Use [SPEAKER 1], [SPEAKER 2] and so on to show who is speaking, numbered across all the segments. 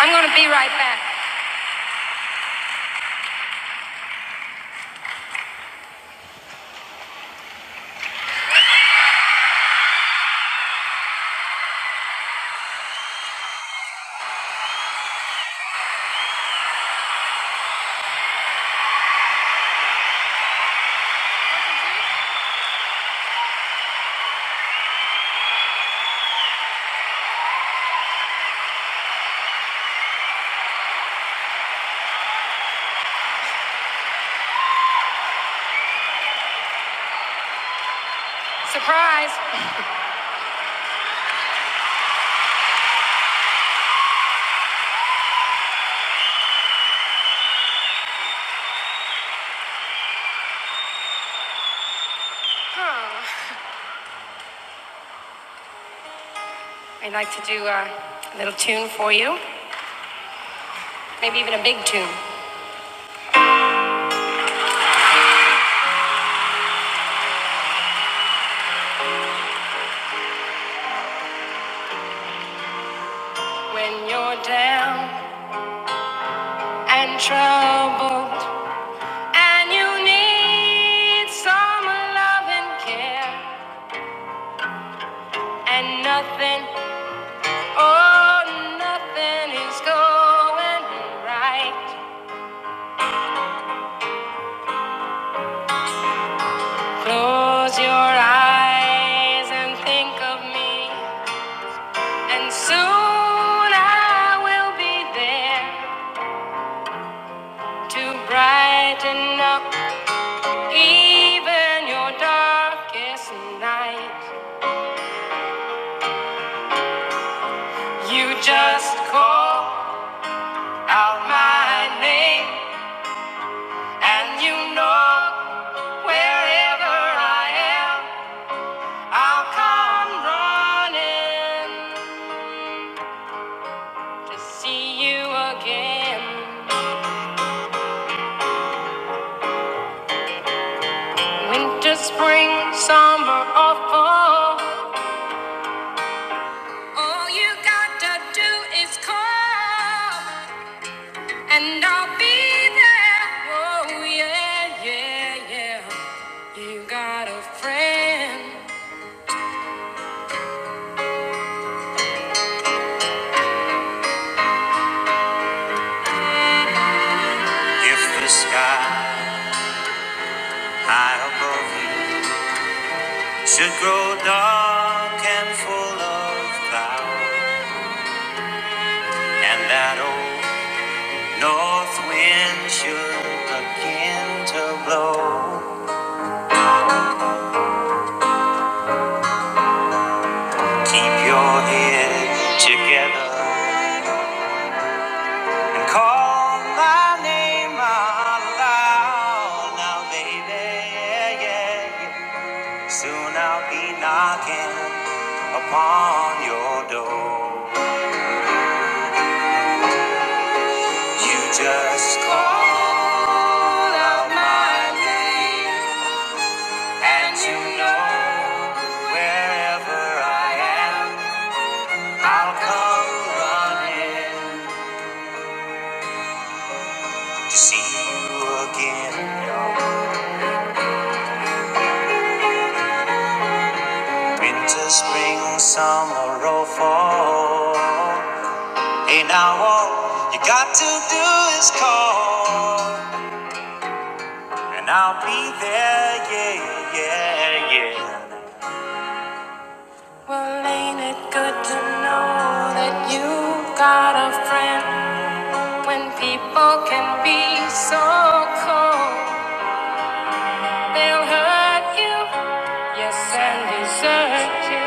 [SPEAKER 1] I'm gonna be right back. Surprise! I'd like to do uh, a little tune for you, maybe even a big tune. When you're down and troubled, and you need some love and care, and nothing, oh, nothing is going right. Close your eyes and think of me, and soon I will be there. to brighten up even your darkest night. You just call out my name, and you know wherever I am, I'll come running to see you again. Winter, spring, summer, or fall, all you gotta do is call. And I'll be there. Oh, yeah, yeah, yeah. You got a friend. If the sky high above you should grow dark and full of cloud, and that old north wind should begin to blow, keep your head together And call my name out loud now, baby. Yeah, yeah, yeah. Soon I'll be knocking upon your door. You just call out my name, and you know wherever I am, I'll come running to see you again. Winter, spring, summer, or fall. Hey, now all you got to do is call, and I'll be there, yeah, yeah, yeah. Well, ain't it good to know that you got a friend when people can be so cold? They'll hurt you, yes, and desert you,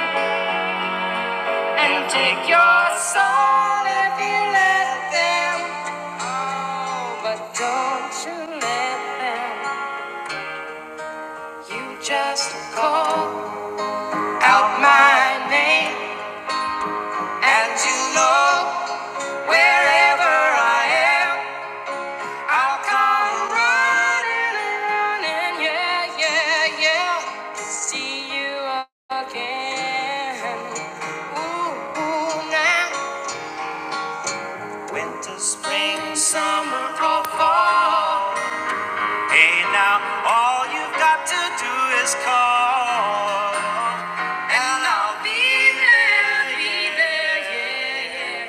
[SPEAKER 1] and take your soul if you let them. But don't you let them. You just call out my name, and you know wherever I am, I'll come running, running, yeah, yeah, yeah, to see you again. Ooh, ooh, now winter, spring, summer, or fall. Hey, now all you've got to do is call. And I'll be there, be there, yeah, yeah,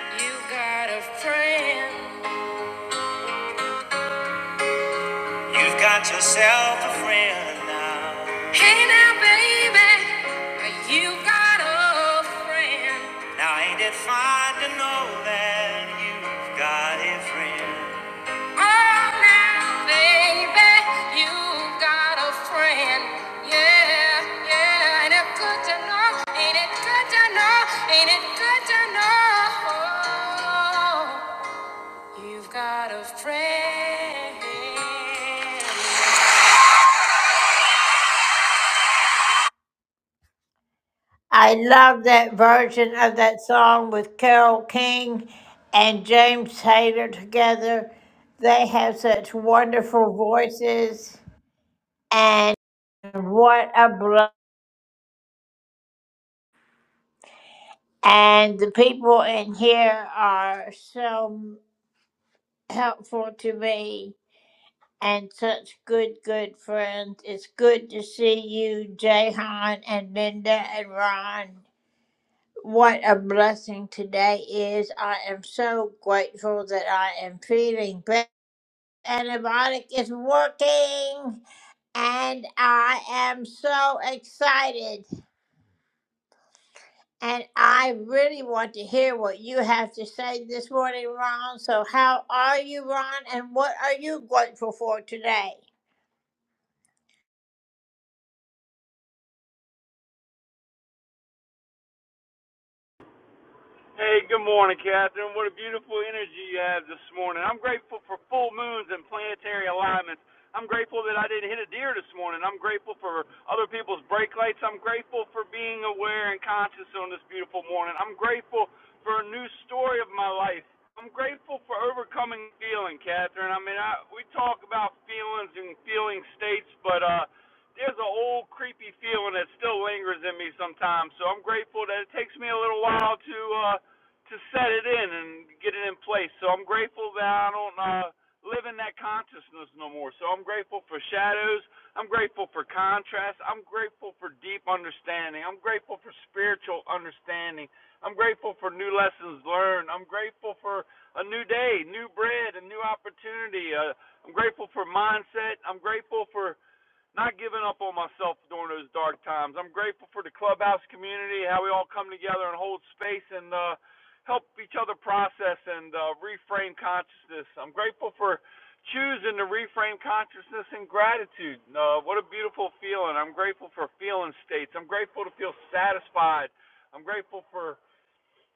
[SPEAKER 1] yeah. You got a friend. You've got yourself a friend now. Hey now, baby, you got a friend. Now ain't it fine to know that you've got a friend? Oh, now, baby, you've got a friend. Yeah, yeah. Ain't it good to know? Ain't it good to know? Ain't it good to know? You've got a friend. I love that version of that song with Carole King and James Taylor together. They have such wonderful voices, and what a blessing! And the people in here are so helpful to me and such good, good friends. It's good to see you, Jahan and Linda and Ron. What a blessing today is. I am so grateful that I am feeling better. Antibiotic is working, and I am so excited. And I really want to hear what you have to say this morning, Ron. So, how are you, Ron? And what are you grateful for today?
[SPEAKER 2] Hey, good morning, Catherine. What a beautiful energy you have this morning. I'm grateful for full moons and planetary alignments. I'm grateful that I didn't hit a deer this morning. I'm grateful for other people's brake lights. I'm grateful for being aware and conscious on this beautiful morning. I'm grateful for a new story of my life. I'm grateful for overcoming feeling, Catherine. I mean, I, we talk about feelings and feeling states, but uh, there's an old creepy feeling that still lingers in me sometimes. So I'm grateful that it takes me a little while to uh, to set it in and get it in place. So I'm grateful that I don't uh, live in that consciousness no more. So I'm grateful for shadows. I'm grateful for contrast. I'm grateful for deep understanding. I'm grateful for spiritual understanding. I'm grateful for new lessons learned. I'm grateful for a new day, new bread, a new opportunity. Uh, I'm grateful for mindset. I'm grateful for not giving up on myself during those dark times. I'm grateful for the clubhouse community, how we all come together and hold space and uh, help each other process and uh, reframe consciousness. I'm grateful for choosing to reframe consciousness in gratitude. Uh, what a beautiful feeling. I'm grateful for feeling states. I'm grateful to feel satisfied. I'm grateful for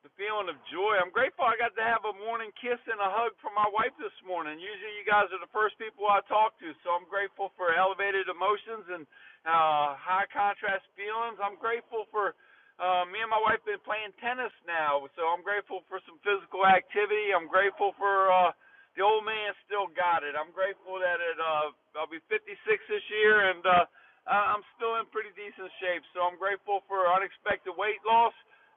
[SPEAKER 2] the feeling of joy. I'm grateful I got to have a morning kiss and a hug from my wife this morning. Usually, you guys are the first people I talk to, so I'm grateful for elevated emotions and uh, high contrast feelings. I'm grateful for uh, me and my wife been playing tennis now, so I'm grateful for some physical activity. I'm grateful for uh, the old man still got it. I'm grateful that it uh, I'll be 56 this year and uh, I- I'm still in pretty decent shape. So I'm grateful for unexpected weight loss.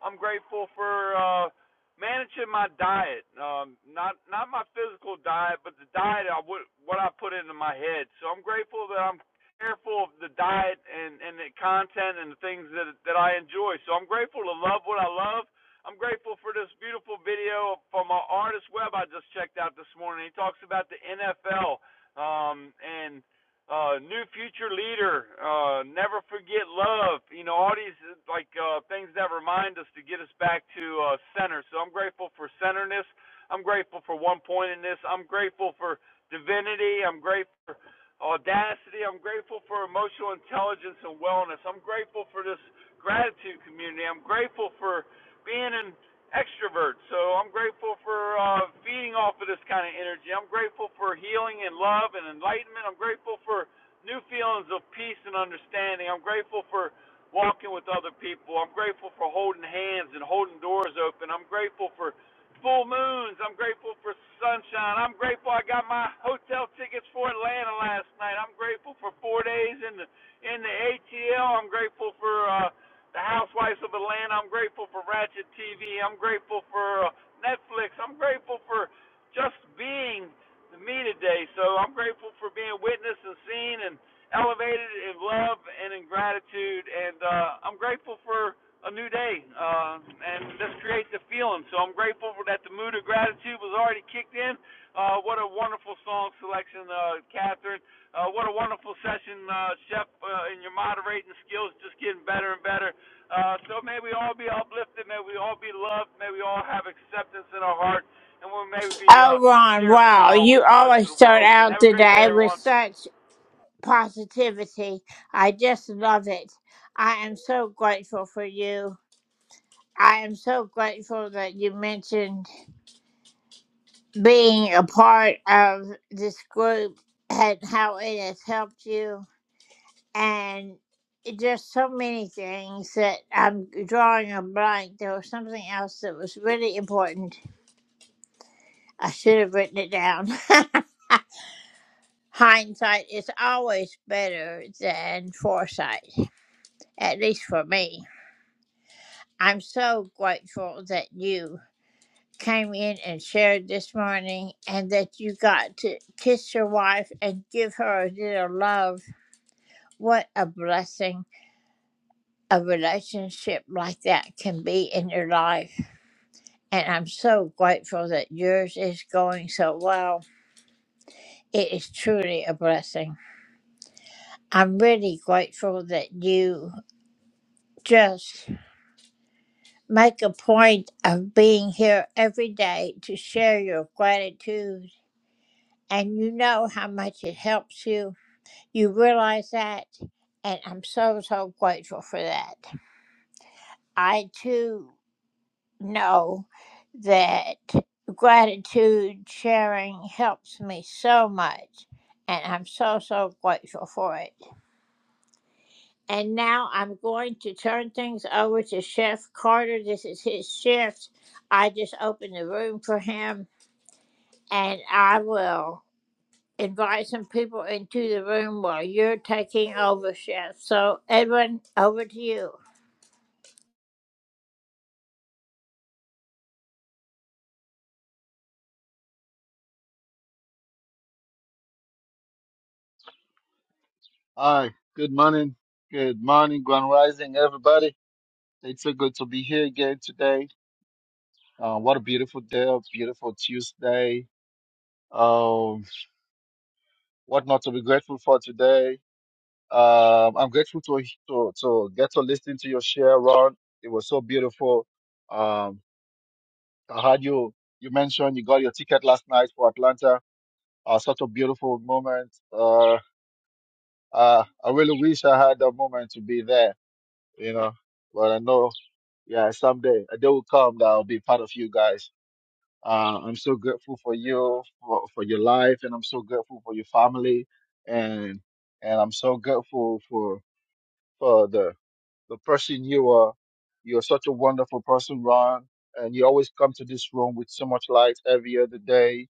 [SPEAKER 2] I'm grateful for uh, managing my diet. Um, not not my physical diet, but the diet I would what I put into my head. So I'm grateful that I'm careful of the diet and and the content and the things that that I enjoy. So I'm grateful to love what I love. I'm grateful for this beautiful video from an artist web I just checked out this morning. He talks about the NFL um, and uh, new future leader, uh, never forget love. You know, all these like uh, things that remind us to get us back to uh, center. So I'm grateful for centerness. I'm grateful for one pointedness. I'm grateful for divinity. I'm grateful for audacity. I'm grateful for emotional intelligence and wellness. I'm grateful for this gratitude community. I'm grateful for being in extrovert. So I'm grateful for uh, feeding off of this kind of energy. I'm grateful for healing and love and enlightenment. I'm grateful for new feelings of peace and understanding. I'm grateful for walking with other people. I'm grateful for holding hands and holding doors open. I'm grateful for full moons. I'm grateful for sunshine. I'm grateful I got my hotel tickets for Atlanta last night. I'm grateful for four days in the in the ATL. I'm grateful for. Uh, the Housewives of Atlanta. I'm grateful for Ratchet TV. I'm grateful for uh, Netflix. I'm grateful for just being me today. So I'm grateful for being witnessed and seen and elevated in love and in gratitude. And uh, I'm grateful for a new day. Uh, and this creates a feeling. So I'm grateful that the mood of gratitude was already kicked in. Uh, what a wonderful song selection, uh, Catherine. Uh, what a wonderful session, uh, Chef, uh, and your moderating skills just getting better and better. Uh, so may we all be uplifted, may we all be loved, may we all have acceptance in our heart, and we may we be uh,
[SPEAKER 1] Oh, Ron,
[SPEAKER 2] share a
[SPEAKER 1] wow.
[SPEAKER 2] smile with
[SPEAKER 1] You
[SPEAKER 2] the rest of
[SPEAKER 1] always
[SPEAKER 2] the
[SPEAKER 1] start
[SPEAKER 2] world.
[SPEAKER 1] out
[SPEAKER 2] Have a
[SPEAKER 1] the
[SPEAKER 2] great day,
[SPEAKER 1] day with
[SPEAKER 2] everyone.
[SPEAKER 1] such positivity. I just love it. I am so grateful for you. I am so grateful that you mentioned being a part of this group and how it has helped you. and just so many things that I'm drawing a blank. There was something else that was really important. I should have written it down. Hindsight is always better than foresight, at least for me. I'm so grateful that you came in and shared this morning and that you got to kiss your wife and give her a little love. What a blessing a relationship like that can be in your life. And I'm so grateful that yours is going so well. It is truly a blessing. I'm really grateful that you just make a point of being here every day to share your gratitude. And you know how much it helps you. You realize that. And I'm so, so grateful for that. I too know that gratitude sharing helps me so much. And I'm so, so grateful for it. And now I'm going to turn things over to Chef Carter. This is his shift. I just opened the room for him, and I will invite some people into the room while you're taking over, Chef. So, Edwin, over to you.
[SPEAKER 3] Hi, good morning. Good morning, Grand Rising, everybody. It's so good to be here again today. Uh, what a beautiful day, a beautiful Tuesday. Um, what not to be grateful for today? Um, I'm grateful to, to to get to listen to your share, Ron. It was so beautiful. Um, I had you. You mentioned you got your ticket last night for Atlanta. Uh, such a beautiful moment. Uh, uh, I really wish I had that moment to be there. You know, but I know. yeah, someday a day will come that I'll be part of you guys. Uh, I'm so grateful for you, for, for your life, and I'm so grateful for your family, and and I'm so grateful for for the the person you are. You're such a wonderful person, Ron, and you always come to this room with so much light every other day.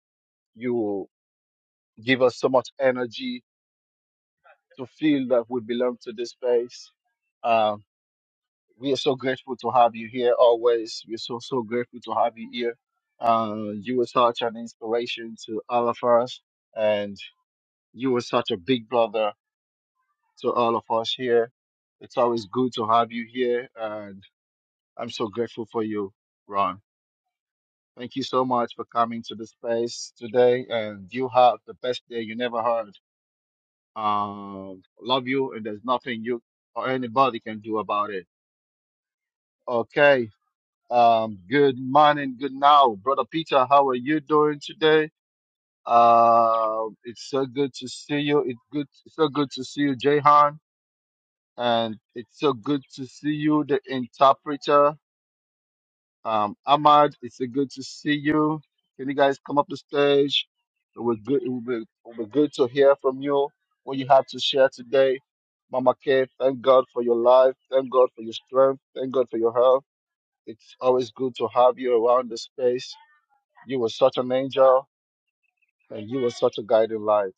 [SPEAKER 3] You give us so much energy to feel that we belong to this space. Uh, We are so grateful to have you here always. We're so, so grateful to have you here. Uh, you were such an inspiration to all of us, and you were such a big brother to all of us here. It's always good to have you here, and I'm so grateful for you, Ron. Thank you so much for coming to the space today, and you have the best day you never had. Um, love you, and there's nothing you or anybody can do about it. Okay. Um, good morning, good now, brother Peter. How are you doing today? Uh, it's so good to see you. It's good, it's so good to see you, Jehan, and it's so good to see you, the interpreter. Um, Ahmad, it's so good to see you. Can you guys come up the stage? It was good. It would be, it would be good to hear from you what you have to share today. Mama K, thank God for your life. Thank God for your strength. Thank God for your health. It's always good to have you around the space You were such an angel and you were such a guiding light.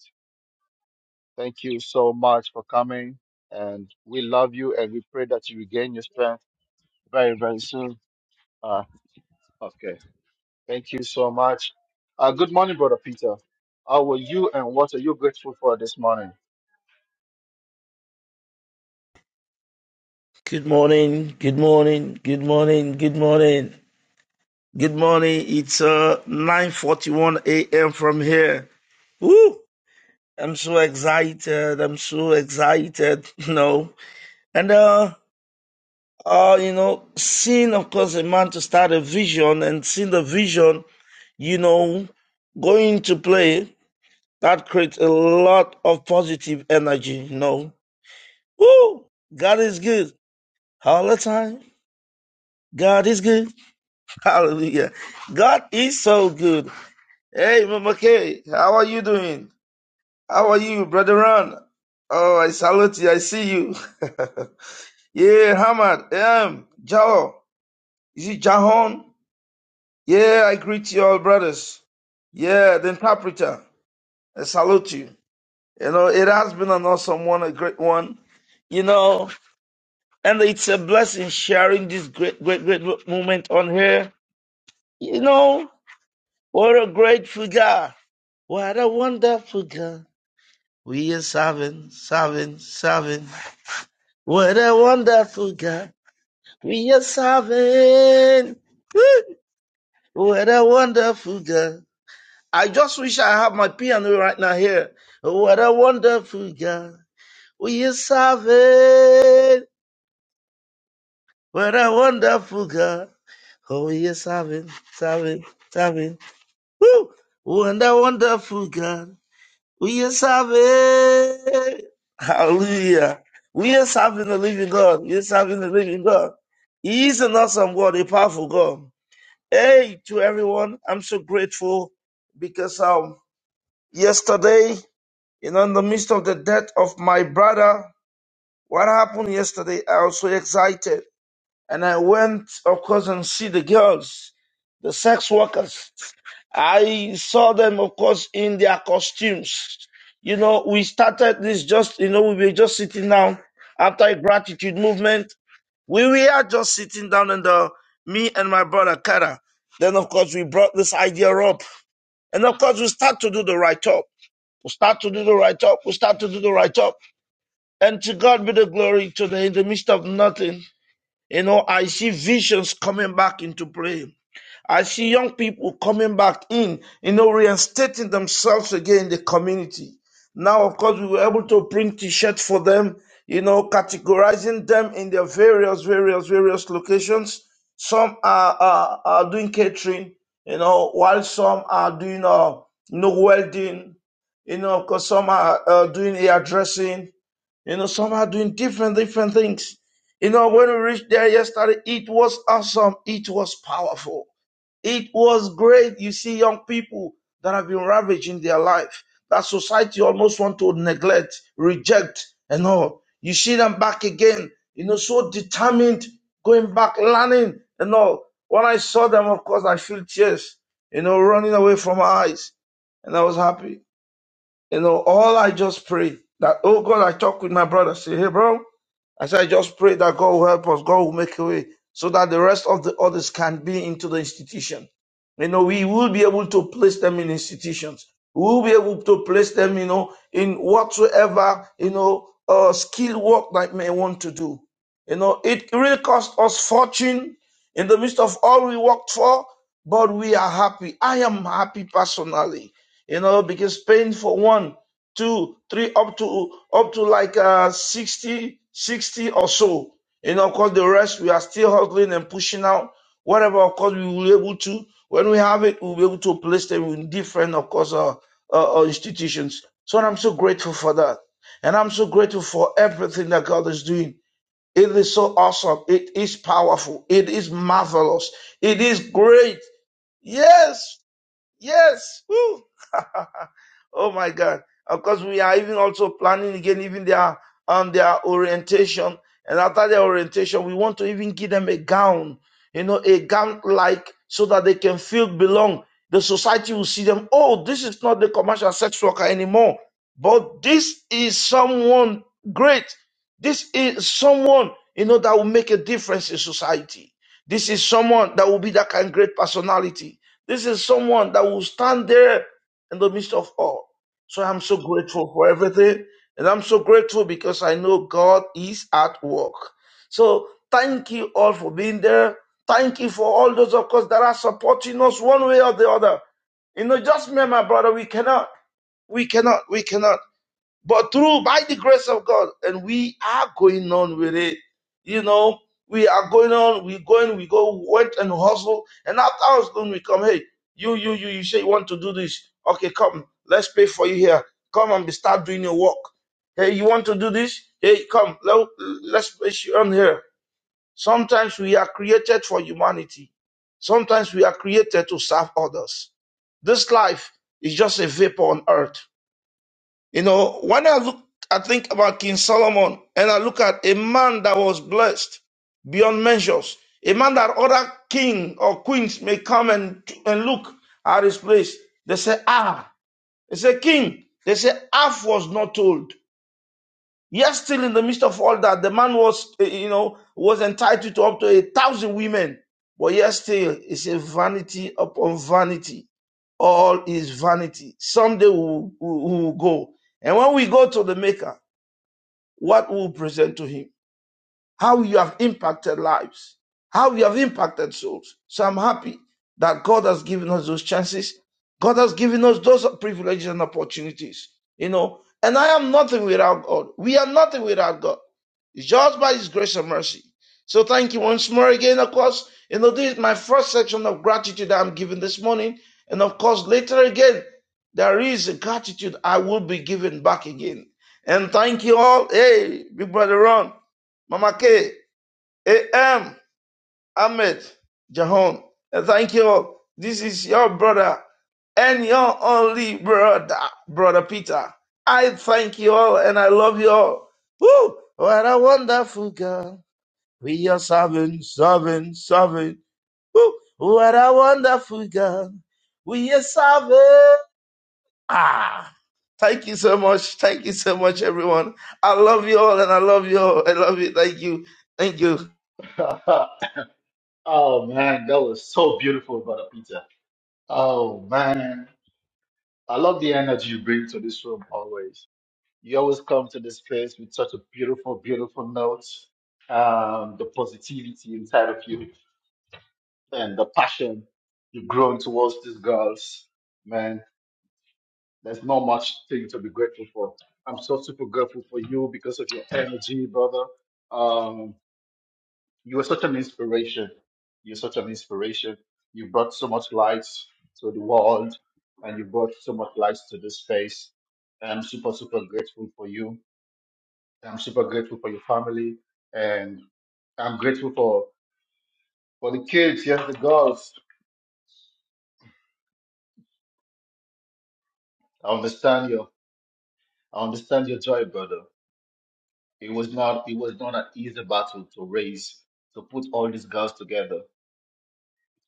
[SPEAKER 3] Thank you so much for coming. And we love you and we pray that you regain your strength very, very soon. Uh, okay. Thank you so much. Uh, good morning, Brother Peter. How are you and what are you grateful for this morning?
[SPEAKER 4] Good morning, good morning, good morning, good morning, good morning. It's uh 9:41 a.m. from here. Woo! I'm so excited. I'm so excited. You know, and uh, uh, you know, seeing of course a man to start a vision and seeing the vision, you know, going to play that creates a lot of positive energy. You know, woo! God is good all the time. God is good. Hallelujah. God is so good. Hey, Mama Kay, how are you doing? How are you, Brother Ron? Oh, I salute you. I see you. yeah, Hamad. Um, Jao. Is it Jahon? Yeah, I greet you all, brothers. Yeah, the interpreter. I salute you. You know, it has been an awesome one, a great one. You know, and it's a blessing sharing this great, great, great moment on here. You know, what a grateful God. What a wonderful God. We are serving, serving, serving. What a wonderful God. We are serving. Woo! What a wonderful God. I just wish I had my piano right now here. What a wonderful God. We are serving. What a wonderful God. Oh, we are serving, serving, serving. Woo! What a wonderful God. We are serving. Hallelujah. We are serving the living God. We are serving the living God. He is an awesome God, a powerful God. Hey, to everyone, I'm so grateful because um, yesterday, you know, in the midst of the death of my brother, what happened yesterday, I was so excited. And I went, of course, and see the girls, the sex workers. I saw them, of course, in their costumes. You know, we started this just, you know, we were just sitting down after a gratitude movement. We were just sitting down and the, me and my brother Kara. Then, of course, we brought this idea up. And of course, we start to do the right up. We start to do the right up. We start to do the right up. And to God be the glory today in the midst of nothing. You know, I see visions coming back into play. I see young people coming back in, you know, reinstating themselves again in the community. Now, of course, we were able to print t-shirts for them, you know, categorizing them in their various, various, various locations. Some are, are, are doing catering, you know, while some are doing, uh, you know, welding, you know, because some are uh, doing hairdressing, you know, some are doing different, different things. You know, when we reached there yesterday, it was awesome. It was powerful. It was great. You see young people that have been ravaged in their life, that society almost want to neglect, reject, and all. You see them back again, you know, so determined, going back, learning, and all. When I saw them, of course, I feel tears, you know, running away from my eyes, and I was happy. You know, all I just pray that, oh God, I talk with my brother. Say, hey, bro, I said, I just pray that God will help us, God will make a way so that the rest of the others can be into the institution. You know, we will be able to place them in institutions. We will be able to place them, you know, in whatsoever, you know, uh, skill work that may want to do. You know, it really cost us fortune in the midst of all we worked for, but we are happy. I am happy personally you know, because paying for one, two, three, up to up to like uh 60, 60 or so. You know, of course the rest we are still hustling and pushing out whatever of course we will be able to. When we have it, we'll be able to place them in different, of course, uh, uh, uh, institutions. So I'm so grateful for that. And I'm so grateful for everything that God is doing. It is so awesome. It is powerful. It is marvelous. It is great. Yes. Yes. Woo. oh my God. Of course, we are even also planning again, even their um their orientation. And after their orientation, we want to even give them a gown, you know, a gown like so that they can feel belong. The society will see them, oh, this is not the commercial sex worker anymore. But this is someone great. This is someone, you know, that will make a difference in society. This is someone that will be that kind of great personality. This is someone that will stand there in the midst of all. So I'm so grateful for everything. And I'm so grateful because I know God is at work. So thank you all for being there. Thank you for all those, of course, that are supporting us one way or the other. You know, just me and my brother, we cannot, we cannot, we cannot. But through by the grace of God, and we are going on with it. You know, we are going on, we going, we go, went and hustle, and after us going, we come, hey, you, you, you, you say you want to do this. Okay, come, let's pay for you here. Come and be start doing your work. Hey, you want to do this? Hey, come, let, let's place you on here. Sometimes we are created for humanity. Sometimes we are created to serve others. This life is just a vapor on earth you know, when I look, I think about King Solomon and I look at a man that was blessed beyond measures, a man that other king or queens may come and, and look at his place. They say, ah, they say, king, they say, half was not told. Yet still in the midst of all that, the man was, eh, you know, was entitled to up to a thousand women. But yet still, it's a vanity upon vanity all is vanity. Someday we will, we will go. And when we go to the Maker, what will we present to him? how you have impacted lives, how you have impacted souls. So I'm happy that God has given us those chances. God has given us those privileges and opportunities, you know. And I am nothing without God. We are nothing without God. It's just by His grace and mercy. So thank you once more again, of course. You know, this is my first section of gratitude that I'm giving this morning. And of course, later again, there is a gratitude I will be giving back again. And thank you all. Hey, big brother Ron. Mama K, A M, Ahmed, Jahon. And thank you all. This is your brother and your only brother, Brother Peter. I thank you all and I love you all. Woo! What a wonderful God. We are serving, serving, serving. Woo! What a wonderful God. We are serving. Ah! Thank you so much. Thank you so much, everyone. I love you all and I love you all. I love you. Thank you. Thank you.
[SPEAKER 3] oh, man. That was so beautiful, Brother Peter. Oh, man. I love the energy you bring to this room always. You always come to this place with such a beautiful, beautiful note, um, the positivity inside of you and the passion you've grown towards these girls. Man, there's not much thing to be grateful for. I'm so super grateful for you because of your energy, brother. Um, you are such an inspiration. You're such an inspiration. You brought so much light to the world and you brought so much light to this space. I'm super, super grateful for you I'm super grateful for your family, and I'm grateful for for the kids. Yes, the girls. I understand your I understand your joy, brother. It was not it was not an easy battle to raise to put all these girls together.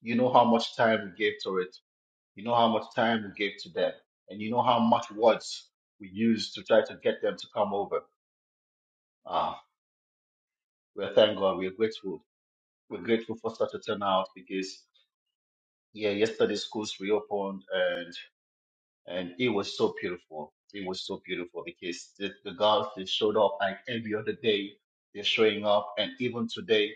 [SPEAKER 3] You know how much time we gave to it. You know how much time we gave to them, and you know how much words we used to try to get them to come over. Ah, well, thank God, we're grateful. We're grateful for such a turnout because yeah, yesterday schools reopened and. and it was so beautiful. It was so beautiful because the, the girls they showed up like every other day. They're showing up, and even today,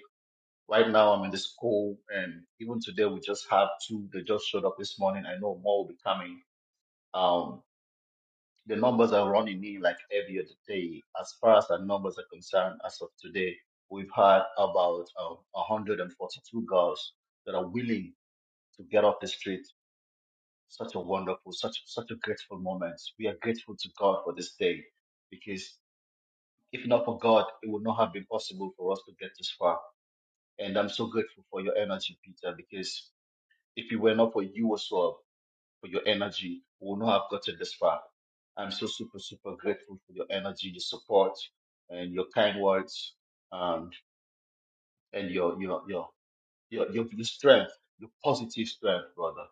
[SPEAKER 3] right now, I'm in the school, and even today we just have two. They just showed up this morning. I know more will be coming. Um, the numbers are running in like every other day. As far as our numbers are concerned, as of today, we've had about um, 142 girls that are willing to get off the street such a wonderful, such such a grateful moment. We are grateful to God for this day because if not for God, it would not have been possible for us to get this far. And I'm so grateful for your energy, Peter, because if it were not for you as well, for your energy, we would not have gotten this far. I'm so super, super grateful for your energy, your support, and your kind words, um, and your your your your your, your strength, your positive strength, brother.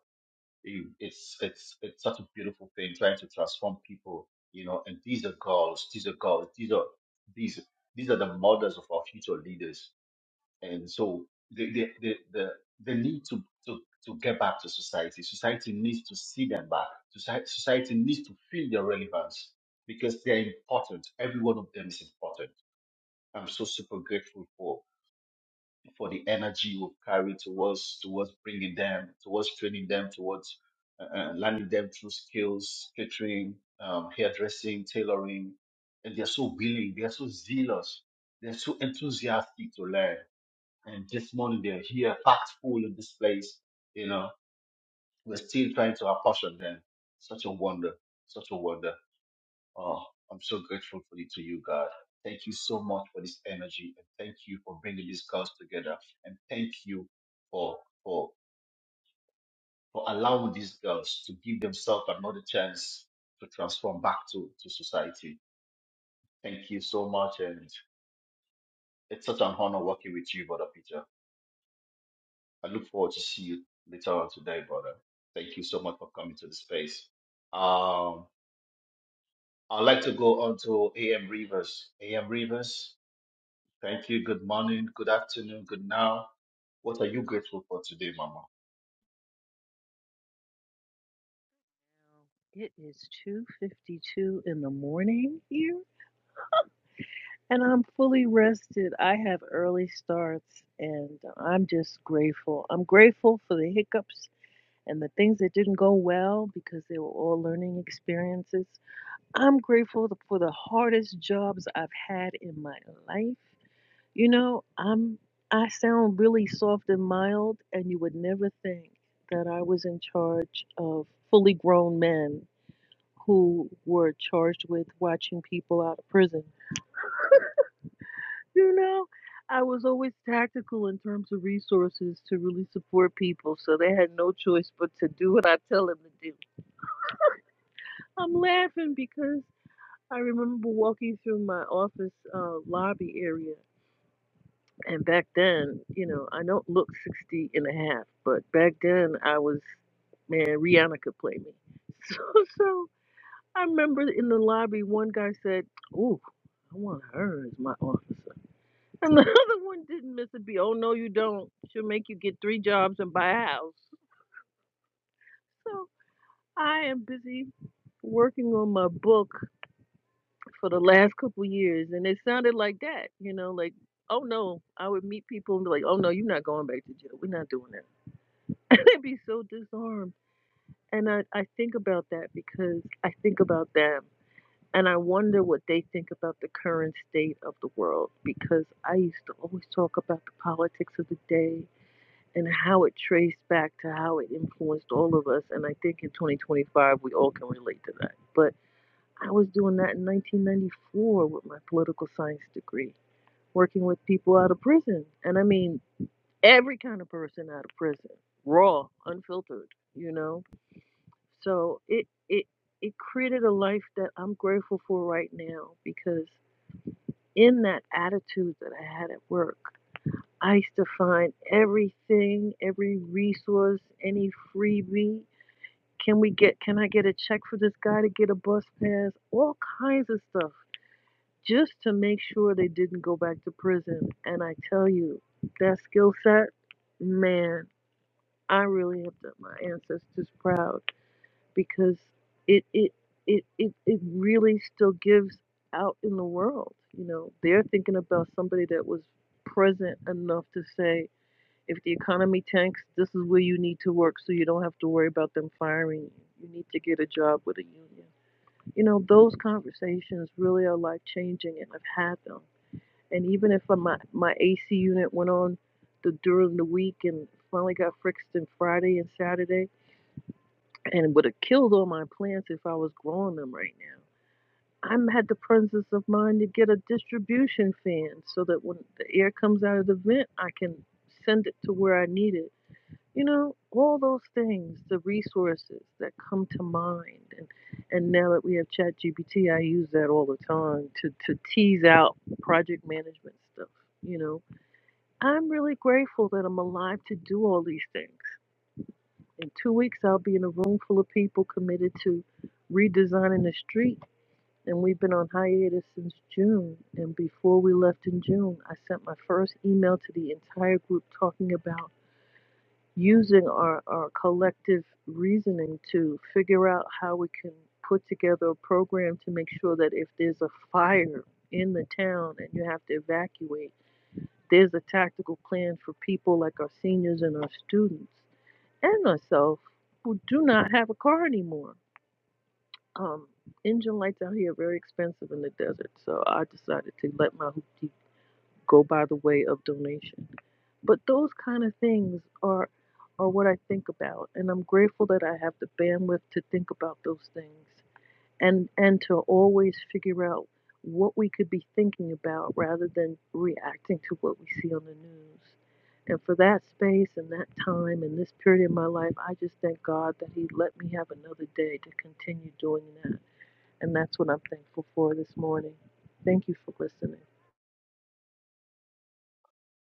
[SPEAKER 3] You- It's it's it's such a beautiful thing trying to transform people, you know. And these are girls, these are girls, these are these these are the mothers of our future leaders. And so they they they the, the need to, to to get back to society. Society needs to see them back. Society, society needs to feel their relevance because they're important. Every one of them is important. I'm so super grateful for the energy we've carried towards towards bringing them, towards training them, towards uh, uh, learning them through skills, catering, um, hairdressing, tailoring, and they're so willing, they're so zealous, they're so enthusiastic to learn. And this morning they're here, packed full in this place. You know, we're still trying to apportion them. Such a wonder, such a wonder. Oh, I'm so grateful for you to you, God. Thank you so much for this energy, and thank you for bringing these girls together, and thank you for for for allowing these girls to give themselves another chance to transform back to to society. Thank you so much, and it's such an honor working with you, Brother Peter. I look forward to see you later on today, brother. Thank you so much for coming to the space. Um, I'd like to go on to AM Rivers. AM Rivers, Thank you. Good morning, good afternoon, good now. What are you grateful for today, Mama?
[SPEAKER 5] It is 2:52 in the morning here, and I'm fully rested. I have early starts, and I'm just grateful. I'm grateful for the hiccups and the things that didn't go well because they were all learning experiences. I'm grateful for the hardest jobs I've had in my life. You know, I'm I sound really soft and mild, and you would never think that I was in charge of fully grown men who were charged with watching people out of prison. You know, I was always tactical in terms of resources to really support people, so they had no choice but to do what I tell them to do. I'm laughing because I remember walking through my office uh, lobby area. And back then, you know, I don't look 60 and a half, but back then I was, man, Rihanna could play me. So So, I remember in the lobby, one guy said, "Ooh, I want her as my officer," and the other one didn't miss a beat. Oh no, you don't. She'll make you get three jobs and buy a house. So I am busy working on my book for the last couple years, and it sounded like that. You know, like. Oh no, I would meet people and be like, oh no, you're not going back to jail. We're not doing that. And they'd be so disarmed. And I, I think about that because I think about them And I wonder what they think about the current state of the world because I used to always talk about the politics of the day and how it traced back to how it influenced all of us. And I think in 2025, we all can relate to that. But I was doing that in 1994 with my political science degree, working with people out of prison. And I mean, every kind of person out of prison, raw, unfiltered, you know? So it, it, it created a life that I'm grateful for right now because in that attitude that I had at work, I used to find everything, every resource, any freebie. Can we get can I get a check for this guy to get a bus pass? All kinds of stuff just to make sure they didn't go back to prison. And I tell you, that skill set, man, I really have done my ancestors proud because it it it it, it really still gives out in the world you know they're thinking about somebody that was present enough to say if the economy tanks this is where you need to work so you don't have to worry about them firing you you need to get a job with a union you know those conversations really are life changing and i've had them and even if uh, my my ac unit went on the during the week and finally got fixed on friday and saturday and would have killed all my plants if I was growing them right now. i had the presence of mind to get a distribution fan so that when the air comes out of the vent, I can send it to where I need it. You know, all those things, the resources that come to mind, and and now that we have ChatGPT, I use that all the time to to tease out project management stuff. You know, I'm really grateful that I'm alive to do all these things. In two weeks, I'll be in a room full of people committed to redesigning the street. And we've been on hiatus since June. And before we left in June, I sent my first email to the entire group talking about using our, our collective reasoning to figure out how we can put together a program to make sure that if there's a fire in the town and you have to evacuate, there's a tactical plan for people like our seniors and our students and myself who do not have a car anymore. Um, engine lights out here are very expensive in the desert, so I decided to let my hoopty go by the way of donation. But those kind of things are are what I think about, and I'm grateful that I have the bandwidth to think about those things and and to always figure out what we could be thinking about rather than reacting to what we see on the news. And for that space and that time and this period in my life, I just thank God that He let me have another day to continue doing that. And that's what I'm thankful for this morning. Thank you for listening.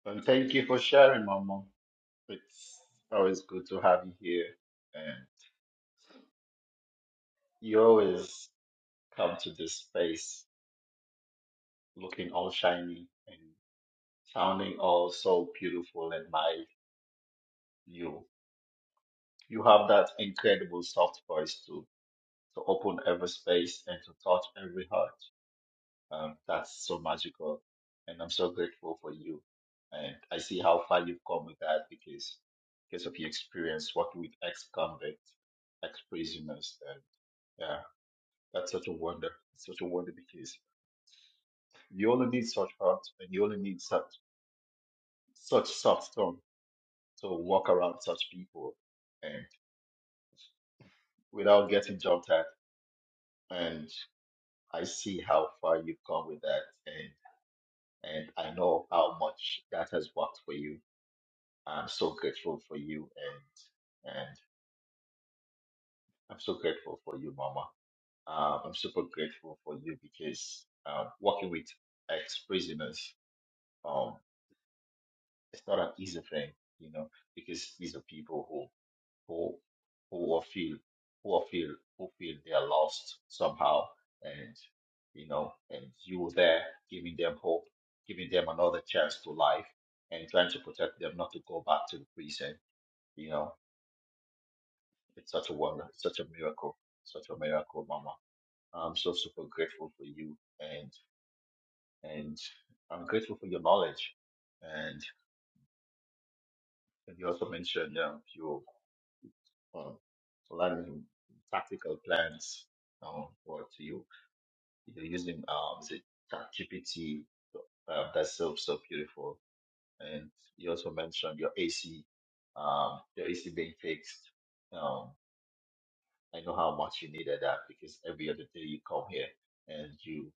[SPEAKER 3] And thank you for sharing, Mama. It's always good to have you here. And you always come to this space looking all shiny and sounding all so beautiful and mild. You you have that incredible soft voice to to open every space and to touch every heart. Um, that's so magical. And I'm so grateful for you. And I see how far you've come with that because because of your experience working with ex-convicts, ex-prisoners. And yeah, that's such a wonder. It's such a wonder because you only need such heart and you only need such such soft tongue to walk around such people and without getting jumped at. And I see how far you've come with that and and I know how much that has worked for you I'm so grateful for you and and I'm so grateful for you, Mama. Um, I'm super grateful for you because um, working with ex-prisoners, um, it's not an easy thing, you know, because these are people who who who will feel who will feel who feel they are lost somehow, and you know, and you were there giving them hope, giving them another chance to life, and trying to protect them not to go back to the prison, you know It's such a wonder. It's such a miracle. Such a miracle, Mama. I'm so super grateful for you, and and I'm grateful for your knowledge. And you also mentioned um, your um, learning tactical plans. Um, what you you're using um, is it ChatGPT? Um, that's so so beautiful. And you also mentioned your AC, um, your AC being fixed. Um, I know how much you needed that because every other day you come here and you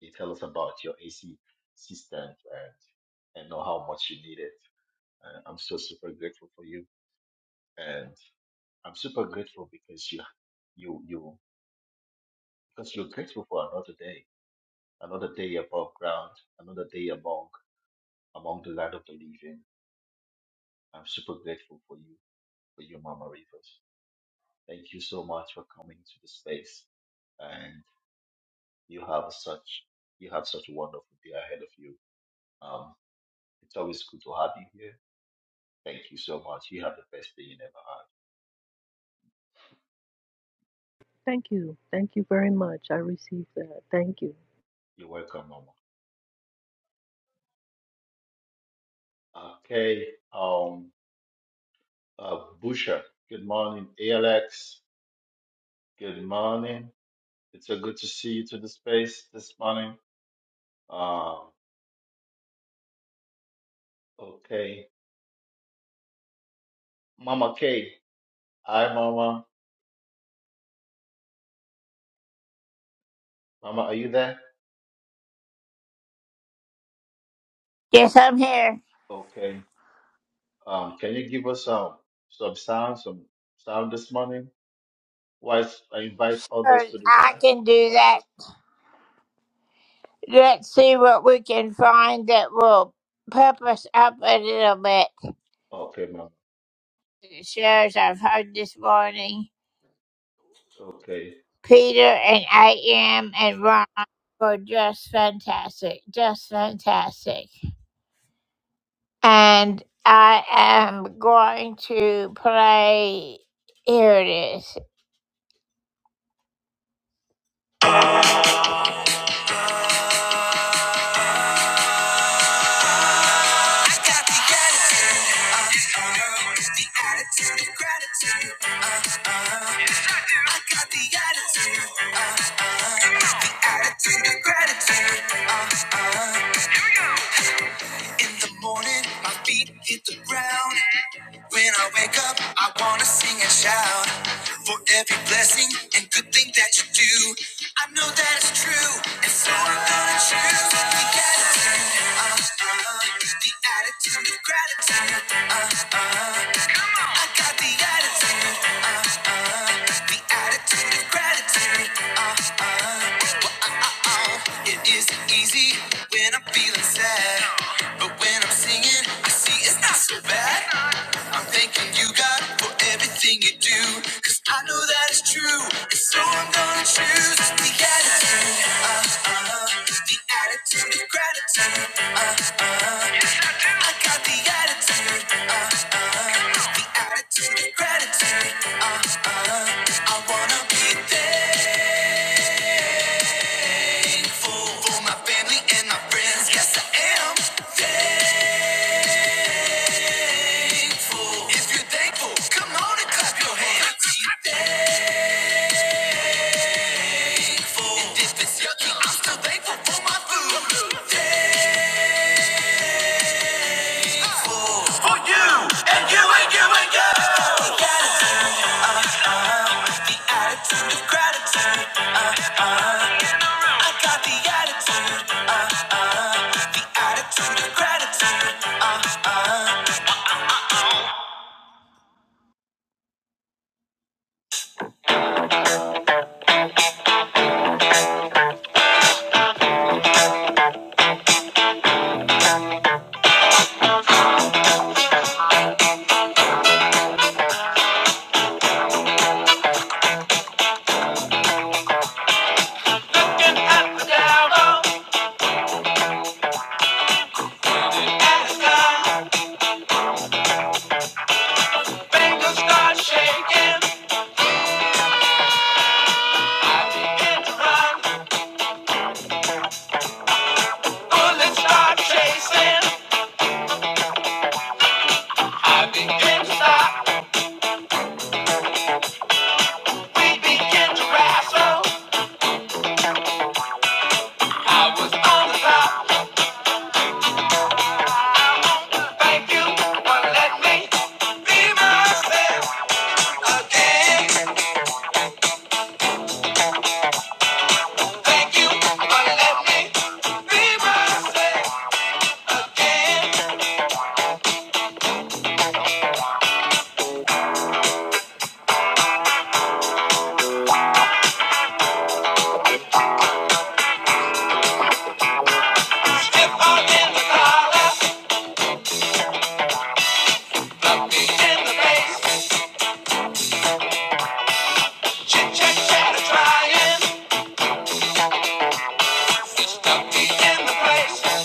[SPEAKER 3] You tell us about your AC system and and know how much you need it. Uh, I'm so super grateful for you, and I'm super grateful because you you you because you're grateful for another day, another day above ground, another day among among the land of the living. I'm super grateful for you, for you, Mama Rivers. Thank you so much for coming to the space, and you have such you have such a wonderful day ahead of you. Um, it's always good to have you here Thank you so much. You have the best day you never had.
[SPEAKER 5] Thank you. Thank you very much. I received that. Thank you.
[SPEAKER 3] You're welcome, Mama. Okay. Um, uh, Busha, good morning. Alex. good morning. It's so good to see you to the space this morning. Um, okay. Mama K, hi, Mama. Mama, are you there?
[SPEAKER 1] Yes, I'm here.
[SPEAKER 3] Okay. Um, can you give us um, some sound, some sound this morning? Whilst I invite
[SPEAKER 1] Sure,
[SPEAKER 3] others to the
[SPEAKER 1] I
[SPEAKER 3] room.
[SPEAKER 1] can do that. Let's see what we can find that will pep us up a little bit.
[SPEAKER 3] Okay, Mama.
[SPEAKER 1] The shares I've heard this morning,
[SPEAKER 3] Okay.
[SPEAKER 1] Peter and I am and Ron were just fantastic, just fantastic. And I am going to play. Here it is. In the morning, my feet hit the ground. When I wake up, I wanna sing and shout for every blessing and good thing that you do. I know that it's true, and so I'm gonna choose the attitude, uh, uh, the attitude of gratitude. Uh, uh, I got the attitude, uh, uh, the attitude of gratitude. Uh, uh, oh, it isn't easy when I'm feeling sad, but when I'm singing, I see it's not so bad. I'm thanking you, God, for everything you do. Cause I know that it's true. And so I'm gonna choose the attitude. Uh, uh, the attitude of gratitude. Uh, uh, I got the attitude, uh, uh, the attitude of gratitude, uh, uh, I wanna be thankful for my family and my friends. Yes, I am thankful. If you're thankful, come on and clap your hands. Be thankful. And if it's yucky, I'm still thankful for my food. Thankful for you and you and you and you. The attitude. Attitude of gratitude. I got the attitude. Uh, uh, the attitude of gratitude. Looking at the devil and the sky. the Fingers start shaking. I begin to run. Bullets start chasing. I begin to stop. We begin to wrestle. I was on the top. Thank you for letting me be myself again. Thank you for letting me be myself again. Step i in the collar, i in the face. Chit chat, chatter, trying be in the place.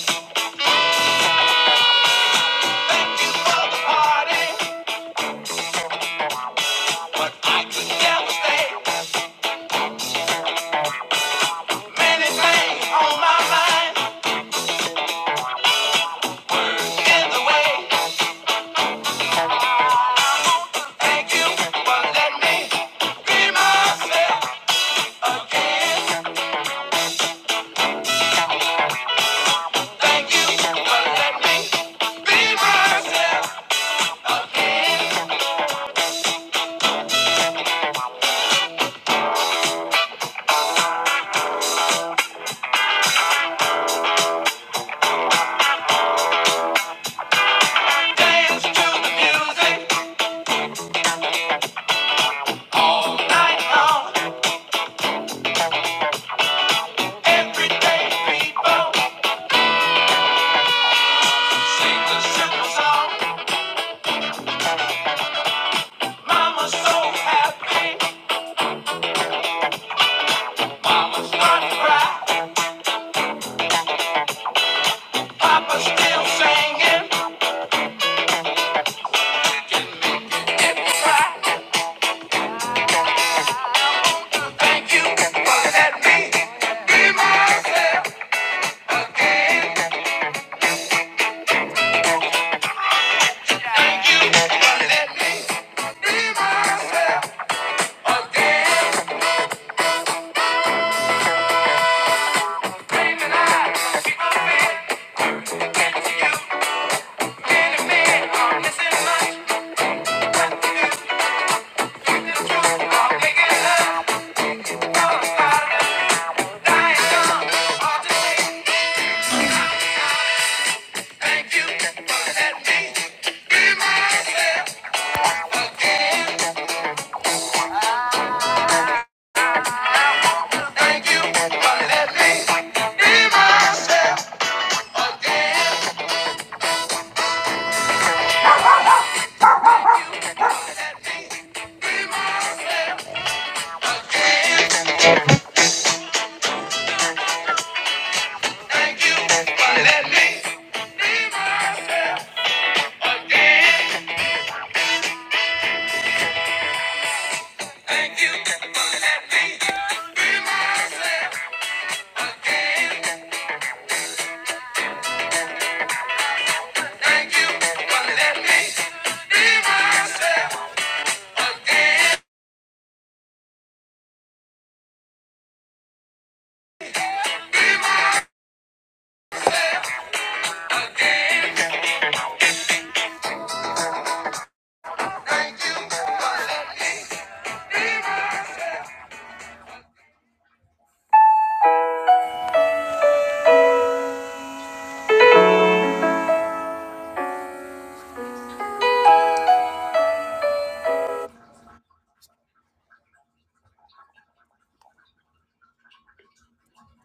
[SPEAKER 1] Thank you for the party, but I could never stay. Many things on my mind in the way. Thank you for letting me be myself again. Thank you for letting me be myself again. so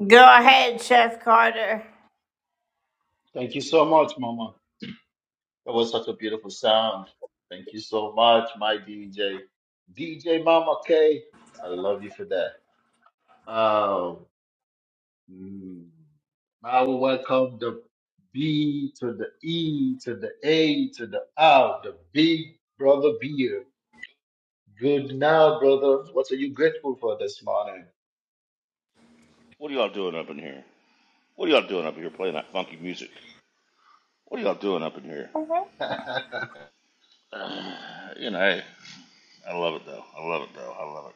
[SPEAKER 1] Go ahead, Chef Carter.
[SPEAKER 3] Thank you so much, Mama. That was such a beautiful sound. Thank you so much, my DJ. DJ Mama K. I love you for that. Um, mm, I will welcome the B to the E to the A to the R, the big brother beer. Good now, brother. What are you grateful for this morning?
[SPEAKER 6] What are y'all doing up in here? What are y'all doing up in here playing that funky music? What are y'all doing up in here?
[SPEAKER 3] and
[SPEAKER 6] Uh, you know, hey, I love it though. I love it though. I love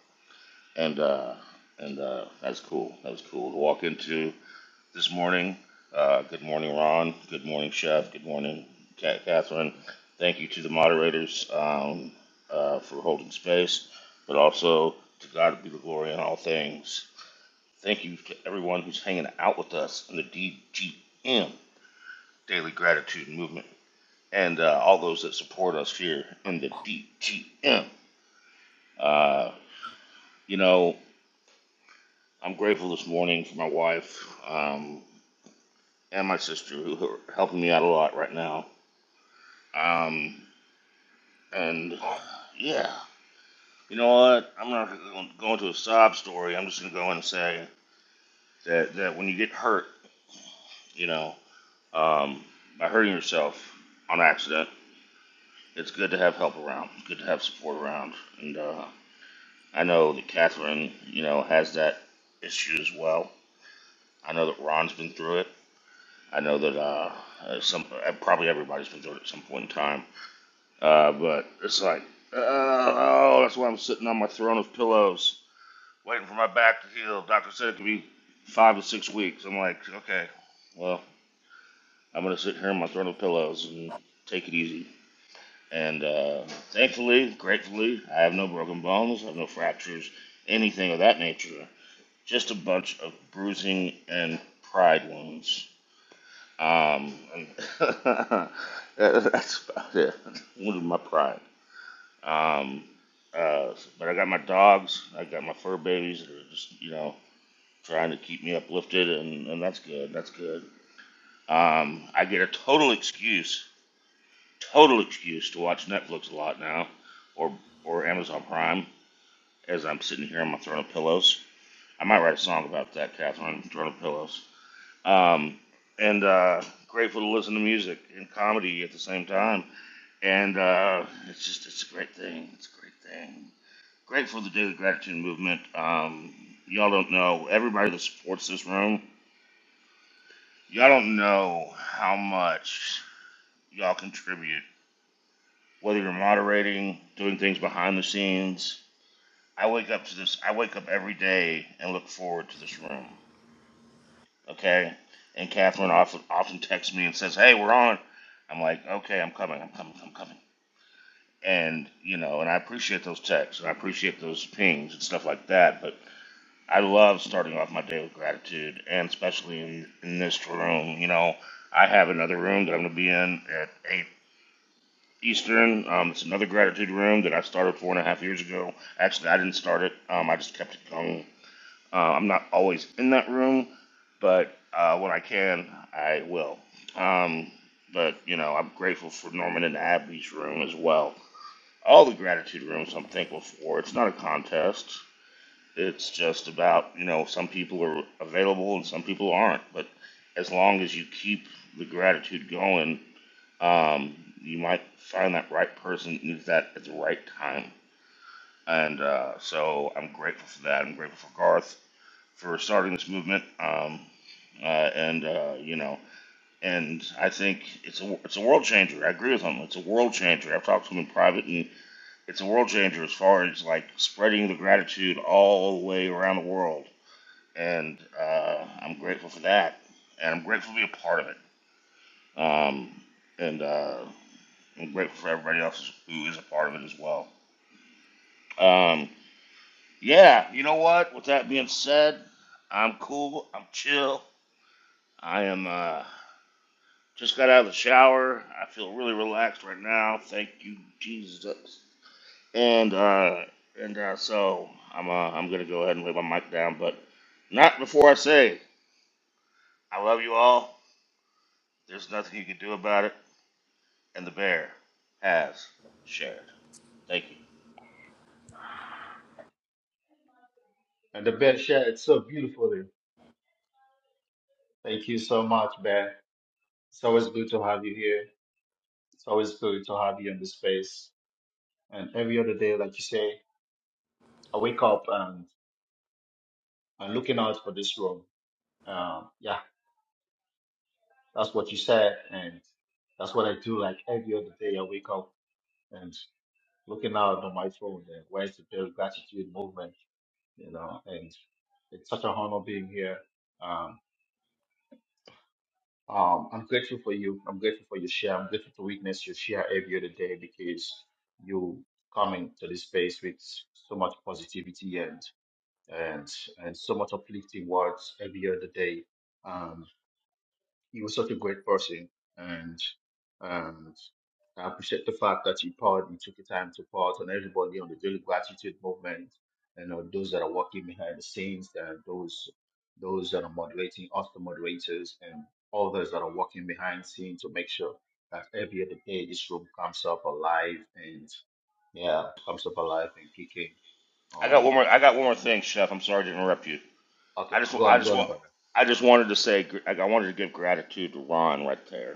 [SPEAKER 6] it. And uh, and uh, that's cool. That was cool to walk into this morning. Uh, good morning, Ron. Good morning, Chef. Good morning, Catherine. Thank you to the moderators um, uh, for holding space, but also to God be the glory in all things. Thank you to everyone who's hanging out with us in the DGM Daily Gratitude Movement. and uh, all those that support us here in the DGM. Uh, you know, I'm grateful this morning for my wife um, and my sister who are helping me out a lot right now. Um, and yeah, you know what? I'm not going to go into a sob story. I'm just going to go in and say that, that when you get hurt, you know, um, by hurting yourself on accident, it's good to have help around. It's good to have support around. And uh, I know that Catherine, you know, has that issue as well. I know that Ron's been through it. I know that uh, uh, some uh, probably everybody's been through it at some point in time. Uh, but it's like, uh, oh, that's why I'm sitting on my throne of pillows, waiting for my back to heal. Doctor said it could be five to six weeks. I'm like, okay, well, I'm gonna sit here on my throne of pillows and take it easy. And uh, thankfully, gratefully, I have no broken bones, I have no fractures, anything of that nature. just a bunch of bruising and pride wounds. Um, and that's about it. Wounded my pride. Um, uh, but I got my dogs. I got my fur babies that are just you know trying to keep me uplifted, and, and that's good. That's good. Um, I get a total excuse, total excuse to watch Netflix a lot now, or or Amazon Prime, as I'm sitting here on my throne of pillows. I might write a song about that, Catherine. Throne of pillows. um, and uh, grateful to listen to music and comedy at the same time. And uh, it's just it's a great thing. It's a great thing. Grateful for the daily gratitude movement. Um, y'all don't know everybody that supports this room. Y'all don't know how much y'all contribute. Whether you're moderating, doing things behind the scenes. I wake up to this. I wake up every day and look forward to this room. Okay. And Catherine often often texts me and says, "Hey, we're on." I'm like, "Okay, I'm coming. I'm coming. I'm coming." And you know, and I appreciate those texts and I appreciate those pings and stuff like that. But I love starting off my day with gratitude, and especially in, in this room. You know, I have another room that I'm going to be in at eight Eastern. Um, it's another gratitude room that I started four and a half years ago. Actually, I didn't start it. Um, I just kept it going uh, I'm not always in that room, but uh, when I can, I will. Um, but, you know, I'm grateful for Norman and Abby's room as well. All the gratitude rooms I'm thankful for. It's not a contest, it's just about, you know, some people are available and some people aren't. But as long as you keep the gratitude going, um, you might find that right person who needs that at the right time. And uh, so I'm grateful for that. I'm grateful for Garth for starting this movement. Um, uh, and uh, you know, and I think it's a it's a world changer. I agree with him. It's a world changer. I've talked to him in private, and it's a world changer as far as like spreading the gratitude all the way around the world. And uh, I'm grateful for that, and I'm grateful to be a part of it. Um, and uh, I'm grateful for everybody else who is a part of it as well. Um, yeah, you know what? With that being said, I'm cool. I'm chill. I am. Uh, Just got out of the shower. I feel really relaxed right now. Thank you, Jesus. And uh, and uh, so I'm uh, I'm gonna go ahead and lay my mic down, but not before I say I love you all. There's nothing you can do about it, and the bear has shared. Thank you.
[SPEAKER 3] the bear shared it so beautifully. Thank you so much, Bear. It's always good to have you here. It's always good to have you in the space. And every other day, like you say, I wake up and I'm looking out for this room. Um, yeah, that's what you said, and that's what I do. Like every other day, I wake up and looking out on my phone. And where's the Daily Gratitude Movement? You know, and it's such an honor being here. Um, um, I'm grateful for you. I'm grateful for your share. I'm grateful to witness your share every other day because you come into this space with so much positivity and and and so much uplifting words every other day. Um, he was such a great person, and and I appreciate the fact that he poured, he took the time to pour out on everybody on the daily gratitude movement, and you know, those that are working behind the scenes, and those those that are moderating, us the moderators, and others that are working behind scenes to make sure that every other day this room comes up alive and yeah, comes up alive and kicking.
[SPEAKER 6] I got one
[SPEAKER 3] Um,
[SPEAKER 6] more. I got one more thing, Chef. I'm sorry to interrupt you.
[SPEAKER 3] okay,
[SPEAKER 6] I just
[SPEAKER 3] go
[SPEAKER 6] I
[SPEAKER 3] on, go
[SPEAKER 6] just
[SPEAKER 3] on,
[SPEAKER 6] want
[SPEAKER 3] Bernard.
[SPEAKER 6] I just wanted to say I wanted to give gratitude to Ron right there.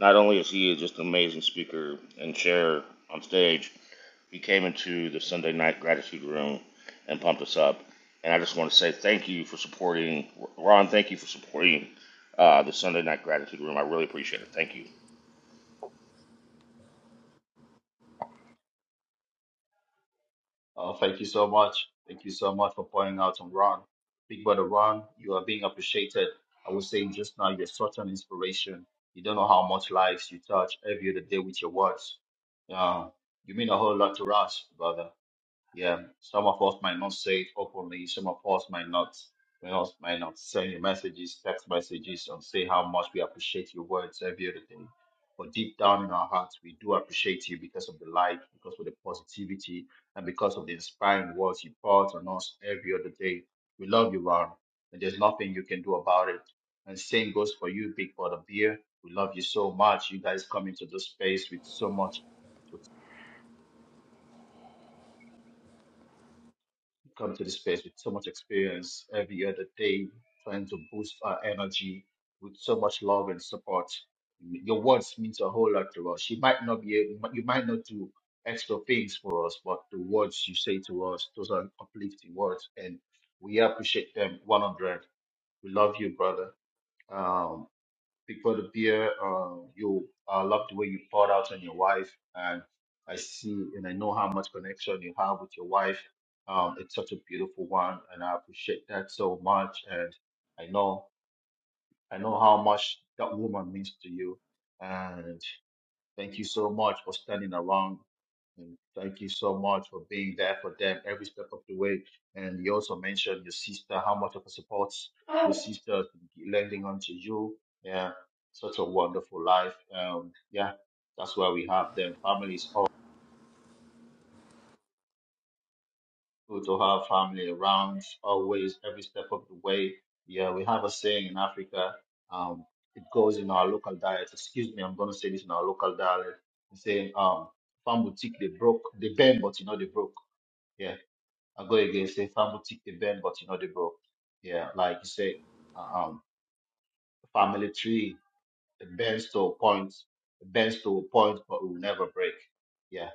[SPEAKER 6] Not only is he just an amazing speaker and chair on stage, He came into the Sunday night gratitude room and pumped us up. And I just want to say thank you for supporting Ron. Thank you for supporting uh, the Sunday night gratitude room. I really appreciate it. Thank you.
[SPEAKER 3] Oh, thank you so much. Thank you so much for pointing out on Ron. Big brother Ron, you are being appreciated. I was saying just now, you're such an inspiration. You don't know how much lives you touch every other day with your words. Yeah, you mean a whole lot to us, brother. Yeah, some of us might not say it openly. Some of us might not, might not, might not send you messages, text messages, and say how much we appreciate your words every other day. But deep down in our hearts, we do appreciate you because of the light, because of the positivity, and because of the inspiring words you pour out on us every other day. We love you, Ron, and there's nothing you can do about it. And same goes for you, Big Brother Beer. We love you so much. You guys come into this space with so much. come to this space with so much experience every other day, trying to boost our energy with so much love and support. Your words means a whole lot to us. You might not be able, you might not do extra things for us, but the words you say to us, those are uplifting words, and we appreciate them 100. We love you, brother. Um, Bigfoot appear. Uh, you I love the way you poured out on your wife, and I see and I know how much connection you have with your wife. Um, it's such a beautiful one, and I appreciate that so much. And I know I know how much that woman means to you. And thank you so much for standing around and thank you so much for being there for them every step of the way. And you also mentioned your sister, how much of a support your sister is lending onto you. Yeah, such a wonderful life. Um, yeah, that's why we have them. Family is all good to have family around always, every step of the way. Yeah, we have a saying in Africa. Um, it goes in our local dialect. Excuse me, I'm gonna say this in our local dialect. Saying, um, farm boutique they broke, they bend, but you know they broke. Yeah, I go against a family tick the bend, but you know the broke. Yeah, like you say, um, family tree, it bends to a point, it bends to a point, but it will never break. Yeah,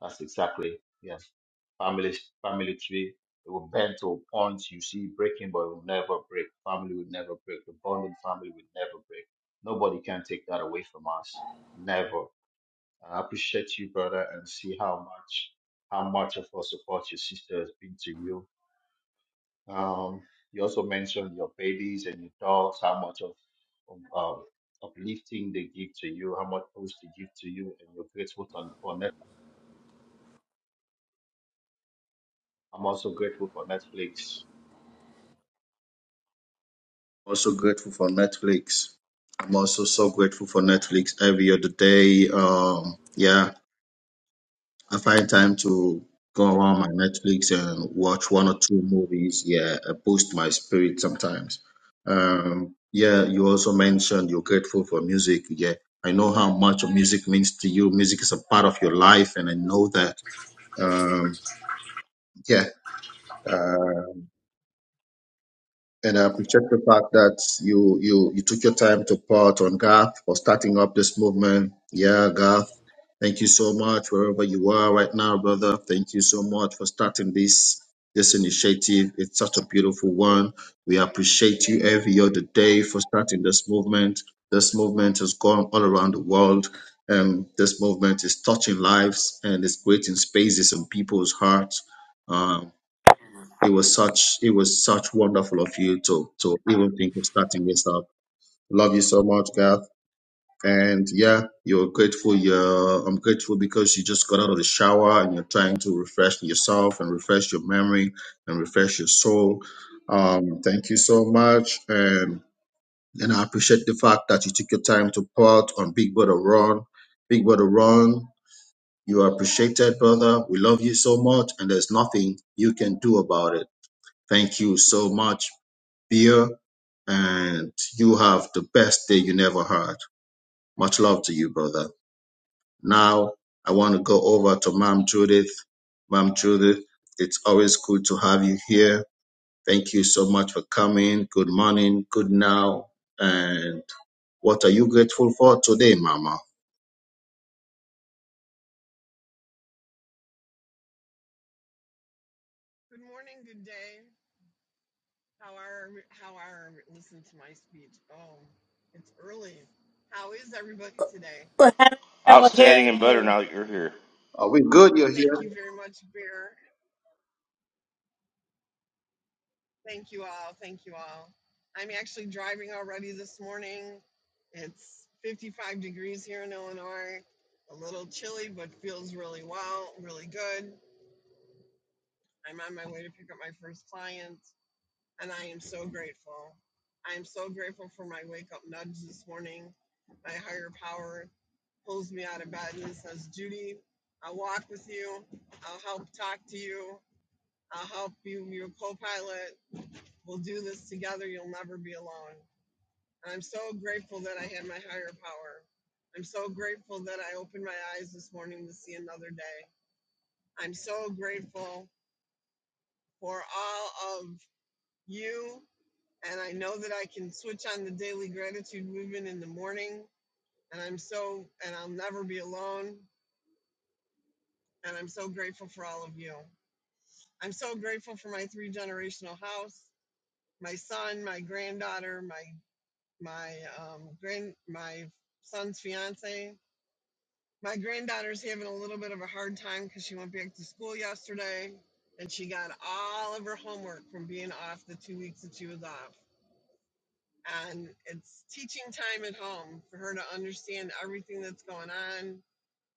[SPEAKER 3] that's exactly yes. Family family tree, it will bend to a point you see it breaking, but it will never break. Family will never break. The bonding family will never break. Nobody can take that away from us. Never. And I appreciate you, brother, and see how much how much of our support your sister has been to you Um, you also mentioned your babies and your dogs, how much of, of um, uplifting they give to you, how much boost they give to you, and you're grateful for, for Net- I'm also grateful for Netflix. Also grateful for Netflix. I'm also so grateful for Netflix every other day. Um, yeah, I find time to go on my Netflix and watch one or two movies. Yeah, uh, boost my spirit sometimes. Um, yeah, you also mentioned you're grateful for music. Yeah, I know how much music means to you. Music is a part of your life, and I know that. Um, yeah, uh, And I appreciate the fact that you, you, you took your time to part on Garth for starting up this movement. Yeah, Garth, thank you so much wherever you are right now, brother. Thank you so much for starting this, this initiative. It's such a beautiful one. We appreciate you every other day for starting this movement. This movement has gone all around the world. And this movement is touching lives and it's creating spaces in people's hearts. Um, it was such it was such wonderful of you to to even think of starting this up. Love you so much, Garth. And yeah, you're grateful. You're I'm grateful because you just got out of the shower and you're trying to refresh yourself and refresh your memory and refresh your soul. Um, thank you so much. And and I appreciate the fact that you took your time to part on Big Brother Ron. Big Brother Ron, you are appreciated, brother. We love you so much, and there's nothing you can do about it. Thank you so much beer, and you have the best day you never had. Much love to you, brother. Now, I want to go over to Ma'am Judith. Ma'am Judith, it's always good to have you here. Thank you so much for coming. Good morning, good now. And what are you grateful for today, Mama?
[SPEAKER 7] Good morning, good day. How are how are listen to my speech? Oh, it's early. How is everybody today?
[SPEAKER 1] We're
[SPEAKER 6] Outstanding
[SPEAKER 1] hearing
[SPEAKER 6] and
[SPEAKER 1] you.
[SPEAKER 6] better now that you're here.
[SPEAKER 3] Are we good? You're
[SPEAKER 7] Thank
[SPEAKER 3] here.
[SPEAKER 7] you very much, Bear. Thank you all. Thank you all. I'm actually driving already this morning. It's 55 degrees here in Illinois. A little chilly, but feels really well, really good. I'm on my way to pick up my first client. and I am so grateful. I am so grateful for my wake up nudge this morning. My higher power pulls me out of bed and says, Judy, I'll walk with you. I'll help talk to you. I'll help you, You're a co pilot. We'll do this together. You'll never be alone. And I'm so grateful that I had my higher power. I'm so grateful that I opened my eyes this morning to see another day. I'm so grateful for all of you and I know that I can switch on the daily gratitude movement in the morning. And I'm so, and I'll never be alone. And I'm so grateful for all of you. I'm so grateful for my three generational house, my son, my granddaughter, my my um, grand my son's fiance. My granddaughter's having a little bit of a hard time because she went back to school yesterday, and she got all of her homework from being off the two weeks that she was off and it's teaching time at home for her to understand everything that's going on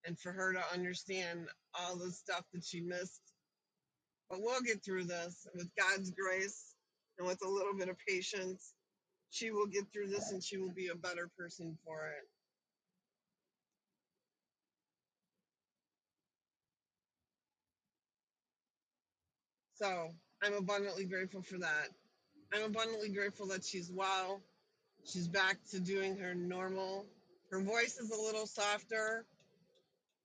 [SPEAKER 7] and for her to understand all the stuff that she missed. But we'll get through this with God's grace and with a little bit of patience. She will get through this and she will be a better person for it. So I'm abundantly grateful for that. I'm abundantly grateful that she's well. She's back to doing her normal. Her voice is a little softer.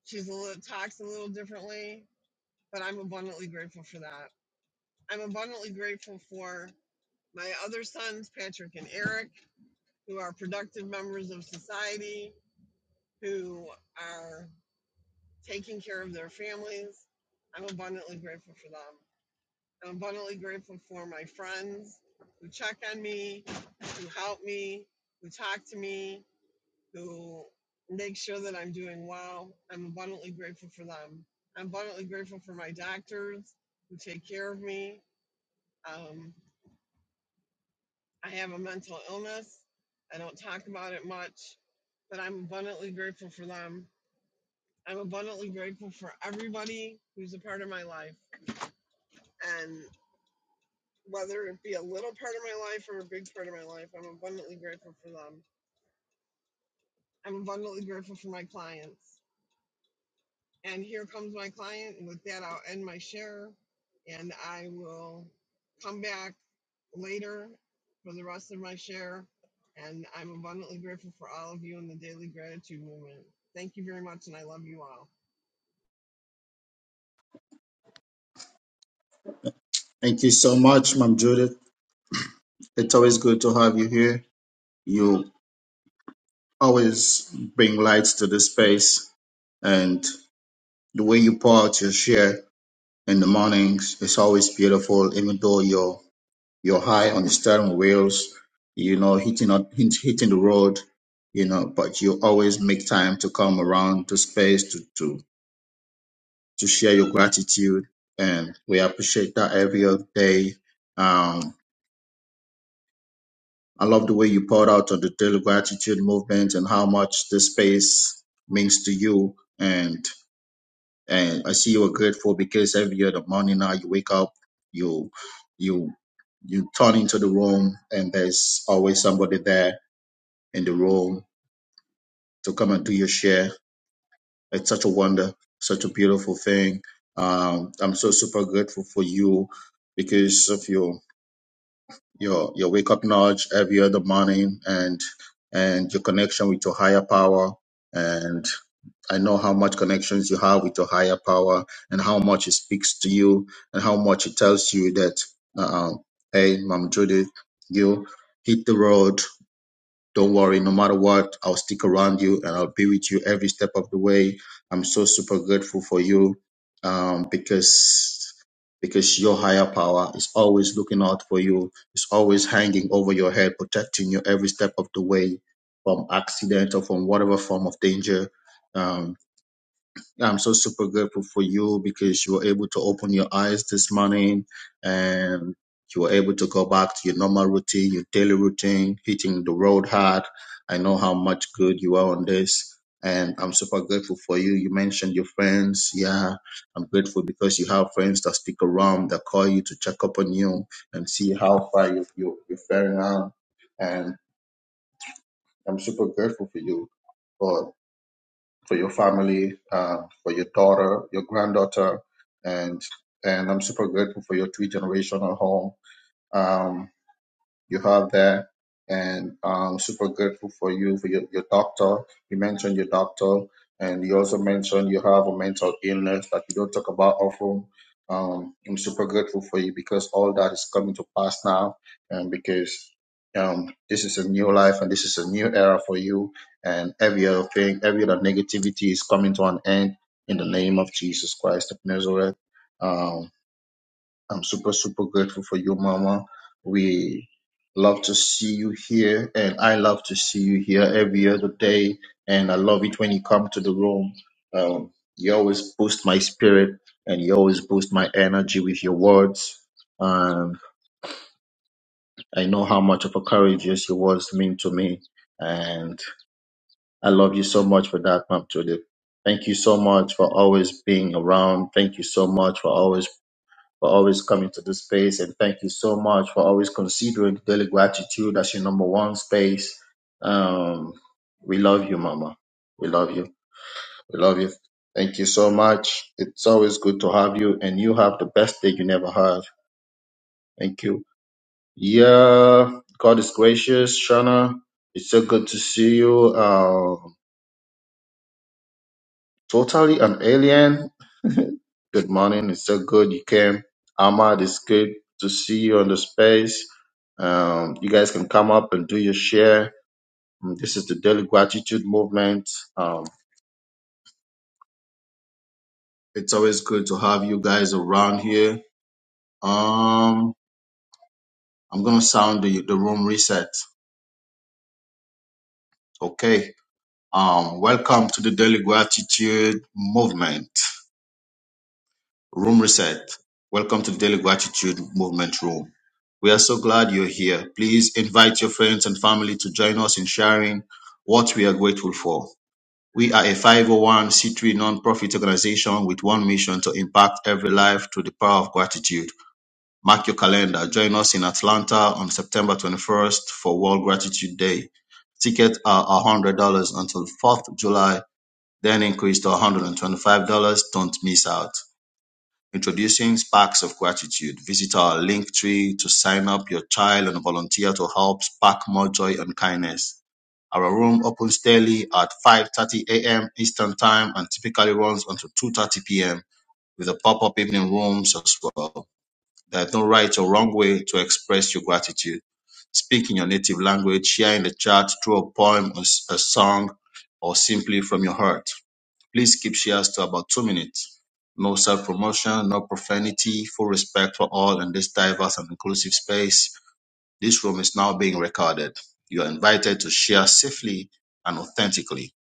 [SPEAKER 7] She's a little talks a little differently but I'm abundantly grateful for that. I'm abundantly grateful for my other sons, Patrick and Eric, who are productive members of society, who are taking care of their families. I'm abundantly grateful for them. I'm abundantly grateful for my friends who check on me, who help me, who talk to me, who make sure that I'm doing well. I'm abundantly grateful for them. I'm abundantly grateful for my doctors who take care of me, Um, I have a mental illness. I don't talk about it much, but I'm abundantly grateful for them. I'm abundantly grateful for everybody who's a part of my life. And whether it be a little part of my life or a big part of my life, I'm abundantly grateful for them. I'm abundantly grateful for my clients. And here comes my client. And with that, I'll end my share and I will come back later for the rest of my share. And I'm abundantly grateful for all of you in the daily gratitude movement. Thank you very much, and I love you all.
[SPEAKER 3] Thank you so much, Ma'am Judith. It's always good to have you here. You always bring lights to the space, and the way you pour out your share in the mornings. It's always beautiful, even though you're you're high on the steering wheels, you know, hitting on hit- hitting the road, you know, but you always make time to come around to space to to to share your gratitude, and we appreciate that every other day. Um, I love the way you poured out on the daily gratitude movement and how much this space means to you. and. and I see you are grateful because every other morning now you wake up, you you you turn into the room, and there's always somebody there in the room to come and do your share. It's such a wonder, such a beautiful thing. Um, I'm so super grateful for you because of your your your wake up knowledge every other morning and and your connection with your higher power I know how much connections you have with your higher power and how much it speaks to you and how much it tells you that, uh, hey, Mom Judith, you hit the road. Don't worry, no matter what, I'll stick around you and I'll be with you every step of the way. I'm so super grateful for you um, because because your higher power is always looking out for you. It's always hanging over your head, protecting you every step of the way from accident or from whatever form of danger. Um, I'm so super grateful for you because you were able to open your eyes this morning and you were able to go back to your normal routine, your daily routine, hitting the road hard. I know how much good you are on this. And I'm super grateful for you. You mentioned your friends. Yeah, I'm grateful because you have friends that stick around, that call you to check up on you and see how far you, you, you're faring on. And I'm super grateful for you. God for your family, uh, for your daughter, your granddaughter, and and I'm super grateful for your three generational home. Um, you have there. And I'm super grateful for you, for your, your doctor. You mentioned your doctor, and you also mentioned you have a mental illness that you don't talk about often. Um, I'm super grateful for you because all that is coming to pass now, and because um, this is a new life and this is a new era for you, and every other thing, every other negativity is coming to an end in the name of Jesus Christ of Nazareth. Um, I'm super, super grateful for you, Mama. We love to see you here, and I love to see you here every other day. And I love it when you come to the room. Um, you always boost my spirit, and you always boost my energy with your words. Um, I know how much of a courageous your words mean to me, and I love you so much for that, Mom Judith. Thank you so much for always being around. Thank you so much for always for always coming to this space. And thank you so much for always considering daily gratitude as your number one space. Um, we love you, Mama. We love you. We love you. Thank you so much. It's always good to have you, and you have the best day you never had. Thank you. Yeah, God is gracious, Shana. It's so good to see you. Uh, totally an alien. Good morning. It's so good you came. Ahmad, it's good to see you on the space. Um, you guys can come up and do your share. Um, This is the Daily Gratitude Movement. Um, it's always good to have you guys around here. Um, I'm gonna sound the, the room reset. Okay. Um, welcome to the Daily Gratitude Movement. Room Reset. Welcome to the Daily Gratitude Movement Room. We are so glad you're here. Please invite your friends and family to join us in sharing what we are grateful for. We are a 501c3 nonprofit organization with one mission to impact every life through the power of gratitude. Mark your calendar. Join us in Atlanta on September 21st for World Gratitude Day. Tickets are $100 until 4th July, then increase to $125. Don't miss out. Introducing Sparks of Gratitude. Visit our link tree to sign up your child and volunteer to help spark more joy and kindness. Our room opens daily at 5:30 a.m. Eastern Time and typically runs until 2:30 p.m. with a pop-up evening rooms as well. There's no right or wrong way to express your gratitude. Speak in your native language, share in the chat through a poem, a song, or simply from your heart. Please keep shares to about two minutes. No self promotion, no profanity, full respect for all in this diverse and inclusive space. This room is now being recorded. You are invited to share safely and authentically.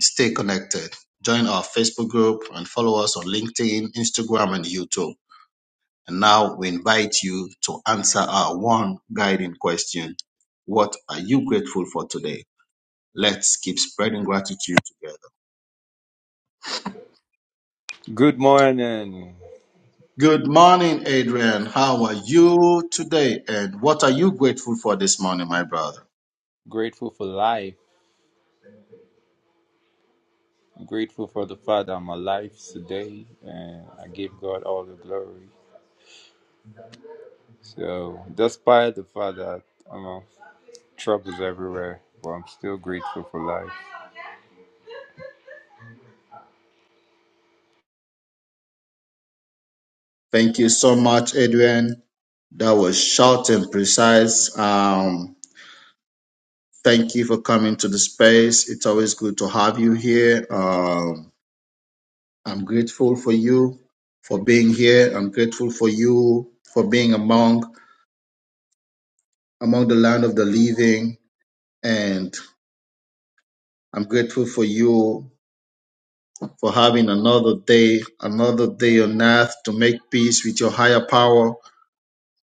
[SPEAKER 3] Stay connected. Join our Facebook group and follow us on LinkedIn, Instagram, and YouTube. And now we invite you to answer our one guiding question What are you grateful for today? Let's keep spreading gratitude together.
[SPEAKER 8] Good morning.
[SPEAKER 3] Good morning, Adrian. How are you today? And what are you grateful for this morning, my brother?
[SPEAKER 8] Grateful for life. Grateful for the fact I'm alive today, and I give God all the glory. So, despite the fact that you know troubles everywhere, but I'm still grateful for life.
[SPEAKER 3] Thank you so much, Adrian. That was short and precise. Um, thank you for coming to the space. It's always good to have you here. Um, I'm grateful for you for being here. I'm grateful for you for being among among the land of the living, and I'm grateful for you for having another day, another day on earth to make peace with your higher power.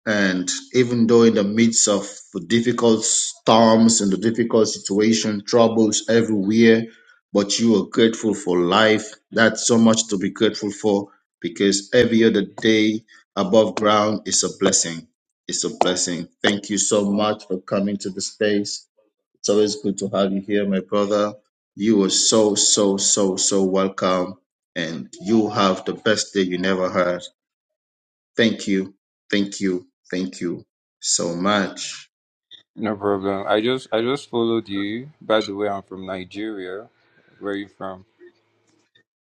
[SPEAKER 3] And even though in the midst of the difficult storms and the difficult situation, troubles everywhere, but you are grateful for life. That's so much to be grateful for because every other day above ground is a blessing. It's a blessing. Thank you so much for coming to the space. It's always good to have you here, my brother. You are so, so, so, so welcome. And you have the best day you never had. Thank you. Thank you. Thank you so much.
[SPEAKER 8] No problem. I just I just followed you. By the way, I'm from Nigeria. Where are you from?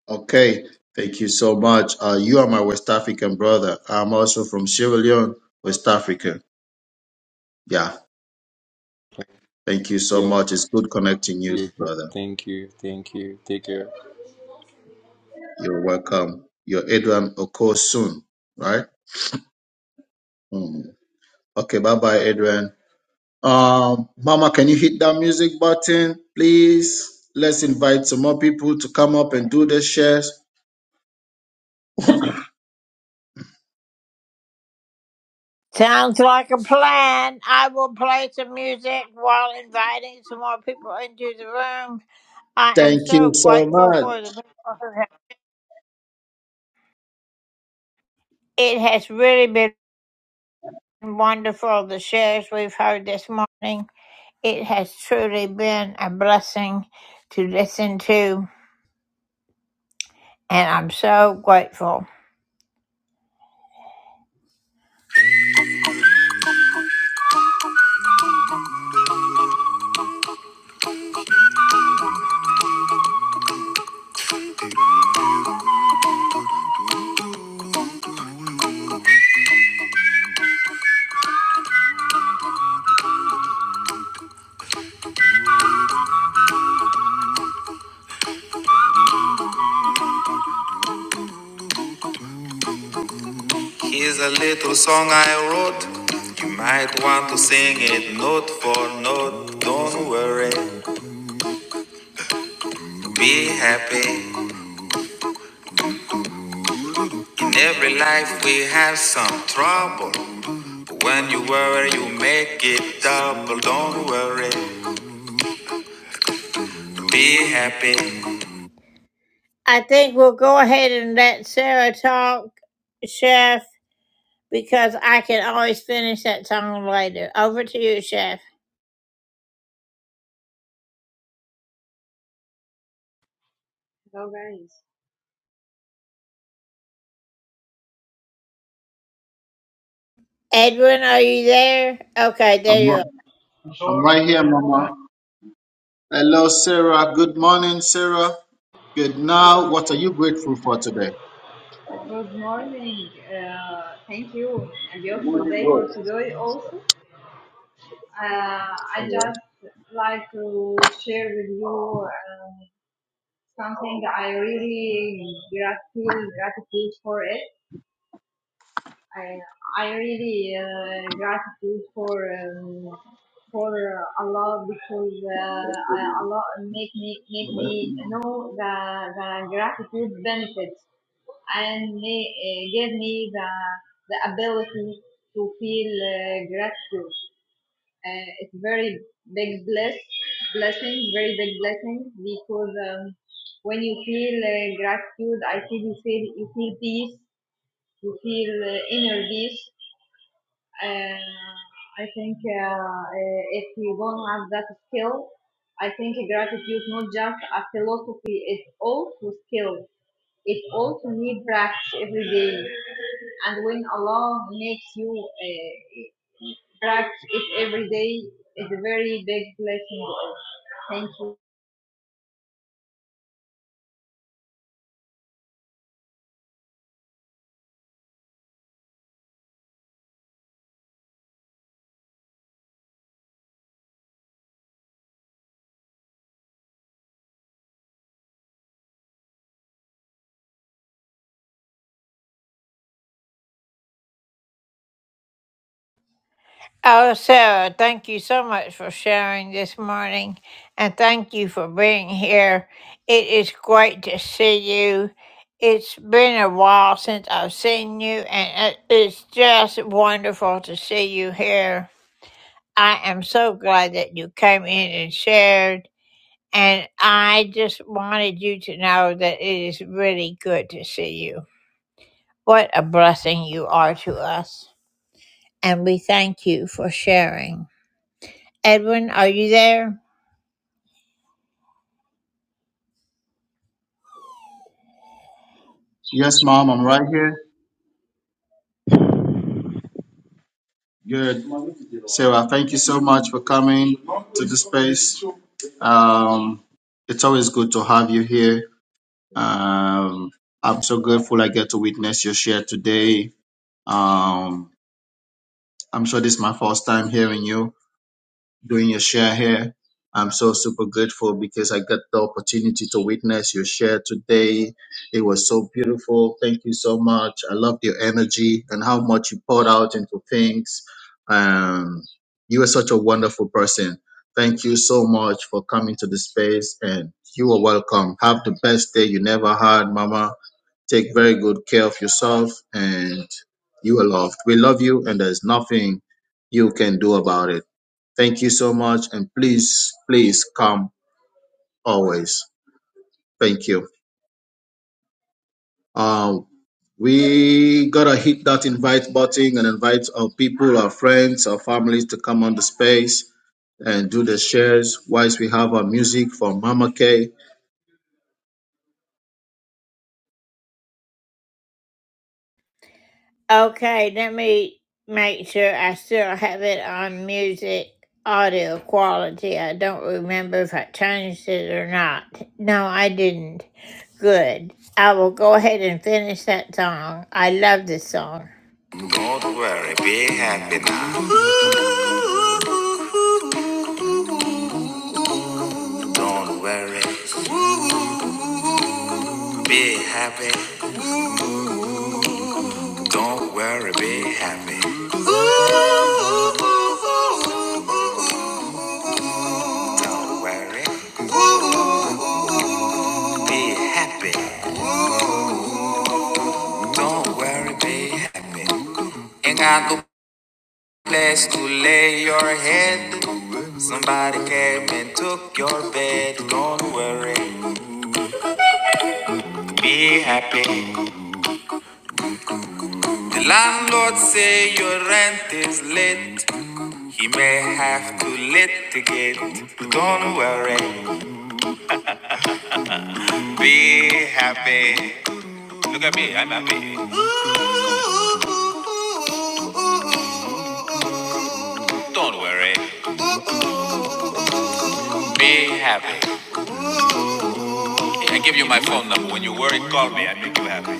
[SPEAKER 3] Okay. Thank you so much. Uh, you are my West African brother. I'm also from Sierra Leone, West Africa. Yeah. Thank you so
[SPEAKER 8] Yeah.
[SPEAKER 3] much. It's good connecting you,
[SPEAKER 8] You.
[SPEAKER 3] brother.
[SPEAKER 8] Thank you. Thank you. Take care.
[SPEAKER 3] You're welcome. You're Adrian Okosun, right? Mm. Okay. Bye bye, Adrian. Um, Mama, can you hit that music button, please? Let's invite some more people to come up and do the shares.
[SPEAKER 1] Sounds like a plan. I will play some music while inviting some more people into the room. I am
[SPEAKER 3] Thank
[SPEAKER 1] so
[SPEAKER 3] you so
[SPEAKER 1] grateful
[SPEAKER 3] much.
[SPEAKER 1] for the people who have. It has really been. wonderful the shares we've heard this morning. It has truly been a blessing to listen to, and I'm so grateful. Here's a little song I wrote. You might want to sing it note for note. Don't worry, be happy. In every life we have some trouble. But when you worry, you make it double. Don't worry, be happy. I think we'll go ahead and let Sarah talk, Chef, because I can always finish that song later. Over to you, Chef.
[SPEAKER 9] Hello, guys.
[SPEAKER 1] Edwin, are you there? Okay,
[SPEAKER 3] I'm,
[SPEAKER 1] there you are.
[SPEAKER 3] ri- I'm right here, Mama. Hello, Sarah. Good morning, Sarah. Good
[SPEAKER 9] Good
[SPEAKER 3] now. What are you grateful for today?
[SPEAKER 9] good morning. Uh, thank you. A beautiful day for today, also. Uh, I just like to share with you uh, something I really grat- feel gratitude for it. I I really uh, gratitude for um, for Allah because uh, I- Allah make me make me know the the gratitude benefits and may, uh, give me the the ability to feel uh, gratitude. Uh, it's very big bless blessing, very big blessing because um, when you feel uh, gratitude, I feel you feel you feel peace, you feel uh, inner peace uh, I think uh, uh, if you don't have that skill, I think gratitude not just a philosophy, it's also skill. It also need practice every day. And when Allah makes you uh, practice it every day, it's a very big blessing. Thank you.
[SPEAKER 1] Oh, Sarah, thank you so much for sharing this morning and thank you for being here. It is great to see you. It's been a while since I've seen you, and it- it's just wonderful to see you here. I am so glad that you came in and shared. And I just wanted you to know that it is really good to see you. What a blessing you are to us. And we thank you for sharing. Edwin, are you there?
[SPEAKER 3] Yes, Mom, I'm right here. Good. Sarah, thank you so much for coming to the space. Um, it's always good to have you here. Um, I'm so grateful I get to witness your share today Um, I'm sure this is my first time hearing you doing your share here. I'm so super grateful because I got the opportunity to witness your share today. It was so beautiful. Thank you so much. I loved your energy and how much you poured out into things. Um, you are such a wonderful person. Thank you so much for coming to the space and you are welcome. Have the best day you never had, Mama. Take very good care of yourself, and you are loved. We love you, and there's nothing you can do about it. Thank you so much, and please, please come always. Thank you. Um, we gotta hit that invite button and invite our people, our friends, our families to come on the space and do the shares. Whilst we have our music from Mama K,
[SPEAKER 1] Okay, let me make sure I still have it on music audio quality. I don't remember if I changed it or not. No, I didn't. Good. I will go ahead and finish that song. I love this song. Don't worry, be happy now. Don't worry, be happy. Don't worry, be happy. Don't worry, be happy. Don't worry, be happy. Ain't got no place to lay your head. Somebody came and took your bed. Don't worry, be happy. The landlord say your rent is late. He may have to litigate. Don't worry, be happy. Look at me, I'm happy. Don't worry, be happy. I give you my phone number. When you worry, call me. I make you happy.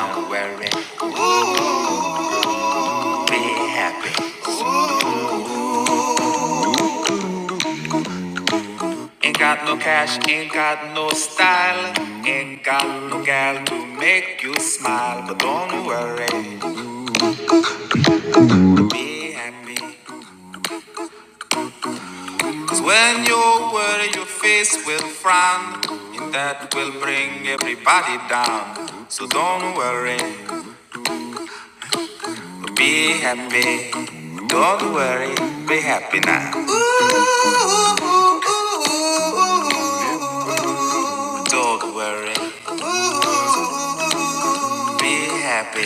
[SPEAKER 1] I style ain't got no gal to make you smile, but don't worry, be happy. Cause when you worry, your face will frown, and that will bring everybody down. So don't worry, be happy. Don't worry, be happy now. Don't worry, Be happy.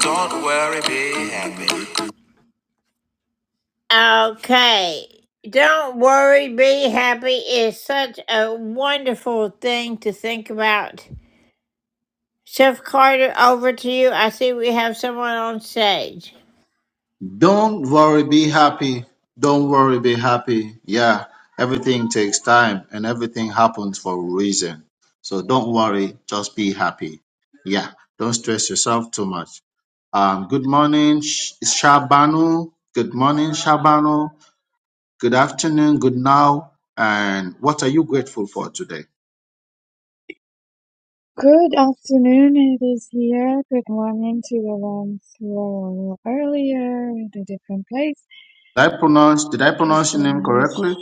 [SPEAKER 1] Don't worry, be happy. Okay. Don't worry, be happy is such a wonderful thing to think about. Chef Carter, over to you. I see we have someone on stage.
[SPEAKER 3] Don't worry, be happy. Don't worry, be happy. Yeah, everything takes time and everything happens for a reason. So don't worry, just be happy. Yeah, don't stress yourself too much. Um, good morning, Sh- Shabanu. Good morning, Shabano. Good afternoon, good now. And what are you grateful for today?
[SPEAKER 10] Good afternoon, it is here. Good morning to the ones who are a little earlier in a different place.
[SPEAKER 3] Did I pronounce, did I pronounce your name
[SPEAKER 10] Catherine. Hi,
[SPEAKER 3] correctly?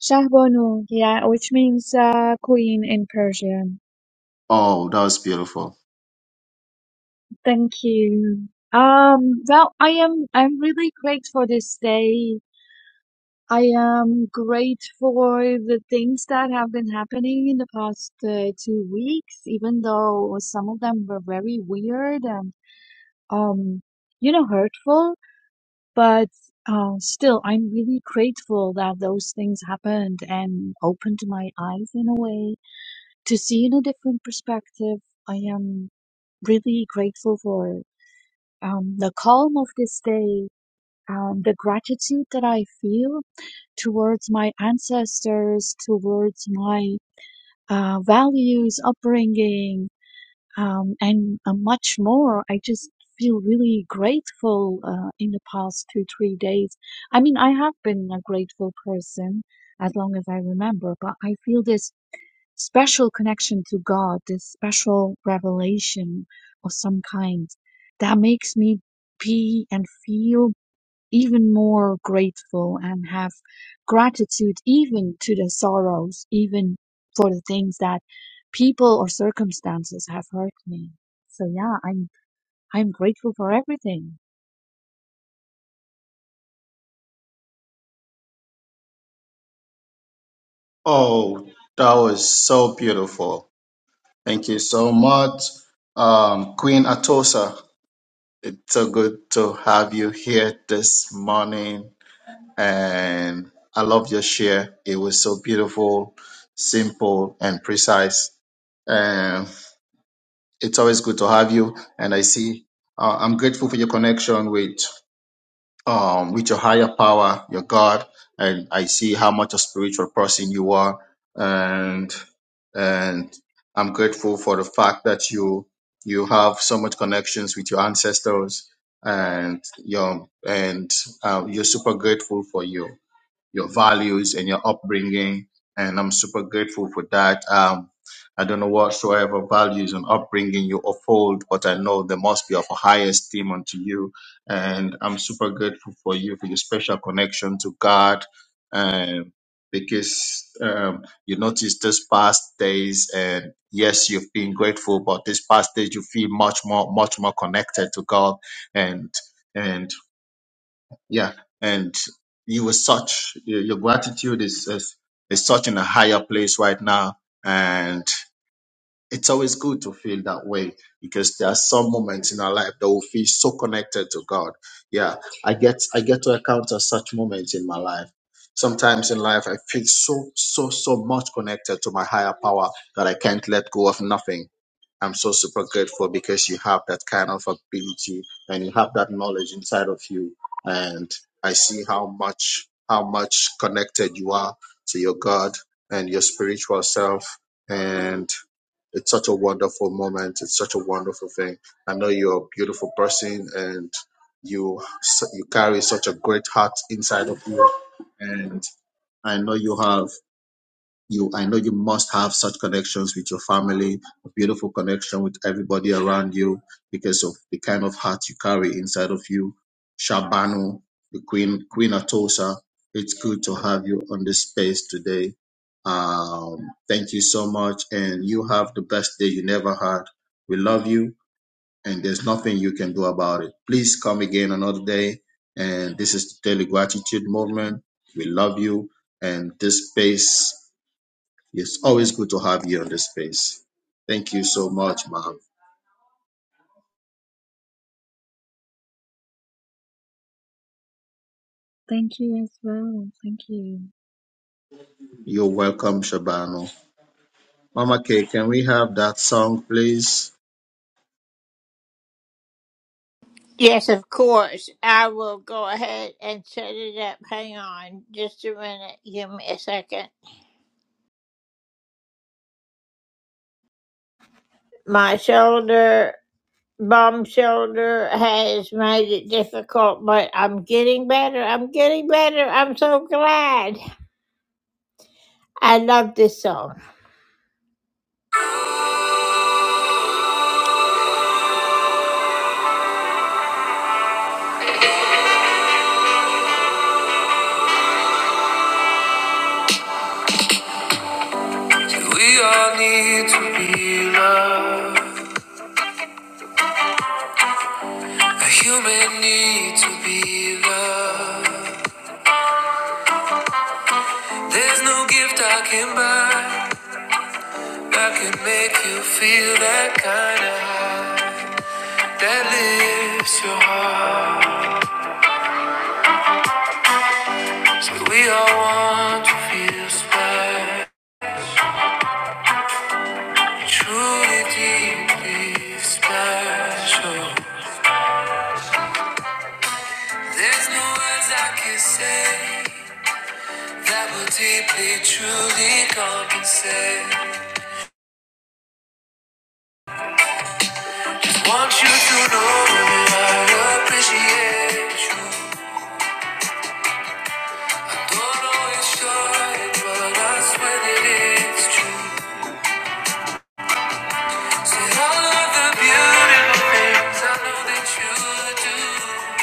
[SPEAKER 10] Shahbanu. Yeah, which means uh, queen in Persian.
[SPEAKER 3] Oh, that was beautiful.
[SPEAKER 10] Thank you. Um, well, I am, I'm really grateful for this day. I am grateful for the things that have been happening in the past uh, two weeks, even though some of them were very weird and, um, you know, hurtful But uh, still, I'm really grateful that those things happened and opened my eyes in a way to see in a different perspective. I am really grateful for um, the calm of this day, um, the gratitude that I feel towards my ancestors, towards my uh, values, upbringing, um, and uh, much more. I just feel really grateful uh, in the past two, three days. I mean, I have been a grateful person as long as I remember, but I feel this special connection to God, this special revelation of some kind that makes me be and feel even more grateful and have gratitude even to the sorrows, even for the things that people or circumstances have hurt me. So yeah, I'm I'm grateful for everything.
[SPEAKER 3] Oh, that was so beautiful. Thank you so much, um, Queen Atosa. It's so good to have you here this morning, and I love your share. It was so beautiful, simple, and precise. And it's always good to have you. And I see, uh, I'm grateful for your connection with um, with your higher power, your God, and I see how much a spiritual person you are, and and I'm grateful for the fact that you you have so much connections with your ancestors, and your and um, you're super grateful for you your values and your upbringing. And I'm super grateful for that. Um, I don't know whatsoever values and upbringing you uphold, but I know they must be of a high esteem unto you. And I'm super grateful for you for your special connection to God. Um, because um, you notice these past days, and yes, you've been grateful, but these past days you feel much more, much more connected to God, and and yeah, and you were such your your gratitude is, is is such in a higher place right now, and it's always good to feel that way because there are some moments in our life that we feel so connected to God. Yeah, I get I get to encounter such moments in my life. Sometimes in life, I feel so so so much connected to my higher power that I can't let go of nothing I'm so super grateful because you have that kind of ability and you have that knowledge inside of you. And I see how much, how much connected you are to your God and your spiritual self. And it's such a wonderful moment. It's such a wonderful thing. I know you're a beautiful person and you, you carry such a great heart inside of you. And I know you have you i know you must have such connections with your family a beautiful connection with everybody around you because of the kind of heart you carry inside of you shabanu the queen queen atosa it's good to have you on this space today um thank you so much and you have the best day you never had we love you and there's nothing you can do about it please come again another day and this is the daily gratitude movement we love you and this space it's always good to have you on the space. Thank you so much, ma'am.
[SPEAKER 10] Thank you as well. Thank you.
[SPEAKER 3] You're welcome, Shabano. Mama K, can we have that song, please?
[SPEAKER 1] Yes, of course. I will go ahead and set it up. Hang on just a minute. Give me a second. My shoulder. bomb shelter has made it difficult, but I'm getting better. I'm getting better. I'm so glad. I love this song. we all need to be loved. A human need to be loved. There's no gift I can buy that can make you feel that kind of high that lifts your heart. So we all want to feel special. Truly deeply special. There's no words I can say that will deeply, truly compensate. Want you to know that I appreciate you. Don't always show it, but I swear that it's true. See all of the beautiful things I know that you do.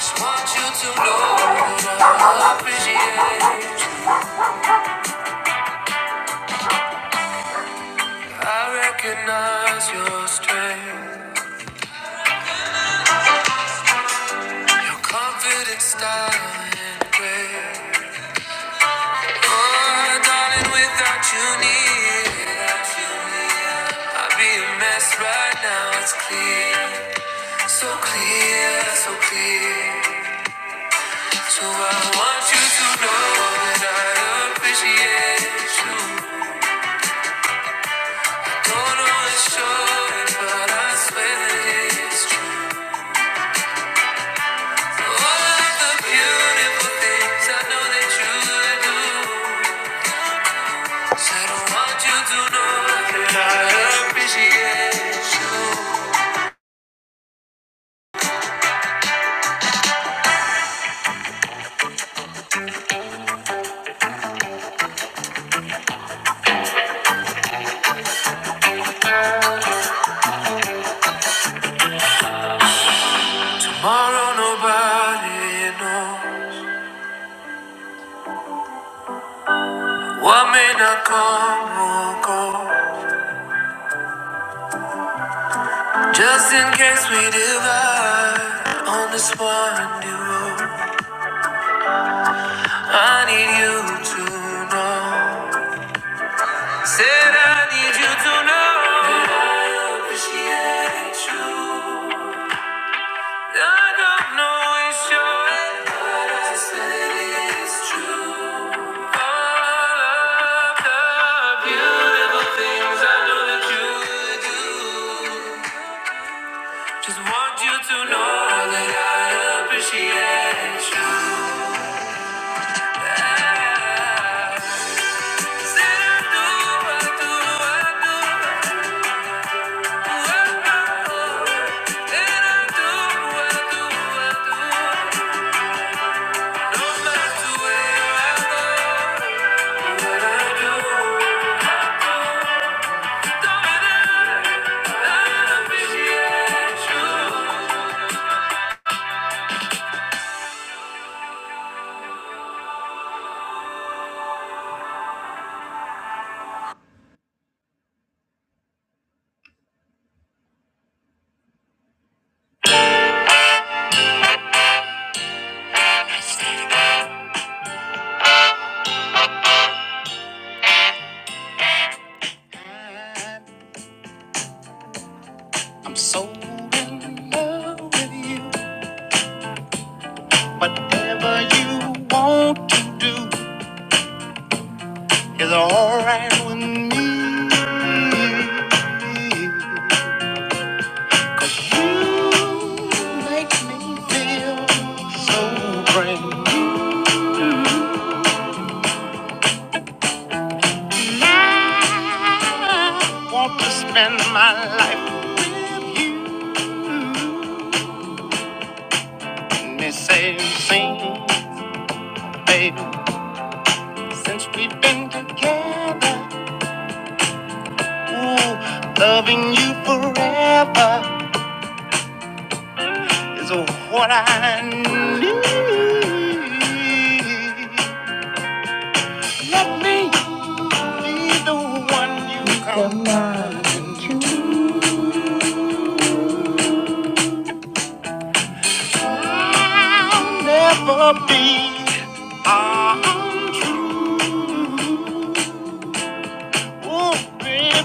[SPEAKER 1] Just want you to know that I appreciate you. I recognize your strength, confident style and grace. Oh, darling, without you near, I'd be a mess right now. It's clear, so clear, so clear. So I want you to know that I appreciate you. Don't always show it, but I swear that it's true. Tomorrow nobody know what may not come will go. Just in case we divide on this windy road, I need you to know. Said I need you to know that I appreciate you. I don't know it's but I said it's true. All of the beautiful things I know that you do. Just want you to know that I appreciate you. Said I do, I do, I do, oh, oh, oh. I do, I do, I do. No Whatever you want to do is alright with me. You make me feel so brand new. And I want to spend my life with you. And they say, sing, baby, since we've been together. Ooh, loving you forever is what I need. Let me be the one you come. I'll never be uh, untrue. Ooh, baby.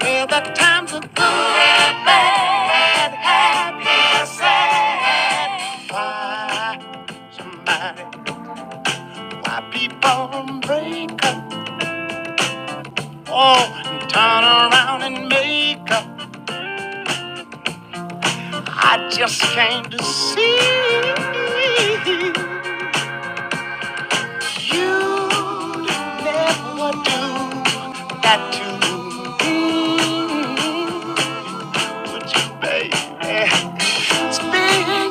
[SPEAKER 1] Well, the times are good and bad, happy and sad. Why, somebody, why people break up? Oh, and turn around and make up. I just came to see you never do that to me. baby. Spinning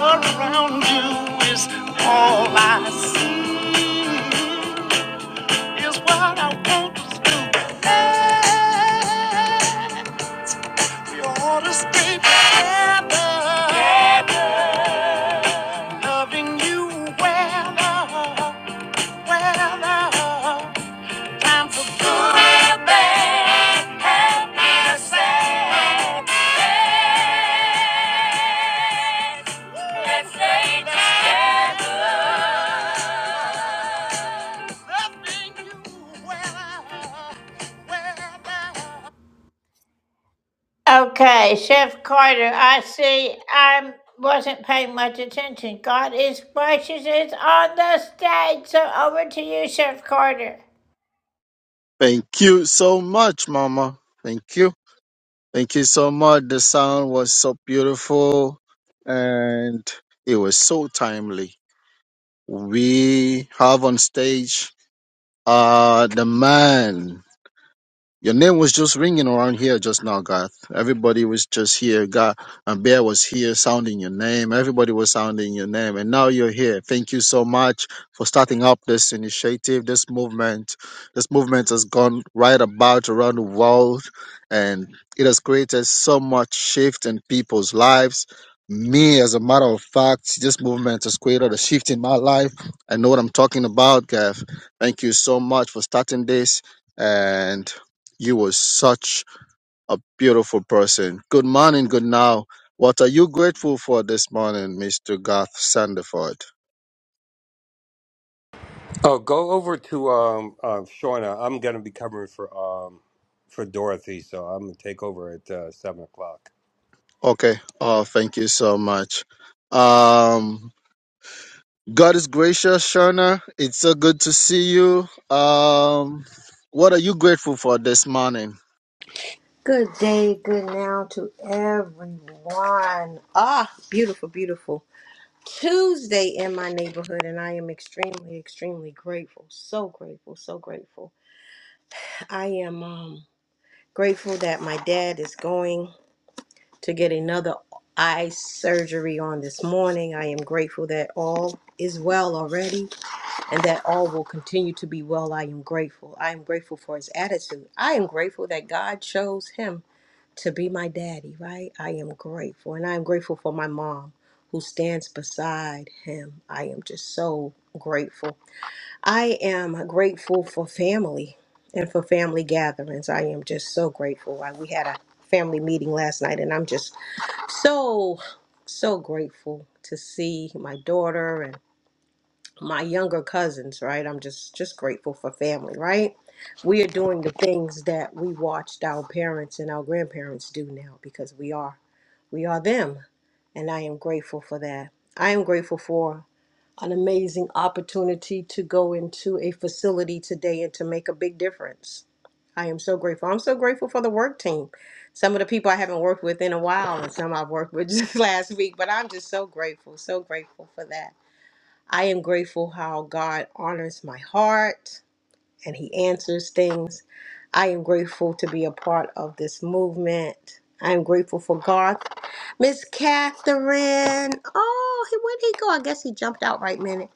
[SPEAKER 1] around you is all I see. Is what I want to do. We ought to stay together. Loving you whether, whether I'm for good or bad. Loving you whether, whether. Okay, Chef Carter, I see I wasn't paying much attention. God is gracious is on the stage. So over to you, Chef Carter.
[SPEAKER 3] Thank you so much, Mama. Thank you. Thank you so much. The sound was so beautiful and it was so timely. We have on stage uh the man. Your name was just ringing around here just now, Garth. Everybody was just here. Garth and Bear was here sounding your name. Everybody was sounding your name. And now you're here. Thank you so much for starting up this initiative, this movement. This movement has gone right about around the world and it has created so much shift in people's lives. Me, as a matter of fact, this movement has created a shift in my life. I know what I'm talking about, Garth. Thank you so much for starting this. And you were such a beautiful person. Good morning, good now. What are you grateful for this morning, Mr. Garth Sandiford?
[SPEAKER 11] Oh, go over to um, uh, Shauna. I'm going to be covering for um, for Dorothy, so I'm going to take over at uh, seven o'clock.
[SPEAKER 3] Okay. Oh, thank you so much. Um, God is gracious, Shona. It's so good to see you. Um, what are you grateful for this morning?
[SPEAKER 12] Good day, good now to everyone. Ah, beautiful, beautiful Tuesday in my neighborhood, and I am extremely, extremely grateful. So grateful, so grateful. I am um, grateful that my dad is going to get another eye surgery on this morning. I am grateful that all is well already and that all will continue to be well. I am grateful. I am grateful for his attitude. I am grateful that God chose him to be my daddy, right? I am grateful. And I am grateful for my mom who stands beside him. I am just so grateful. I am grateful for family and for family gatherings. I am just so grateful. I, we had a family meeting last night, and I'm just so, so grateful to see my daughter and my younger cousins, right? I'm just just grateful for family, right? We are doing the things that we watched our parents and our grandparents do now because we are we are them, and I am grateful for that. I am grateful for an amazing opportunity to go into a facility today and to make a big difference. I am so grateful. I'm so grateful for the work team. Some of the people I haven't worked with in a while, and some I've worked with just last week, but I'm just so grateful, so grateful for that. I am grateful how God honors my heart and He answers things. I am grateful to be a part of this movement. I am grateful for God. Miss Catherine. Oh, he- where'd he go? I guess he jumped out right minute.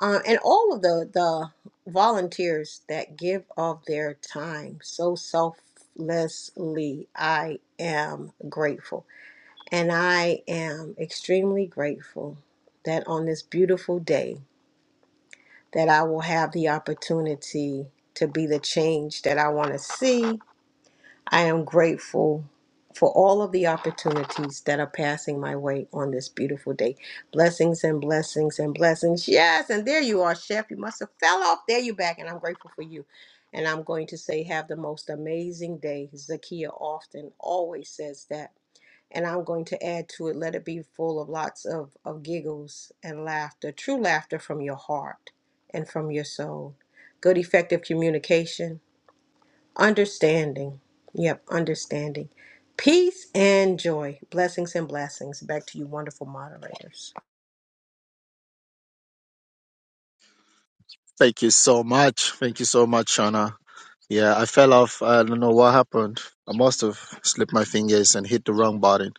[SPEAKER 12] Um, and all of the the volunteers that give of their time so selflessly, I am grateful, and I am extremely grateful that on this beautiful day that I will have the opportunity to be the change that I want to see. I am grateful for all of the opportunities that are passing my way on this beautiful day. Blessings and blessings and blessings. Yes, and there you are, Chef. You must have fell off. There you back, and I'm grateful for you. And I'm going to say, have the most amazing day. Zakia often always says that and I'm going to add to it, let it be full of lots of, of giggles and laughter, true laughter from your heart and from your soul. Good, effective communication, understanding. Yep, understanding. Peace and joy. Blessings and blessings. Back to you, wonderful moderators.
[SPEAKER 3] Thank you so much. Thank you so much, Shona. Yeah, I fell off. I don't know what happened. I must have slipped my fingers and hit the wrong button.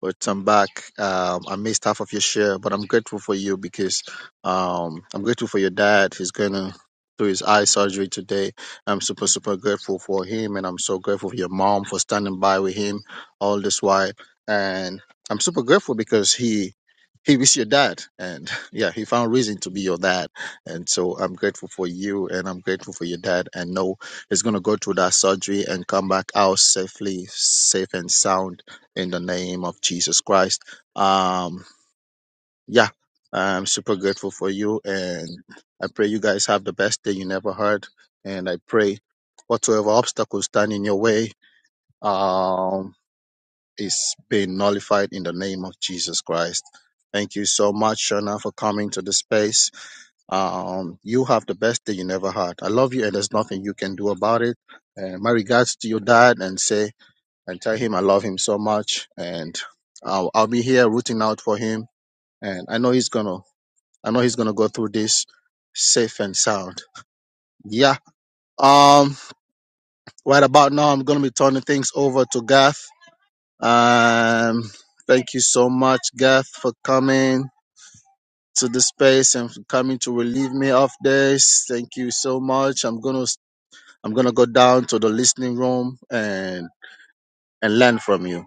[SPEAKER 3] But I'm back. Um, I missed half of your share, but I'm grateful for you because um, I'm grateful for your dad. He's going to do his eye surgery today. I'm super, super grateful for him. And I'm so grateful for your mom for standing by with him all this while. And I'm super grateful because he. He is your dad, and yeah, he found reason to be your dad, and so I'm grateful for you, and I'm grateful for your dad. And no, is going to go through that surgery and come back out safely, safe and sound in the name of Jesus Christ. Um, yeah, I'm super grateful for you. And I pray you guys have the best day you never heard. And I pray whatsoever obstacles stand in your way um, is being nullified in the name of Jesus Christ. Thank you so much, Shona, for coming to the space um, you have the best day you never had. I love you, and there's nothing you can do about it. And my regards to your dad, and say and tell him I love him so much, and I'll, I'll be here rooting out for him. And I know he's gonna, I know he's gonna go through this safe and sound. Yeah. Um. Right about now, I'm gonna be turning things over to Gath. Um. Thank you so much, Gath, for coming to the space and for coming to relieve me of this. Thank you so much. I'm gonna I'm gonna go down to the listening room and and learn from you.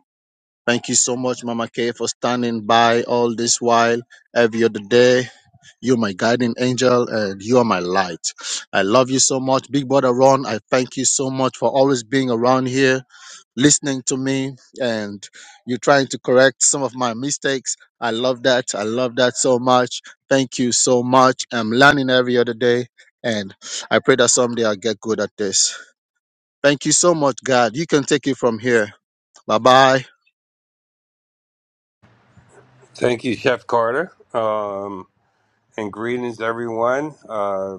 [SPEAKER 3] Thank you so much, Mama Kay, for standing by all this while, every other day. You're my guiding angel and you are my light. I love you so much. Big brother Ron, I thank you so much for always being around here, listening to me, and you trying to correct some of my mistakes. I love that. I love that so much. Thank you so much. I'm learning every other day, and I pray that someday I'll get good at this. Thank you so much, God. You can take it from here. Bye bye.
[SPEAKER 11] Thank you, Chef Carter, um, and greetings, everyone. Uh,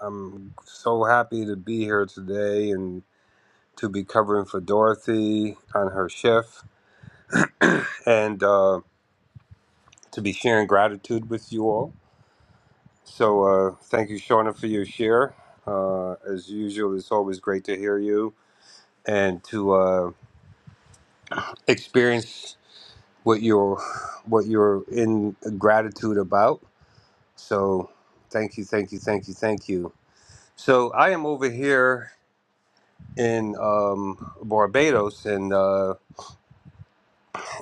[SPEAKER 11] I'm so happy to be here today and to be covering for Dorothy on her shift and uh, to be sharing gratitude with you all. So, uh, thank you, Shauna, for your share. Uh, as usual, it's always great to hear you and to uh, experience what you're what you're in gratitude about. So thank you, thank you, thank you, thank you. So I am over here in um, Barbados, and uh,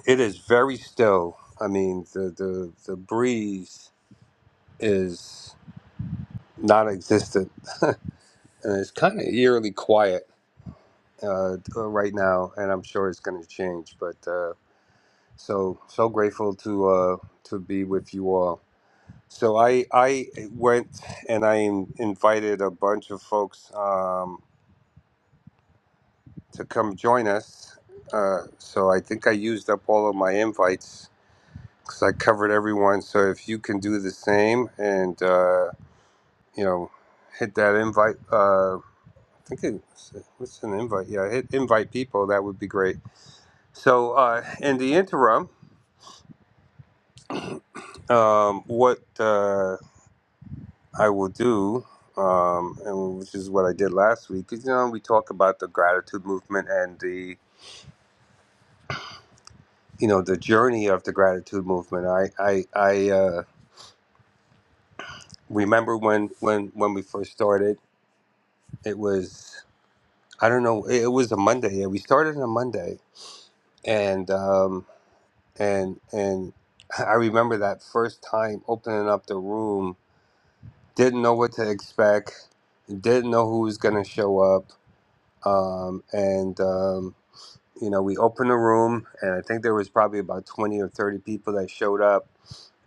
[SPEAKER 11] it is very still. I mean, the the, the breeze is non-existent, and it's kind of eerily quiet uh, uh, right now. And I'm sure it's going to change. But uh, so so grateful to uh, to be with you all. So I I went and I invited a bunch of folks um, to come join us. Uh, so I think I used up all of my invites because I covered everyone. So if you can do the same and uh, you know hit that invite, uh, I think it, what's an invite? Yeah, hit invite people. That would be great. So uh, in the interim, um, what? Uh, I will do, um, and which is what I did last week. 'Cause, You know, we talk about the gratitude movement and the you know the journey of the gratitude movement. I I I uh, remember when when when we first started, it was I don't know, it, it was a Monday. Yeah, we started on a Monday, and um, and and I remember that first time opening up the room, didn't know what to expect, didn't know who was going to show up, um, and. Um, you know, we opened the room, and I think there was probably about twenty or thirty people that showed up.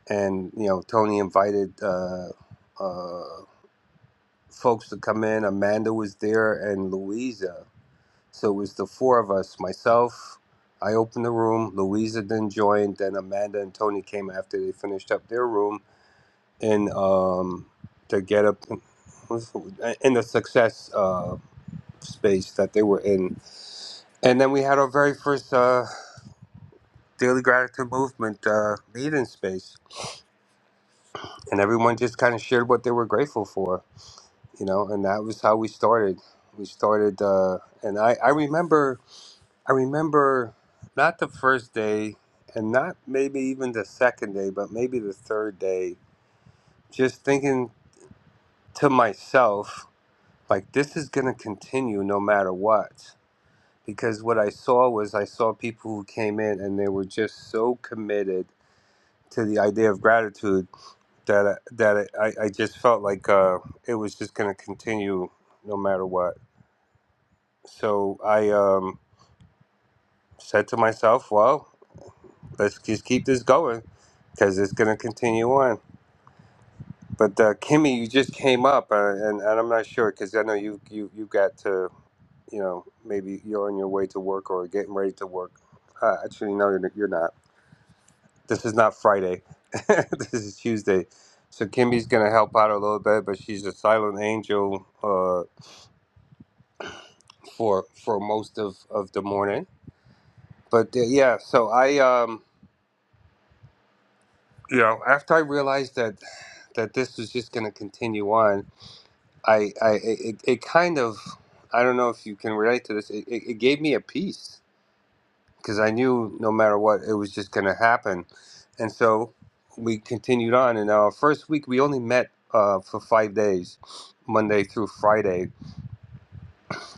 [SPEAKER 11] And you know, Tony invited uh, uh, folks to come in. Amanda was there, and Louisa. So it was the four of us. Myself, I opened the room. Louisa then joined. Then Amanda and Tony came after they finished up their room, and um, to get up in the success uh, space that they were in. And then we had our very first. uh, Daily Gratitude Movement uh, leading space, and everyone just kind of shared what they were grateful for, you know, and that was how we started. We started, uh, and I, I remember, I remember not the first day, and not maybe even the second day, but maybe the third day, just thinking to myself, like this is going to continue no matter what. Because what I saw was I saw people who came in and they were just so committed to the idea of gratitude that I, that I, I just felt like uh, it was just going to continue no matter what. So I um, said to myself, well, let's just keep this going because it's going to continue on. But uh, Kimmy, you just came up, uh, and, and I'm not sure because I know you, you you got to you know maybe you're on your way to work or getting ready to work. Uh, actually, no, you're you're not. This is not Friday. this is Tuesday. So Kimmy's gonna help out a little bit, but she's a silent angel. uh, for for most of of the morning. But uh, yeah, so I um you know after I realized that that this was just going to continue on, I I it, it kind of I don't know if you can relate to this. It, it, it gave me a peace because I knew no matter what it was just going to happen, and so we continued on. And our first week we only met uh, for five days, Monday through Friday,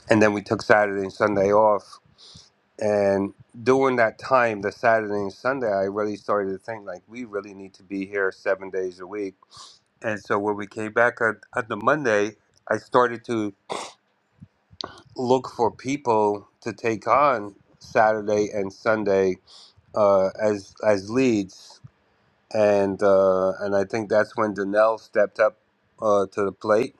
[SPEAKER 11] and then we took Saturday and Sunday off And during that time, the Saturday and Sunday, I really started to think like we really need to be here seven days a week. And so when we came back on, on the Monday, I started to look for people to take on Saturday and Sunday uh, as as leads. And uh, and I think that's when Danelle stepped up uh, to the plate.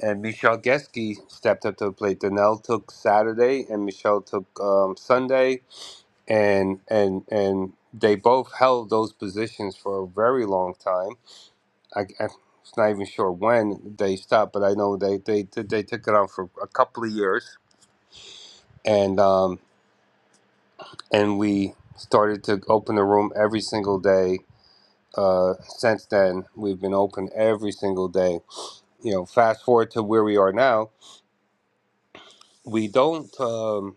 [SPEAKER 11] And Michelle Geske stepped up to the plate. Danelle took Saturday, and Michelle took um, Sunday and and and they both held those positions for a very long time. I, I'm not even sure when they stopped, but I know they they they took it on for a couple of years, and um, and we started to open the room every single day. Uh, since then, we've been open every single day. You know, fast forward to where we are now. We don't. Um,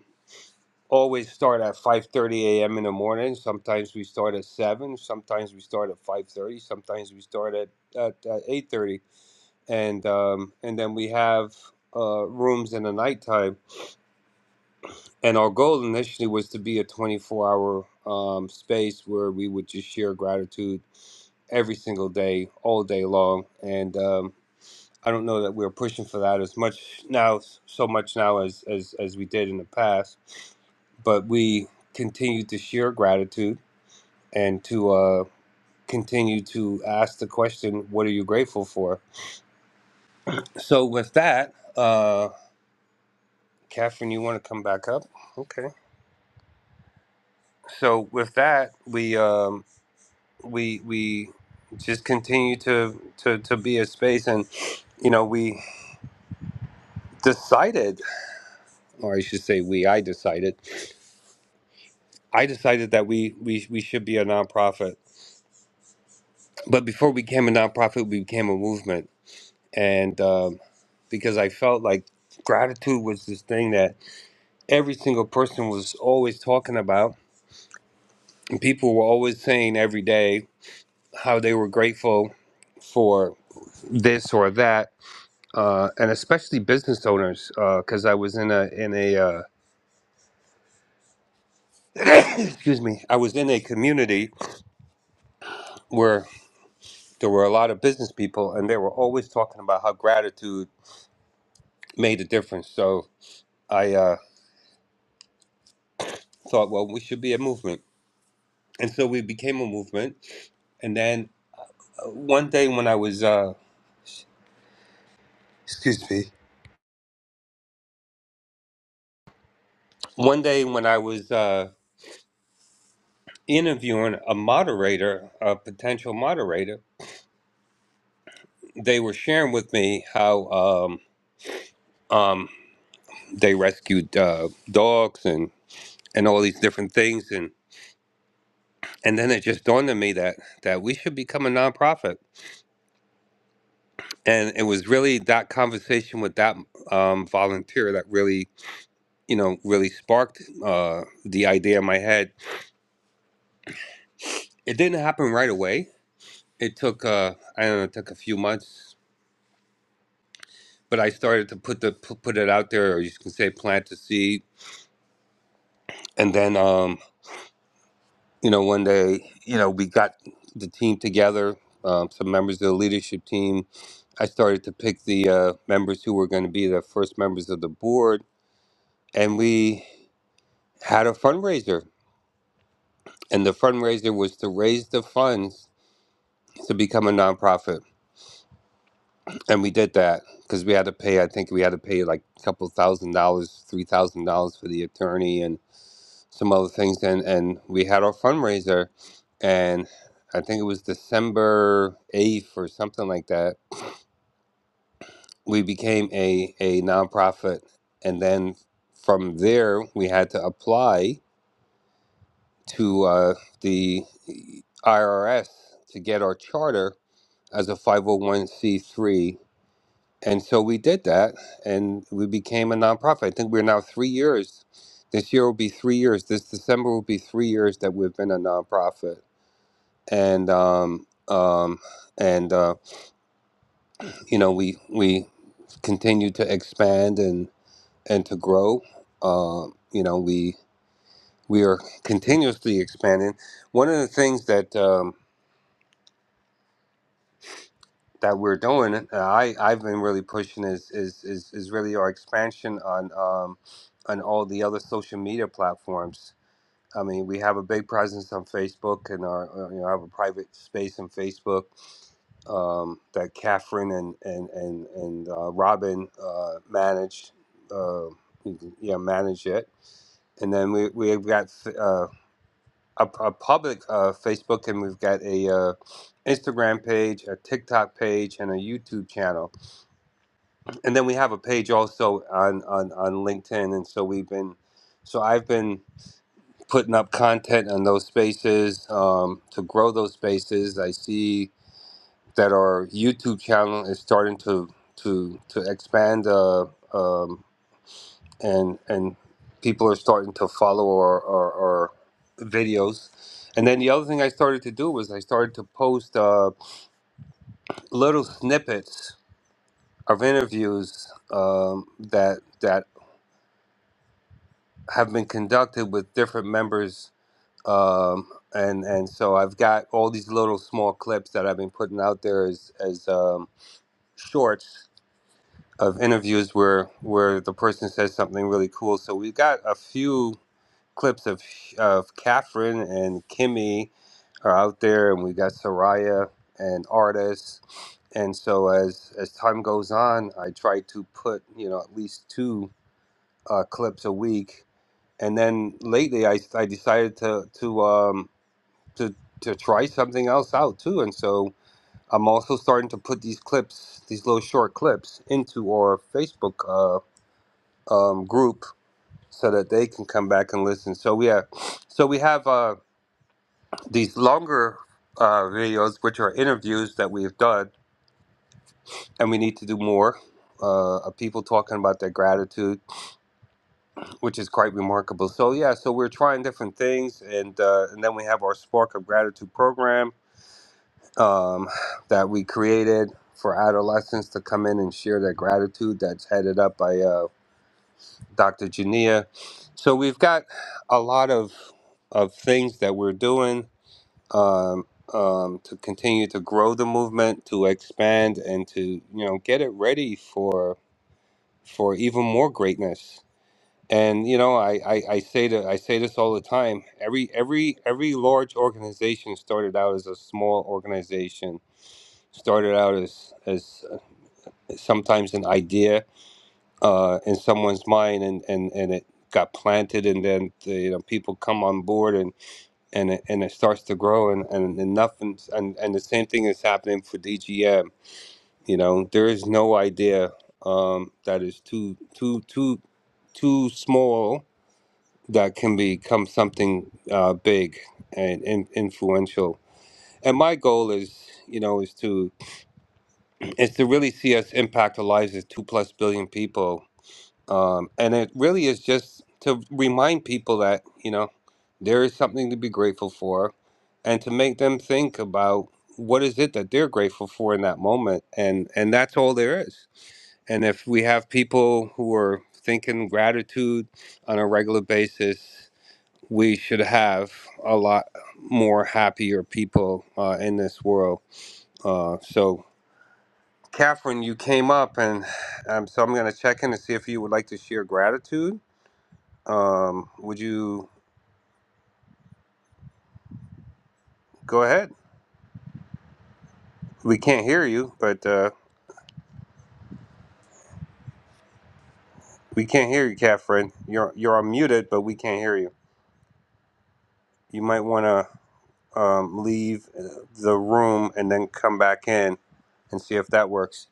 [SPEAKER 11] always start at 5:30 a.m. in the morning. Sometimes we start at 7, sometimes we start at 5:30, sometimes we start at at, at 8:30. And um and then we have uh rooms in the nighttime. And our goal initially was to be a 24-hour um space where we would just share gratitude every single day, all day long. And um I don't know that we're pushing for that as much now, so much now as as as we did in the past. But we continue to share gratitude and to uh, continue to ask the question, "What are you grateful for?" So with that, uh, Catherine, you want to come back up? Okay. So with that, we um, we we just continue to to to be a space and you know we decided or i should say we i decided I decided that we, we, we should be a nonprofit. But before we became a nonprofit, we became a movement. And um, because I felt like gratitude was this thing that every single person was always talking about. And people were always saying every day how they were grateful for this or that. Uh, and especially business owners, because I was in a in a uh, excuse me, I was in a community where there were a lot of business people, and they were always talking about how gratitude made a difference. So I uh, thought, well, we should be a movement. And so we became a movement. And then uh, one day when I was, uh, excuse me, one day when I was uh, interviewing a moderator, a potential moderator, they were sharing with me how um, um, they rescued uh, dogs and, and all these different things. And, and then it just dawned on me that, that we should become a nonprofit. And it was really that conversation with that um, volunteer that really you know, really sparked uh, the idea in my head. It didn't happen right away. It took, uh, I don't know, it took a few months, but I started to put the pu- put it out there, or you can say plant the seed. And then, um, you know, one day, you know, we got the team together, um, some members of the leadership team. I started to pick the uh, members who were going to be the first members of the board, and we had a fundraiser. And the fundraiser was to raise the funds to become a nonprofit and we did that because we had to pay i think we had to pay like a couple thousand dollars three thousand dollars for the attorney and some other things and and we had our fundraiser and i think it was december 8th or something like that we became a a nonprofit and then from there we had to apply to uh, the irs to get our charter as a 501c3 And so we did that and we became a nonprofit. I think we're now three years. This year will be three years. This December will be three years that we've been a nonprofit. And, um, um, and uh, you know, we, we continue to expand and, and to grow. Um, you know, we, we are continuously expanding. One of the things that, um, that we're doing, and I I've been really pushing is is is, is really our expansion on um, on all the other social media platforms. I mean, we have a big presence on Facebook, and our uh, you know I have a private space on Facebook um, that Catherine and and and and uh, Robin uh, managed. Uh, yeah, manage it, and then we we've got uh, a, a public uh, Facebook, and we've got a uh, Instagram page, a TikTok page, and a YouTube channel. And then we have a page also on on on LinkedIn. And so we've been, so I've been putting up content on those spaces um, to grow those spaces. I see that our YouTube channel is starting to to to expand. Uh, um, and and people are starting to follow our, our, our videos. And then the other thing I started to do was I started to post uh, little snippets of interviews um, that that have been conducted with different members. Um, and and so I've got all these little small clips that I've been putting out there as as um, shorts of interviews where where the person says something really cool. So we've got a few clips of of Catherine and Kimmy are out there, and we got Soraya and Artis. And so as as time goes on, I try to put you know at least two uh, clips a week. And then lately, I, I decided to to um to to try something else out too. And so I'm also starting to put these clips, these little short clips, into our Facebook uh, um, group so that they can come back and listen. So we have so we have. uh, these longer uh, videos, which are interviews that we've done, and we need to do more uh, of people talking about their gratitude, which is quite remarkable. So yeah, so we're trying different things, and uh, and then we have our Spark of Gratitude program um, that we created for adolescents to come in and share their gratitude. That's headed up by uh, Dr. Jania. So we've got a lot of of things that we're doing um, um, to continue to grow the movement, to expand, and to you know get it ready for for even more greatness. And you know, I, I, I say that I say this all the time. Every every every large organization started out as a small organization, started out as as uh, sometimes an idea uh, in someone's mind, and and and it got planted, and then the, you know people come on board and. and it, and it starts to grow and and, and nothing and, and the same thing is happening for DGM. You know, there is no idea um, that is too too too too small that can become something uh, big and, and influential. And my goal is, you know, is to is to really see us impact the lives of two plus billion people um, and it really is just to remind people that, you know, there is something to be grateful for and to make them think about what is it that they're grateful for in that moment. And, and that's all there is. And if we have people who are thinking gratitude on a regular basis, we should have a lot more happier people uh, in this world. Uh, so, Catherine, you came up, and um, so I'm going to check in to see if you would like to share gratitude um, would you go ahead? We can't hear you, but uh, we can't hear you, Catherine. You're you're unmuted, but we can't hear you. You might want to um, leave uh, the room and then come back in and see if that works.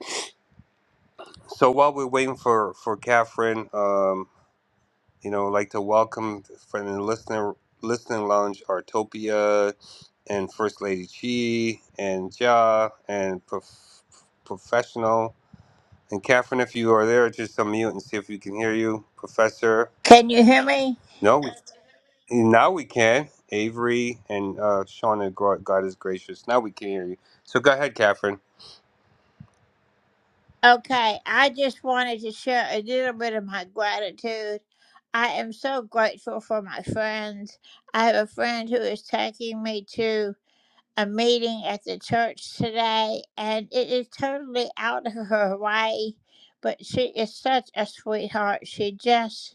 [SPEAKER 11] So while we're waiting for for Catherine, um, you know, I'd like to welcome from the listener listening lounge Artopia and First Lady Chi and Ja and prof, professional. And Catherine, if you are there, just unmute and see if we can hear you. Professor,
[SPEAKER 1] Can you hear me?
[SPEAKER 11] no, we, now we can. Avery and uh, Shauna, gro- God is gracious. Now we can hear you. So go ahead, Catherine.
[SPEAKER 1] Okay, I just wanted to share a little bit of my gratitude. I am so grateful for my friends. I have a friend who is taking me to a meeting at the church today, and it is totally out of her way, but she is such a sweetheart. She just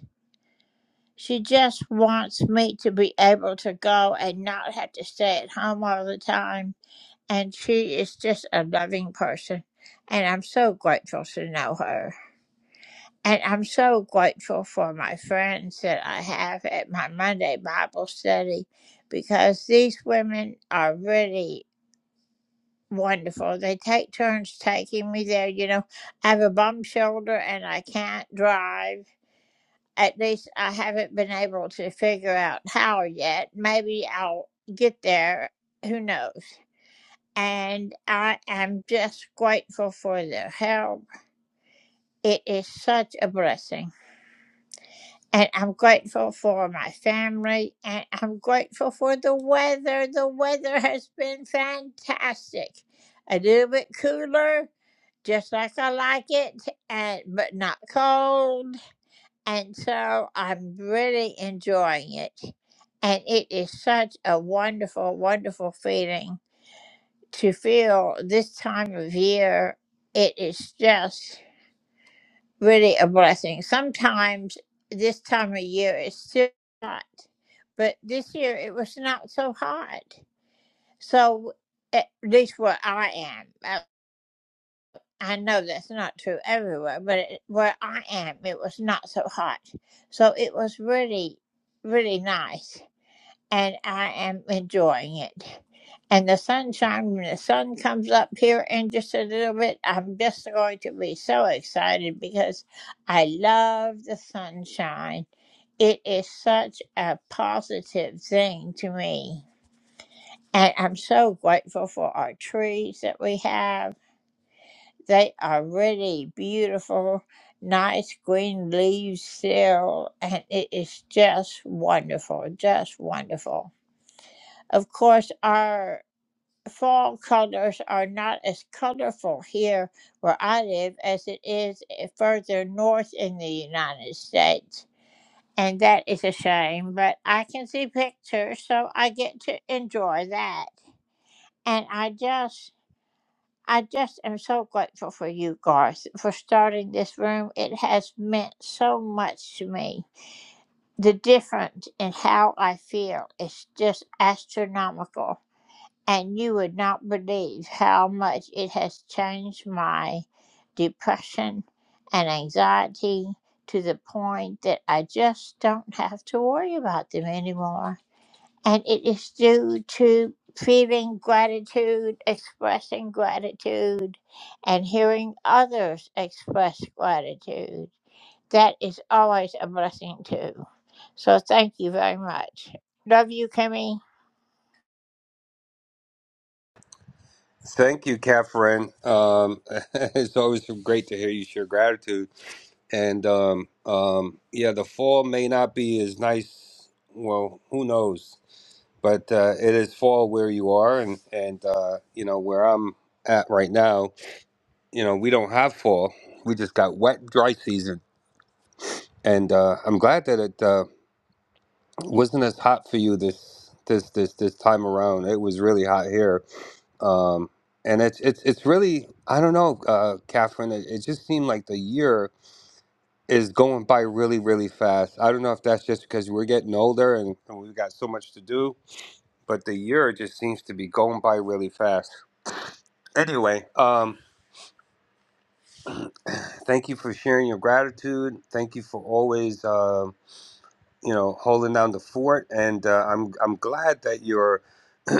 [SPEAKER 1] She just wants me to be able to go and not have to stay at home all the time. And she is just a loving person. And I'm so grateful to know her. And I'm so grateful for my friends that I have at my Monday Bible study because these women are really wonderful. They take turns taking me there. You know, I have a bum shoulder and I can't drive. At least I haven't been able to figure out how yet. Maybe I'll get there. Who knows? And I am just grateful for their help. It is such a blessing. And I'm grateful for my family. And I'm grateful for the weather. The weather has been fantastic. A little bit cooler, just like I like it, and but not cold. And so I'm really enjoying it. And it is such a wonderful, wonderful feeling to feel this time of year. It is just really a blessing. Sometimes this time of year is still hot, but this year it was not so hot. So, at least where I am. uh, I know that's not true everywhere, but it, where I am, it was not so hot. So it was really, really nice. And I am enjoying it. And the sunshine, when the sun comes up here in just a little bit, I'm just going to be so excited because I love the sunshine. It is such a positive thing to me. And I'm so grateful for our trees that we have they are really beautiful, nice green leaves still, and it is just wonderful, just wonderful. Of course, our fall colors are not as colorful here where I live as it is further north in the United States. And that is a shame, but I can see pictures, so I get to enjoy that. And I just I just am so grateful for you, Garth, for starting this room. It has meant so much to me. The difference in how I feel is just astronomical, and you would not believe how much it has changed my depression and anxiety to the point that I just don't have to worry about them anymore. And it is due to feeling gratitude, expressing gratitude, and hearing others express gratitude. That is always a blessing, too. So thank you very much. Love you, Kimmy.
[SPEAKER 11] Thank you, Catherine. Um, it's always great to hear you share gratitude. And um, um, yeah, the fall may not be as nice. Well, who knows? But uh, it is fall where you are, and and uh, you know where I'm at right now you know, we don't have fall. We just got wet, dry season, and uh, I'm glad that it uh, wasn't as hot for you this this this this time around. It was really hot here, um, and it's it's it's really I don't know, uh, Catherine. It, it just seemed like the year is going by really really fast. I don't know if that's just because we're getting older and, and we've got so much to do, but the year just seems to be going by really fast. Anyway, um, thank you for sharing your gratitude. Thank you for always. um you know, holding down the fort. And uh, I'm I'm glad that you're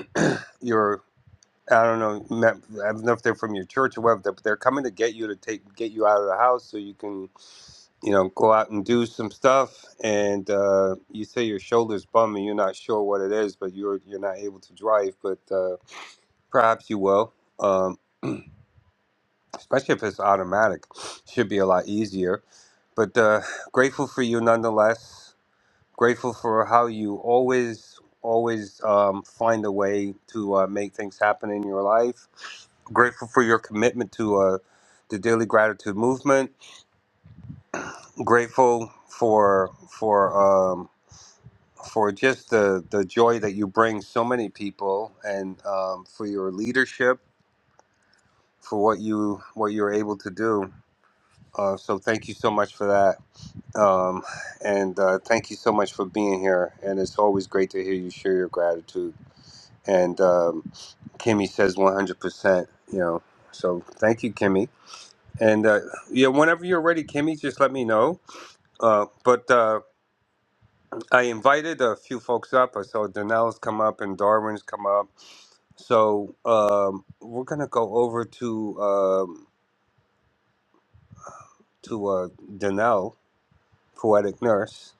[SPEAKER 11] you're I don't know not, I don't know if they're from your church or whatever, but they're coming to get you to take get you out of the house so you can you know go out and do some stuff. And uh, you say your shoulder's bum and you're not sure what it is, but you're you're not able to drive, but uh, perhaps you will. Um, especially if it's automatic, should be a lot easier. But uh, grateful for you nonetheless. Grateful for how you always, always um, find a way to uh, make things happen in your life. Grateful for your commitment to uh, the daily gratitude movement. Grateful for for um, for just the the joy that you bring so many people, and um, for your leadership, for what you what you're able to do. Uh, so thank you so much for that. Um, and uh, thank you so much for being here. And it's always great to hear you share your gratitude. And um, Kimmy says 100%, you know. So thank you, Kimmy. And uh, yeah, whenever you're ready, Kimmy, just let me know. Uh, but uh, I invited a few folks up. I saw Danelle's come up and Darwin's come up. So um, we're gonna go over to um, to uh, Danelle, poetic nurse,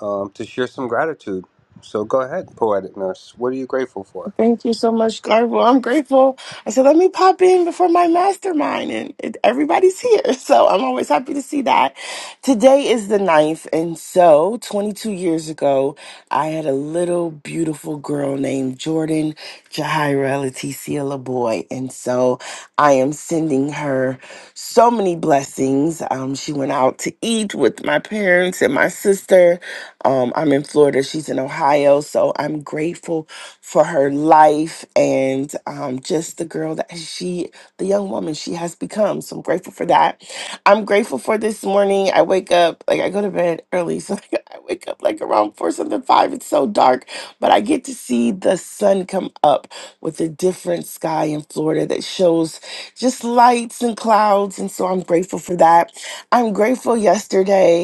[SPEAKER 11] um, to share some gratitude. So go ahead, poetic nurse. What are you grateful for?
[SPEAKER 13] Thank you so much, Garbo. I'm grateful. I said, let me pop in before my mastermind, and it, everybody's here. So I'm always happy to see that. Today is the ninth, and so 22 years ago, I had a little beautiful girl named Jordan Jahira Leticia LaBoy. And so I am sending her so many blessings. Um, she went out to eat with my parents parents and my sister. Um, I'm in Florida, she's in Ohio. So I'm grateful for her life and um, just the girl that she, the young woman she has become. So I'm grateful for that. I'm grateful for this morning. I wake up, like I go to bed early. So I wake up like around four, something, five. It's so dark, but I get to see the sun come up with a different sky in Florida that shows just lights and clouds. And so I'm grateful for that. I'm grateful yesterday.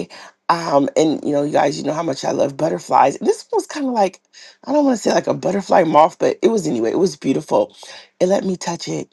[SPEAKER 13] Um, and you know, you guys, you know how much I love butterflies. And this one was kind of like, I don't want to say like a butterfly moth, but it was anyway, it was beautiful. It let me touch it.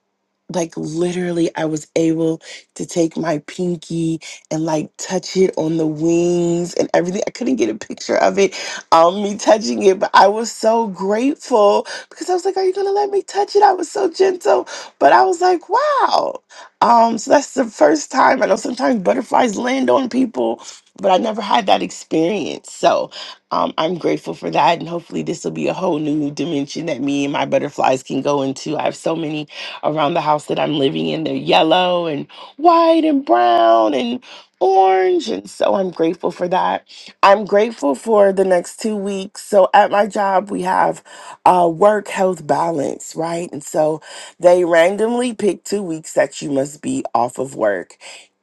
[SPEAKER 13] Like literally, I was able to take my pinky and like touch it on the wings and everything. I couldn't get a picture of it, um, me touching it, but I was so grateful because I was like, Are you gonna let me touch it? I was so gentle, but I was like, Wow. Um, so that's the first time. I know sometimes butterflies land on people but I never had that experience. So um, I'm grateful for that. And hopefully, this will be a whole new dimension that me and my butterflies can go into. I have so many around the house that I'm living in. They're yellow and white and brown and orange. And so I'm grateful for that. I'm grateful for the next two weeks. So at my job, we have uh, work health balance, right? And so they randomly pick two weeks that you must be off of work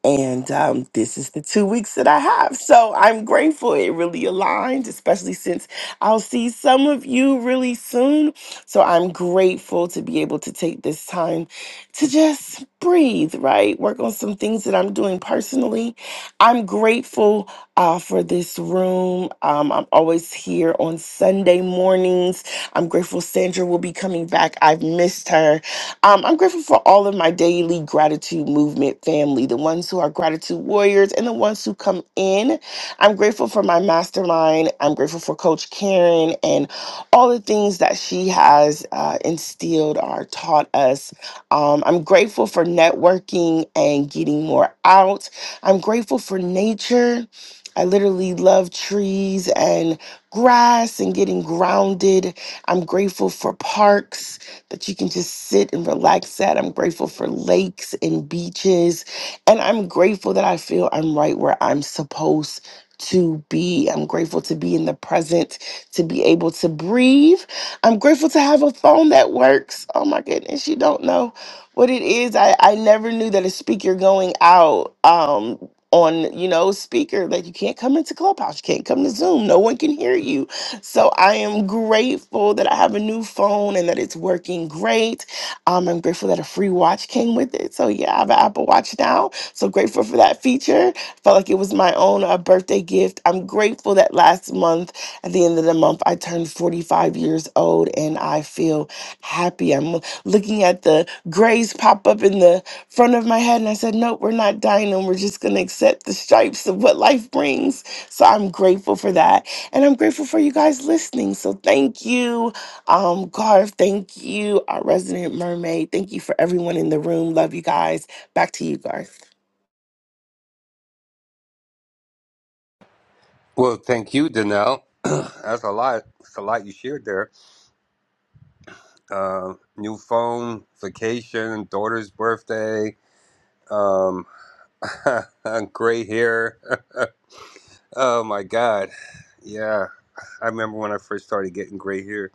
[SPEAKER 13] and um, this is the two weeks that I have. So I'm grateful it really aligned, especially since I'll see some of you really soon. So I'm grateful to be able to take this time to just breathe, right? Work on some things that I'm doing personally. I'm grateful uh, for this room. Um, I'm always here on Sunday mornings. I'm grateful Sandra will be coming back. I've missed her. Um, I'm grateful for all of my daily gratitude movement family, the ones who are gratitude warriors and the ones who come in. I'm grateful for my mastermind. I'm grateful for Coach Karen and all the things that she has uh, instilled or taught us. Um, I'm grateful for networking and getting more out. I'm grateful for nature. I literally love trees and grass and getting grounded. I'm grateful for parks that you can just sit and relax at. I'm grateful for lakes and beaches. And I'm grateful that I feel I'm right where I'm supposed to be. I'm grateful to be in the present, to be able to breathe. I'm grateful to have a phone that works. Oh my goodness, you don't know what it is. I, I never knew that a speaker going out um on you know speaker that you can't come into clubhouse you can't come to zoom no one can hear you so I am grateful that I have a new phone and that it's working great. Um, I'm grateful that a free watch came with it. So yeah, I have an Apple Watch now. So grateful for that feature. Felt like it was my own uh, birthday gift. I'm grateful that last month, at the end of the month, I turned 45 years old and I feel happy. I'm looking at the grays pop up in the front of my head and I said, nope, we're not dying and we're just going to accept the stripes of what life brings. So I'm grateful for that. And I'm grateful for you guys listening. So thank you, um, Garth. Thank you, our resident mermaid. Thank you for everyone in the room. Love you guys. Back to you, Garth.
[SPEAKER 11] Well, thank you, Danelle. That's a lot. It's a lot you shared there. uh, new phone, vacation, daughter's birthday, um, gray hair. oh my God. Yeah, I remember when I first started getting gray hair.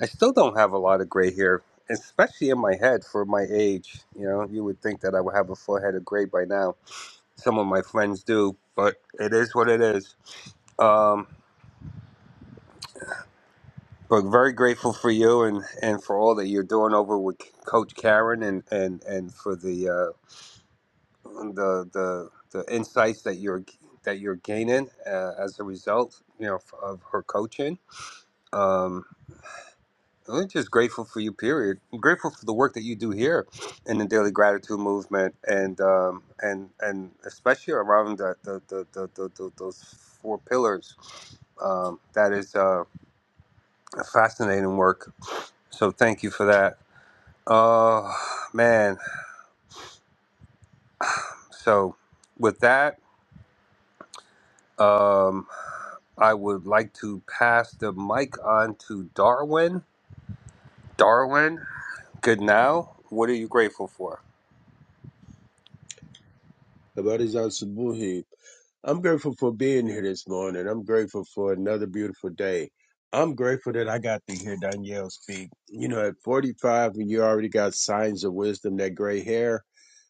[SPEAKER 11] I still don't have a lot of gray hair, especially in my head for my age. You know, you would think that I would have a full head of gray by now. Some of my friends do, but it is what it is. Um, but very grateful for you and, and for all that you're doing over with Coach Karen and, and, and for the uh, the the the insights that you're that you're gaining uh, as a result, you know, of her coaching. Um, I'm just grateful for you. Period. I'm grateful for the work that you do here in the Daily Gratitude Movement, and um, and and especially around the the, the, the, the, the those four pillars. Um, that is uh, fascinating work. So thank you for that. Oh man. So with that. Um, I would like to pass the mic on to Darwin. Darwin, good now. What are you grateful for?
[SPEAKER 14] Kabbalah Subuhi. I'm grateful for being here this morning. I'm grateful for another beautiful day. I'm grateful that I got to hear Danielle speak. You know, at 45, when you already got signs of wisdom, that gray hair,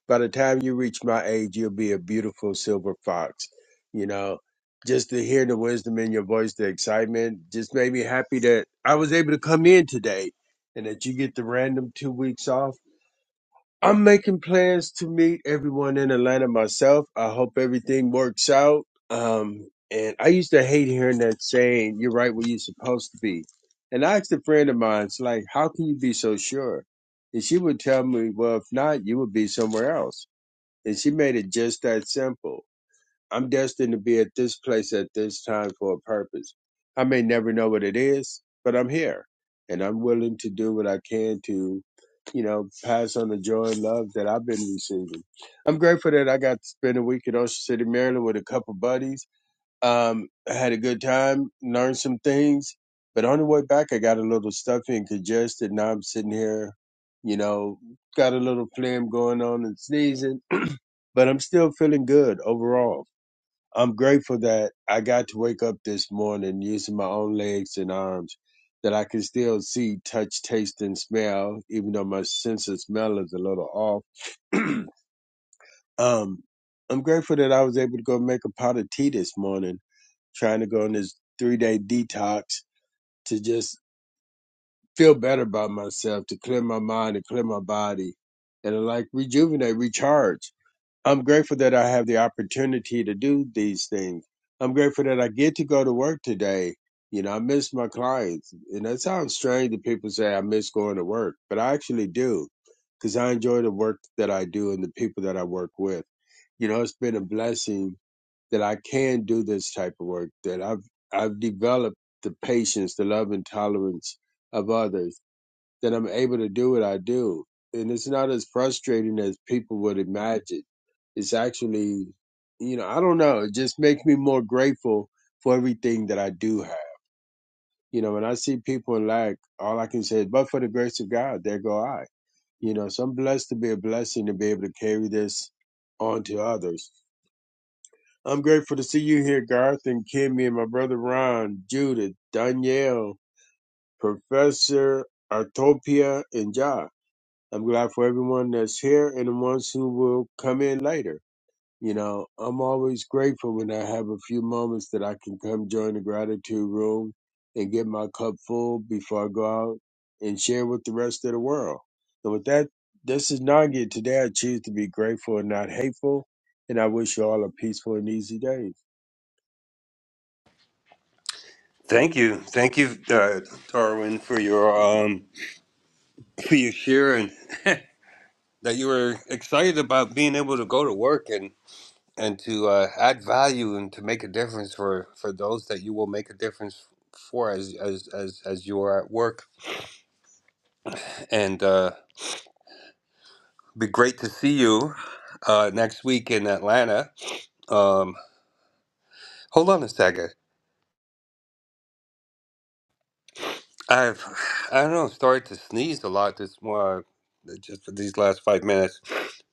[SPEAKER 14] by the time you reach my age, you'll be a beautiful silver fox. You know, just to hear the wisdom in your voice, the excitement, just made me happy that I was able to come in today and that you get the random two weeks off I'm making plans to meet everyone in Atlanta myself. I hope everything works out. Um, and I used to hate hearing that saying, you're right where you're supposed to be. And I asked a friend of mine, it's like, how can you be so sure? And she would tell me, well, if not, you would be somewhere else. And she made it just that simple. I'm destined to be at this place at this time for a purpose. I may never know what it is, but I'm here and I'm willing to do what I can to, you know, pass on the joy and love that I've been receiving. I'm grateful that I got to spend a week in Ocean City, Maryland with a couple buddies. Um, I had a good time, learned some things, but on the way back, I got a little stuffy and congested. Now I'm sitting here, you know, got a little phlegm going on and sneezing, but I'm still feeling good overall I'm grateful that I got to wake up this morning using my own legs and arms, that I can still see, touch, taste, and smell, even though my sense of smell is a little off. um, I'm grateful that I was able to go make a pot of tea this morning, trying to go on this three day detox to just feel better about myself, to clear my mind and clear my body, and like rejuvenate, recharge I'm grateful that I have the opportunity to do these things. I'm grateful that I get to go to work today. You know, I miss my clients. And that sounds strange that people say I miss going to work, but I actually do because I enjoy the work that I do and the people that I work with. You know, it's been a blessing that I can do this type of work, that I've, I've developed the patience, the love and tolerance of others that I'm able to do what I do. And it's not as frustrating as people would imagine. It's actually, you know, I don't know. It just makes me more grateful for everything that I do have. You know, when I see people in lack, all I can say is, but for the grace of God, there go I. You know, so I'm blessed to be a blessing to be able to carry this on to others. I'm grateful to see you here, Garth and Kimmy and my brother Ron, Judith, Danielle, Professor Artopia, and Josh. I'm glad for everyone that's here and the ones who will come in later. You know, I'm always grateful when I have a few moments that I can come join the gratitude room and get my cup full before I go out and share with the rest of the world. So with that, this is Nagi. Today I choose to be grateful and not hateful, and I wish you all a peaceful and easy day.
[SPEAKER 11] Thank you, thank you, uh, Darwin, for your um, for your share and that you were excited about being able to go to work and and to uh, add value and to make a difference for for those that you will make a difference for as as as as you are at work. And uh, be great to see you uh, next week in Atlanta. Um. Hold on a second. I've I don't know started to sneeze a lot this more just for these last five minutes.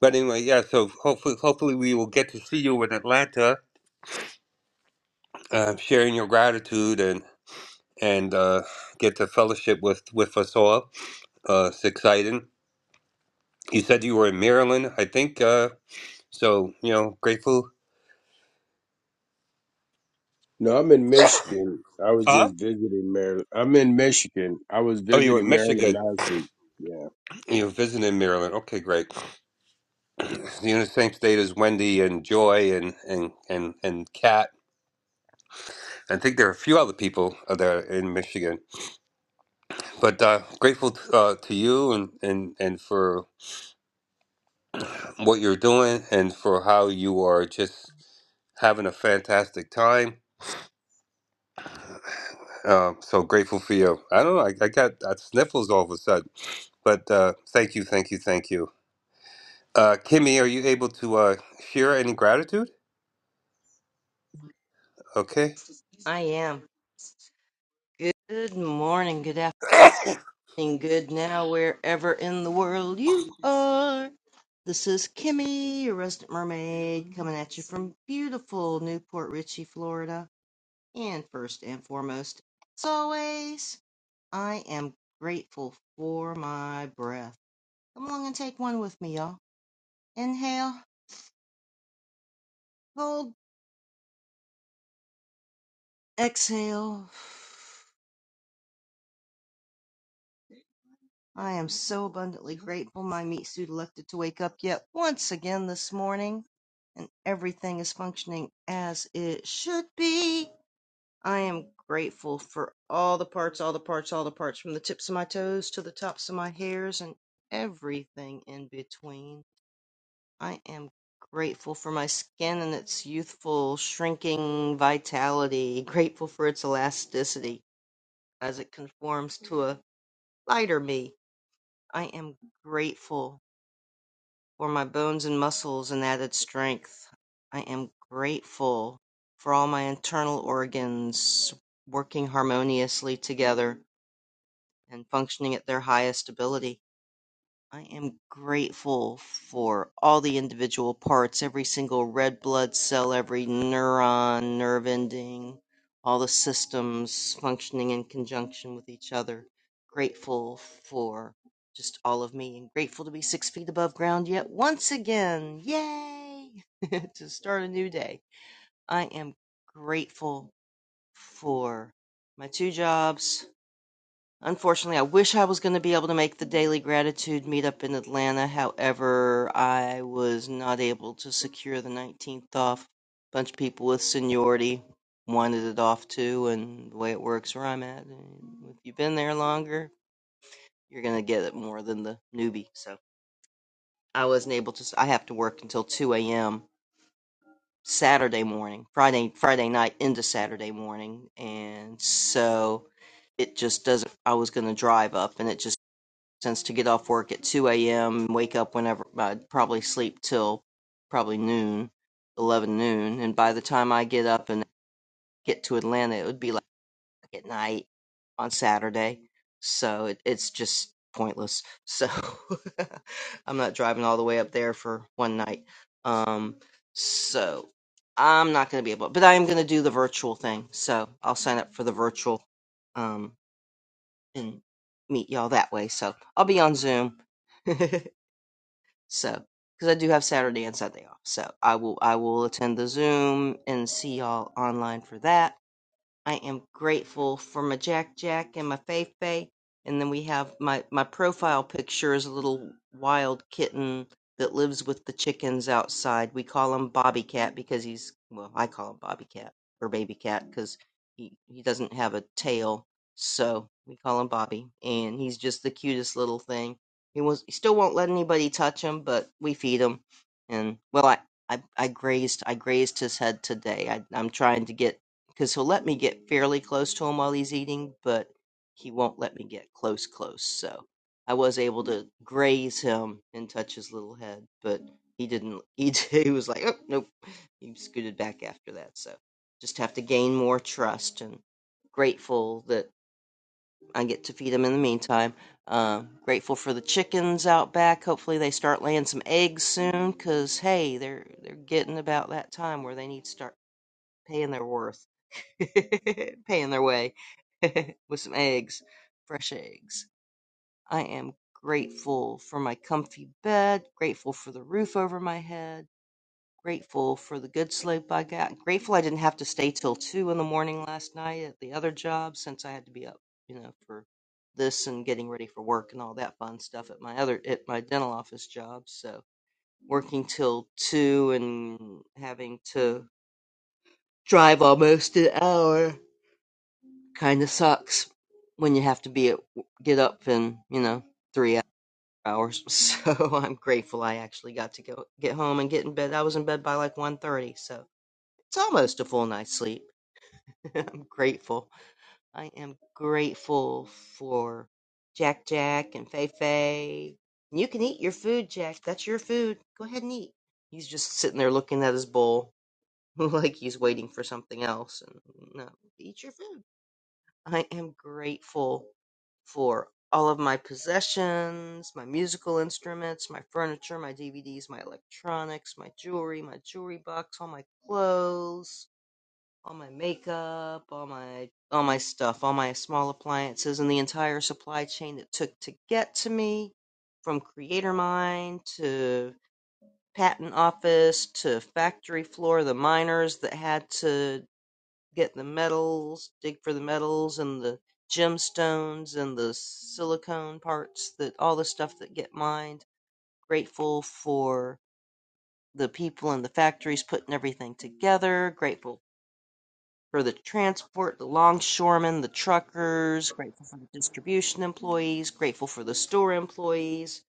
[SPEAKER 11] But anyway, yeah. So hopefully, hopefully we will get to see you in Atlanta, uh, sharing your gratitude and and uh, get to fellowship with with us all. Uh, it's exciting. You said you were in Maryland, I think. Uh, so you know, grateful.
[SPEAKER 14] No, I'm in Michigan. I was
[SPEAKER 11] Uh?
[SPEAKER 14] just visiting Maryland. I'm in Michigan. I was
[SPEAKER 11] Oh, you were in
[SPEAKER 14] visiting Maryland
[SPEAKER 11] Michigan.
[SPEAKER 14] last week. Yeah.
[SPEAKER 11] You were visiting Maryland. Okay, great. You're in the same state as Wendy and Joy and and and and Kat I think there are a few other people there in Michigan, but uh, grateful uh, to you and, and, and for what you're doing and for how you are just having a fantastic time. Uh, so grateful for you. I don't know. I, I got uh, sniffles all of a sudden, but uh, thank you, thank you, thank you. Uh, Kimmy, are you able to uh, share any gratitude? Okay.
[SPEAKER 15] I am. Good morning, good afternoon, good now, wherever in the world you are. This is Kimmy, your resident mermaid, coming at you from beautiful Newport Richey, Florida. And first and foremost, as always, I am grateful for my breath. Come along and take one with me, y'all. Inhale, hold, exhale. I am so abundantly grateful my meat suit elected to wake up yet once again this morning, and everything is functioning as it should be. I am grateful for all the parts, all the parts, all the parts, from the tips of my toes to the tops of my hairs and everything in between. I am grateful for my skin and its youthful, shrinking vitality, grateful for its elasticity as it conforms to a lighter me. I am grateful for my bones and muscles and added strength. I am grateful for all my internal organs working harmoniously together and functioning at their highest ability. I am grateful for all the individual parts, every single red blood cell, every neuron, nerve ending, all the systems functioning in conjunction with each other. Grateful for just all of me and grateful to be six feet above ground yet once again. Yay! to start a new day. I am grateful for my two jobs, Unfortunately, I wish I was going to be able to make the daily gratitude meetup in Atlanta. However, I was not able to secure the 19th off. A bunch of people with seniority wanted it off too, and the way it works where I'm at, if you've been there longer, you're going to get it more than the newbie. So I wasn't able to. I have to work until 2 a.m. Saturday morning, Friday Friday night into Saturday morning, and so it just doesn't. I was going to drive up, and it just sense to get off work at 2 a.m., wake up whenever, I'd probably sleep till probably noon, 11 noon. And by the time I get up and get to Atlanta, it would be like at night on Saturday. So it, it's just pointless. So I'm not driving all the way up there for one night. Um, so I'm not going to be able, but I am going to do the virtual thing. So I'll sign up for the virtual. Um, and meet y'all that way. So I'll be on Zoom. so because I do have Saturday and Sunday off, so I will I will attend the Zoom and see y'all online for that I am grateful for my Jack Jack and my Fei Fei. And then we have my, my profile picture is a little wild kitten that lives with the chickens outside. We call him Bobby Cat because he's, well, I call him Bobby Cat or Baby Cat because he, he doesn't have a tail. So we call him Bobby. And he's just the cutest little thing. He, was, he still won't let anybody touch him, but we feed him. And, well, I, I, I grazed I grazed his head today. I, I'm trying to get because he'll let me get fairly close to him while he's eating, but he won't let me get close, close. So I was able to graze him and touch his little head, but he didn't. He, he was like, oh, nope. He scooted back after that. So just have to gain more trust and grateful that I get to feed him in the meantime. Um, grateful for the chickens out back. Hopefully they start laying some eggs soon, cause hey, they're they're getting about that time where they need to start paying their worth. paying their way with some eggs, fresh eggs. I am grateful for my comfy bed, grateful for the roof over my head, grateful for the good sleep I got, grateful I didn't have to stay till two in the morning last night at the other job since I had to be up, you know, for this and getting ready for work and all that fun stuff at my other at my dental office job. So working till two and having to drive almost an hour Kind of sucks when you have to be at, get up in, you know, three hours. So I'm grateful I actually got to go get home and get in bed. I was in bed by like one thirty, so it's almost a full night's sleep. I'm grateful. I am grateful for Jack Jack and Fei Fei. You can eat your food, Jack. That's your food. Go ahead and eat. He's just sitting there looking at his bowl like he's waiting for something else. And no, eat your food I am grateful for all of my possessions, my musical instruments, my furniture, my DVDs, my electronics, my jewelry, my jewelry box, all my clothes, all my makeup, all my all my stuff, all my small appliances and the entire supply chain that took to get to me from creator mine to patent office to factory floor the miners that had to get the metals, dig for the metals and the gemstones and the silicone parts that all the stuff that get mined. Grateful for the people in the factories putting everything together. Grateful for the transport, the longshoremen, the truckers. Grateful for the distribution employees. Grateful for the store employees.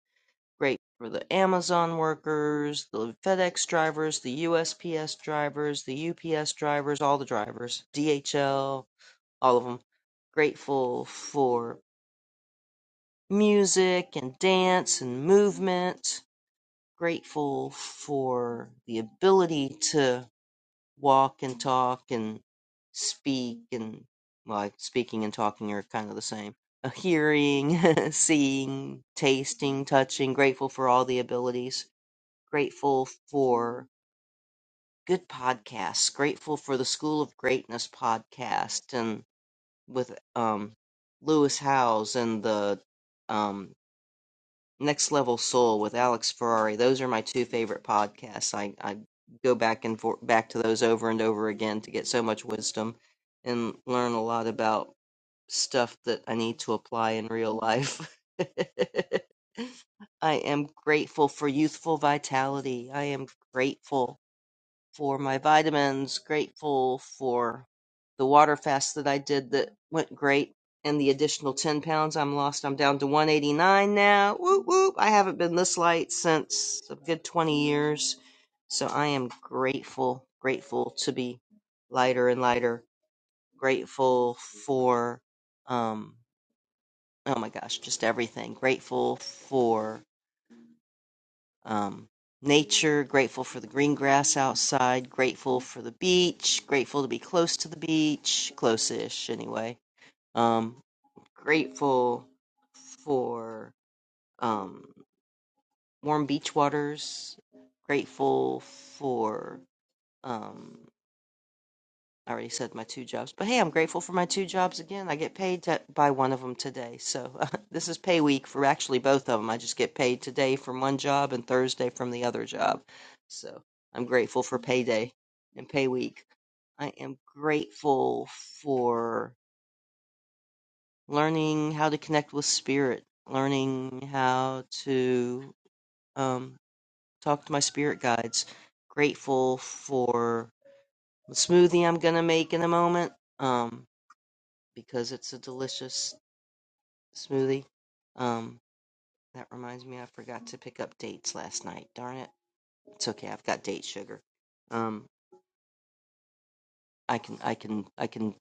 [SPEAKER 15] Grateful for the Amazon workers, the FedEx drivers, the USPS drivers, the UPS drivers, all the drivers, DHL, all of them grateful for music and dance and movement, grateful for the ability to walk and talk and speak and well, like speaking and talking are kind of the same. Uh, Hearing, seeing, tasting, touching, grateful for all the abilities, grateful for good podcasts, grateful for the School of Greatness podcast and with um Lewis Howes and the um Next Level Soul with Alex Ferrari. Those are my two favorite podcasts. I, I go back and for, back to those over and over again to get so much wisdom and learn a lot about stuff that I need to apply in real life. I am grateful for youthful vitality. I am grateful for my vitamins, grateful for the water fast that I did that went great, and the additional 10 pounds I'm lost. I'm down to 189 now. Whoop, whoop. I haven't been this light since a good 20 years. So I am grateful, grateful to be lighter and lighter. Grateful for, um, oh my gosh, just everything. Grateful for um, nature, grateful for the green grass outside, grateful for the beach, grateful to be close to the beach, close ish anyway. Um, grateful for um, warm beach waters, grateful for. Um, I already said my two jobs, but hey, I'm grateful for my two jobs again. I get paid to, by one of them today. So uh, this is pay week for actually both of them. I just get paid today from one job and Thursday from the other job. So I'm grateful for payday and pay week. I am grateful for learning how to connect with spirit, learning how to um, talk to my spirit guides. Grateful for the smoothie I'm going to make in a moment. Um, because it's a delicious smoothie. Um, that reminds me, I forgot to pick up dates last night. Darn it! It's okay. I've got date sugar. Um, I can, I can, I can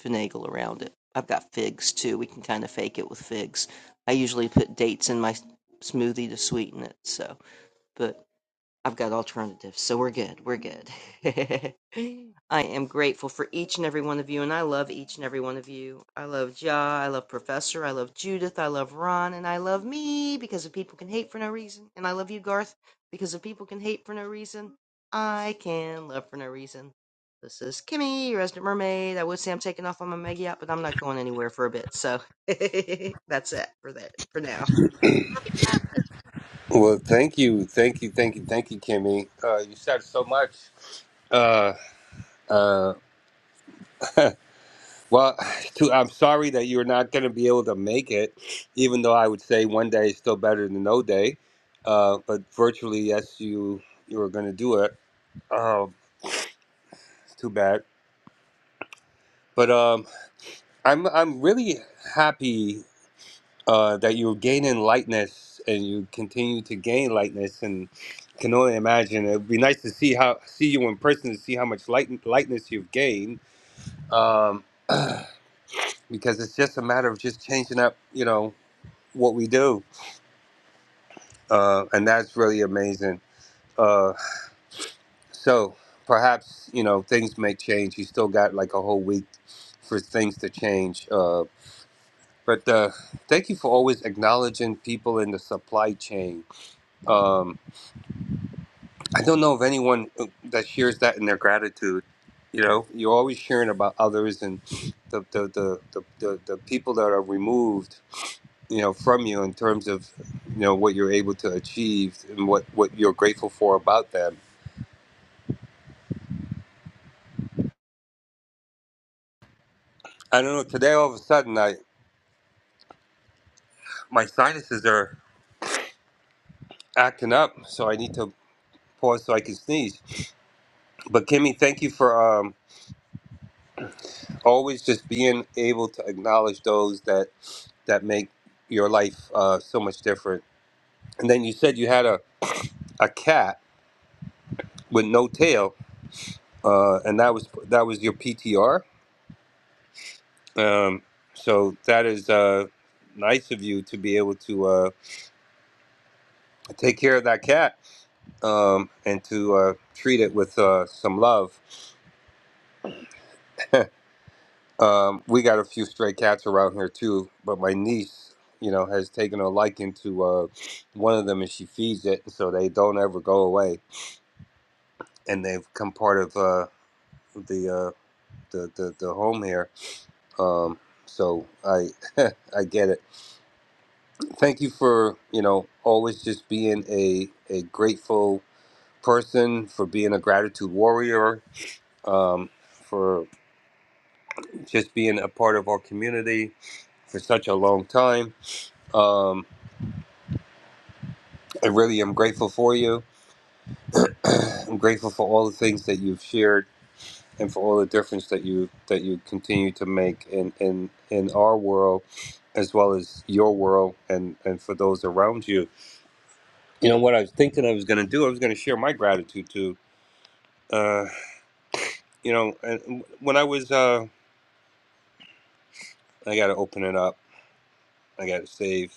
[SPEAKER 15] finagle around it. I've got figs too. We can kind of fake it with figs. I usually put dates in my smoothie to sweeten it. So, but I've got alternatives, so we're good. We're good. I am grateful for each and every one of you, and I love each and every one of you. I love Ja, I love Professor, I love Judith, I love Ron, and I love me because of people can hate for no reason. And I love you, Garth, because of people can hate for no reason. I can love for no reason. This is Kimmy, your resident mermaid. I would say I'm taking off on my mega yacht, but I'm not going anywhere for a bit, so that's it for that for now.
[SPEAKER 11] Well, thank you, thank you, thank you, thank you, Kimmy. Uh, you said so much. Uh, uh, Well, too, I'm sorry that you're not going to be able to make it, even though I would say one day is still better than no day. Uh, but virtually, yes, you you are going to do it. Oh, too bad. But um, I'm I'm really happy uh, that you're gaining lightness and you continue to gain lightness, and can only imagine it would be nice to see how see you in person to see how much light lightness you've gained. Um, because it's just a matter of just changing up, you know, what we do uh, and that's really amazing. Uh, so perhaps you know things may change. You still got like a whole week for things to change. Uh, but uh, thank you for always acknowledging people in the supply chain. Um, I don't know of anyone uh, that shares that in their gratitude. You know, you're always sharing about others and the the, the, the, the, the people that are removed. You know, from you in terms of you know what you're able to achieve and what what you're grateful for about them I don't know. Today, all of a sudden, I my sinuses are acting up, so I need to pause so I can sneeze. But Kimmy, thank you for um, always just being able to acknowledge those that that make your life uh, so much different. And then you said you had a, a cat with no tail, uh, and that was that was your PTR. Um, so that is uh, nice of you to be able to uh, take care of that cat um, and to uh, treat it with uh, some love Um, we got a few stray cats around here too, but my niece, you know, has taken a liking to uh, one of them, and she feeds it, so they don't ever go away, and they've come part of uh, the, uh, the the the home here. Um, so I I get it. Thank you for you know always just being a a grateful person for being a gratitude warrior. Um, for just being a part of our community for such a long time. Um, I really am grateful for you. I'm grateful for all the things that you've shared and for all the difference that you that you continue to make in in in our world as well as your world and and for those around you. You know what I was thinking I was going to do? I was going to share my gratitude too. Uh, you know, and when I was uh I got to open it up. I got to save.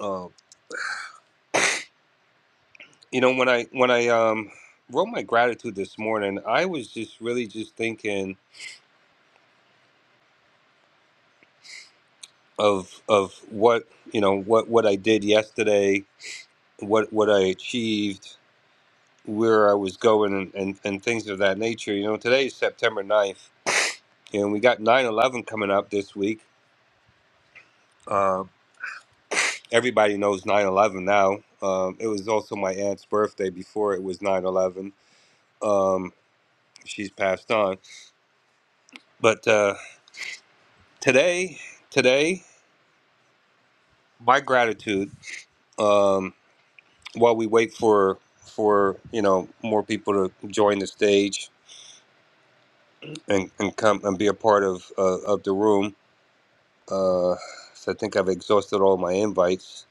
[SPEAKER 11] Um, you know when I when I um wrote my gratitude this morning, I was just really just thinking of of what you know what what I did yesterday, what what I achieved, where I was going, and and, and things of that nature. You know, today is September ninth, and we got nine eleven coming up this week. Uh, everybody knows nine eleven now. Um, it was also my aunt's birthday before it was nine eleven. Um, she's passed on, but uh, today today my gratitude. Um, while we wait for for you know more people to join the stage and and come and be a part of uh, of the room. Uh, so I think I've exhausted all my invites.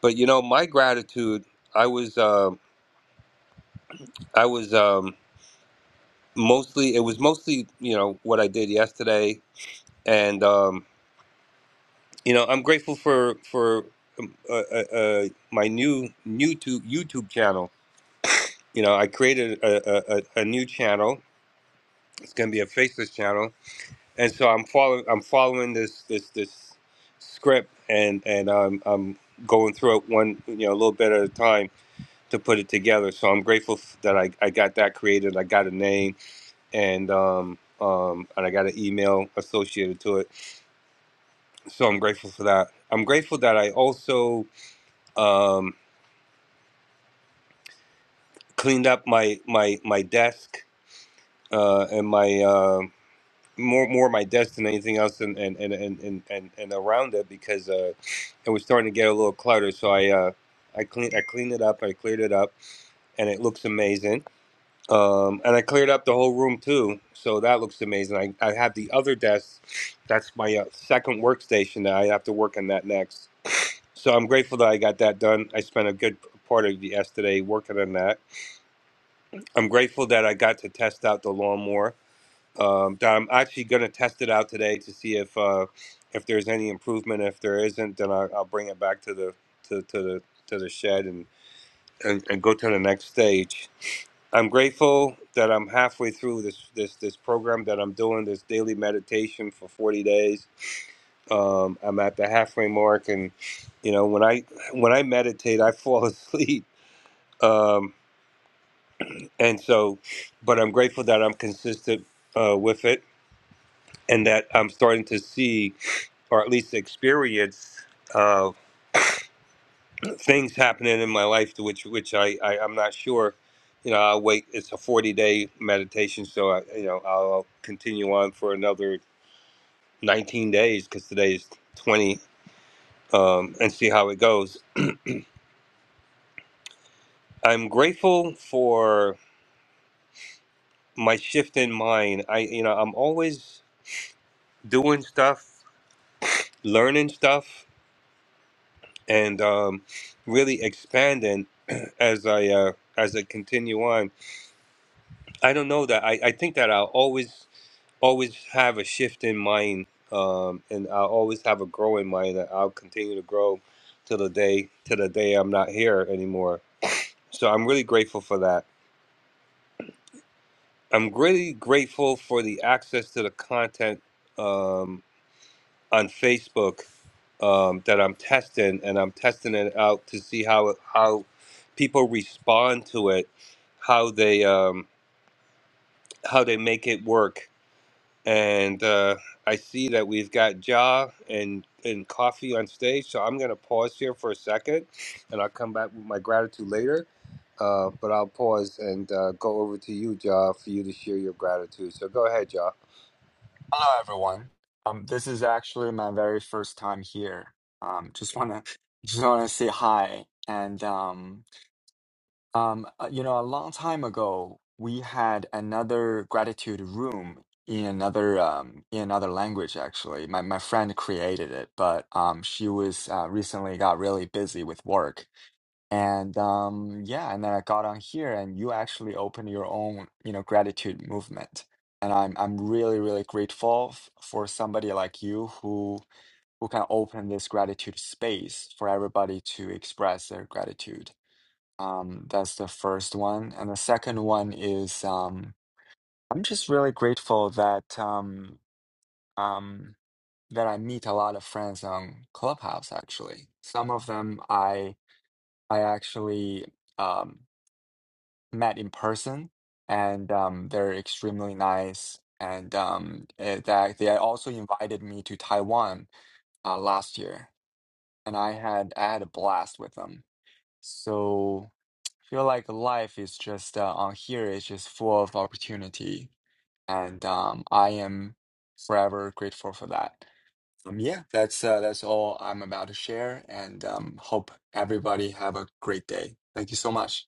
[SPEAKER 11] But you know, my gratitude. I was uh, I was um, mostly it was mostly you know what I did yesterday, and um, you know I'm grateful for for um, uh, uh, uh, my new YouTube YouTube channel. You know, I created a, a, a a new channel. It's going to be a faceless channel and so I'm following I'm following this this this script and and I'm I'm going through it one you know a little bit at a time to put it together. So I'm grateful f- that I, I got that created. I got a name and um um and I got an email associated to it. So I'm grateful for that. I'm grateful that I also um cleaned up my my my desk uh and my um more more my destiny than anything else and and and and and, and, and around it because uh it was starting to get a little cluttered so i uh i cleaned i cleaned it up i cleared it up and it looks amazing um and i cleared up the whole room too so that looks amazing i, I have the other desk that's my uh, second workstation that i have to work on that next so i'm grateful that i got that done i spent a good part of yesterday working on that i'm grateful that i got to test out the lawnmower um, that I'm actually going to test it out today to see if uh, if there's any improvement. If there isn't, then I, I'll bring it back to the to, to the to the shed and, and, and go to the next stage. I'm grateful that I'm halfway through this this this program that I'm doing this daily meditation for 40 days. Um, I'm at the halfway mark, and you know when I when I meditate, I fall asleep. Um, and so, but I'm grateful that I'm consistent uh, with it and that I'm starting to see, or at least experience, uh, things happening in my life to which which I, I I'm not sure. You know, I'll wait. It's a 40 day meditation, so I you know I'll continue on for another 19 days because today is 20, um, and see how it goes. I'm grateful for my shift in mind. I you know I'm always doing stuff, learning stuff. and um, really expanding as I uh, as I continue on. I don't know that I, I think that I'll always always have a shift in mind, um, and I'll always have a growing mind. That I'll continue to grow to the day to the day I'm not here anymore. So I'm really grateful for that. I'm really grateful for the access to the content um, on Facebook um, that I'm testing, and I'm testing it out to see how how people respond to it, how they um, how they make it work. And uh, I see that we've got Ja and and Coffee on stage, so I'm gonna pause here for a second, and I'll come back with my gratitude later. Uh, but I'll pause and uh, go over to you, Ja, for you to share your gratitude. So go ahead, Ja.
[SPEAKER 16] Hello, everyone. Um, this is actually my very first time here. Um, just wanna just wanna say hi. And um, um, uh, you know, a long time ago, we had another gratitude room in another um, in another language. Actually, my my friend created it, but um, she was uh, recently got really busy with work, and um, yeah, and then I got on here, and you actually opened your own, you know, gratitude movement. And I'm I'm really really grateful f for somebody like you who who can open this gratitude space for everybody to express their gratitude. Um, that's the first one, and the second one is um, I'm just really grateful that um, um, that I meet a lot of friends on Clubhouse. Actually, some of them I I actually. Um, met in person and um, they're extremely nice. And um, eh, that they also invited me to Taiwan uh, last year, and I had I had a blast with them. So feel like life is just uh, on here is just full of opportunity, and um, I am forever grateful for that. Um, yeah, that's uh, that's all I'm about to share, and um, hope everybody have a great day. Thank you so much.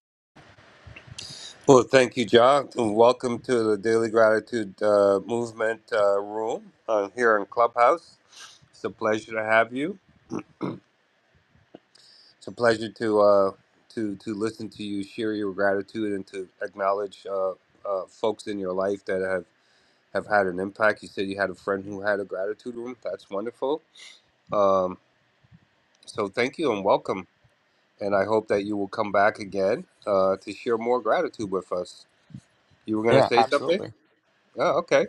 [SPEAKER 11] Well, thank you, John, and welcome to the Daily Gratitude uh, Movement uh, room uh, here in Clubhouse. It's a pleasure to have you. It's a pleasure to uh, to to listen to you share your gratitude and to acknowledge uh, uh, folks in your life that have have had an impact. You said you had a friend who had a gratitude room. That's wonderful. Um, so thank you and welcome. And I hope that you will come back again uh, to share more gratitude with us. You were going to
[SPEAKER 16] Yeah,
[SPEAKER 11] say something?
[SPEAKER 16] absolutely.
[SPEAKER 11] Oh, okay.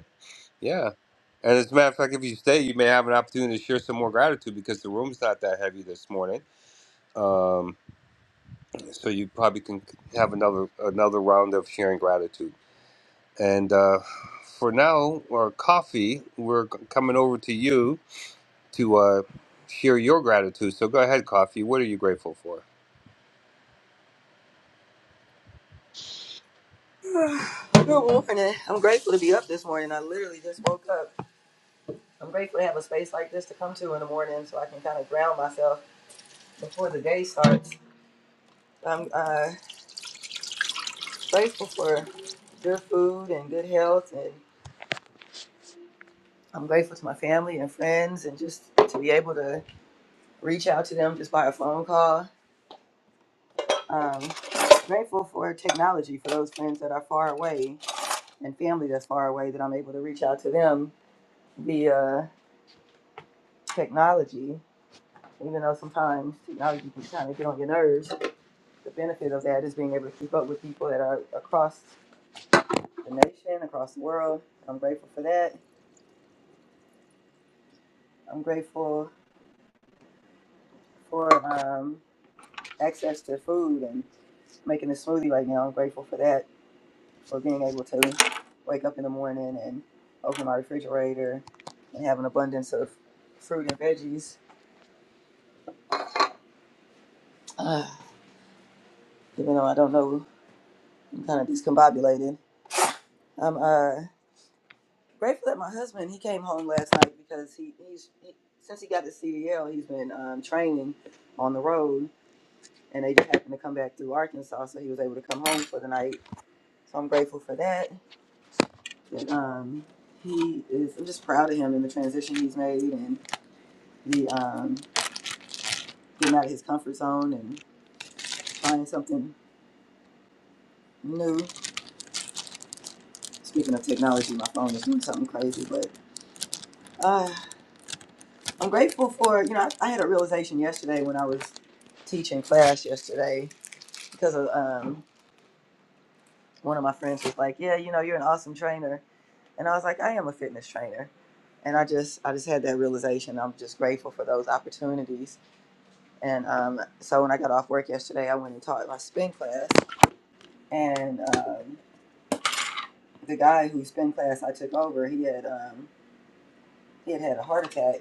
[SPEAKER 11] Yeah. And as a matter of fact, if you stay, you may have an opportunity to share some more gratitude because the room's not that heavy this morning. Um, so you probably can have another another round of sharing gratitude. And uh, for now, our coffee, we're c- coming over to you to uh, share your gratitude. So go ahead, coffee. What are you grateful for?
[SPEAKER 17] Good morning. I'm grateful to be up this morning. I literally just woke up. I'm grateful to have a space like this to come to in the morning so I can kind of ground myself before the day starts. I'm uh, grateful for good food and good health, and I'm grateful to my family and friends, and just to be able to reach out to them just by a phone call. Um, grateful for technology for those friends that are far away and family that's far away that I'm able to reach out to them via technology even though sometimes technology can kind of get on your nerves, the benefit of that is being able to keep up with people that are across the nation, across the world. I'm grateful for that. I'm grateful for um, access to food and making a smoothie right now. I'm grateful for that, for being able to wake up in the morning and open my refrigerator and have an abundance of fruit and veggies. Uh, even though I don't know, I'm kind of discombobulated. I'm uh, Grateful that my husband he came home last night because he he's he, since he got his CDL he's been um, training on the road and they just happened to come back through Arkansas so he was able to come home for the night so I'm grateful for that and um he is I'm just proud of him and the transition he's made and the um getting out of his comfort zone and trying something new speaking of technology my phone is doing something crazy but uh, I'm grateful for you know I, I had a realization yesterday when I was teaching class yesterday because of, um, one of my friends was like, "Yeah, you know, you're an awesome trainer," and I was like, "I am a fitness trainer," and I just I just had that realization. I'm just grateful for those opportunities. And um, so when I got off work yesterday, I went and taught my spin class, and um, the guy whose spin class I took over, he had um, he had had a heart attack,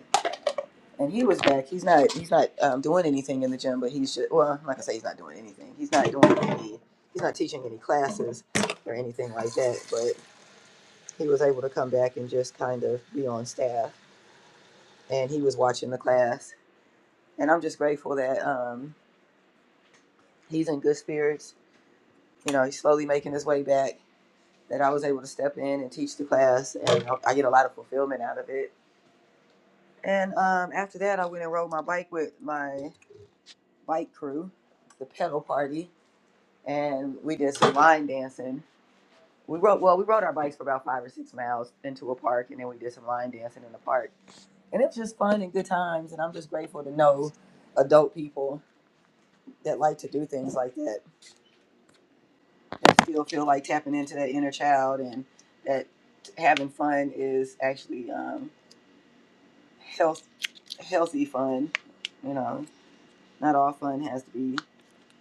[SPEAKER 17] and he was back. He's not he's not um, doing anything in the gym, but he's just, well, I'm not gonna say he's not doing anything. He's not doing any. He's not teaching any classes or anything like that, but he was able to come back and just kind of be on staff and he was watching the class and i'm just grateful that um, he's in good spirits you know he's slowly making his way back that i was able to step in and teach the class and i I get a lot of fulfillment out of it and um, after that i went and rode my bike with my bike crew the pedal party and we did some line dancing we rode well we rode our bikes for about five or six miles into a park and then we did some line dancing in the park and it's just fun and good times and i'm just grateful to know adult people that like to do things like that and still feel like tapping into that inner child and that having fun is actually um, health, healthy fun you know not all fun has to be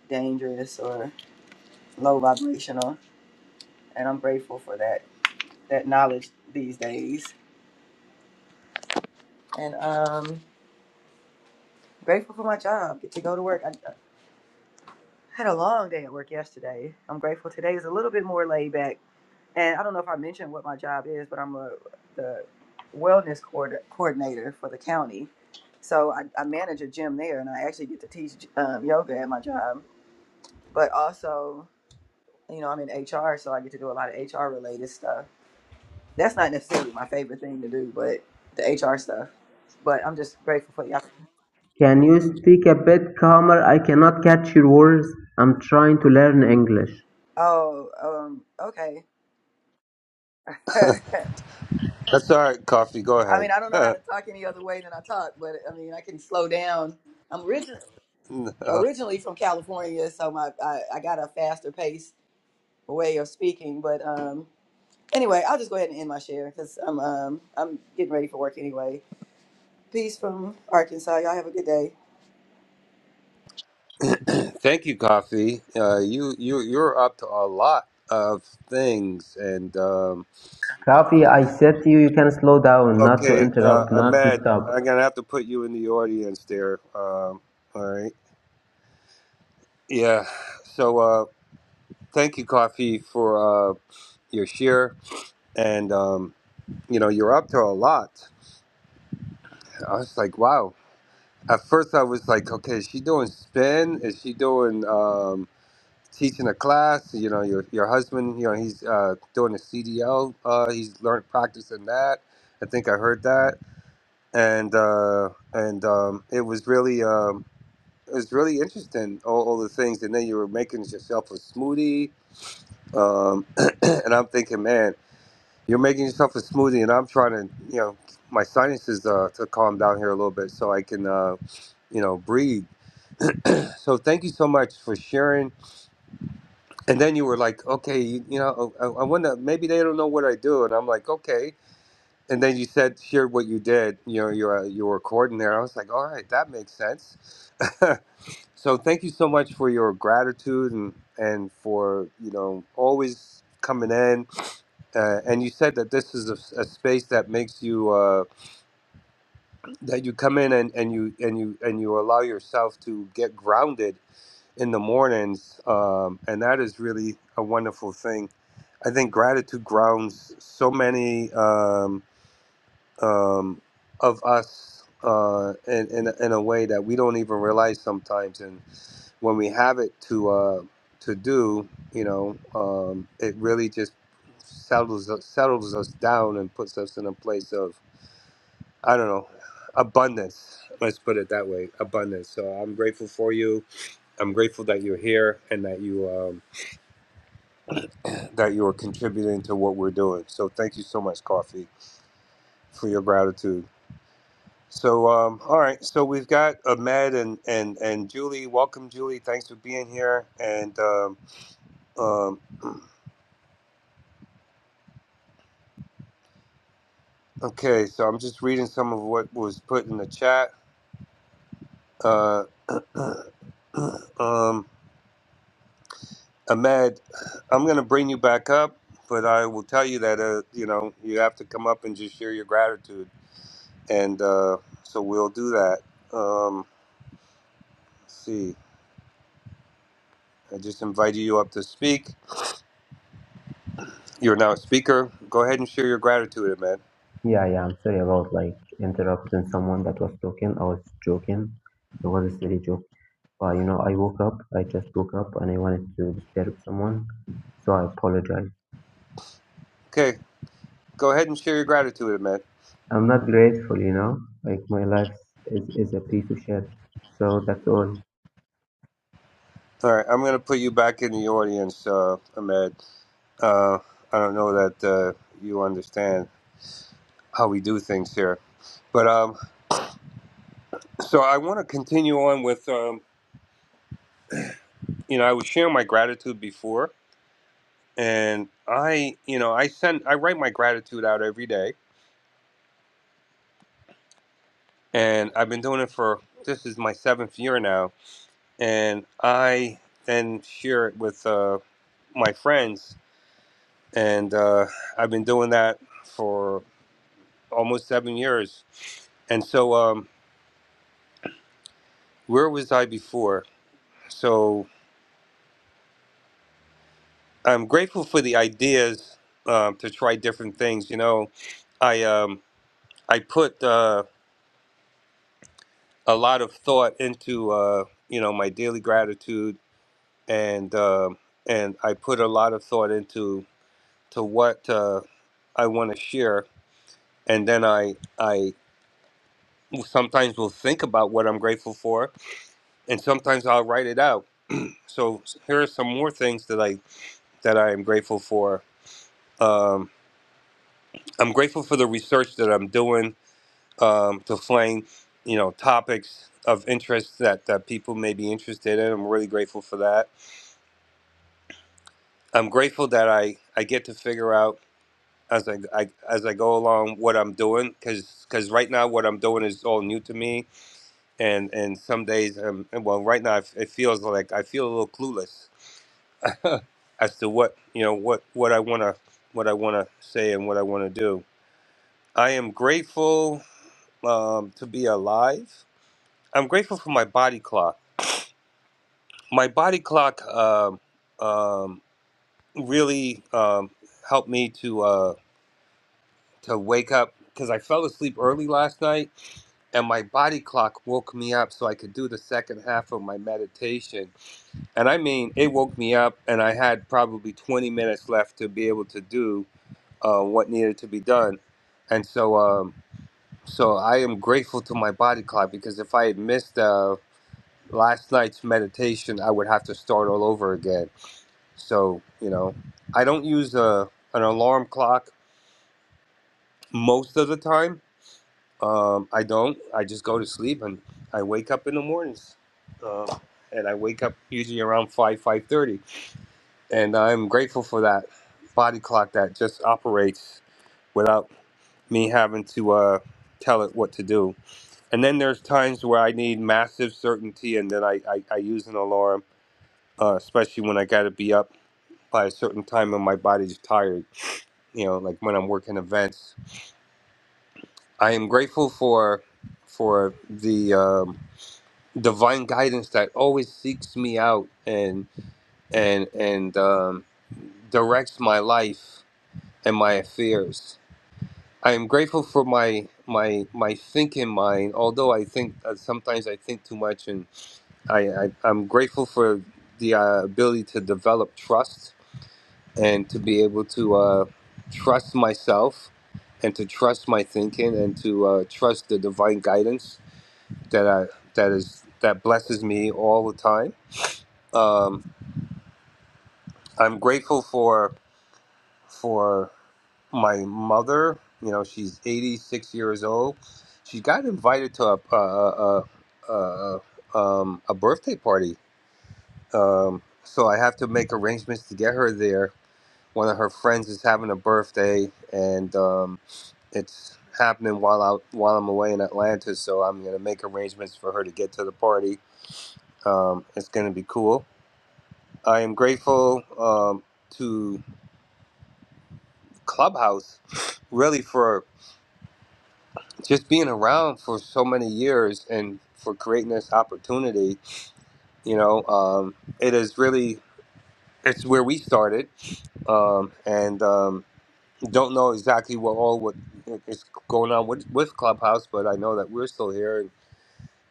[SPEAKER 17] dangerous or low vibrational and i'm grateful for that that knowledge these days and um grateful for my job get to go to work I, I had a long day at work yesterday i'm grateful today is a little bit more laid back and I don't know if I mentioned what my job is, but I'm a the wellness coord- coordinator for the county. So I, I manage a gym there, and I actually get to teach um, yoga at my job. But also, you know, I'm in HR, so I get to do a lot of HR related stuff. That's not necessarily my favorite thing to do, but the HR stuff. But I'm just grateful for y'all.
[SPEAKER 18] Can you speak a bit calmer? I cannot catch your words. I'm trying to learn English.
[SPEAKER 17] Oh, um, okay. I
[SPEAKER 11] That's all right, coffee. Go
[SPEAKER 17] mean, I don't know how
[SPEAKER 11] ahead.
[SPEAKER 17] to talk any other way than I talk, but I mean, I can slow down. I'm rich. originally from California, so my I, I got a faster pace way of speaking. But um, anyway, I'll just go ahead and end my share because I'm um, I'm getting ready for work anyway. Peace from Arkansas. Y'all have a good day.
[SPEAKER 11] Thank you, coffee. Uh, you you you're up to a lot of things, and. um,
[SPEAKER 18] Coffee, I said to you, you can slow down, not to
[SPEAKER 11] Okay, uh,
[SPEAKER 18] interrupt, not to
[SPEAKER 11] Ahmed,
[SPEAKER 18] stop.
[SPEAKER 11] I'm gonna have to put you in the audience there. Um, all right. Yeah. So uh, thank you, Coffee, for uh, your share, and um, you know you're up to a lot. I was like, wow. At first, I was like, okay, is she doing spin? Is she doing um, teaching a class? You know, your your husband, you know, he's uh, doing a CDL. Uh, he's learned practicing that. I think I heard that, and uh, and um, it was really. Um, it's really interesting all, all the things and then you were making yourself a smoothie um, and i'm thinking man you're making yourself a smoothie and i'm trying to you know my sinuses uh, to calm down here a little bit so i can uh, you know breathe so thank you so much for sharing and then you were like okay you, you know oh, i, I wonder maybe they don't know what i do and i'm like okay and then you said shared what you did you know your your recording there i was like all right that makes sense So thank you so much for your gratitude and and for you know always coming in. Uh, and you said that this is a, a space that makes you uh, that you come in and, and you and you and you allow yourself to get grounded in the mornings. Um, and that is really a wonderful thing. I think gratitude grounds so many um, um, of us uh, in, in, a- in a way that we don't even realize sometimes. And when we have it to uh, to do, you know, um, it really just settles settles us down and puts us in a place of I don't know abundance. Let's put it that way, abundance. So I'm grateful for you. I'm grateful that you're here and that you um, that you are contributing to what we're doing. So thank you so much, Coffee, for your gratitude. So um, all right, so we've got Ahmed and and and Julie. Welcome, Julie. Thanks for being here. And um, um, Okay, so I'm just reading some of what was put in the chat. Uh, um, Ahmed, I'm going to bring you back up, but I will tell you that, uh, you know, you have to come up and just share your gratitude. And uh, so we'll do that. Um, let's see, I just invited you up to speak. You're now a speaker. Go ahead and share your gratitude, Ahmed.
[SPEAKER 18] Yeah, yeah, I'm sorry about like interrupting someone that was talking. I was joking. It was a silly joke. But you know, I woke up, I just woke up and I wanted to disturb someone. So I apologize.
[SPEAKER 11] Okay, go ahead and share your gratitude, Ahmed.
[SPEAKER 18] I'm not grateful, you know, like my life is, is a piece of shit. So that's all.
[SPEAKER 11] All right, I'm going to put you back in the audience, uh, Ahmed. Uh, I don't know that uh, you understand how we do things here. But um, so I want to continue on with, um, you know, I was sharing my gratitude before, and I, you know, I send, I write my gratitude out every day, and I've been doing it for this is my seventh year now, and I then share it with uh, my friends, and uh, I've been doing that for almost seven years, and so um, where was I before? So I'm grateful for the ideas um, to try different things. You know, I um, I put uh, a lot of thought into uh, you know my daily gratitude, and uh, and I put a lot of thought into to what uh, I want to share, and then I I sometimes will think about what I'm grateful for, and sometimes I'll write it out. So here are some more things that I that I am grateful for. Um, I'm grateful for the research that I'm doing um, to flang, you know, topics of interest that, that people may be interested in. I'm really grateful for that. I'm grateful that I, I get to figure out as I, I as I go along what I'm doing because right now what I'm doing is all new to me and and some days um and well right now it it feels like I feel a little clueless as to what you know what what I want to what I want to say and what I want to do. I am grateful um, to be alive. I'm grateful for my body clock my body clock um, um, really um, helped me to uh, to wake up because I fell asleep early last night, and my body clock woke me up so I could do the second half of my meditation. And I mean, it woke me up, and I had probably 20 minutes left to be able to do uh, what needed to be done. And so, um, so I am grateful to my body clock because if I had missed uh, last night's meditation, I would have to start all over again So, you know, I don't use a, an alarm clock most of the time. Um, I don't. I just go to sleep and I wake up in the mornings. Um and I wake up usually around 5, 5.30. And I'm grateful for that body clock that just operates without me having to uh, tell it what to do. And then there's times where I need massive certainty and then I, I, I use an alarm, uh, especially when I got to be up by a certain time and my body's tired you know like when i'm working events i am grateful for for the um, divine guidance that always seeks me out and and and um, directs my life and my affairs i am grateful for my my my thinking mind although i think uh, sometimes i think too much and i, I i'm grateful for the uh, ability to develop trust and to be able to uh, trust myself and to trust my thinking and to uh, trust the divine guidance that I that is that blesses me all the time. Um, I'm grateful for for my mother. You know, she's 86 years old. She got invited to a a, a, a, um, a birthday party, um, so I have to make arrangements to get her there. One of her friends is having a birthday, and um, it's happening while out while I'm away in Atlanta, so I'm gonna make arrangements for her to get to the party. Um, it's gonna be cool. I am grateful um, to Clubhouse, really for just being around for so many years and for creating this opportunity. You know, um, it is really it's where we started, um, and um, don't know exactly what all what is going on with, with Clubhouse, but I know that we're still here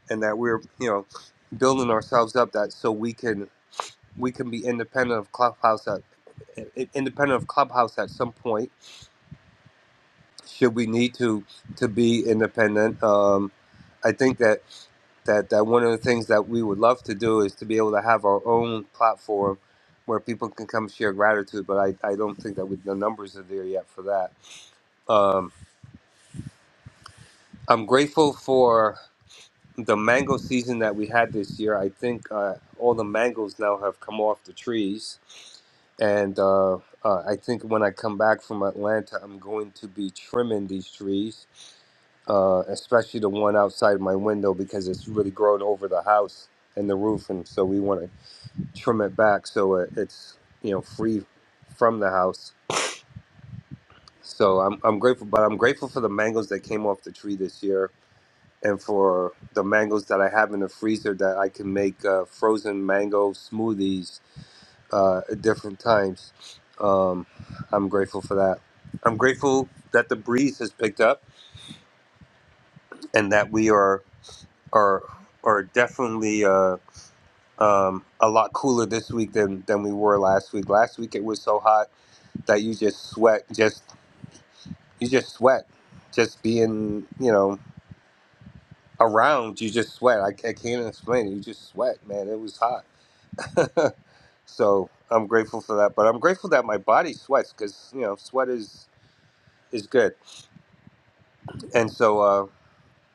[SPEAKER 11] and that we're you know building ourselves up that so we can we can be independent of clubhouse at i- independent of clubhouse at some point should we need to to be independent um, i think that that that one of the things that we would love to do is to be able to have our own platform where people can come share gratitude but i, I don't think that we, the numbers are there yet for that um, i'm grateful for the mango season that we had this year, I think uh, all the mangoes now have come off the trees. And uh, uh, I think when I come back from Atlanta, I'm going to be trimming these trees, uh, especially the one outside my window because it's really grown over the house and the roof. And so we want to trim it back so it, it's, you know, free from the house. So I'm, I'm grateful, but I'm grateful for the mangoes that came off the tree this year and for the mangoes that I have in the freezer that I can make uh, frozen mango smoothies uh, at different times. Um, I'm grateful for that. I'm grateful that the breeze has picked up and that we are are are definitely uh, um, a lot cooler this week than than we were last week. Last week it was so hot that you just sweat, just you just sweat, just being you know around you just sweat. I, I can't explain it. You just sweat, man. It was hot. So I'm grateful for that. But I'm grateful that my body sweats because you know sweat is is good. And so uh,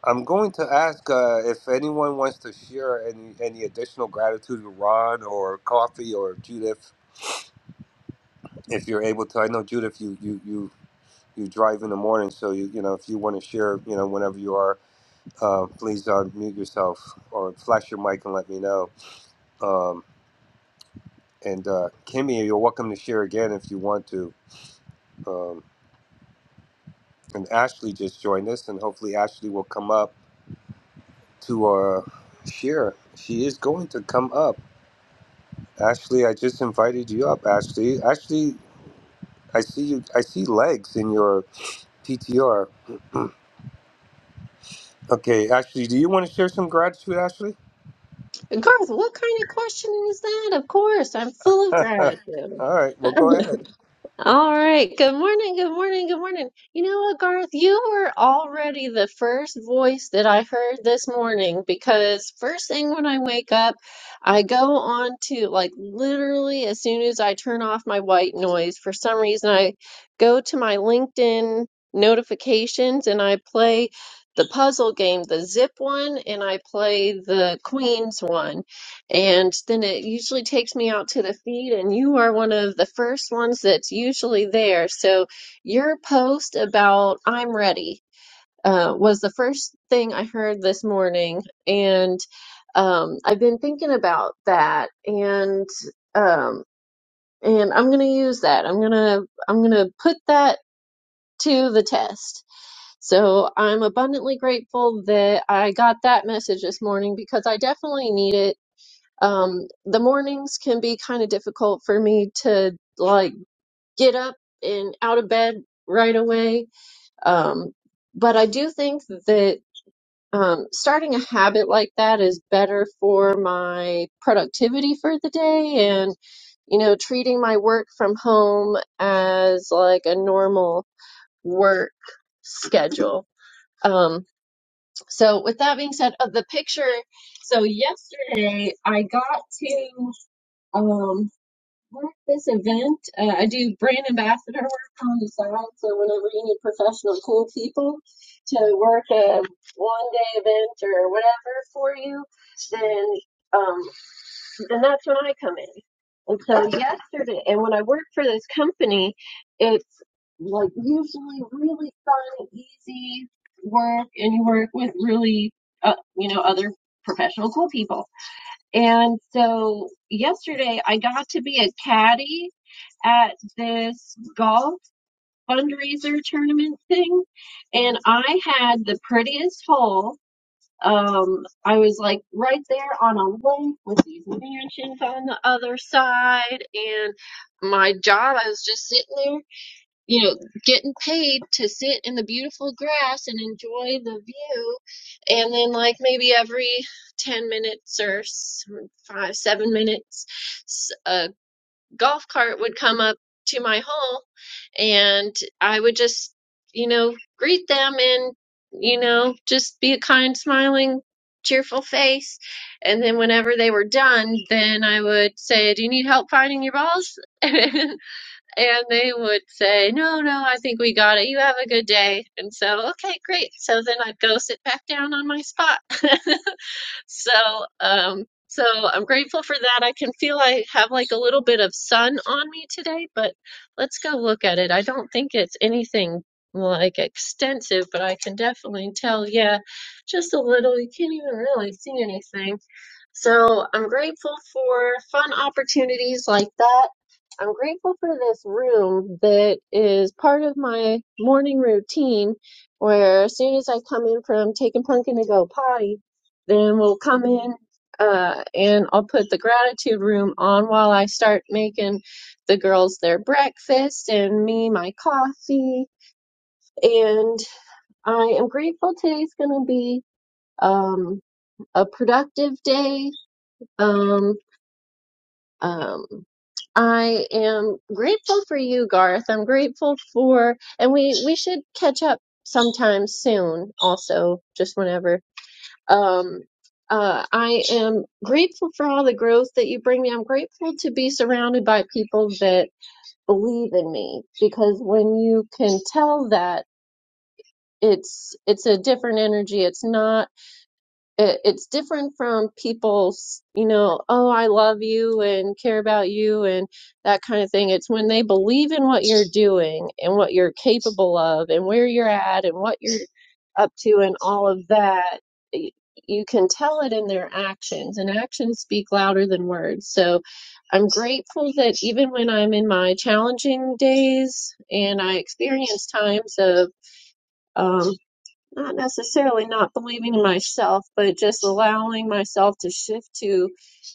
[SPEAKER 11] I'm going to ask uh, if anyone wants to share any any additional gratitude to Ron or Coffee or Judith, if you're able to. I know Judith, you you you you drive in the morning, so you you know if you want to share, you know whenever you are, uh, please unmute yourself or flash your mic and let me know. Um, and uh, Kimmy, you're welcome to share again if you want to. Um, and Ashley just joined us, and hopefully Ashley will come up to uh, share. She is going to come up. Ashley, I just invited you up. Ashley, Ashley, I see you. I see legs in your PTR. Okay, Ashley, do you want to share some gratitude, Ashley?
[SPEAKER 19] Garth, what kind of question is that? Of course, I'm full of
[SPEAKER 11] All
[SPEAKER 19] gratitude.
[SPEAKER 11] right, well, go ahead.
[SPEAKER 19] All right. Good morning. Good morning. Good morning. You know what, Garth? You were already the first voice that I heard this morning because first thing when I wake up, I go on to like literally as soon as I turn off my white noise, for some reason I go to my LinkedIn notifications and I play the puzzle game, the zip one, and I play the queens one. And then it usually takes me out to the feed, and you are one of the first ones that's usually there. So your post about I'm ready uh, was the first thing I heard this morning. And um, I've been thinking about that and um, and I'm gonna use that. I'm gonna I'm gonna put that to the test. So I'm abundantly grateful that I got that message this morning because I definitely need it um, the mornings can be kind of difficult for me to like get up and out of bed right away. Um, but I do think that um, starting a habit like that is better for my productivity for the day and, you know, treating my work from home as like a normal work schedule. Um, so with that being said, of the picture, so yesterday I got to, um, work this event. Uh, I do brand ambassador work on the side. So whenever you need professional cool people to work a one day event or whatever for you, then um, then that's when I come in. And so yesterday, and when I work for this company, it's like usually really fun, easy work, and you work with really, uh, you know, other professional cool people and so yesterday I got to be a caddy at this golf fundraiser tournament thing and I had the prettiest hole. Um, I was like right there on a lake with these mansions on the other side and my job, I was just sitting there you know, getting paid to sit in the beautiful grass and enjoy the view. And then, like, maybe every 10 minutes or s- five, seven minutes, s- a golf cart would come up to my hole and I would just, you know, greet them and, you know, just be a kind, smiling, cheerful face. And then, whenever they were done, then I would say, Do you need help finding your balls? And they would say, No, no, I think we got it. You have a good day. And so, okay, great. So then I'd go sit back down on my spot. So, um, so I'm grateful for that. I can feel I have like a little bit of sun on me today, but let's go look at it. I don't think it's anything like extensive, but I can definitely tell, yeah, just a little. You can't even really see anything so I'm grateful for fun opportunities like that. I'm grateful for this room that is part of my morning routine where as soon as I come in from taking pumpkin to go potty, then we'll come in uh, and I'll put the gratitude room on while I start making the girls their breakfast and me my coffee. And I am grateful today's going to be um, a productive day. Um, Um, I am grateful for you, Garth. I'm grateful for, and we we should catch up sometime soon. Also, just whenever. Um, uh, I am grateful for all the growth that you bring me. I'm grateful to be surrounded by people that believe in me because when you can tell that, it's it's a different energy. It's not it, it's different from people's, you know, oh, I love you and care about you and that kind of thing. It's when they believe in what you're doing and what you're capable of and where you're at and what you're up to and all of that. y- You can tell it in their actions, and actions speak louder than words. So I'm grateful that even when I'm in my challenging days and I experience times of, um, not necessarily not believing in myself, but just allowing myself to shift to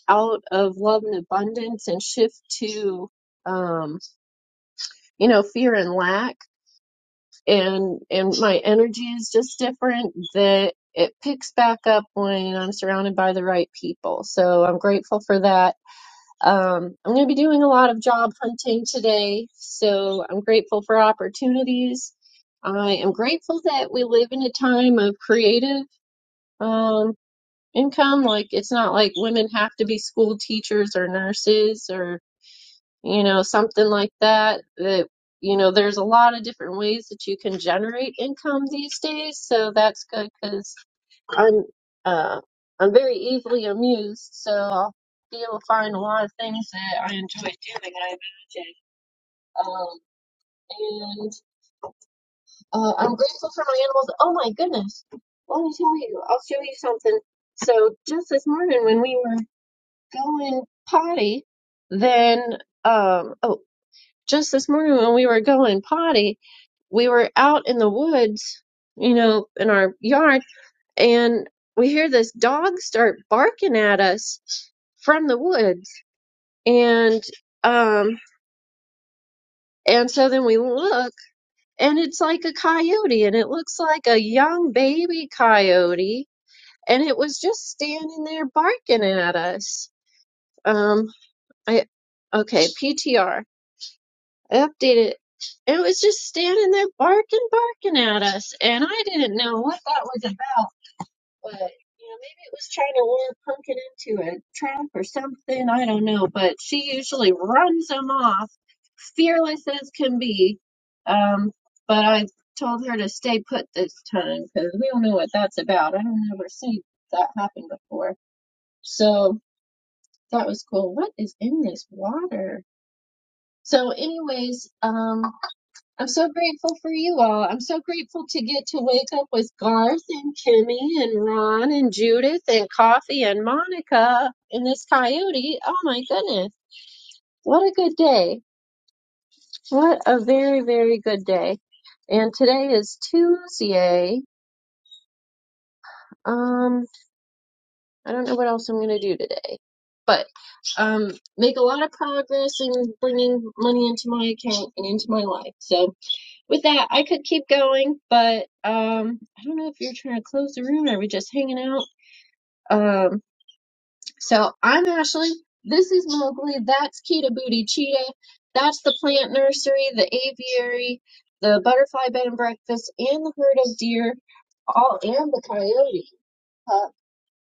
[SPEAKER 19] out of love and abundance and shift to um you know fear and lack and and my energy is just different that it picks back up when I'm surrounded by the right people. So I'm grateful for that. Um, I'm going to be doing a lot of job hunting today, so I'm grateful for opportunities. I am grateful that we live in a time of creative um, income, like it's not like women have to be school teachers or nurses or, you know, something like that. That, you know, there's a lot of different ways that you can generate income these days, so that's good because I'm uh I'm very easily amused, so I'll be able to find a lot of things that I enjoy doing, I imagine. Um, and uh, I'm grateful for my animals. Oh my goodness. Let me tell you, I'll show you something. So just this morning when we were going potty, then um oh, just this morning when we were going potty, we were out in the woods, you know, in our yard, and we hear this dog start barking at us from the woods. And um and so then we look and it's like a coyote and it looks like a young baby coyote and it was just standing there barking at us. Um I okay, PTR. I updated it. It was just standing there barking, barking at us, and I didn't know what that was about. But you know, maybe it was trying to lure Pumpkin into a trap or something. I don't know. But she usually runs them off, fearless as can be. Um, but I told her to stay put this time because we don't know what that's about. I don't ever see that happen before. So that was cool. What is in this water? So, anyways, um, I'm so grateful for you all. I'm so grateful to get to wake up with Garth and Kimmy and Ron and Judith and Coffee and Monica and this coyote. Oh my goodness. What a good day. What a very, very good day. And today is Tuesday. Um, I don't know what else I'm going to do today, but um, make a lot of progress in bringing money into my account and into my life. So with that, I could keep going, but um, I don't know if you're trying to close the room or we are just hanging out. Um, so I'm Ashley. This is Mowgli. That's Kita Booty Cheetah. That's the plant nursery, the aviary, the butterfly bed and breakfast, and the herd of deer, all and the coyote.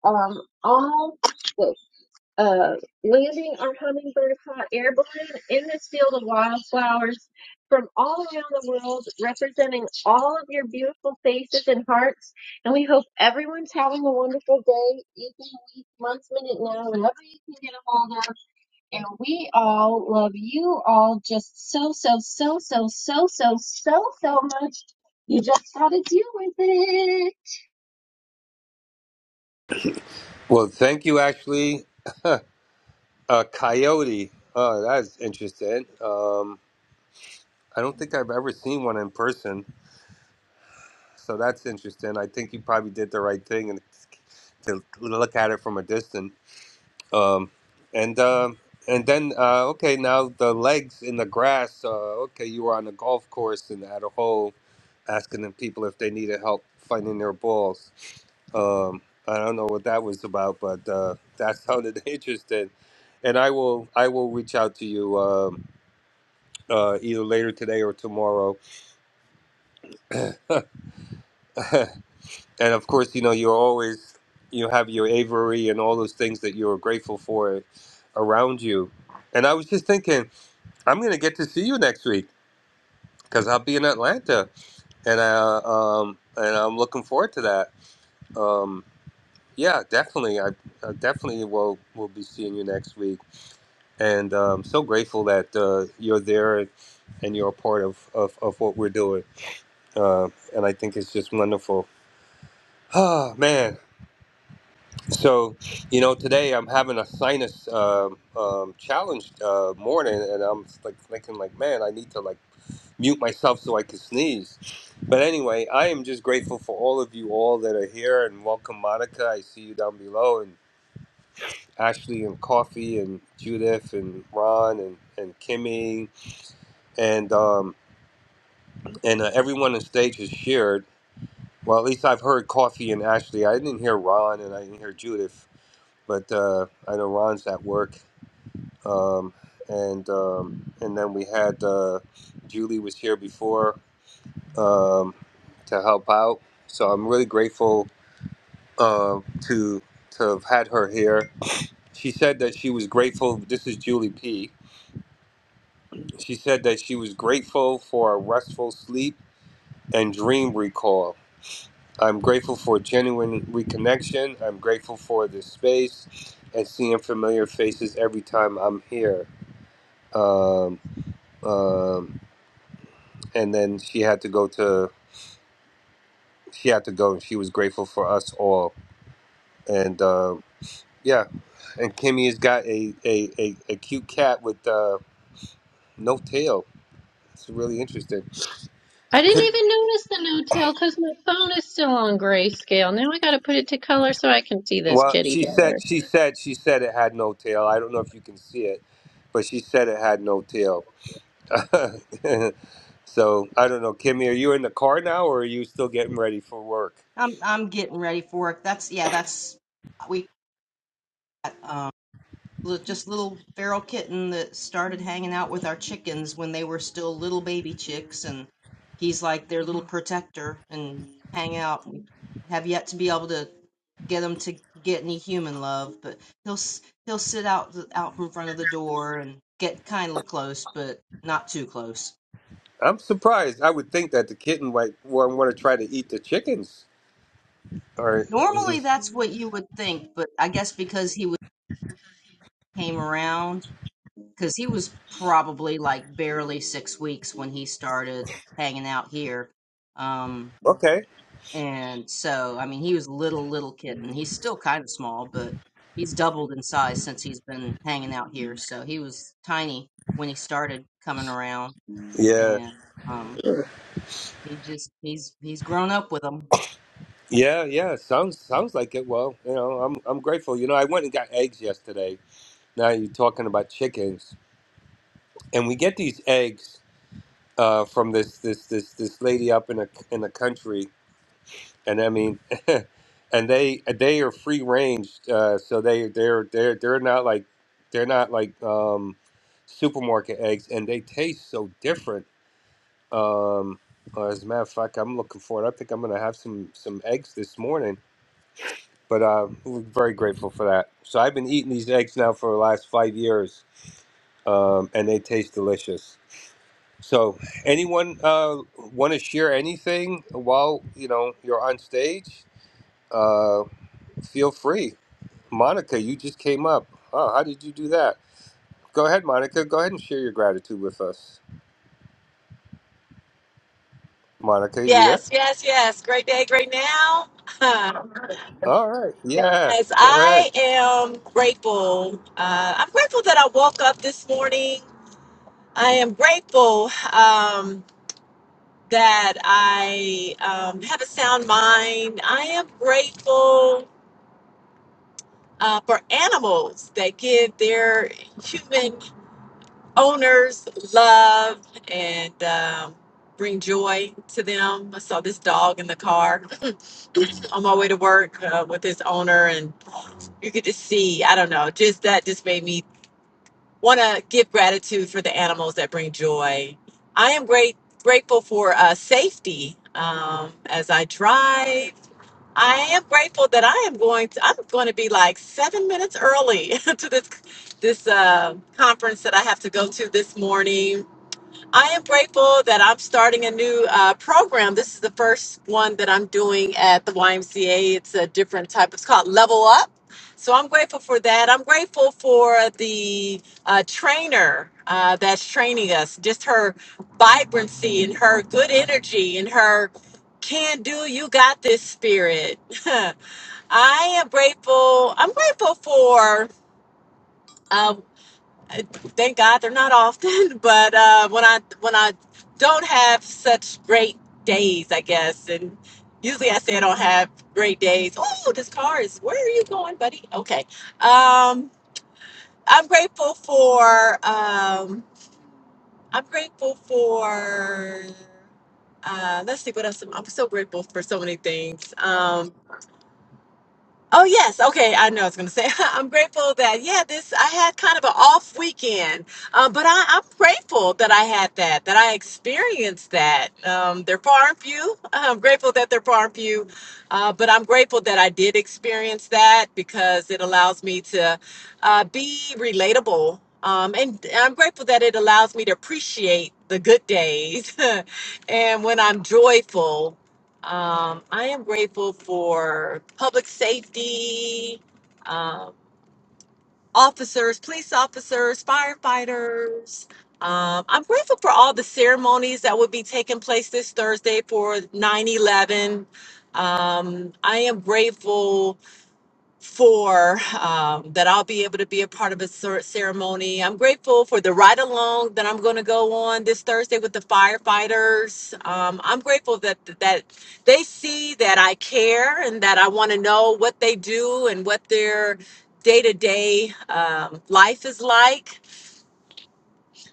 [SPEAKER 19] Uh, um, all. the uh, landing our hummingbird hot air balloon in this field of wildflowers from all around the world, representing all of your beautiful faces and hearts. And we hope everyone's having a wonderful day, evening, week, month, minute, now, whenever you can get a hold of. And we all love you all just so, so, so, so, so, so, so, so much. You just gotta deal with it.
[SPEAKER 11] Well, thank you, Ashley. A coyote. Oh, that's interesting. Um, I don't think I've ever seen one in person, so that's interesting. I think you probably did the right thing and to look at it from a distance. Um, and um and then uh, okay, now the legs in the grass. Uh, okay, you were on the golf course and at a hole, asking the people if they needed help finding their balls. Um, I don't know what that was about, but uh, that sounded interesting. And I will I will reach out to you um, uh, either later today or tomorrow and of course, you know, you're always you have your Avery and all those things that you're grateful for around you. And I was just thinking, I'm gonna get to see you next week because I'll be in Atlanta, and I um and I'm looking forward to that. Um, yeah, definitely, I, I definitely will will be seeing you next week, and um, so grateful that uh, you're there and you're a part of of, of what we're doing. Uh, and I think it's just wonderful. Ah, man. So, you know, today I'm having a sinus um, um, challenge uh, morning, and I'm like thinking, like, man, I need to like mute myself so I can sneeze. But anyway, I am just grateful for all of you all that are here, and welcome, Monica. I see you down below, and Ashley, and Coffee, and Judith, and Ron, and and Kimmy, and um, and uh, everyone on stage has shared. Well, at least I've heard Coffee and Ashley. I didn't hear Ron, and I didn't hear Judith, but uh, I know Ron's at work. um, and um, and then we had uh, Julie was here before um, to help out. So I'm really grateful uh, to to have had her here. She said that she was grateful. This is Julie P. She said that she was grateful for a restful sleep and dream recall. I'm grateful for genuine reconnection. I'm grateful for this space and seeing familiar faces every time I'm here. Um, um, and then she had to go to she had to go and she was grateful for us all and uh, yeah and kimmy has got a a, a, a cute cat with uh, no tail it's really interesting
[SPEAKER 19] I didn't
[SPEAKER 11] Kim-
[SPEAKER 19] even notice the no-tail because my phone is still on grayscale. Now I gotta put it to color so I can see this
[SPEAKER 11] well
[SPEAKER 19] kitty
[SPEAKER 11] she said
[SPEAKER 19] better.
[SPEAKER 11] she said she said it had no tail i don't know if you can see it but she said it had no tail so i don't know kimmy are you in the car now or are you still getting ready for work
[SPEAKER 15] I'm I'm getting ready for it. That's yeah, that's we got um li- just little feral kitten that started hanging out with our chickens when they were still little baby chicks and he's like their little protector and hang out have yet to be able to get him to get any human love, but he'll s- he'll sit out th- out from front of the door and get kind of close, but not too close.
[SPEAKER 11] i'm surprised i would think that the kitten might want to try to eat the chickens all right.
[SPEAKER 15] Normally that's what you would think, but I guess because he was came around because he was probably like barely six weeks when he started hanging out here. Um,
[SPEAKER 11] Okay.
[SPEAKER 15] and so, I mean, he was little, little kitten. He's still kind of small, but he's doubled in size since he's been hanging out here. So he was tiny when he started coming around,
[SPEAKER 11] Yeah.
[SPEAKER 15] and um, he just he's he's grown up with them.
[SPEAKER 11] Yeah. Yeah. Sounds sounds like it. Well, you know, I'm I'm grateful. You know, I went and got eggs yesterday. Now you're talking about chickens, and we get these eggs uh, from this this this this lady up in a in the country, and I mean, and they they are free range, uh, so they they're they're they're not like they're not like um, supermarket eggs, and they taste so different. Um, uh, as a matter of fact, I'm looking forward. I think I'm gonna have some some eggs this morning but uh, we're very grateful for that. So I've been eating these eggs now for the last five years, um, and they taste delicious. So, anyone uh, want to share anything while you know you're on stage? Uh, feel free. Monica, you just came up. Oh, how did you do that? Go ahead, Monica. Go ahead and share your gratitude with us. Monica, you there?
[SPEAKER 20] Yes, yes, yes. Great day, great now. Huh.
[SPEAKER 11] All right. Yeah.
[SPEAKER 20] Yes,
[SPEAKER 11] Go ahead.
[SPEAKER 20] I am grateful. Uh, I'm grateful that I woke up this morning. I am grateful um, that I um, have a sound mind. I am grateful uh, for animals that give their human owners love and um, bring joy to them. I saw this dog in the car on my way to work uh, with his owner, and. you get to see i don't know just that just made me want to give gratitude for the animals that bring joy i am great grateful for uh, safety um, as i drive i am grateful that i am going to i'm going to be like seven minutes early to this this uh, conference that i have to go to this morning I am grateful that I'm starting a new uh, program. This is the first one that I'm doing at the YMCA. It's a different type. It's called Level Up. So I'm grateful for that. I'm grateful for the uh, trainer uh, that's training us. Just her vibrancy and her good energy and her can do. You got this spirit. I am grateful. I'm grateful for. uh, thank God they're not often, but uh, when I when I don't have such great days, I guess, and usually I say I don't have great days. Oh, this car is. Where are you going, buddy? Okay. Um, I'm grateful for. Um, I'm grateful for. Uh, let's see what else. I'm, I'm so grateful for so many things. Um, Oh yes, okay. I know I was going to say I'm grateful that yeah, this I had kind of an off weekend, uh, but I, I'm grateful that I had that, that I experienced that. Um, they're far and few. I'm grateful that they're far and few, uh, but I'm grateful that I did experience that because it allows me to uh, be relatable. Um, and I'm grateful that it allows me to appreciate the good days and when I'm joyful um, I am grateful for public safety, um, officers, police officers, firefighters. Um, I'm grateful for all the ceremonies that will be taking place this Thursday for 9 11. Um, I am grateful for um, that I'll be able to be a part of a cer- ceremony. I'm grateful for the ride along that I'm going to go on this Thursday with the firefighters. Um, I'm grateful that that they see that I care and that I want to know what they do and what their day to day life is like.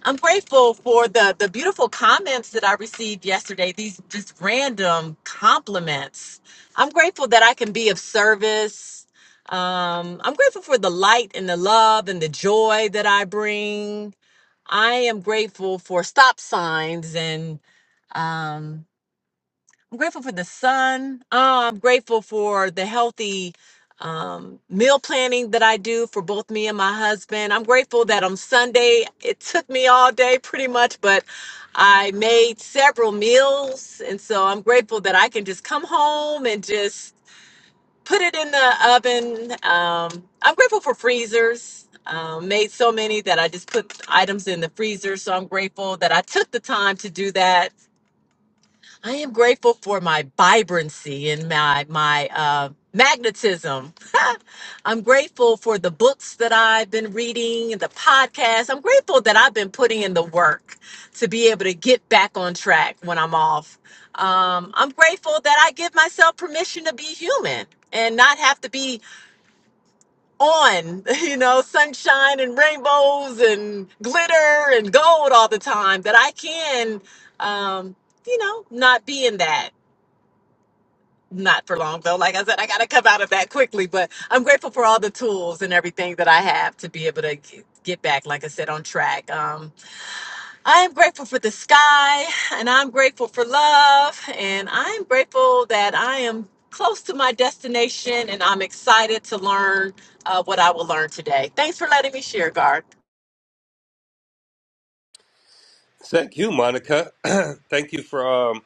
[SPEAKER 20] I'm grateful for the the beautiful comments that I received yesterday. These just random compliments. I'm grateful that I can be of service. Um, I'm grateful for the light and the love and the joy that I bring. I am grateful for stop signs and um, I'm grateful for the sun. Uh, I'm grateful for the healthy um, meal planning that I do for both me and my husband. I'm grateful that on Sunday, it took me all day pretty much, but I made several meals. And so I'm grateful that I can just come home and just put it in the oven. Um, I'm grateful for freezers. Um, made so many that I just put items in the freezer. So I'm grateful that I took the time to do that I am grateful for my vibrancy and my my uh, magnetism. I'm grateful for the books that I've been reading, the podcast. I'm grateful that I've been putting in the work to be able to get back on track when I'm off. Um, I'm grateful that I give myself permission to be human and not have to be on, you know, sunshine and rainbows and glitter and gold all the time. That I can, um, you know, not be in that not for long though. Like I said, I got to come out of that quickly, but I'm grateful for all the tools and everything that I have to be able to g- get back, like I said, on track. Um, I am grateful for the sky and I'm grateful for love and I'm grateful that I am close to my destination and I'm excited to learn uh, what I will learn today. Thanks for letting me share, Gar.
[SPEAKER 11] Thank you, Monica. Thank you for um,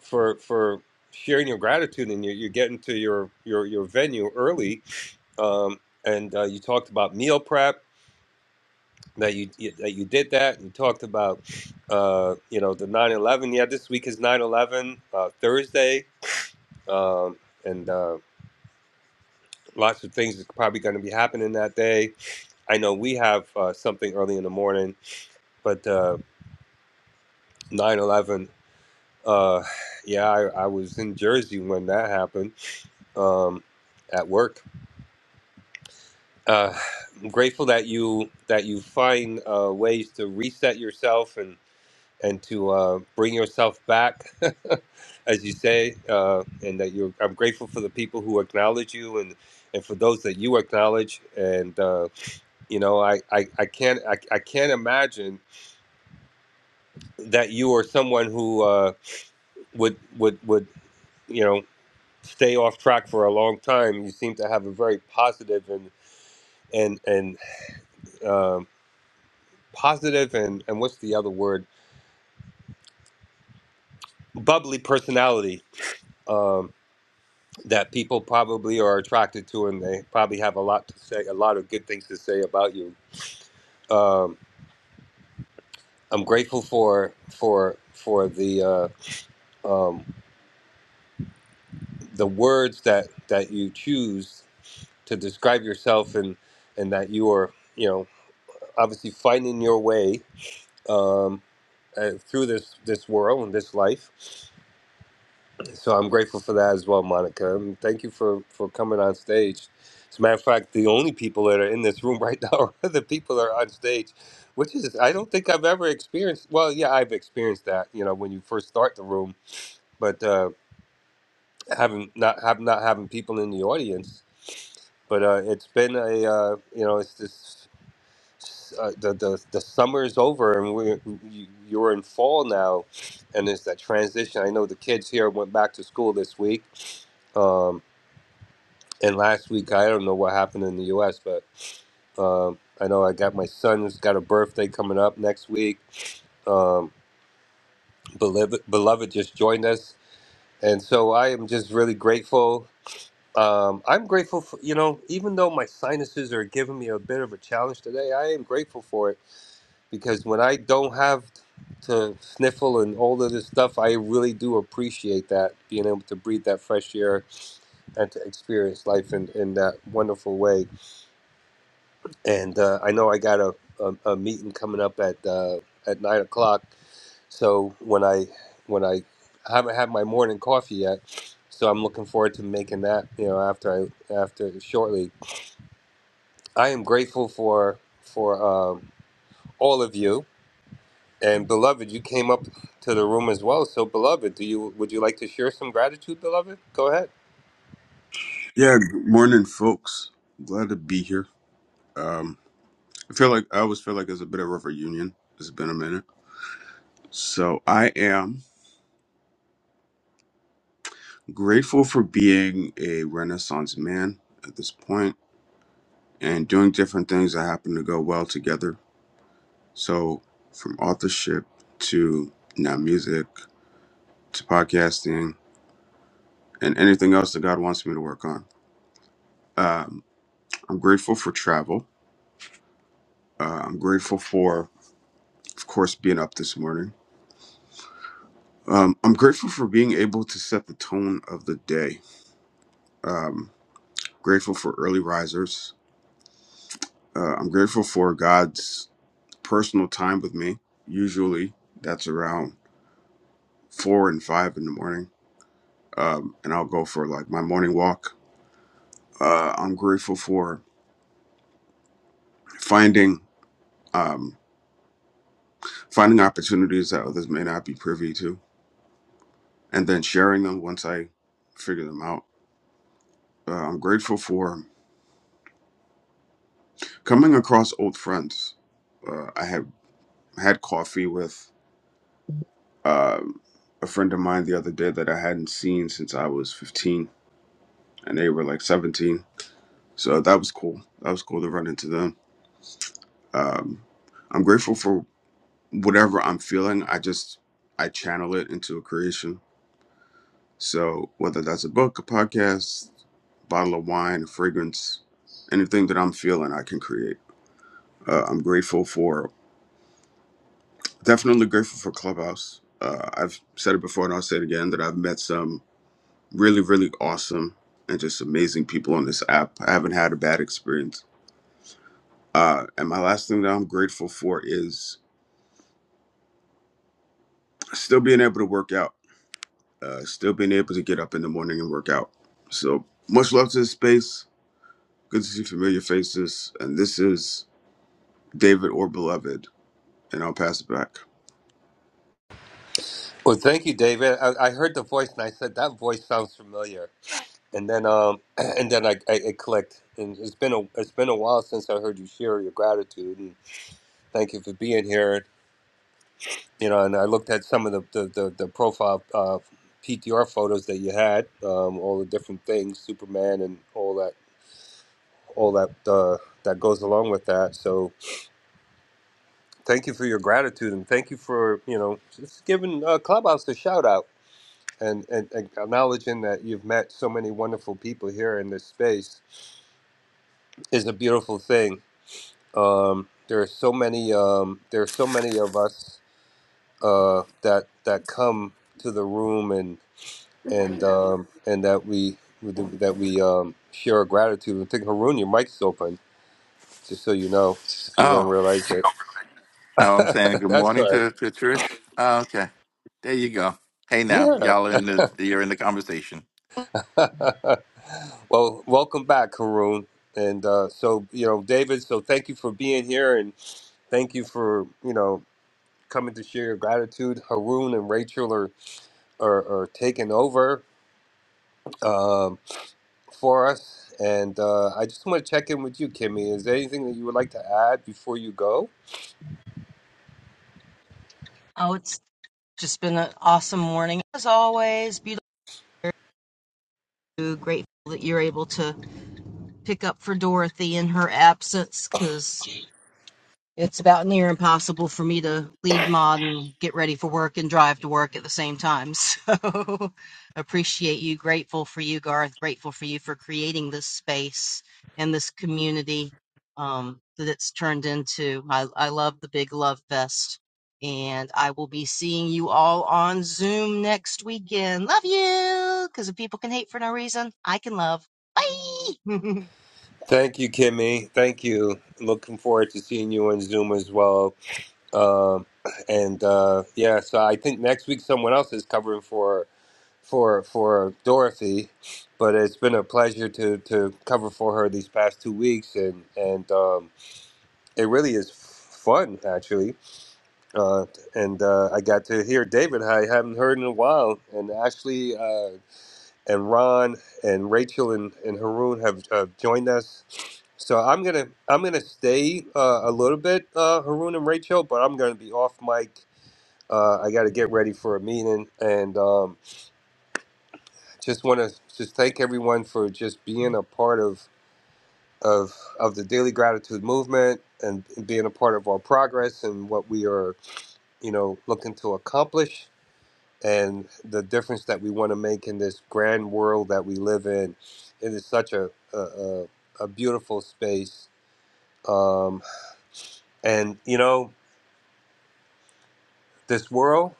[SPEAKER 11] for for sharing your gratitude and you're, you're getting to your your your venue early um and uh, you talked about meal prep that you, you that you did that you talked about uh you know the nine eleven yeah this week is nine eleven uh, thursday um and uh lots of things is probably going to be happening that day i know we have uh, something early in the morning but uh 9 eleven. uh yeah I, I was in jersey when that happened um at work uh, I'm grateful that you that you find uh, ways to reset yourself and and to uh, bring yourself back, as you say, uh, and that you're. I'm grateful for the people who acknowledge you and and for those that you acknowledge. And uh, you know, I I, I can't I, I can't imagine that you are someone who uh, would would would you know stay off track for a long time. You seem to have a very positive and and and uh, positive and and what's the other word bubbly personality um, that people probably are attracted to and they probably have a lot to say a lot of good things to say about you um, i'm grateful for for for the uh, um, the words that that you choose to describe yourself and and that you are you know obviously finding your way um, uh, through this this world and this life So I'm grateful for that as well, Monica. And thank you for, for coming on stage. As a matter of fact, the only people that are in this room right now are the people that are on stage, which is, I don't think I've ever experienced. Well, yeah, I've experienced that, you know, when you first start the room, but uh, having not have not having people in the audience. But uh, it's been a, uh, you know, it's this, uh, the, the, the summer is over and we're, you- you're in fall now. And it's that transition. I know the kids here went back to school this week Um, And last week, I don't know what happened in the U.S., but um, I know I got my son's got a birthday coming up next week. Um, beloved, beloved just joined us, and so I am just really grateful. Um, I'm grateful for you know, even though my sinuses are giving me a bit of a challenge today, I am grateful for it because when I don't have to sniffle and all of this stuff, I really do appreciate that being able to breathe that fresh air and to experience life in, in that wonderful way and uh, I know I got a, a, a meeting coming up at uh, at nine o'clock. So when I when I I haven't had my morning coffee yet, so I'm looking forward to making that. You know, after I after shortly, I am grateful for for um, all of you and beloved. You came up to the room as well. So beloved, do you would you like to share some gratitude, beloved? Go ahead.
[SPEAKER 21] Yeah, good morning, folks. Glad to be here. Um, I feel like I always feel like it's a bit of a reunion. It's been a minute. So I am grateful for being a Renaissance man at this point and doing different things that happen to go well together. So from authorship to now music to podcasting and anything else that God wants me to work on. Um, I'm grateful for travel. Uh, I'm grateful for, of course, being up this morning. Um, I'm grateful for being able to set the tone of the day. Um, grateful for early risers. Uh, I'm grateful for God's personal time with me. Usually, that's around four and five in the morning, um, and I'll go for like my morning walk. Uh, I'm grateful for finding um, finding opportunities that others may not be privy to, and then sharing them once I figure them out. Uh, I'm grateful for coming across old friends. Uh, I have. had coffee with um, a friend of mine the other day that I hadn't seen since I was 15, and they were like 17. So that was cool. That was cool to run into them. Um, I'm grateful for whatever I'm feeling. I just I channel it into a creation. So whether that's a book, a podcast, bottle of wine, a fragrance, anything that I'm feeling, I can create. Uh, I'm grateful for definitely grateful for Clubhouse. Uh, I've said it before and I'll say it again that I've met some really, really awesome and just amazing people on this app. I haven't had a bad experience. Uh, and my last thing that I'm grateful for is still being able to work out, uh, still being able to get up in the morning and work out. So much love to this space. Good to see familiar faces. And this is David or Beloved, and I'll pass it back.
[SPEAKER 11] Well, thank you, David. I, I heard the voice and I said that voice sounds familiar. and then um and then I, I it clicked and it's been a it's been a while since I heard you share your gratitude and thank you for being here you know and I looked at some of the the, the, the profile uh, PTR photos that you had um, all the different things Superman and all that all that uh, that goes along with that so thank you for your gratitude and thank you for you know just giving uh, Clubhouse a shout out and, and, and acknowledging that you've met so many wonderful people here in this space is a beautiful thing Um, there are so many. Um, there are so many of us uh, that that come to the room and and um, and that we that we um, share our gratitude. I think Haroon, your mic's open, just so you know, if you don't
[SPEAKER 22] Oh,
[SPEAKER 11] realize it.
[SPEAKER 22] oh, I'm saying good
[SPEAKER 11] That's
[SPEAKER 22] morning
[SPEAKER 11] all right.
[SPEAKER 22] to, to Trish. Oh, okay, there you go. Hey, now
[SPEAKER 11] Yeah.
[SPEAKER 22] y'all are in the you're in the conversation.
[SPEAKER 11] well, welcome back, Haroon. And uh, so you know, David. So thank you for being here, and thank you for you know coming to share your gratitude. Haroon and Rachel are or, or taken over um, for us. And uh, I just want to check in with you, Kimmy. Is there anything that you would like to add before you go?
[SPEAKER 15] Oh, it's just been an awesome morning as always. Beautiful. Grateful that you're able to pick up for Dorothy in her absence, cause. It's about near impossible for me to lead mod and get ready for work and drive to work at the same time. So appreciate you. Grateful for you, Garth. Grateful for you for creating this space and this community um, that it's turned into. I, I love the big love fest. And I will be seeing you all on Zoom next weekend. Love you. Because if people can hate for no reason, I can love. Bye.
[SPEAKER 11] Thank you, Kimmy. Thank you. Looking forward to seeing you on Zoom as well. Um, and uh, yeah, so I think next week someone else is covering for for for Dorothy, but it's been a pleasure to to cover for her these past two weeks, and and um, it really is fun actually uh, and uh, I got to hear David. I haven't heard in a while, and Ashley uh, and Ron and Rachel and, and Haroon have uh, joined us. So I'm gonna I'm gonna stay uh, a little bit, uh, Haroon and Rachel, but I'm gonna be off mic. Uh, I got to get ready for a meeting, and um, just want to just thank everyone for just being a part of of of the daily gratitude movement and being a part of our progress and what we are you know looking to accomplish and the difference that we want to make in this grand world that we live in. It is such a a, a, a beautiful space, um, and you know this world.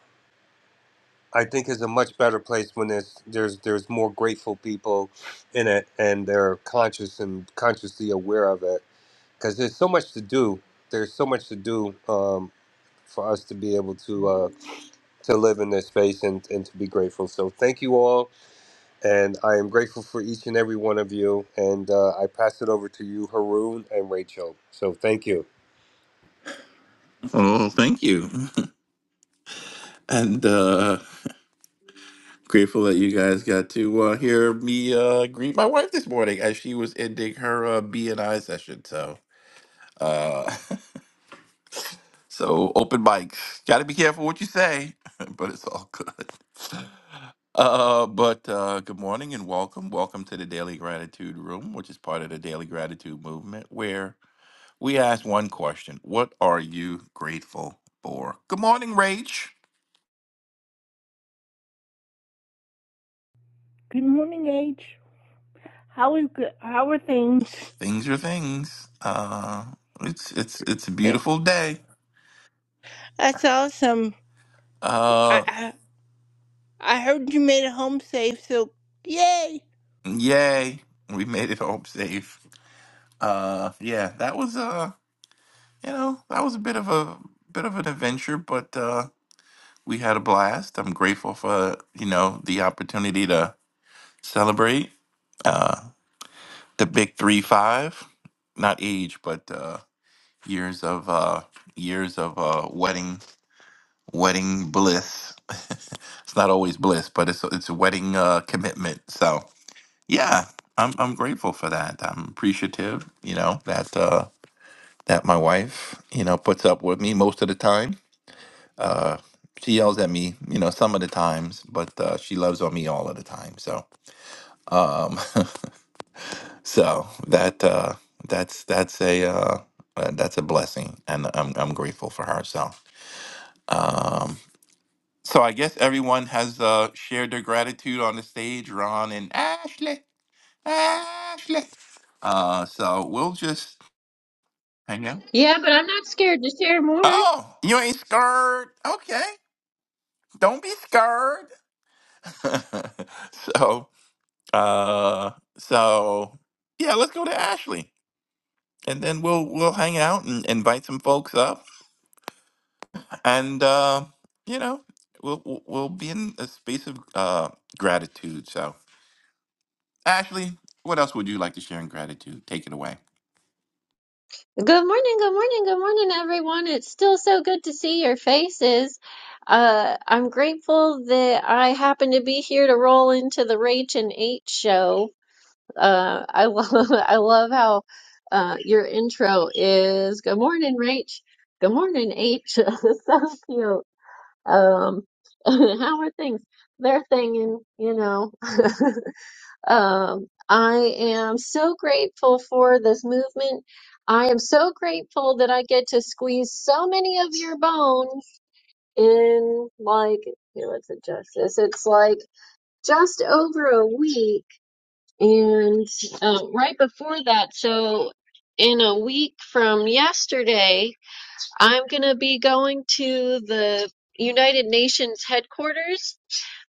[SPEAKER 11] I think is a much better place when there's there's there's more grateful people in it, and they're conscious and consciously aware of it. Because there's so much to do. There's so much to do um, for us to be able to uh, to live in this space and, and to be grateful. So thank you all And I am grateful for each and every one of you. And uh, I pass it over to you, Haroon and Rachel. So thank you.
[SPEAKER 22] Oh, thank you, and uh grateful that you guys got to uh, hear me uh greet my wife this morning as she was ending her uh, B and I session. So, uh, so open mics. Got to be careful what you say, but it's all good. Uh, but uh, good morning and welcome, welcome to the Daily Gratitude Room, which is part of the Daily Gratitude Movement, where we ask one question What are you grateful for? Good morning, Rach.
[SPEAKER 23] Good morning, H. How is good? How are things?
[SPEAKER 22] Things are things. Uh, it's it's it's a
[SPEAKER 23] Th-
[SPEAKER 22] beautiful day.
[SPEAKER 23] That's awesome. I,
[SPEAKER 22] Uh,
[SPEAKER 23] I I heard you made it home safe, so yay!
[SPEAKER 22] yay, we made it home safe. Uh, yeah, that was uh, you know, that was a bit of a bit of an adventure, but uh, we had a blast. I'm grateful for you know the opportunity to celebrate uh the big three five, not age, but. uh years of uh years of uh wedding wedding bliss it's not always bliss but it's it's a wedding uh commitment so yeah i'm i'm grateful for that i'm appreciative you know that uh that my wife you know puts up with me most of the time uh she yells at me you know some of the times but uh she loves on me all of the time so um so that uh that's that's a uh uh, that's a blessing and i'm i'm grateful for her so um, So I guess everyone has uh, shared their gratitude on the stage, Ron and Ashley. Ashley. Uh, so we'll just hang out.
[SPEAKER 19] Yeah, but I'm not scared to share more.
[SPEAKER 22] Oh, you ain't scared. Okay. Don't be scared. so uh so yeah, let's go to Ashley. And then we'll we'll hang out and invite some folks up. And uh, you know, we'll we'll we'll be in a space of uh gratitude. So Ashley, what else would you like to share in gratitude? Take it away.
[SPEAKER 19] Good morning, good morning, good morning, everyone. It's still so good to see your faces. Uh, I'm grateful that I happen to be here to roll into the Rach and H show. Uh, I love I love how uh, your intro is "Good morning, Rach." Good morning, H. So cute. Um, how are things? They're thinging, you know. Um, I am so grateful for this movement. I am so grateful that I get to squeeze so many of your bones in like, you know, it's it just this? It's like just over a week and uh, right before that, so in a week from yesterday, I'm going to be going to the United Nations headquarters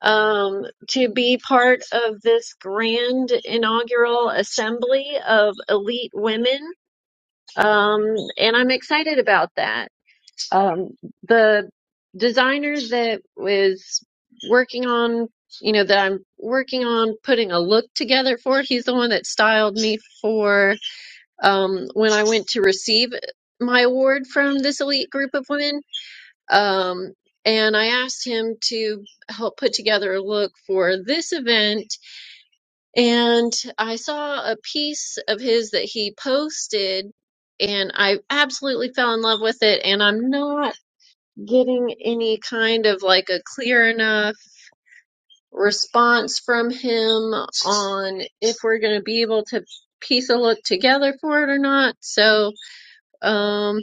[SPEAKER 19] um, to be part of this grand inaugural assembly of elite women. Um, and I'm excited about that. Um, the designer that was working on, you know, that I'm working on putting a look together for it, he's the one that styled me for um, when I went to receive my award from this elite group of women. Um, and I asked him to help put together a look for this event. And I saw a piece of his that he posted, and I absolutely fell in love with it. And I'm not getting any kind of like a clear enough response from him on if we're going to be able to piece a look together for it or not. So, um,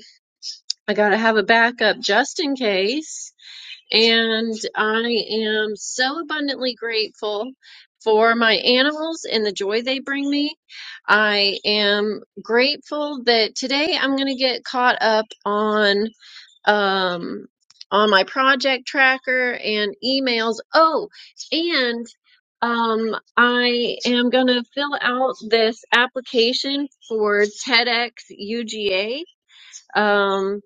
[SPEAKER 19] I got to have a backup just in case. And I am so abundantly grateful for my animals and the joy they bring me. I am grateful that today I'm going to get caught up on um, on my project tracker and emails. Oh, and um, I am going to fill out this application for TEDx UGA. Um,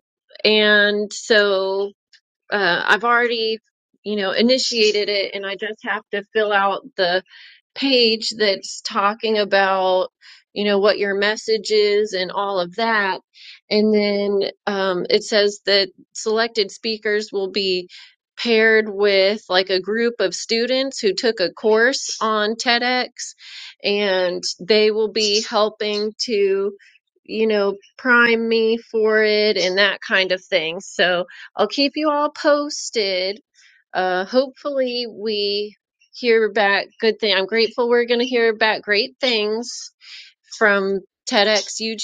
[SPEAKER 19] and so uh, I've already, you know, initiated it and I just have to fill out the page that's talking about you know what your message is and all of that and then um, it says that selected speakers will be paired with like a group of students who took a course on TEDx and they will be helping to you know prime me for it and that kind of thing so I'll keep you all posted uh, hopefully, we hear back good thing. I'm grateful we're going to hear back great things from TEDxUGA,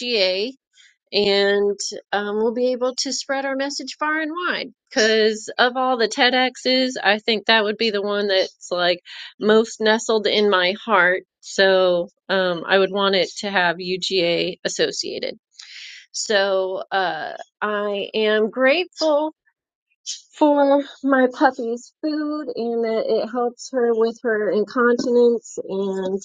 [SPEAKER 19] and um, we'll be able to spread our message far and wide. Because of all the TEDx's, I think that would be the one that's like most nestled in my heart. So um, I would want it to have UGA associated. So uh, I am grateful for my puppy's food and that it helps her with her incontinence and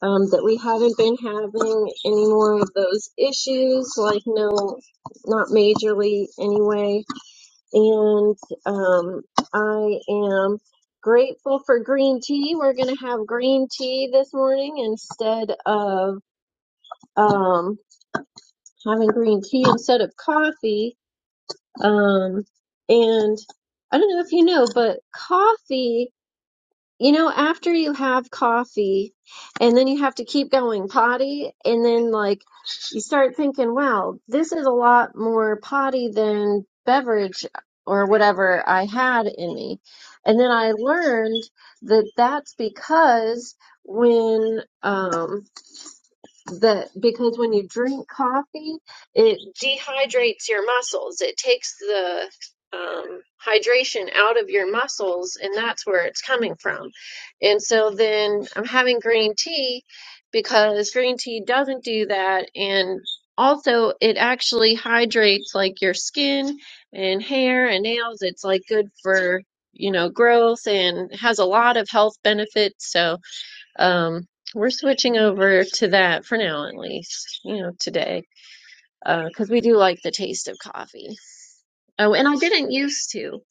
[SPEAKER 19] um, that we haven't been having any more of those issues, like no, not majorly anyway. And um, I am grateful for green tea. We're going to have green tea this morning instead of um, having green tea instead of coffee um, and I don't know if you know, but coffee, you know, after you have coffee and then you have to keep going potty, and then like you start thinking, wow, this is a lot more potty than beverage or whatever I had in me. And then I learned that that's because when, um, that because when you drink coffee, it dehydrates your muscles. It takes the um, hydration out of your muscles, and that's where it's coming from. And so then I'm having green tea because green tea doesn't do that. And also, it actually hydrates like your skin and hair and nails. It's like good for, you know, growth and has a lot of health benefits. So, um, we're switching over to that for now, at least, you know, today, because uh, we do like the taste of coffee. Oh, and I didn't used to.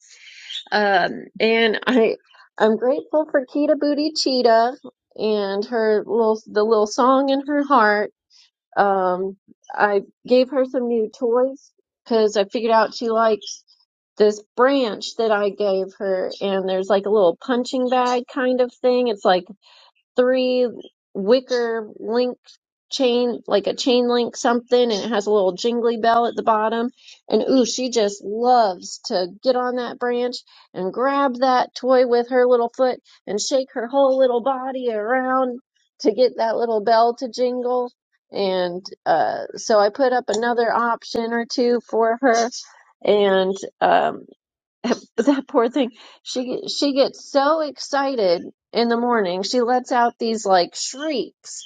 [SPEAKER 19] Um, and I, I'm grateful for Kita Booty Cheetah and her little, the little song in her heart. Um, I gave her some new toys because I figured out she likes this branch that I gave her, and there's like a little punching bag kind of thing. It's like three wicker link chain, like a chain link something, and it has a little jingly bell at the bottom. And ooh, she just loves to get on that branch and grab that toy with her little foot and shake her whole little body around to get that little bell to jingle. And uh, so I put up another option or two for her, and um, that poor thing she she gets so excited in the morning she lets out these like shrieks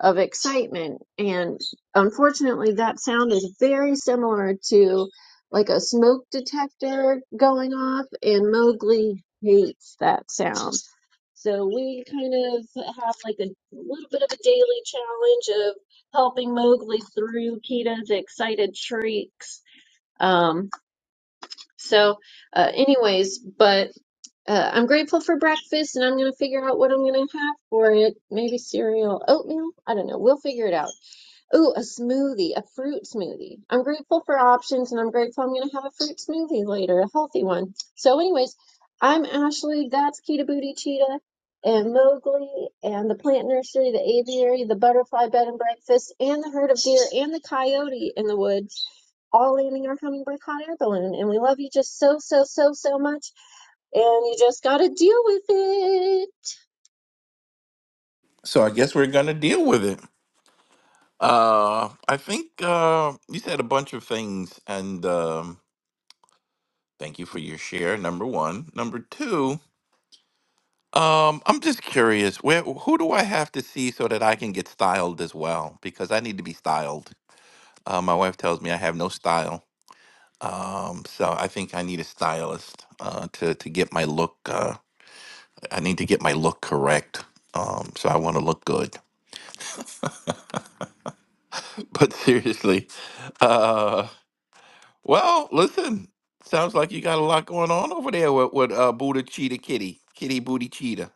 [SPEAKER 19] of excitement and unfortunately that sound is very similar to like a smoke detector going off and Mowgli hates that sound so we kind of have like a little bit of a daily challenge of helping Mowgli through Kita's excited shrieks Um, so, uh, anyways, but uh, I'm grateful for breakfast and I'm going to figure out what I'm going to have for it. Maybe cereal, oatmeal. I don't know. We'll figure it out. Ooh, a smoothie, a fruit smoothie. I'm grateful for options and I'm grateful I'm going to have a fruit smoothie later, a healthy one. So, anyways, I'm Ashley. That's Kita Booty Cheetah and Mowgli and the plant nursery, the aviary, the butterfly bed and breakfast, and the herd of deer and the coyote in the woods, all landing our hummingbird hot air balloon. And we love you just so, so, so, so much. And you just got to deal with it.
[SPEAKER 22] So I guess we're gonna deal with it. Uh, I think uh, you said a bunch of things, and um, thank you for your share. Number one, number two. Um, I'm just curious. Where who do I have to see so that I can get styled as well? Because I need to be styled. Uh, my wife tells me I have no style. Um, so I think I need a stylist uh, to to get my look. Uh, I need to get my look correct. Um, so I want to look good. But seriously, uh, well, listen, sounds like you got a lot going on over there with, with uh, Buddha Cheetah Kitty, Kitty Booty Cheetah,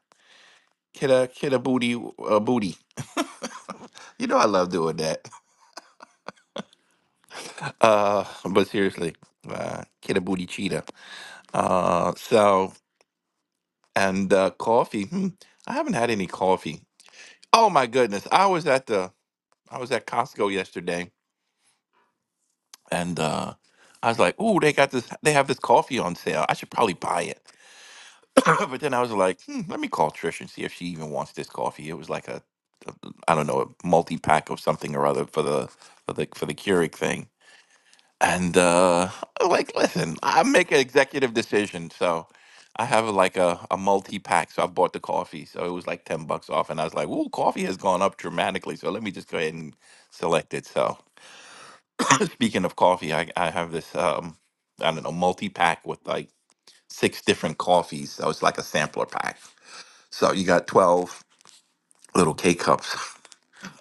[SPEAKER 22] Kidda Kidda Booty uh, Booty. You know I love doing that. Uh, but seriously, uh, Kidda Booty Cheetah. Uh, so and uh, coffee. Hmm, I haven't had any coffee. Oh my goodness, I was at the I was at Costco yesterday, and uh, I was like, "Ooh, they got this. They have this coffee on sale. I should probably buy it." but then I was like, hmm, let me call Trish and see if she even wants this coffee. It was like a, a I don't know, a multi pack of something or other for the for the for the Keurig thing. And uh, like, listen, I make an executive decision, so I have like a, a multi pack. So I bought the coffee, so it was like ten bucks off, and I was like, ooh, coffee has gone up dramatically. So let me just go ahead and select it. So speaking of coffee, I I have this um I don't know multi pack with like six different coffees. So it's like a sampler pack so you got 12 little K cups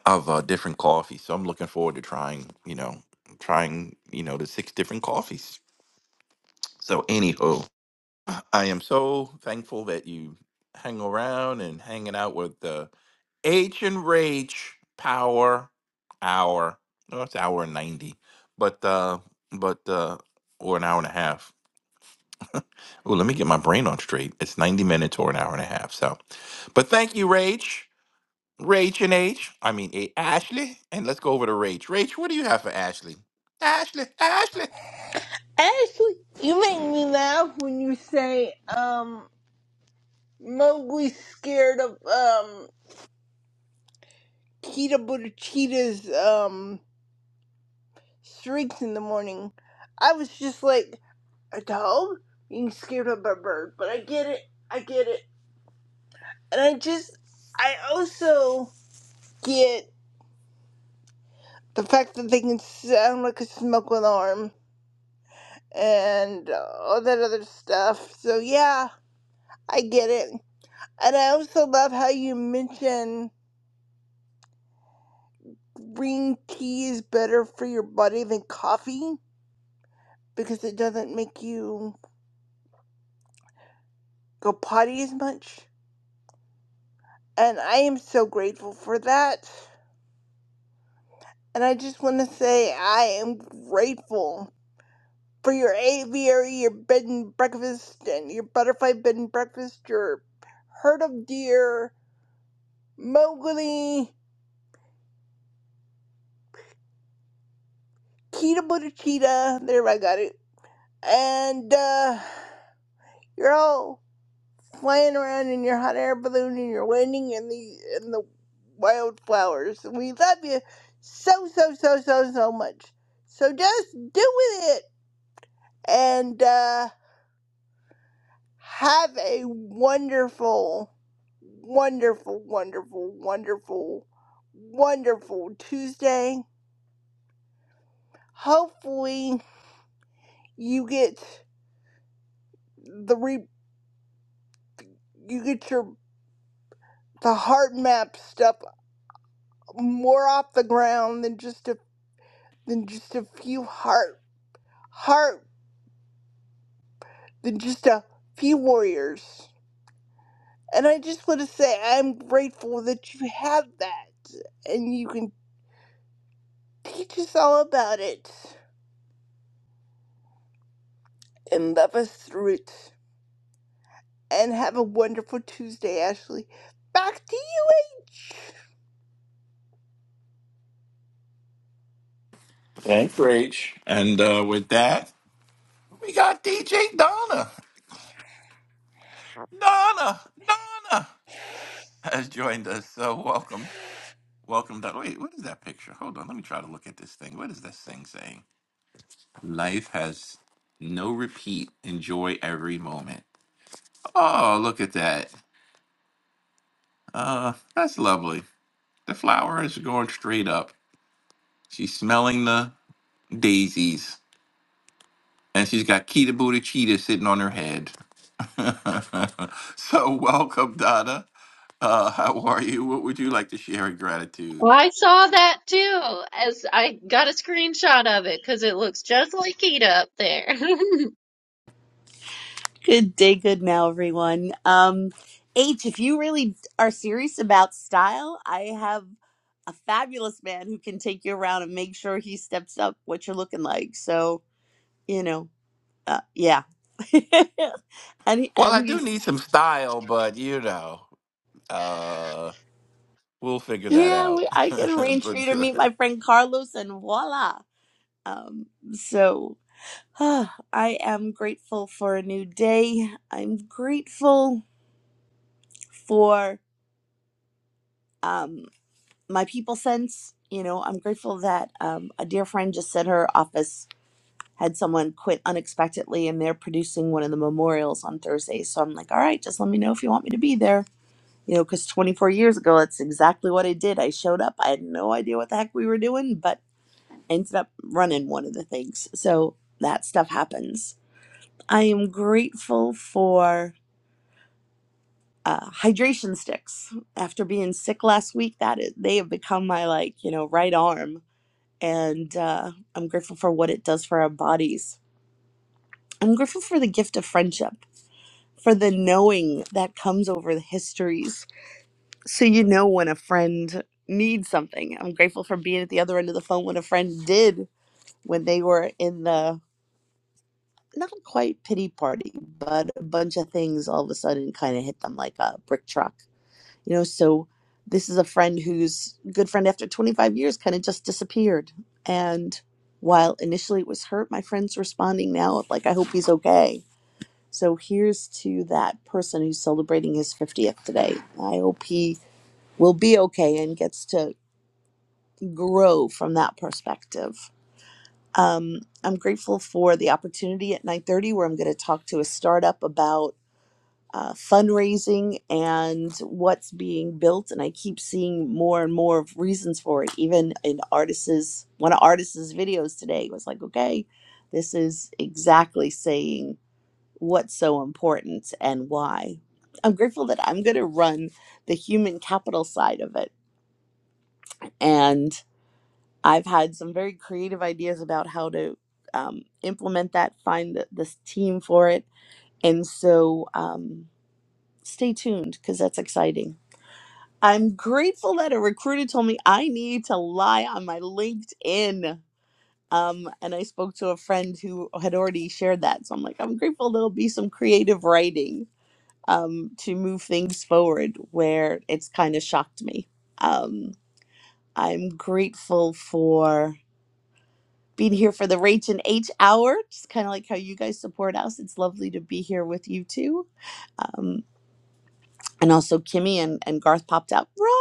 [SPEAKER 22] of uh, different coffee. So I'm looking forward to trying, you know, trying, you know, the six different coffees. So, anywho, I am so thankful that you hang around and hanging out with the H and Rage Power Hour. No, it's hour and 90, but, uh, but, uh, or an hour and a half. Oh, let me get my brain on straight. It's 90 minutes or an hour and a half. So, but thank you, Rage. Rach and H. I mean, A- Ashley. And let's go over to Rach. Rach, what do you have for Ashley? Ashley, Ashley.
[SPEAKER 23] Ashley, you make me laugh when you say um Mowgli's scared of um Cheetah Buddha Cheetah's um streaks in the morning. I was just like a dog being scared of a bird, but I get it. I get it, and I just I also get. the fact that they can sound like a smoke alarm and all that other stuff. So yeah, I get it. And I also love how you mention green tea is better for your body than coffee because it doesn't make you go potty as much. And I am so grateful for that. And I just want to say I am grateful for your aviary, your bed and breakfast, and your butterfly bed and breakfast, your herd of deer, Mowgli, Cheetah Buddha Cheetah. There, I got it. And uh, you're all flying around in your hot air balloon, and you're landing in the in the wildflowers. We love you so so so so so much. So just do with it, and uh, have a wonderful, wonderful, wonderful, wonderful, wonderful Tuesday. Hopefully, you get the re. you get your the heart map stuff more off the ground than just a than just a few heart heart than just a few warriors. And I just want to say I'm grateful that you have that and you can teach us all about it and love us through it. And have a wonderful Tuesday, Ashley. Back to
[SPEAKER 22] Thanks, Rach. And uh, with that, we got DJ Donna. Donna, Donna has joined us. So welcome. Welcome, Donna. Wait, what is that picture? Hold on. Let me try to look at this thing. What is this thing saying? Life has no repeat. Enjoy every moment. Oh, look at that. Uh, that's lovely. The flowers are going straight up. She's smelling the daisies, and she's got Kita Booty Cheetah sitting on her head. so welcome, Donna. Uh, how are you? What would you like to share in gratitude?
[SPEAKER 19] I saw that too, as I got a screenshot of it because it looks just like Kita up there.
[SPEAKER 24] Good day, good now, everyone. Um, H, if you really are serious about style, I have a fabulous man who can take you around and make sure he steps up what you're looking like. So you know, uh, yeah. and he,
[SPEAKER 22] Well,
[SPEAKER 24] and
[SPEAKER 22] I do
[SPEAKER 24] he's
[SPEAKER 22] need some style, but you know, uh, we'll figure that
[SPEAKER 24] yeah,
[SPEAKER 22] out.
[SPEAKER 24] we, I can arrange for
[SPEAKER 22] but
[SPEAKER 24] you to
[SPEAKER 22] go
[SPEAKER 24] meet my
[SPEAKER 22] ahead.
[SPEAKER 24] friend Carlos, and voila. Um, so ah, I am grateful for a new day. I'm grateful for. um my people sense. You know, I'm grateful that um, a dear friend just said her office had someone quit unexpectedly and they're producing one of the memorials on Thursday. So I'm like, all right, just let me know if you want me to be there. You know, because 24 years ago, that's exactly what I did. I showed up. I had no idea what the heck we were doing, but I ended up running one of the things. So that stuff happens. I am grateful for uh, hydration sticks. After being sick last week, that is, they have become my like, you know, right arm and uh, I'm grateful for what it does for our bodies. I'm grateful for the gift of friendship, for the knowing that comes over the histories. So you know when a friend needs something. I'm grateful for being at the other end of the phone when a friend did, when they were in the not quite pity party, but a bunch of things all of a sudden kind of hit them like a brick truck you know so this is a friend who's good friend after 25 years kind of just disappeared and while initially it was hurt my friend's responding now like i hope he's okay so here's to that person who's celebrating his 50th today i hope he will be okay and gets to grow from that perspective um, i'm grateful for the opportunity at 9.30 where i'm going to talk to a startup about uh, fundraising and what's being built. And I keep seeing more and more of reasons for it. Even in artists, one of artists' videos today was like, okay, this is exactly saying what's so important and why. I'm grateful that I'm going to run the human capital side of it. And I've had some very creative ideas about how to um, implement that, find the, this team for it. And so um, stay tuned because that's exciting. I'm grateful that a recruiter told me I need to lie on my LinkedIn. Um, and I spoke to a friend who had already shared that. So I'm like, I'm grateful there'll be some creative writing um, to move things forward where it's kind of shocked me. Um, I'm grateful for being here for the Rach and H hour. Just kind of like how you guys support us. It's lovely to be here with you too. Um, and also Kimmy and, and Garth popped out. Ron!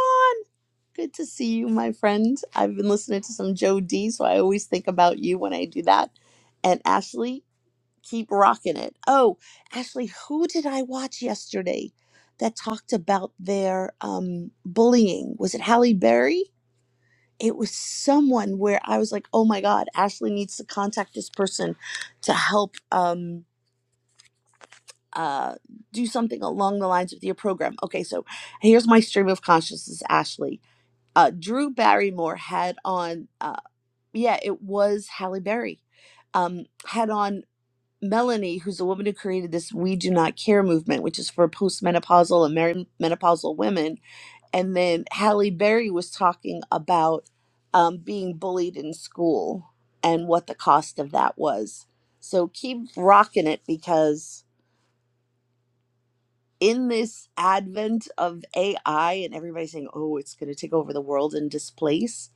[SPEAKER 24] Good to see you, my friend. I've been listening to some Joe D, so I always think about you when I do that. And Ashley, keep rocking it. Oh, Ashley, who did I watch yesterday that talked about their um, bullying? Was it Halle Berry? It was someone where I was like, oh my God, Ashley needs to contact this person to help um, uh, do something along the lines of your program. Okay, so here's my stream of consciousness, Ashley uh, Drew Barrymore had on, uh, yeah, it was Halle Berry, um, had on Melanie, who's a woman who created this We Do Not Care movement, which is for postmenopausal and mer- menopausal women. And then Halle Berry was talking about um, being bullied in school and what the cost of that was. So keep rocking it because in this advent of AI and everybody saying, oh, it's going to take over the world and displace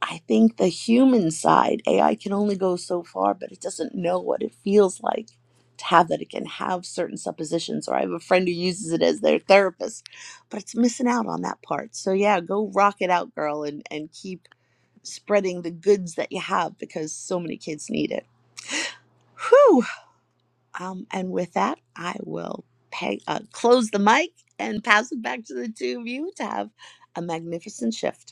[SPEAKER 24] I think the human side, AI can only go so far, but it doesn't know what it feels like to have that. It can have certain suppositions, or I have a friend who uses it as their therapist, but it's missing out on that part. So yeah, go rock it out, girl, and and keep spreading the goods that you have because so many kids need it. Whew. Um, and with that, I will pay, uh, close the mic and pass it back to the two of you to have a magnificent shift.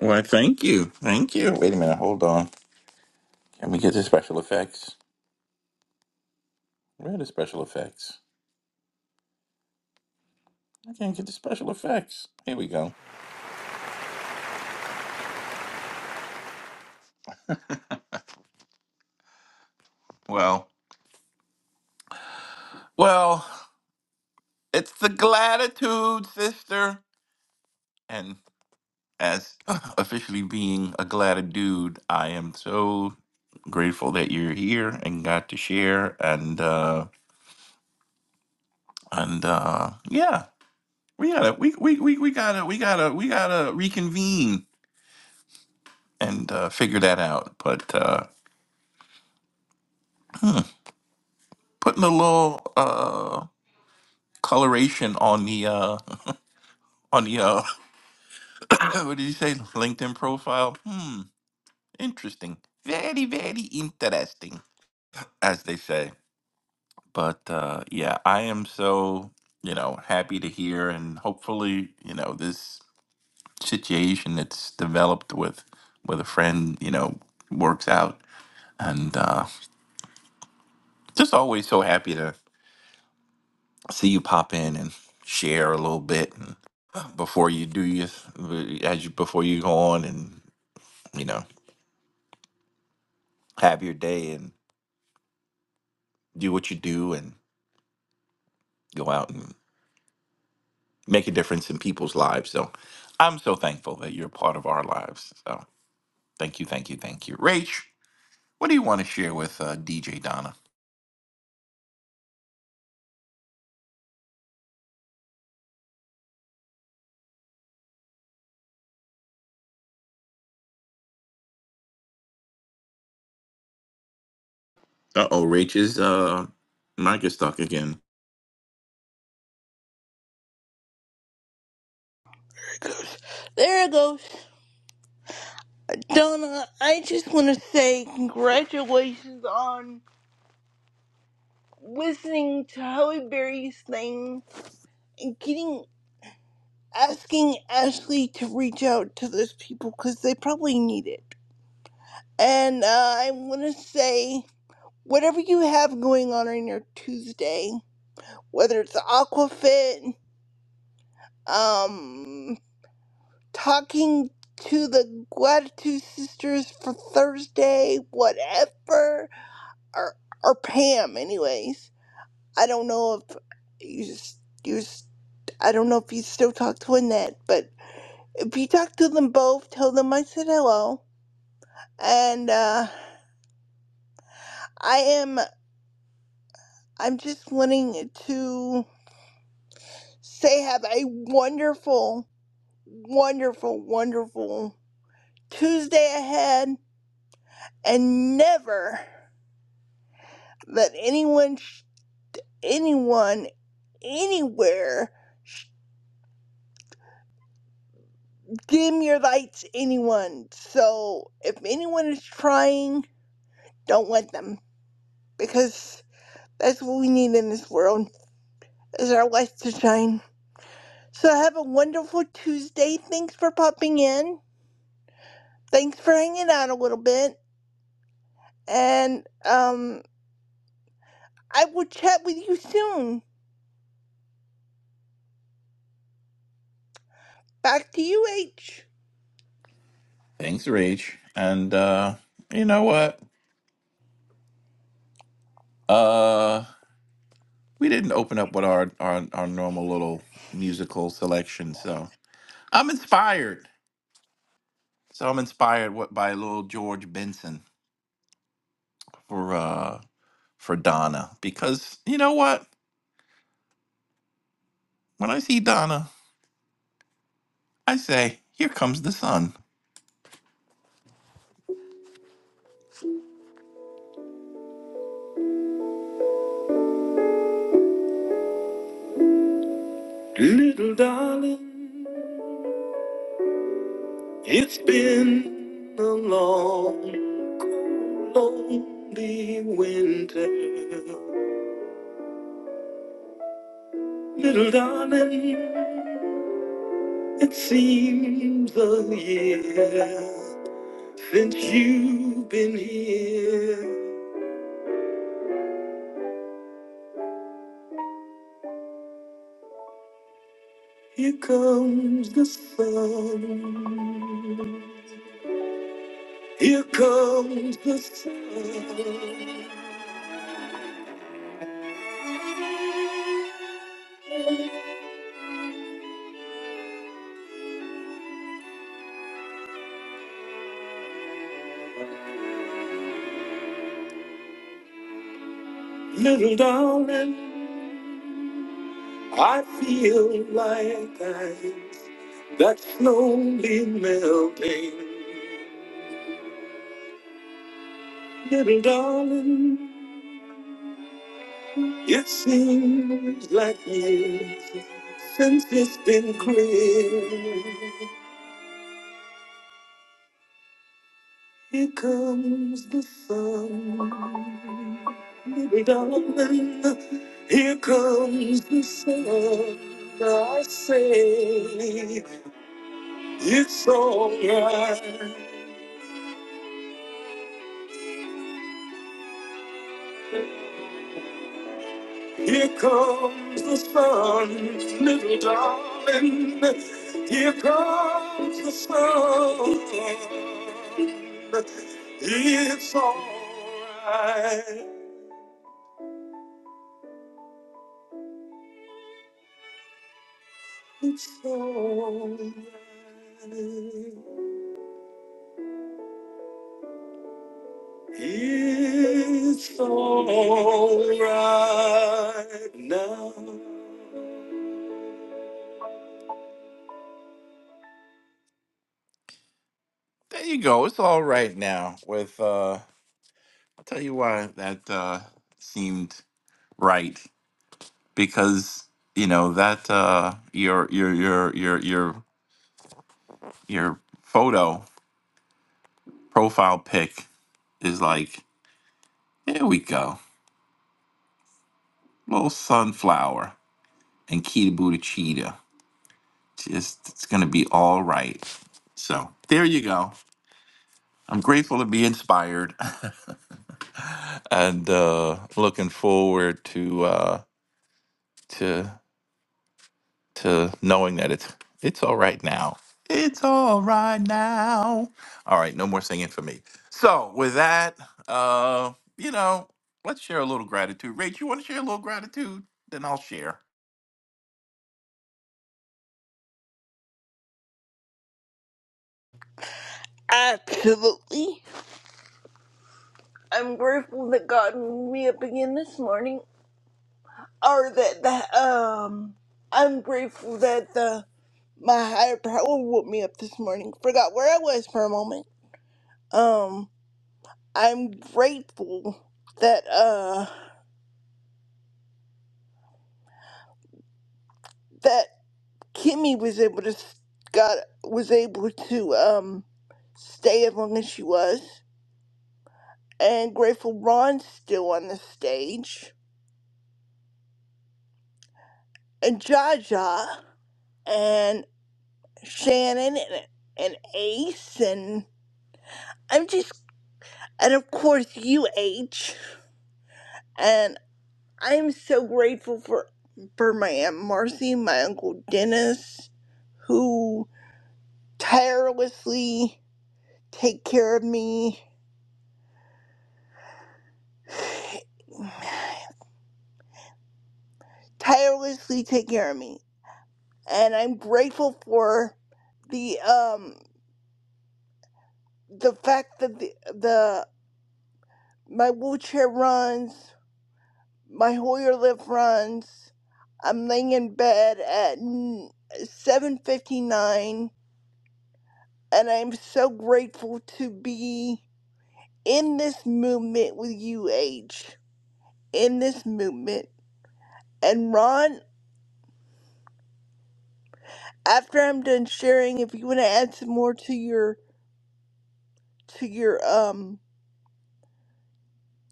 [SPEAKER 22] Well, thank you, thank you. Wait a minute, hold on. Can we get the special effects? Where are the special effects? I can't get the special effects. Here we go. Well, well, it's the gratitude, sister. and. as officially being a glad dude, I am so grateful that you're here and got to share and uh and uh yeah, we gotta we we we, we gotta we gotta we gotta reconvene and uh figure that out. But uh hmm, putting a little uh coloration on the uh on the uh what did you say LinkedIn profile? Hmm, interesting. Very, very interesting, as they say. but uh, yeah, I am so you know happy to hear, and hopefully, you know, this situation that's developed with with a friend, you know, works out. And uh, just always so happy to see you pop in and share a little bit and before you do your as you before you go on and you know have your day and do what you do and go out and make a difference in people's lives. So I'm so thankful that you're a part of our lives. So. Thank you, thank you, thank you. Rach, what do you want to share with uh, DJ Donna? Uh oh, Rach is uh mic is stuck again.
[SPEAKER 23] you. There it goes. There it goes. Donna, I just want to say congratulations on listening to Halle Berry's thing and getting asking Ashley to reach out to those people because they probably need it. And uh, I want to say, whatever you have going on on your Tuesday, whether it's Aquafit, um, talking to the Gratitude Sisters for Thursday, whatever, or or Pam, anyways I don't know if you s- you s- I don't know if you still talk to Annette, but if you talk to them both, tell them I said hello. And uh, I am I'm just wanting to say have a wonderful, wonderful, wonderful Tuesday ahead, and never let anyone, sh- anyone, anywhere dim your lights anyone so if anyone is trying Don't let them, because that's what we need in this world, is our light to shine. So have a wonderful Tuesday. Thanks for popping in. Thanks for hanging out a little bit. And um, I will chat with you soon. Back to you, H.
[SPEAKER 22] Thanks, Rach. And uh, you know what? Uh, we didn't open up with our, our our normal little musical selection, so I'm inspired. So I'm inspired what by little George Benson for uh for Donna because you know what? When I see Donna, I say, "Here comes the sun." Little darling. It's been a long, cold, lonely winter. Little darling, it seems a year since you've been here. Here comes the sun. Here comes the sun. Little darling. I feel like ice that's slowly melting. Little darling, it seems like years since it's been clear. Here comes the sun. Little darling, here comes the sun. I say it's alright. Here comes the sun, little darling. Here comes the sun. It's alright. It's alright. It's alright now. There you go. It's all right now. With uh, I'll tell you why that uh seemed right. because you know that uh, your your your your your your photo profile pic is like here we go little sunflower and Kita Buddha cheetah just it's gonna be all right so there you go I'm grateful to be inspired and uh, looking forward to uh, to to knowing that it's it's all right now. It's all right now. All right, no more singing for me. So with that, uh, you know, let's share a little gratitude. Rach, you want to share a little gratitude? Then I'll share.
[SPEAKER 23] Absolutely. I'm grateful that God woke me up again this morning. Or that, that um, I'm grateful that the my higher power woke me up this morning. Forgot where I was for a moment. Um, I'm grateful that uh that Kimmy was able to s- got was able to um stay as long as she was, and grateful Ron's still on the stage, and Jaja, and Shannon, and and Ace, and I'm just and of course you H, and I'm so grateful for for my aunt Marcy, my uncle Dennis, who tirelessly. take care of me, tirelessly take care of me. And I'm grateful for the um the fact that the, the my wheelchair runs, my Hoyer lift runs. I'm laying in bed at 7:59 and I'm so grateful to be in this movement with you H. In this movement. And Ron, after I'm done sharing, if you want to add some more to your to your um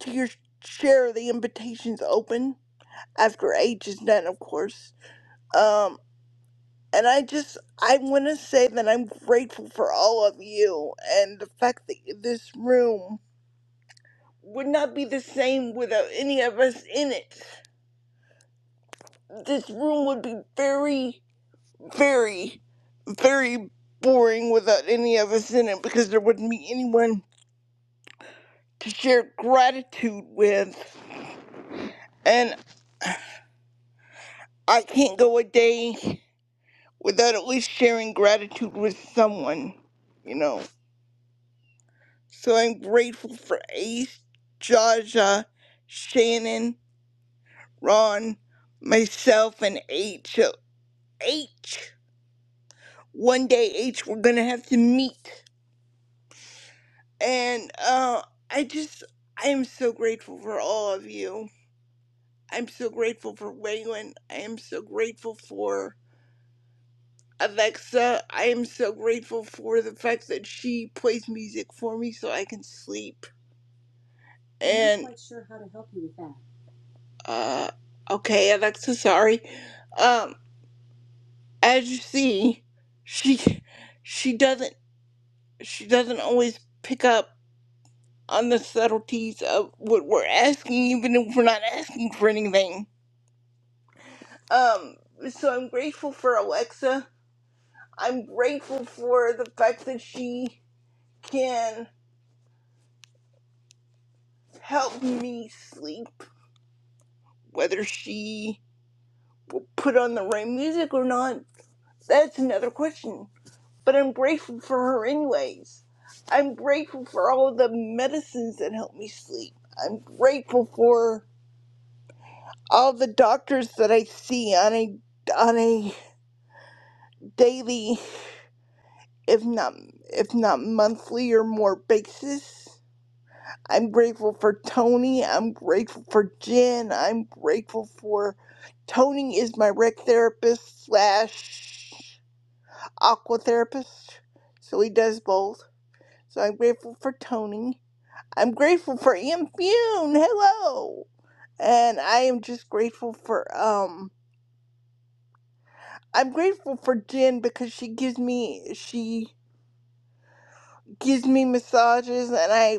[SPEAKER 23] to your share the invitations open after age is done of course um and i just i want to say that i'm grateful for all of you and the fact that this room would not be the same without any of us in it this room would be very very very boring without any of us in it because there wouldn't be anyone to share gratitude with. And I can't go a day without at least sharing gratitude with someone, you know. So I'm grateful for Ace, Jaja, Shannon, Ron, myself, and H. So H. One day, H, we're gonna have to meet. And uh, I just, I am so grateful for all of you. I'm so grateful for Waylon. I am so grateful for Alexa. I am so grateful for the fact that she plays music for me so I can sleep. and I'm not uh okay alexa sorry um as you see she she doesn't she doesn't always pick up on the subtleties of what we're asking even if we're not asking for anything um so i'm grateful for alexa i'm grateful for the fact that she can help me sleep whether she put on the right music or not that's another question but I'm grateful for her anyways. I'm grateful for all the medicines that help me sleep. I'm grateful for all the doctors that I see on a on a daily, if not if not monthly or more basis. I'm grateful for Tony. I'm grateful for Jen. I'm grateful for Tony is my rec therapist slash aqua therapist, so he does both. So I'm grateful for Tony. I'm grateful for Ian Fune. Hello. And I am just grateful for um I'm grateful for Jen because she gives me she gives me massages and I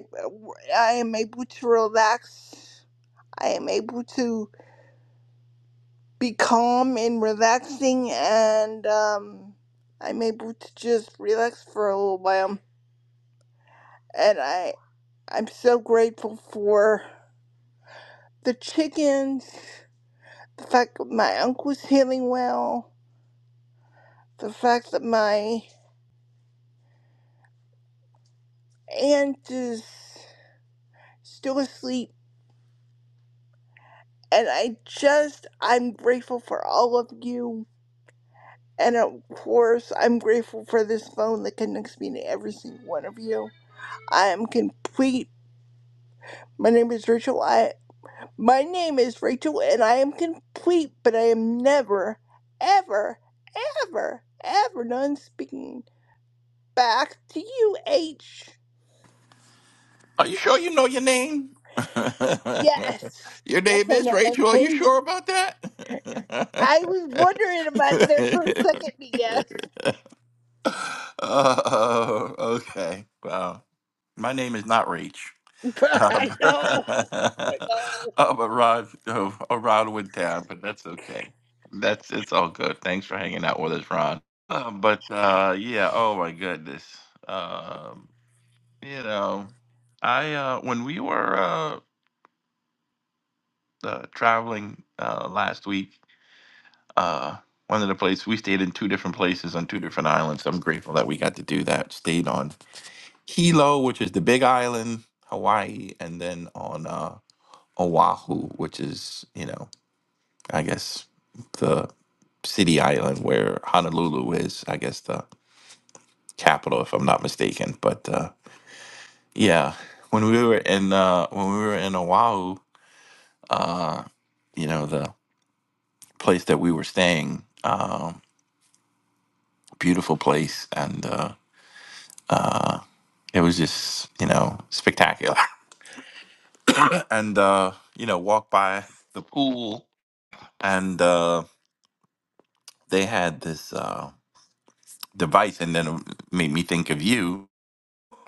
[SPEAKER 23] I am able to relax. I am able to be calm and relaxing and um I'm able to just relax for a little while and I I'm so grateful for the chickens, the fact that my uncle's healing well the fact that my aunt is still asleep and I just I'm grateful for all of you and of course I'm grateful for this phone that connects me to every single one of you. I am complete. My name is Rachel. I my name is Rachel and I am complete, but I am never ever ever ever done speaking. Back to you, H.
[SPEAKER 22] Are you sure you know your name?
[SPEAKER 23] Yes.
[SPEAKER 22] your
[SPEAKER 23] Yes,
[SPEAKER 22] name
[SPEAKER 23] I
[SPEAKER 22] is
[SPEAKER 23] know my
[SPEAKER 22] Rachel. Are you
[SPEAKER 23] name.
[SPEAKER 22] sure about that?
[SPEAKER 23] I was wondering about it there for a second, because
[SPEAKER 22] uh, okay. Wow. My name is not Rach.
[SPEAKER 23] but
[SPEAKER 22] Um,
[SPEAKER 23] I know, I know.
[SPEAKER 22] I'm a ride, uh, a ride with town, but that's okay. That's it's all good. Thanks for hanging out with us, Ron. Uh, but uh, yeah, oh my goodness, um, you know, I uh, when we were uh, uh, traveling uh, last week, uh, one of the places we stayed in two different places on two different islands. I'm grateful that we got to do that. Stayed on Hilo, which is the Big Island, Hawaii, and then on. uh, Oahu, which is, you know, I guess the city island where Honolulu is, I guess the capital, if I'm not mistaken. But uh, yeah, when we were in uh, when we were in Oahu, uh, you know, the place that we were staying, um, beautiful place, and uh, uh, it was just, you know, spectacular. and uh, you know, walk by the pool, and uh, they had this. Uh, device and then it made me think of you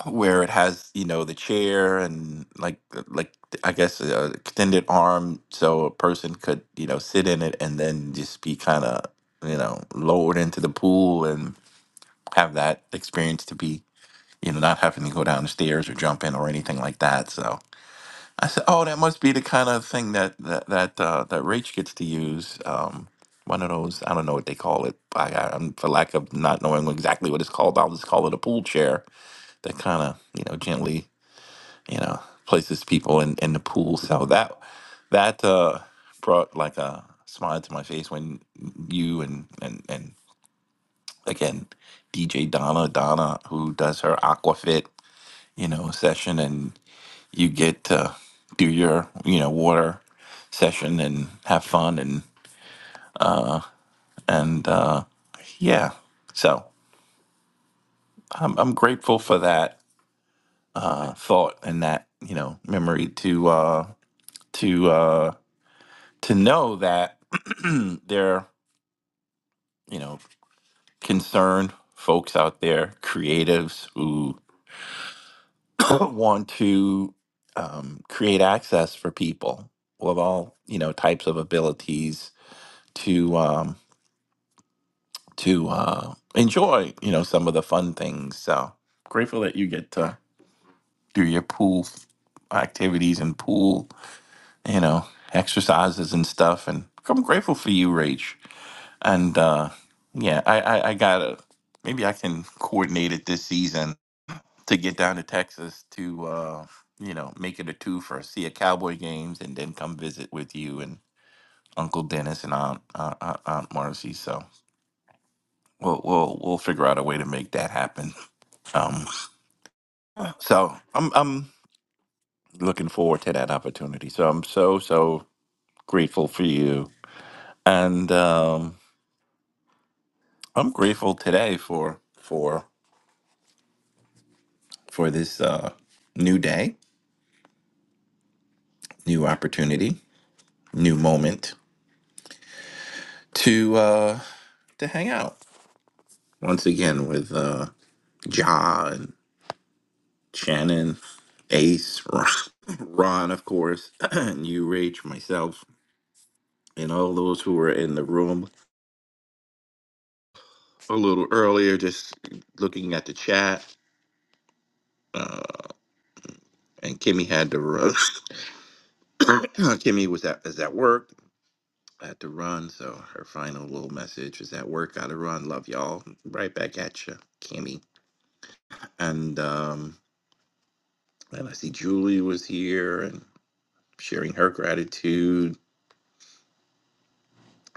[SPEAKER 22] where it has you know the chair and like uh, like i guess a extended arm so a person could you know sit in it and then just be kind of you know lowered into the pool and have that experience to be you know not having to go down the stairs or jump in or anything like that so I said, "Oh, that must be the kind of thing that that that uh, that Rach gets to use. Um, one of those. I don't know what they call it. I, I, I'm for lack of not knowing exactly what it's called. I'll just call it a pool chair. That kind of you know gently you know places people in in the pool. So that that uh, brought like a smile to my face when you and and and again DJ Donna Donna who does her Aquafit you know session you get to do your you know water session and have fun and and uh, yeah so I'm, I'm grateful for that uh, thought and that you know memory to uh, to uh, to know that there you know concerned folks out there creatives who want to um, create access for people with all you know types of abilities to um, to uh, enjoy, you know, some of the fun things. So grateful that you get to do your pool activities and pool, you know, exercises and stuff. And I'm grateful for you, Rach. And uh, yeah, I, I, I gotta maybe I can coordinate it this season to get down to Texas to uh, you know make it a two for see a Cowboy games and then come visit with you and Uncle Dennis and Aunt Aunt, Aunt Aunt Marcy. So we'll we'll we'll figure out a way to make that happen. Um, so I'm I'm looking forward to that opportunity. So I'm so so grateful for you, and um, I'm grateful today for for for this uh, new day, new opportunity, new moment to uh, to hang out once again with uh, Ja and Shannon, Ace, Ron, of course, and you, Rach, myself, and all those who are in the room. a little earlier, just looking at the chat, uh, and Kimmy had to run. Kimmy was at is at work, had to run, so her final little message was at work. Got to run. Love y'all. Right back at you, Kimmy. And um, and I see Julie was here and sharing her gratitude,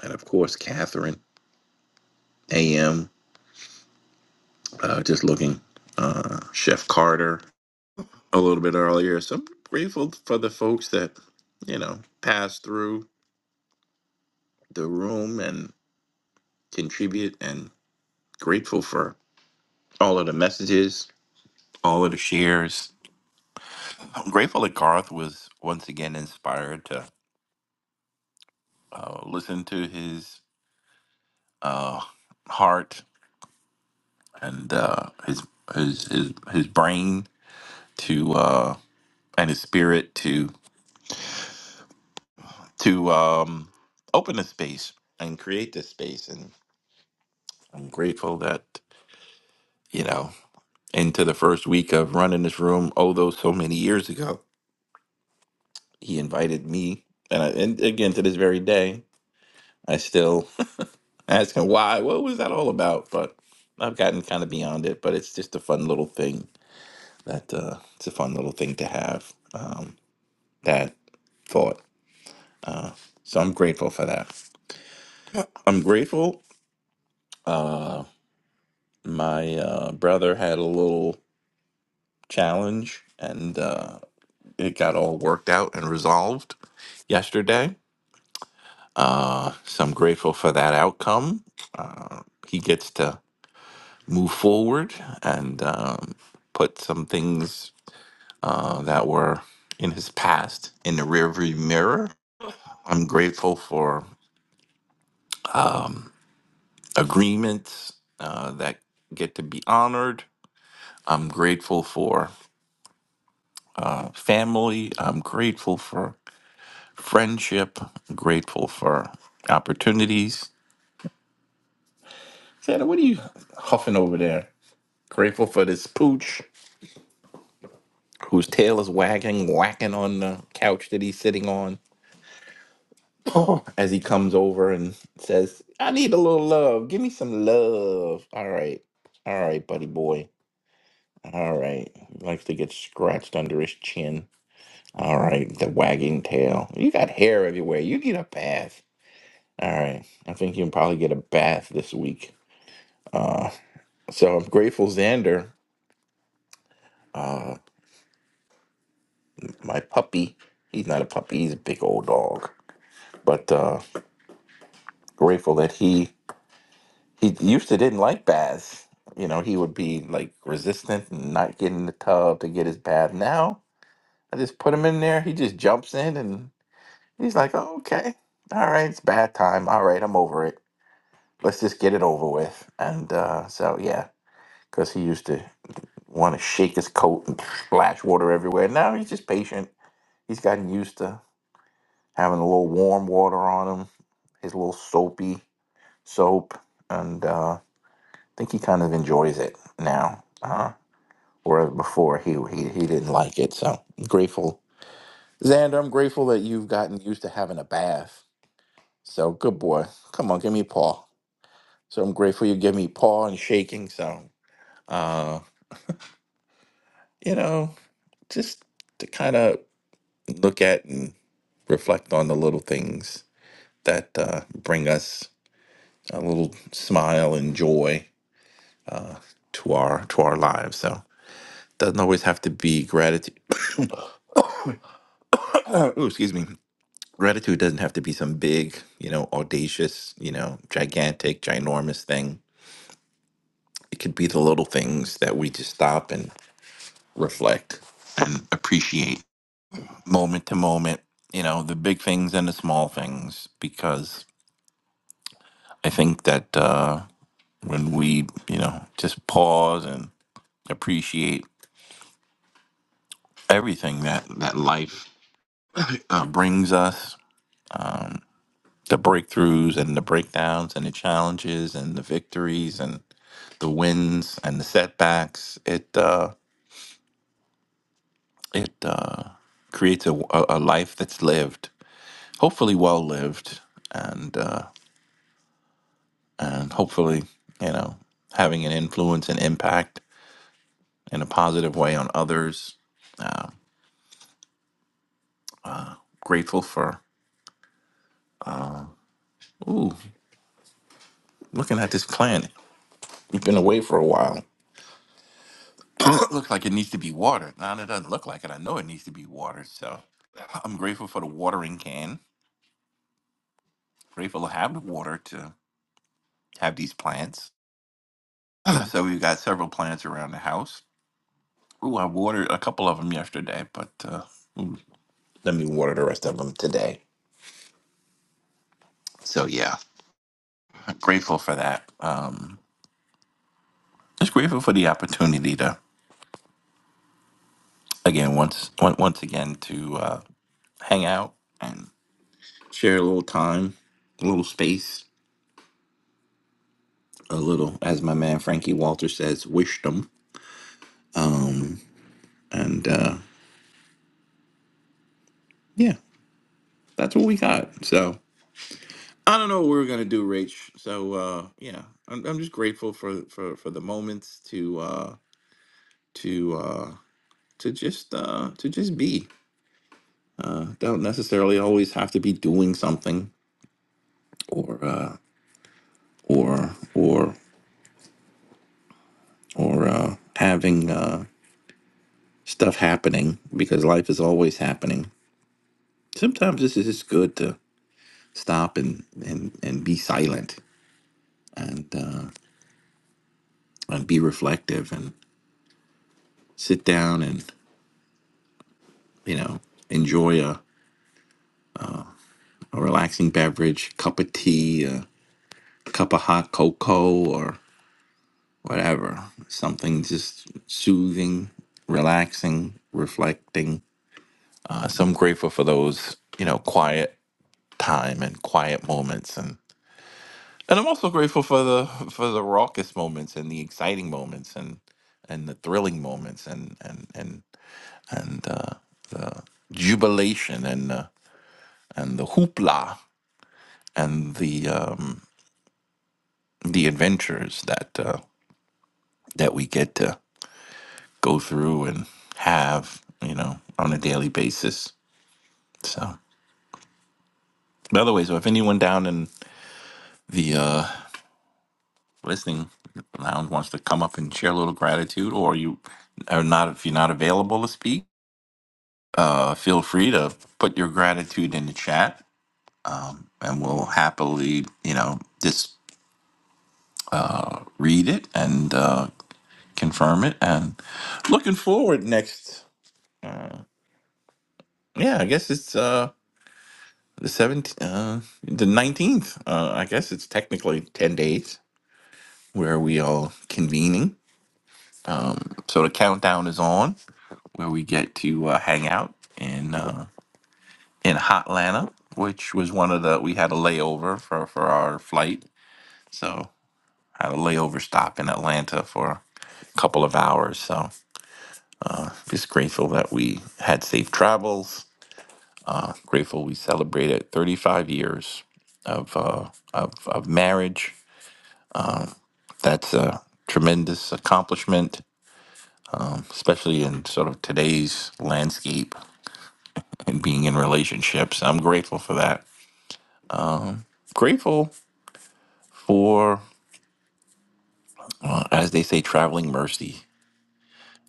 [SPEAKER 22] and of course Catherine A.M. Uh, just looking, uh, Chef Carter a little bit earlier. So I'm grateful for the folks that you know passed through the room and contribute and grateful for all of the messages, all of the shares. I'm grateful that Garth was once again inspired to uh, listen to his uh, heart and uh, his, his his his brain to uh, and his spirit to to um, open a space and create this space. And I'm grateful that you know into the first week of running this room, oh, those so many years ago he invited me, and, I, and again to this very day, I still ask him why. What was that all about? But I've gotten kind of beyond it. But it's just a fun little thing that uh, it's a fun little thing to have. Um, that thought. Uh, so I'm grateful for that. I'm grateful. Uh, my uh, brother had a little challenge, and uh, it got all worked out and resolved yesterday. Uh, so I'm grateful for that outcome. Uh, he gets to move forward and um, put some things uh, that were in his past in the rearview mirror. I'm grateful for agreements uh, that get to be honored. I'm grateful for family. I'm grateful for friendship. grateful for opportunities. Santa, what are you huffing over there? Grateful for this pooch. whose tail is wagging, whacking on the couch that he's sitting on as he comes over and says, I need a little love. Give me some love. All right. All right, buddy boy. All right. He likes to get scratched under his chin. All right. The wagging tail. You got hair everywhere. You need a bath. All right. I think you can probably get a bath this week. Uh, so I'm grateful Xander, uh, my puppy, he's not a puppy, he's a big old dog. But uh, grateful that he He used to didn't like baths. You know, he would be like resistant and not get in the tub to get his bath. Now I just put him in there. He just jumps in and he's like, oh, okay. All right, it's bath time. All right, I'm over it. Let's just get it over with. And uh, so, yeah, because he used to want to shake his coat and splash water everywhere. Now he's just patient. He's gotten used to having a little warm water on him, his little soapy soap. And uh, I think he kind of enjoys it now. Uh, whereas before he he he didn't like it. So I'm grateful, Xander. I'm grateful that you've gotten used to having a bath. So good boy. Come on, give me a paw. So I'm grateful you give me paw and shaking. So uh, you know, just to kind of look at and reflect on the little things that uh, bring us a little smile and joy to our to our lives. So doesn't always have to be gratitude. Ooh, excuse me Gratitude doesn't have to be some big, you know, audacious, you know, gigantic, ginormous thing. It could be the little things that we just stop and reflect and appreciate moment to moment, you know, the big things and the small things, because I think that uh, when we, you know, just pause and appreciate everything that, that life uh, brings us, the breakthroughs and the breakdowns and the challenges and the victories and the wins and the setbacks. It uh, it uh, creates a, a a life that's lived, hopefully well lived, and uh, and hopefully you know having an influence and impact in a positive way on others. Grateful for ooh, looking at this plant. we have been away for a while. It looks like it needs to be watered. Now it doesn't look like it. I know it needs to be watered. So I'm grateful for the watering can. Grateful to have the water to have these plants so we've got several plants around the house. Ooh, I watered a couple of them yesterday, but uh, mm, let me water the rest of them today. So yeah, I'm grateful for that. Um, just grateful for the opportunity to again once on- once again to uh, hang out and share a little time, a little space, a little, as my man Frankie Walter says, wisdom. And uh, yeah, that's what we got. So I don't know what we were gonna do, Rach. So uh, yeah, I'm I'm just grateful for for for the moments to uh, to uh, to just uh, to just be. I don't necessarily always have to be doing something or uh, or or or uh, having uh, stuff happening because life is always happening. Sometimes this is just good to stop and and and be silent and uh, and be reflective and sit down and you know enjoy a a relaxing beverage, cup of tea, a cup of hot cocoa, or whatever. Something just soothing, relaxing, reflecting. Uh, so I'm grateful for those, you know, quiet time and quiet moments, and and I'm also grateful for the for the raucous moments and the exciting moments and and the thrilling moments and and and and uh, the jubilation and uh, and the hoopla and the um, the adventures that. Uh, that we get to go through and have, you know, on a daily basis. So, by the way, so if anyone down in the uh, listening lounge wants to come up and share a little gratitude, or you are not, if you're not available to speak, uh, feel free to put your gratitude in the chat, um, and we'll happily, you know, just read it and uh, confirm it. And looking forward next. Yeah, I guess it's. uh, The 17th, uh, the 19th, uh, I guess it's technically 10 days where we all convening. So the countdown is on where we get to uh, hang out in uh, in Hotlanta, which was one of the, we had a layover for, for our flight. So had a layover stop in Atlanta for a couple of hours. So just grateful that we had safe travels. Grateful we celebrated 35 years of, uh, of, of marriage That's a tremendous accomplishment, especially in sort of today's landscape and being in relationships. I'm grateful for that. Grateful for, uh, as they say, traveling mercy,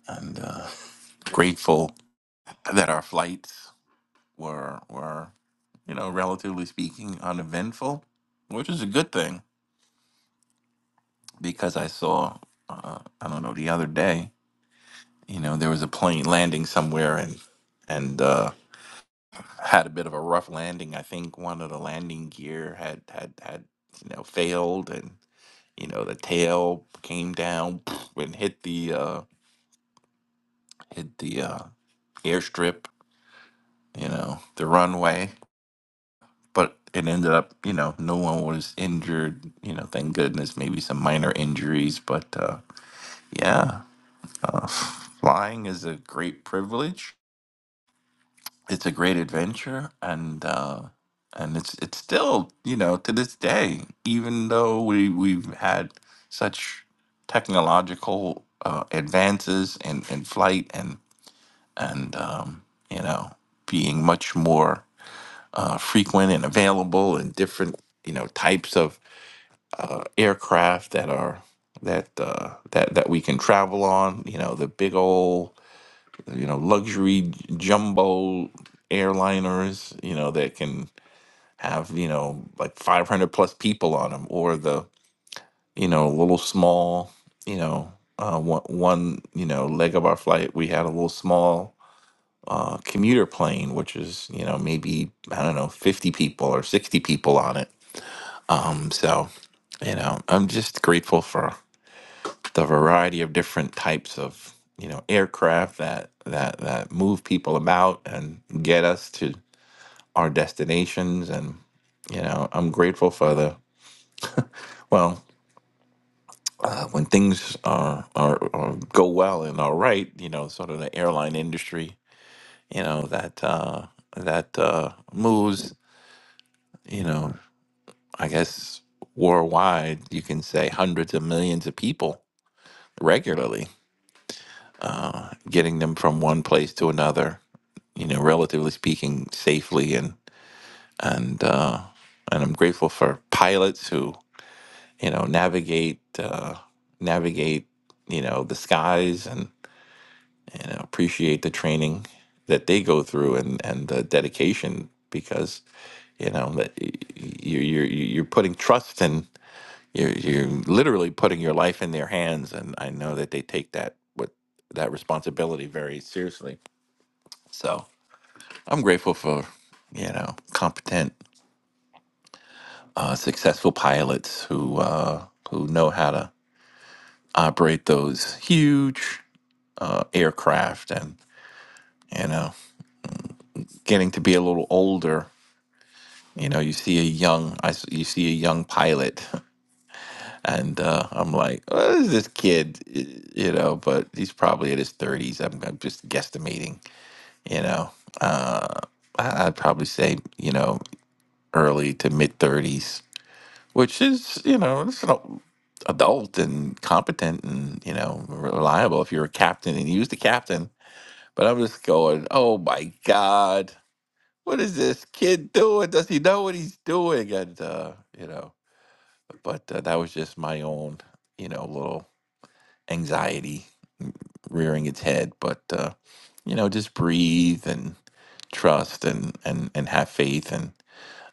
[SPEAKER 22] and uh, grateful that our flights were were you know relatively speaking uneventful, which is a good thing because I saw uh, I don't know the other day you know there was a plane landing somewhere and and. Uh, had a bit of a rough landing. I think one of the landing gear had had had you know failed, and you know the tail came down and hit the uh, hit the uh, airstrip, you know the runway. But it ended up, you know, no one was injured. You know, thank goodness. Maybe some minor injuries, but uh, yeah, uh, flying is a great privilege it's a great adventure and uh and it's it's still you know to this day even though we we've had such technological uh, advances in in flight and and um you know being much more uh frequent and available and different you know types of uh aircraft that are that uh that that we can travel on you know the big old you know luxury j- jumbo airliners you know that can have you know like 500 plus people on them or the you know little small you know uh, one, one you know leg of our flight we had a little small uh, commuter plane which is you know maybe i don't know 50 people or 60 people on it um so you know i'm just grateful for the variety of different types of you know aircraft that that that move people about and get us to our destinations and you know i'm grateful for the well uh, when things are, are are go well and are right you know sort of the airline industry you know that uh that uh moves you know i guess worldwide you can say hundreds of millions of people regularly getting them from one place to another, you know, relatively speaking, safely and and uh, and I'm grateful for pilots who you know navigate uh, navigate you know the skies and you know appreciate the training that they go through and and the dedication because you know that y- y- you're you're you're putting trust in you're you're literally putting your life in their hands and I know that they take that with that responsibility very seriously. So I'm grateful for you know competent, uh, successful pilots who uh, who know how to operate those huge uh, aircraft, and you know, getting to be a little older. You know, you see a young, I s you see a young pilot, and uh, I'm like, oh, this is this kid? Y- You know, but he's probably in his 30s. I'm, I'm just guesstimating. You know, uh, I- I'd probably say you know early to mid 30s which is you know it's an adult and competent and you know reliable if you're a captain and use the captain but i'm just going oh my god what is this kid doing does he know what he's doing and uh you know but uh, that was just my own you know little anxiety rearing its head but uh you know just breathe and trust and and and have faith and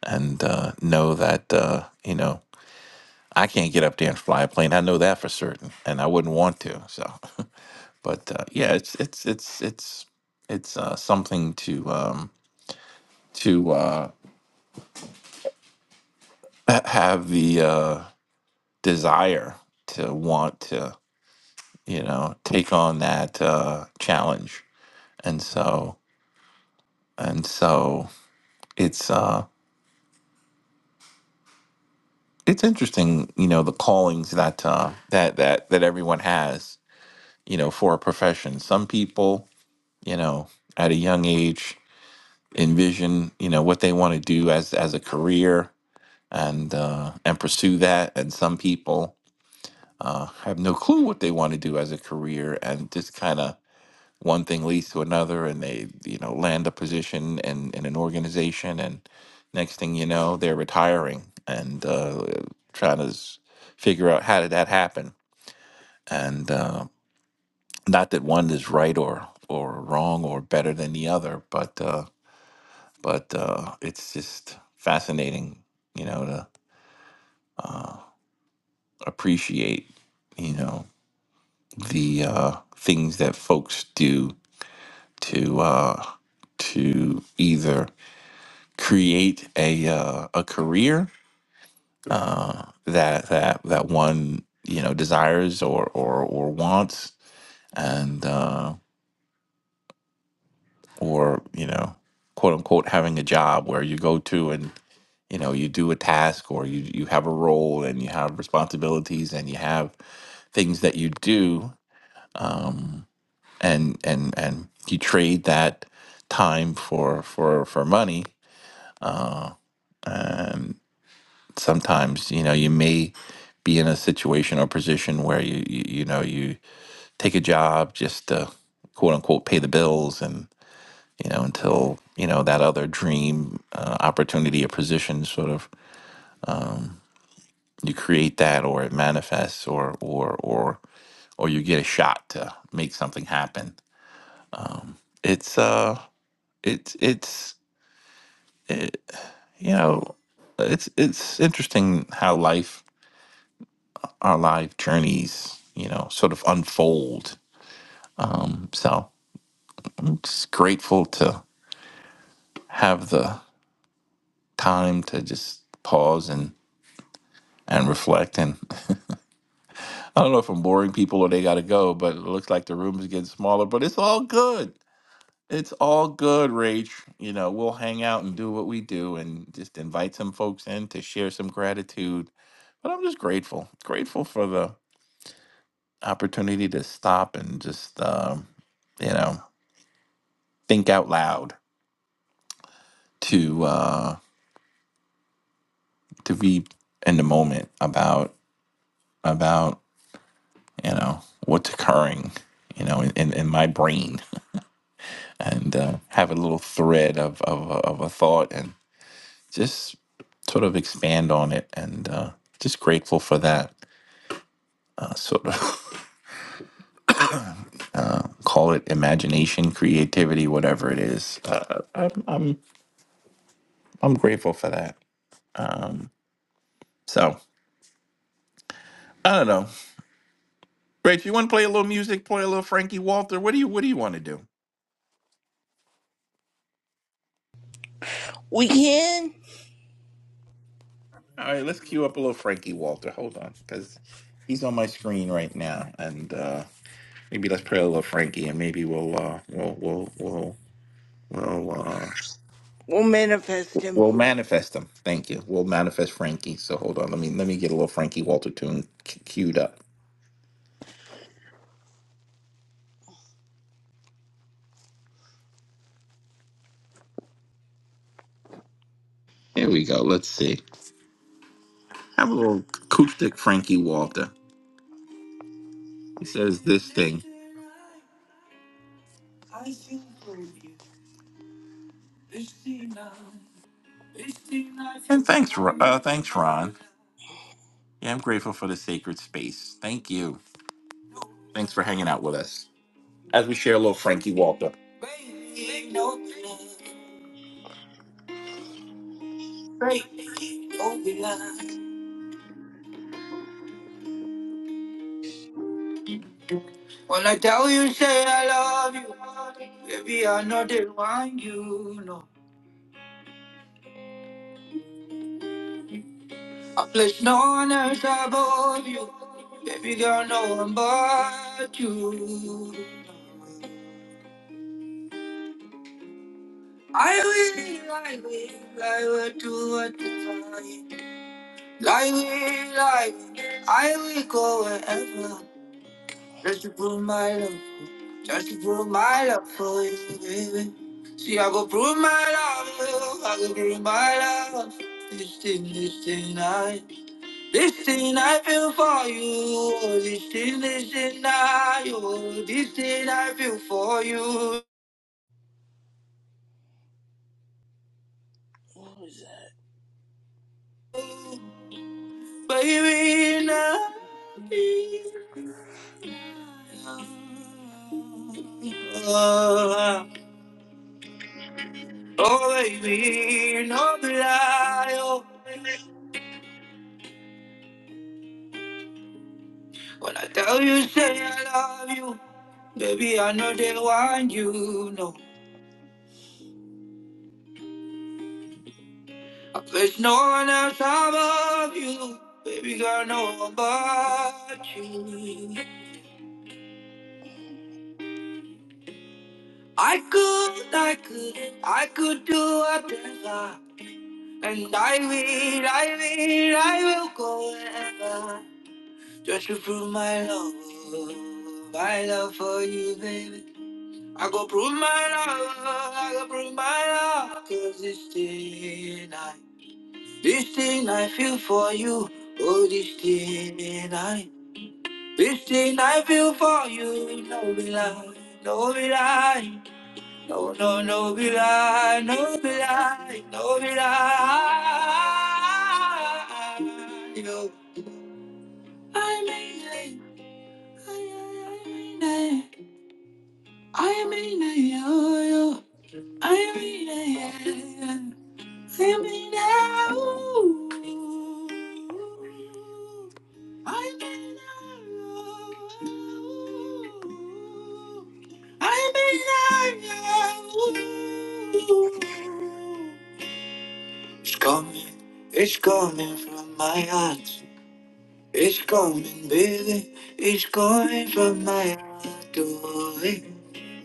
[SPEAKER 22] and uh know that uh you know I can't get up there and fly a plane. I know that for certain, and I wouldn't want to. So, but uh, yeah, it's it's it's it's it's uh, something to um, to uh, ha- have the uh, desire to want to you know take on that uh, challenge, and so and so it's uh, it's interesting, you know, the callings that uh, that that that everyone has, you know, for a profession. Some people, you know, at a young age envision you know what they want to do as as a career and uh, and pursue that and some people uh, have no clue what they want to do as a career and just kind of one thing leads to another and they you know land a position in, in an organization and next thing you know they're retiring and uh, trying to s- figure out how did that happen and uh, not that one is right or or wrong or better than the other but Uh, but uh, it's just fascinating, you know, to appreciate, you know, the uh, things that folks do to uh, to either create a uh, a career uh, that that that one you know desires or or or wants, and uh, or you know, quote unquote, having a job where you go to and you know you do a task or you you have a role and you have responsibilities and you have things that you do and and and you trade that time for for for money and sometimes you know you may be in a situation or position where you you, you know you take a job just to quote unquote pay the bills and you know until you know that other dream uh, opportunity or position sort of you create that or it manifests or or or or you get a shot to make something happen it's uh it's it's it, you know, it's it's interesting how life, our life journeys, you know, sort of unfold. So I'm just grateful to have the time to just pause and and reflect. And I don't know if I'm boring people or they got to go, but it looks like the room is getting smaller. But it's all good. It's all good, Rach. You know, we'll hang out and do what we do, and just invite some folks in to share some gratitude. But I'm just grateful, grateful for the opportunity to stop and just um, you know think out loud to uh, to be in the moment about about you know what's occurring you know in, in, in my brain and uh, have a little thread of, of of a thought and just sort of expand on it and uh, just grateful for that uh, sort of call it imagination creativity whatever it is uh, I'm I'm grateful for that so. I don't know. Rach, you want to play a little music? Play a little Frankie Walter. What do you What do you want to do?
[SPEAKER 23] We can.
[SPEAKER 22] All right, let's cue up a little Frankie Walter. Hold on, because he's on my screen right now, and uh, maybe let's play a little Frankie, and maybe we'll uh, we'll we'll we'll we'll uh,
[SPEAKER 23] We'll manifest him.
[SPEAKER 22] we'll manifest him. Thank you. We'll manifest Frankie. So hold on. Let me let me get a little Frankie Walter tune cu- queued up. Here we go. Let's see. Have a little acoustic Frankie Walter. He says this thing. And thanks, Ro- uh, thanks, Ron. Yeah, I'm grateful for the sacred space. Thank you. Thanks for hanging out with us as we share a little Frankie Walter. When I tell you, say I love you, baby, I know they want you, no. I place no one else above you, baby girl, no one but you. I will, I will, I will do what you want. I will, I will, I will go wherever. Just to prove my love, just to prove my love for you, baby. See, I go prove my love, I go prove my love. This thing, this thing, I, this thing I feel for you. Oh, This thing, this thing, I, oh, this thing I feel for you. Baby, now. Oh, oh, baby, no lie. Oh. When I tell you, say I love you, baby, I know they want you. No, I place no one else above you, baby girl, no one but you. I could, I could, I could do a thing. And I will, I will, I will go wherever just to prove my love, my love for you, baby. I go prove my love, I go prove my love, 'cause cause this thing I, this thing I feel for you, oh this thing I, this thing I feel for you, no be lie, no be lie. No, no, no be lie, no be lie, no be lie. Yo. I mean it, I mean it, I mean it, yo, yo. I mean it, yeah, yeah. I mean it, ooh. I mean it, ooh. I mean it, yeah, ooh. It's coming, it's coming from my heart. It's coming, baby. It's coming from my heart. Oh, eh,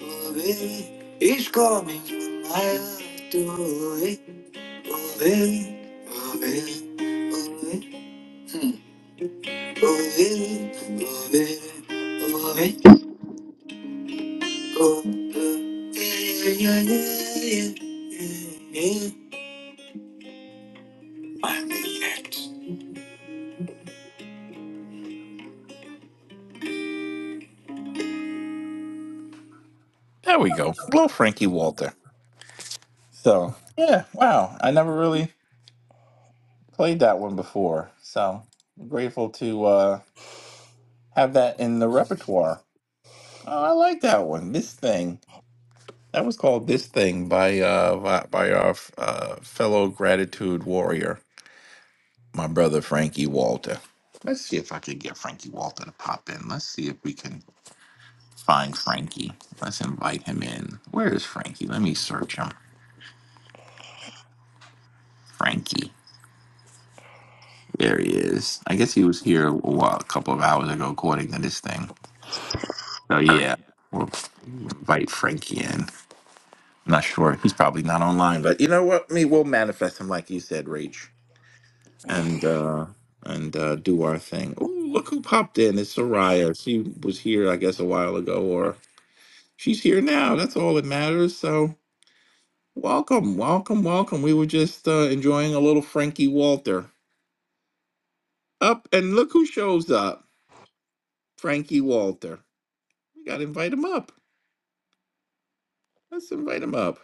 [SPEAKER 22] oh, baby. It's coming from my heart. Oh, eh, oh, baby. Oh, baby. Oh, baby. Hmm. Oh, baby. Oh, baby. Oh, baby. Oh, eh, yeah, yeah, yeah, yeah, yeah. yeah. I'm the next. There we go. Little Frankie Walter. So yeah, wow. I never really played that one before. So I'm grateful to uh have that in the repertoire. Oh, I like that one. This thing. That was called This Thing by uh by, by our uh, fellow gratitude warrior, my brother Frankie Walter. Let's see if I can get Frankie Walter to pop in. Let's see if we can find Frankie. Let's invite him in. Where is Frankie? Let me search him. Frankie. There he is. I guess he was here a, while, a couple of hours ago, according to this thing. So yeah, we'll invite Frankie in. Not sure. He's probably not online, but you know what? Me, we'll manifest him like you said, Rach, and uh, and uh, do our thing. Ooh, look who popped in! It's Soraya. She was here, I guess, a while ago, or she's here now. That's all that matters. So welcome, welcome, welcome. We were just uh, enjoying a little Frankie Walter. Up and look who shows up, Frankie Walter. We got to invite him up. Let's invite him up.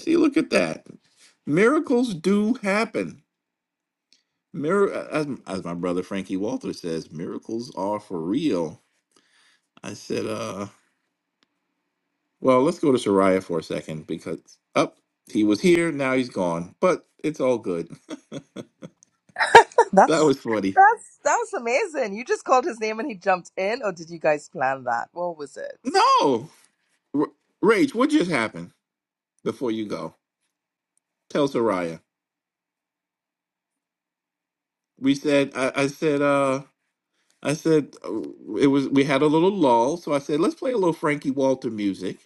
[SPEAKER 22] See, look at that. Miracles do happen. Mir- as, as my brother Frankie Walter says, miracles are for real. I said, uh, well, let's go to Soraya for a second because up he was here, now he's gone. But it's all good. that
[SPEAKER 25] That's
[SPEAKER 22] was funny.
[SPEAKER 25] that's that was amazing. You just called his name and he jumped in, or did you guys plan that? What was it?
[SPEAKER 22] No, R- Rach, what just happened? Before you go, tell Soraya. We said, I, I said, uh, I said uh, it was. We had a little lull, so I said, let's play a little Frankie Walter music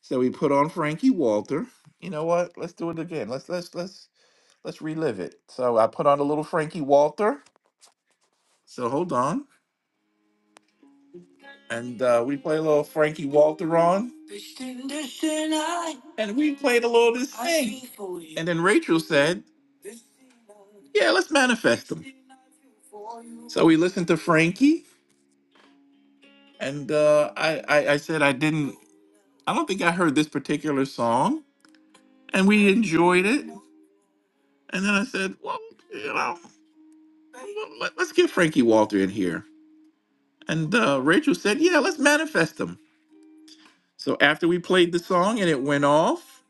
[SPEAKER 22] So we put on Frankie Walter. You know what? Let's do it again. Let's let's let's let's relive it. So I put on a little Frankie Walter. So hold on, and uh, we play a little Frankie Walter on, and we played a little of this thing. And then Rachel said, "Yeah, let's manifest them." So we listened to Frankie, and uh, I, I I said I didn't. I don't think I heard this particular song, and we enjoyed it. And then I said, well, you know, let- let's get Frankie Walter in here. And uh, Rachel said, yeah, let's manifest him." So after we played the song and it went off,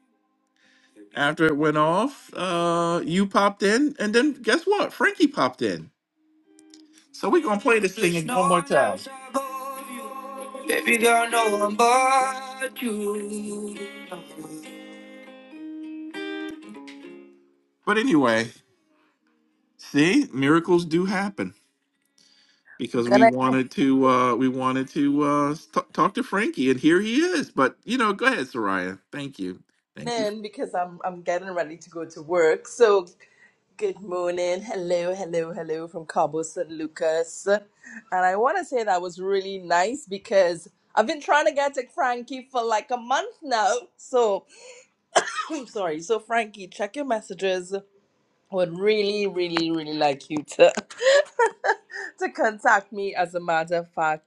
[SPEAKER 22] after it went off, uh, you popped in. And then guess what? Frankie popped in. So we're going to play this thing There's one no more one time. else above you. Baby girl, no one but you. But anyway, see, miracles do happen.
[SPEAKER 25] I'm
[SPEAKER 22] because we
[SPEAKER 25] gonna
[SPEAKER 22] wanted to uh we wanted to uh s- t- talk to Frankie and here he is. But you know, go ahead, Soraya. Thank you. Thank
[SPEAKER 25] get
[SPEAKER 22] you.
[SPEAKER 25] in because I'm I'm getting ready to go to work. So good morning, hello, hello, hello from Cabo San Lucas, and I want to say that was really nice because I've been trying to get to Frankie for like a month now. So sorry. So Frankie, check your messages. would really, really, really like you to to contact me. As a matter of fact,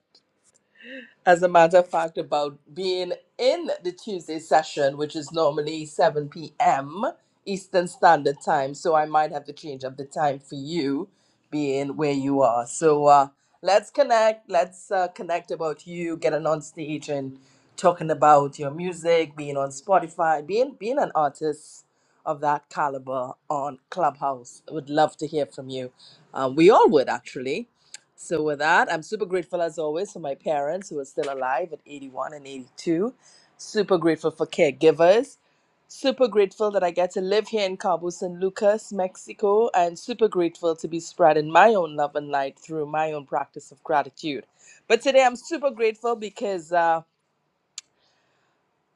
[SPEAKER 25] as a matter of fact, about being in the Tuesday session, which is normally 7 p.m. Eastern Standard Time. So I might have to change up the time for you, being where you are. So uh, let's connect. Let's uh, connect about you getting on stage and talking about your music, being on Spotify, being being an artist of that caliber on Clubhouse. Would love to hear from you. Um, we all would actually. So with that, I'm super grateful as always for my parents who are still alive at 81 and 82. Super grateful for caregivers. Super grateful that I get to live here in Cabo San Lucas, Mexico, and super grateful to be spreading my own love and light through my own practice of gratitude. But today I'm super grateful because uh,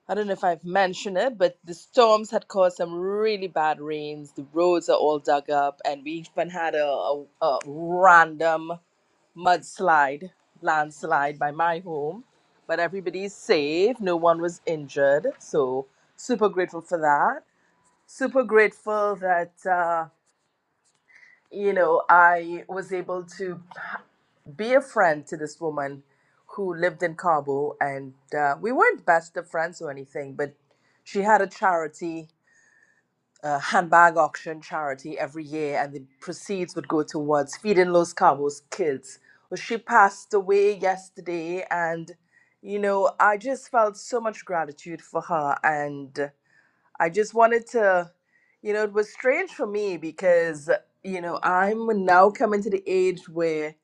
[SPEAKER 25] I don't know if I've mentioned it, but the storms had caused some really bad rains. The roads are all dug up, and we even had a, a, a random mudslide, landslide by my home. But everybody's safe. No one was injured. So super grateful for that. Super grateful that uh, you know I was able to be a friend to this woman who lived in Cabo, and uh, we weren't best of friends or anything, but she had a charity uh, handbag auction charity every year, and the proceeds would go towards feeding Los Cabos kids. Well, she passed away yesterday, and you know, I just felt so much gratitude for her, and I just wanted to, you know, it was strange for me because you know I'm now coming to the age where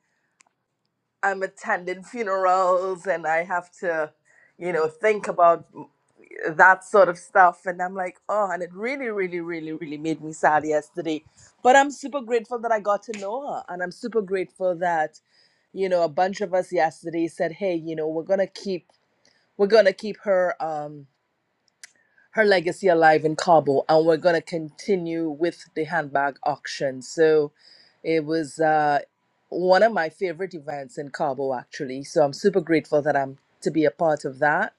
[SPEAKER 25] I'm attending funerals and I have to, you know, think about that sort of stuff. And I'm like, oh, and it really, really, really, really made me sad yesterday. But I'm super grateful that I got to know her. And I'm super grateful that, you know, a bunch of us yesterday said, hey, you know, we're going to keep, we're going to keep her. Um, her legacy alive in Cabo, and we're gonna continue with the handbag auction. So it was uh, one of my favorite events in Cabo, actually. So I'm super grateful that I'm to be a part of that.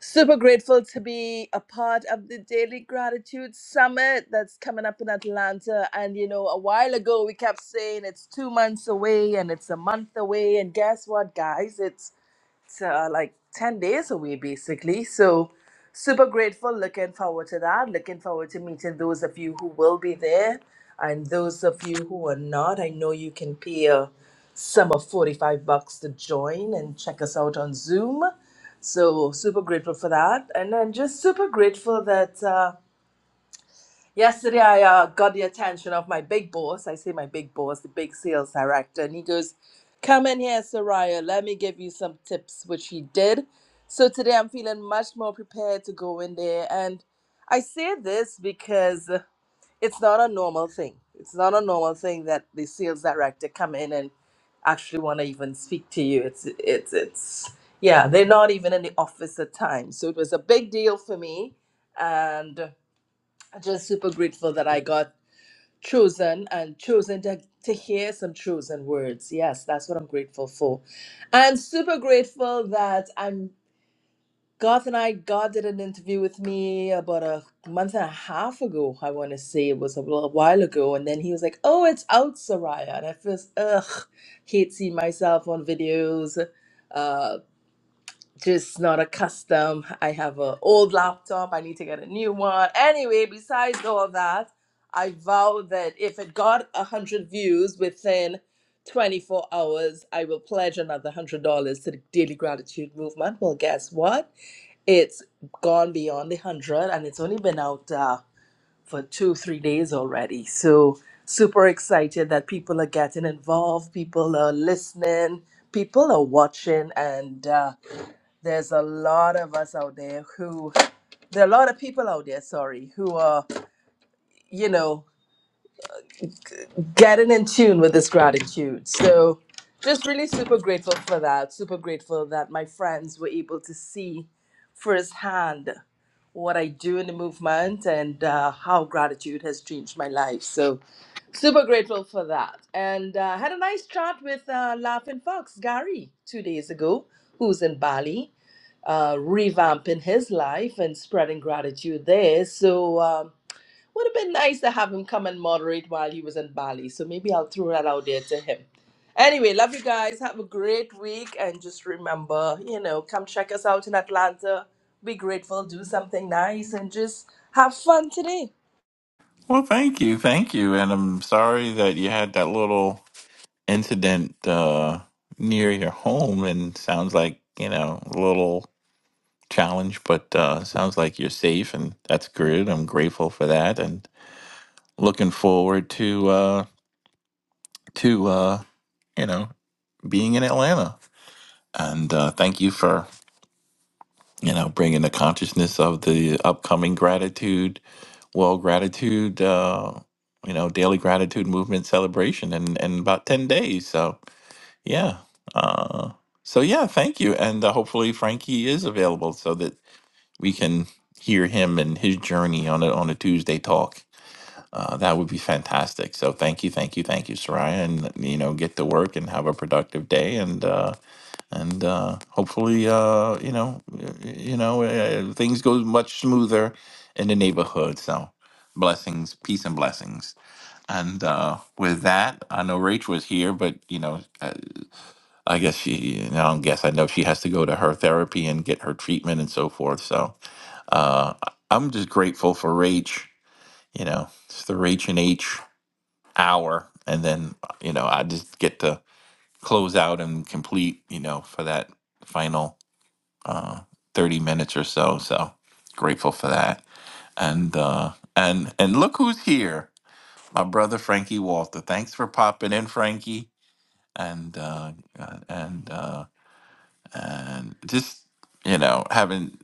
[SPEAKER 25] Super grateful to be a part of the Daily Gratitude Summit that's coming up in Atlanta. And you know, a while ago we kept saying it's two months away and it's a month away. And guess what, guys? It's uh, like 10 days away basically so super grateful looking forward to that looking forward to meeting those of you who will be there and those of you who are not i know you can pay a sum of 45 bucks to join and check us out on zoom so super grateful for that and i'm just super grateful that uh, Yesterday, I uh, got the attention of my big boss. I say my big boss, the big sales director, and he goes, "Come in here, Soraya. Let me give you some tips," which he did. So today, I'm feeling much more prepared to go in there. And I say this because it's not a normal thing. It's not a normal thing that the sales director come in and actually want to even speak to you. It's it's it's yeah, they're not even in the office at times. So it was a big deal for me, and just super grateful that I got chosen and chosen to, to hear some chosen words. Yes, that's what I'm grateful for. I'm super grateful that I'm Garth and I, God did an interview with me about a month and a half ago. I want to say it was a little while ago. And then he was like, Oh, it's out, Soraya. And I first, ugh, hate seeing myself on videos. Uh, just not accustomed. I have an old laptop. I need to get a new one. Anyway, besides all that, I vow that if it got a hundred views within 24 hours, I will pledge another hundred dollars to the Daily Gratitude Movement. Well, guess what? It's gone beyond the hundred, and it's only been out uh, for two, three days already. So super excited that people are getting involved. People are listening. People are watching, and. Uh, there's a lot of us out there who, there are a lot of people out there, sorry, who are, you know, getting in tune with this gratitude. So, just really super grateful for that. Super grateful that my friends were able to see firsthand what I do in the movement and uh, how gratitude has changed my life. So, super grateful for that. And uh, had a nice chat with uh, Laughing Fox, Gary, two days ago, who's in Bali. Uh, revamping his life and spreading gratitude there. So, um, would have been nice to have him come and moderate while he was in Bali. So maybe I'll throw that out there to him. Anyway, love you guys. Have a great week. And just remember, you know, come check us out in Atlanta. Be grateful, do something nice, and just have fun today.
[SPEAKER 22] Well, thank you, thank you, and I'm sorry that you had that little incident uh, near your home. And sounds like you know a little challenge, but uh, sounds like you're safe, and that's good. I'm grateful for that, and looking forward to uh, to uh, you know being in Atlanta. And uh, thank you for you know, bringing the consciousness of the upcoming gratitude, well, gratitude, uh, you know, daily gratitude movement celebration in, in about 10 days. So, yeah. Uh, so, yeah, thank you. And uh, hopefully Frankie is available so that we can hear him and his journey on a, on a Tuesday talk. Uh, that would be fantastic. So, thank you, thank you, thank you, Soraya. And, you know, get to work and have a productive day. And, uh, and uh, hopefully, uh, you know, y- y- you know, uh, things go much smoother in the neighborhood. So, blessings, peace, and blessings. And uh, with that, I know Rach was here, but you know, I, I guess she. I don't guess. I know she has to go to her therapy and get her treatment and so forth. So, uh, I- I'm just grateful for Rach. You know, it's the Rach and H hour, and then you know, I just get to close out and complete. You know, for that final uh, 30 minutes or so. So grateful for that. And uh, and and look who's here, my brother Frankie Walter. Thanks for popping in, Frankie. And uh, uh, and uh, and just you know, haven't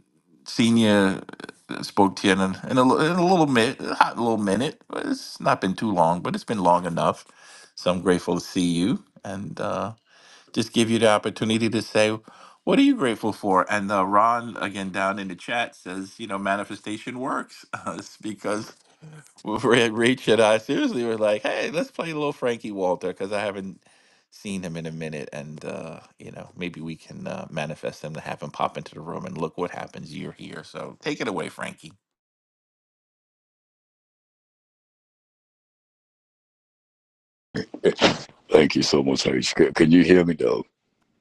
[SPEAKER 22] seen you, uh, spoke to you in a, in a, li- in a little minute, a hot little minute. It's not been too long, but it's been long enough. So I'm grateful to see you. And uh, just give you the opportunity to say, what are you grateful for? And uh, Ron, again, down in the chat says, you know, manifestation works. it's because Ra- Rach and I seriously were like, hey, let's play a little Frankie Walter because I haven't seen him in a minute. And, uh, you know, maybe we can uh, manifest him to have him pop into the room and look what happens. You're here. So take it away, Frankie.
[SPEAKER 26] Thank you so much, H. Can can you hear me, though?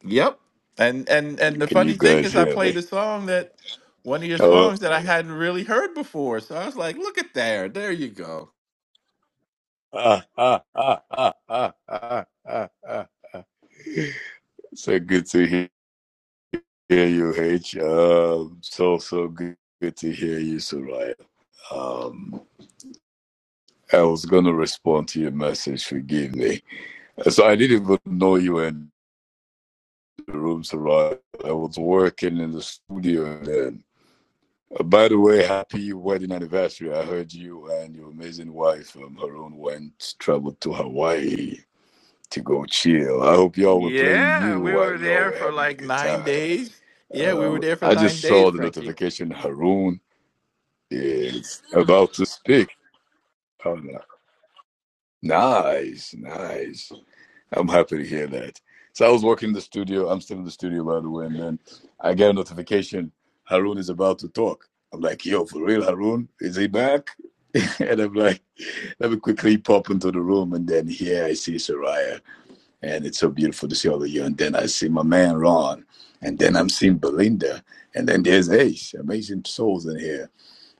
[SPEAKER 22] Yep. And, and, and the
[SPEAKER 26] Can you
[SPEAKER 22] funny thing
[SPEAKER 26] guys
[SPEAKER 22] is I
[SPEAKER 26] hear
[SPEAKER 22] played
[SPEAKER 26] me?
[SPEAKER 22] a song that one of your
[SPEAKER 26] Oh,
[SPEAKER 22] songs that I hadn't really heard before. So I was like, look at there. There you go.
[SPEAKER 26] ah, ah, ah, ah, ah, ah, ah, ah. So good to he- hear you, H. Um, so, so good, good to hear you, Soraya. Um, I was going to respond to your message, forgive me. So I didn't even know you were in the room, Soraya. I was working in the studio then. Uh, By the way, happy wedding anniversary. I heard you and your amazing wife, um, Haroon, went traveled to Hawaii to go chill. I hope y'all were playing
[SPEAKER 22] Yeah,
[SPEAKER 26] you
[SPEAKER 22] we
[SPEAKER 26] while
[SPEAKER 22] were
[SPEAKER 26] y'all
[SPEAKER 22] there
[SPEAKER 26] were
[SPEAKER 22] for
[SPEAKER 26] having a
[SPEAKER 22] like
[SPEAKER 26] good
[SPEAKER 22] nine
[SPEAKER 26] time.
[SPEAKER 22] days. Yeah, we were
[SPEAKER 26] Um,
[SPEAKER 22] there for
[SPEAKER 26] I
[SPEAKER 22] nine
[SPEAKER 26] just saw
[SPEAKER 22] days,
[SPEAKER 26] the
[SPEAKER 22] Frankie.
[SPEAKER 26] notification Haroon is about to speak. Oh, no. Nice, nice. I'm happy to hear that. So I was working in the studio. I'm still in the studio, by the way. And then I get a notification Haroon is about to talk. I'm like, yo, for real, Haroon? Is he back? and I'm like, let me quickly pop into the room. And then here I see Soraya. And it's so beautiful to see all of you. And then I see my man, Ron. And then I'm seeing Belinda. And then there's Ace. Amazing souls in here.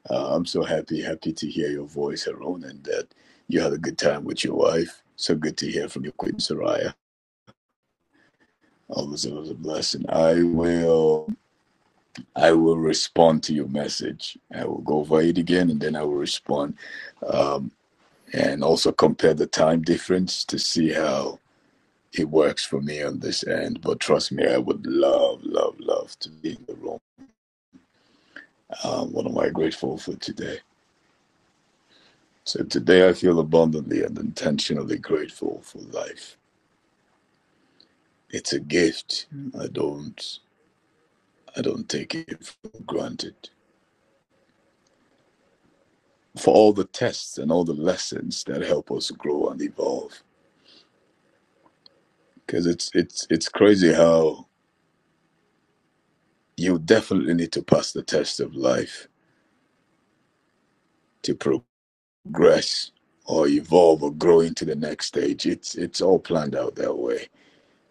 [SPEAKER 26] Uh, I'm so happy, happy to hear your voice, Haroon, and that you had a good time with your wife. So good to hear from you, Queen Soraya. It was, it was a blessing. I will I will respond to your message. I will go over it again and then I will respond. Um, and also compare the time difference to see how it works for me on this end. But trust me, I would love, love, love to be in the room. Um, what am I grateful for today? So today I feel abundantly and intentionally grateful for life. It's a gift. I don't I don't take it for granted. for all the tests and all the lessons that help us grow and evolve. Because it's it's it's crazy how you definitely need to pass the test of life to progress or evolve or grow into the next stage. It's it's all planned out that way,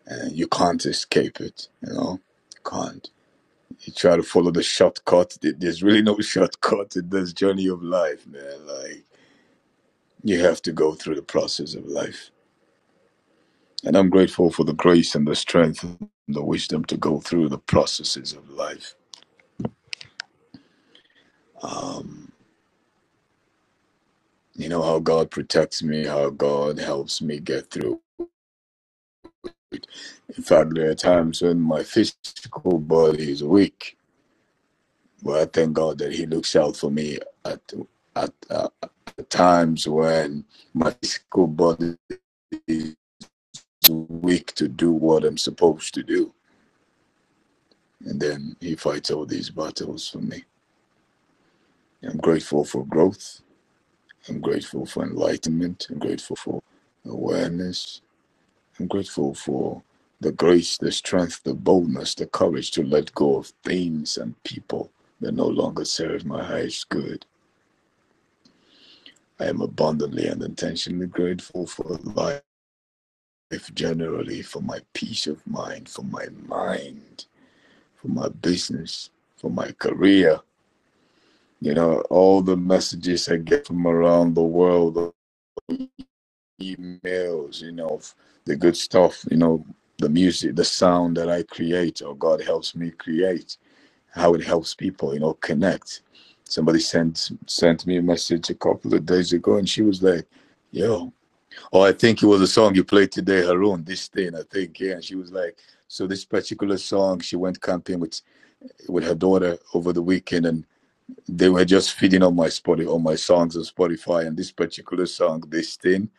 [SPEAKER 26] and you can't escape it. You know, you can't. You try to follow the shortcut. There's really no shortcut in this journey of life, man. Like you have to go through the process of life And I'm grateful for the grace and the strength and the wisdom to go through the processes of life. Um, you know, how God protects me, how God helps me get through. In fact, there are times when my physical body is weak, but I thank God that He looks out for me at, at, uh, at times when my physical body is weak to do what I'm supposed to do. And then He fights all these battles for me. I'm grateful for growth. I'm grateful for enlightenment. I'm grateful for awareness. I'm grateful for the grace, the strength, the boldness, the courage to let go of things and people that no longer serve my highest good. I am abundantly and intentionally grateful for life generally, for my peace of mind, for my mind, for my business, for my career. You know, all the messages I get from around the world emails, you know, of the good stuff, you know, the music, the sound that I create or God helps me create, how it helps people, you know, connect. Somebody sent sent me a message a couple of days ago and she was like, Yo, oh I think it was a song you played today, Haroon, this thing, I think, yeah. And she was like, so this particular song, she went camping with with her daughter over the weekend and they were just feeding on my Spotify on my songs on Spotify and this particular song, this thing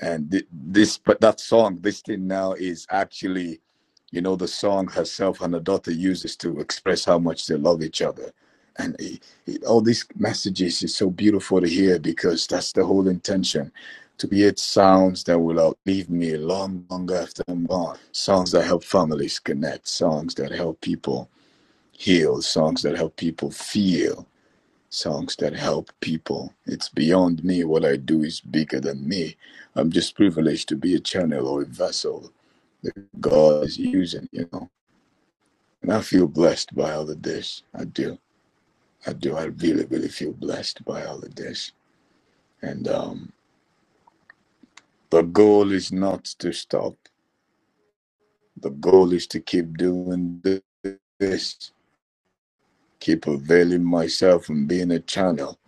[SPEAKER 26] and thi- this but that song this thing now is actually you know the song herself and her daughter uses to express how much they love each other and it, it- all these messages is so beautiful to hear because that's the whole intention to create sounds that will outlive me long long after i'm gone songs that help families connect songs that help people heal songs that help people feel songs that help people. It's beyond me. What I do is bigger than me. I'm just privileged to be a channel or a vessel God is using, you know. And I feel blessed by all of this. I do. I do. I really, really feel blessed by all of this. And um, the goal is not to stop. The goal is to keep doing th- this, keep availing myself and being a channel,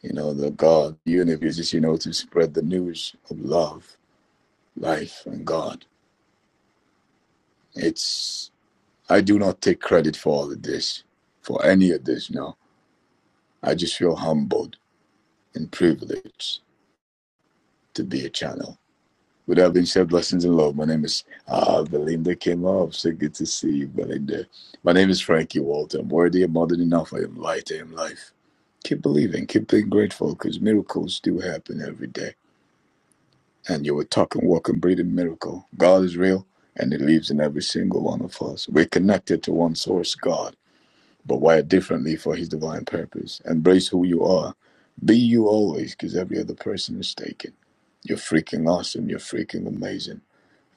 [SPEAKER 26] you know, the God universe, you know, to spread the news of love, life, and God It's I do not take credit for all of this, for any of this. No, I just feel humbled and privileged to be a channel. With that being said, blessings and love. My name is uh, Belinda Kimov. So good to see you, Belinda. My name is Frankie Walter. I'm worthy, I'm more than enough. I am light, I am life. Keep believing, keep being grateful because miracles do happen every day. And you're a talking, walking, breathing miracle. God is real and He lives in every single one of us. We're connected to one source, God. but wired differently for his divine purpose. Embrace who you are. Be you always, because every other person is taken. You're freaking awesome. You're freaking amazing.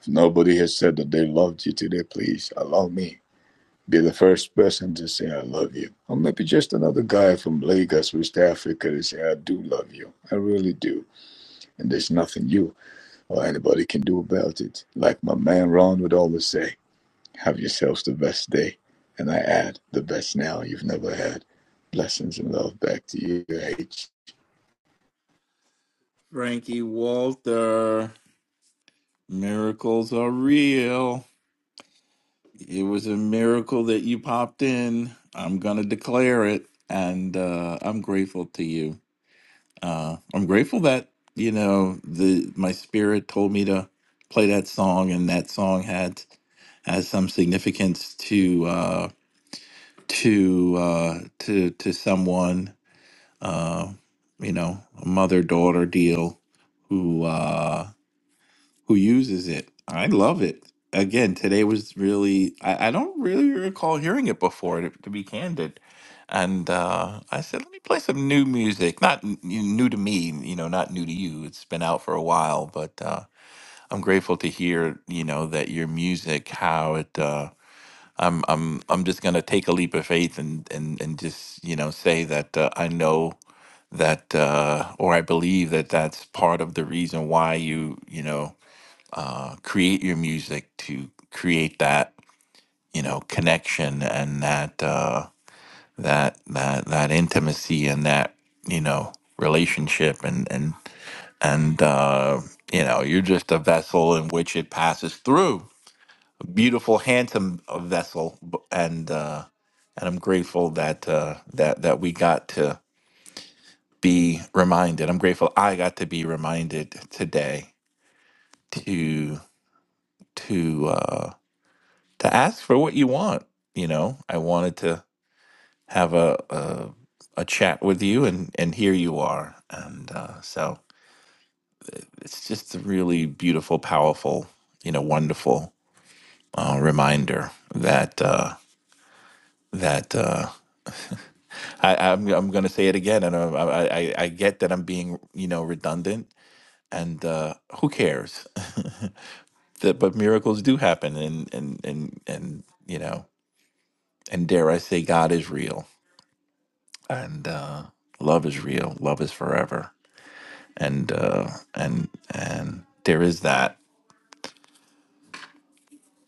[SPEAKER 26] If nobody has said that they loved you today, please allow me. Be the first person to say I love you. Or maybe just another guy from Lagos, West Africa, to say I do love you. I really do. And there's nothing you or anybody can do about it. Like my man Ron would always say. Have yourselves the best day. And I add the best now you've never had. Blessings and love back to you, H.
[SPEAKER 22] Frankie Walter, miracles are real. It was a miracle that you popped in. I'm gonna declare it, and uh, I'm grateful to you. Uh, I'm grateful that you know the my spirit told me to play that song, and that song had has some significance to uh, to uh, to to someone uh, you know, a mother daughter deal who uh, who uses it. I love it. Again, today was really I, I don't really recall hearing it before to, to be candid. And uh, I said, let me play some new music. Not n- n- new to me, you know, not new to you. It's been out for a while, but uh, I'm grateful to hear, you know, that your music, how it. uh, I'm I'm I'm just gonna take a leap of faith and and and just you know say that uh, I know that uh, or I believe that that's part of the reason why you you know uh, create your music to create that you know connection and that uh, that that that intimacy and that you know relationship and and and uh, you know you're just a vessel in which it passes through beautiful, handsome uh, vessel, b- and uh, and I'm grateful that uh, that that we got to be reminded. I'm grateful I got to be reminded today to to uh, to ask for what you want. You know, I wanted to have a a, a chat with you, and and here you are, and uh, so it's just a really beautiful, powerful, you know, wonderful uh, reminder that. Uh, that Uh, I, I'm I'm gonna say it again, and uh, I, I I I get that I'm being you know redundant, and uh, who cares? that, but miracles do happen, and and and and you know, and dare I say, God is real, and uh, love is real, love is forever, and uh, and and there is that.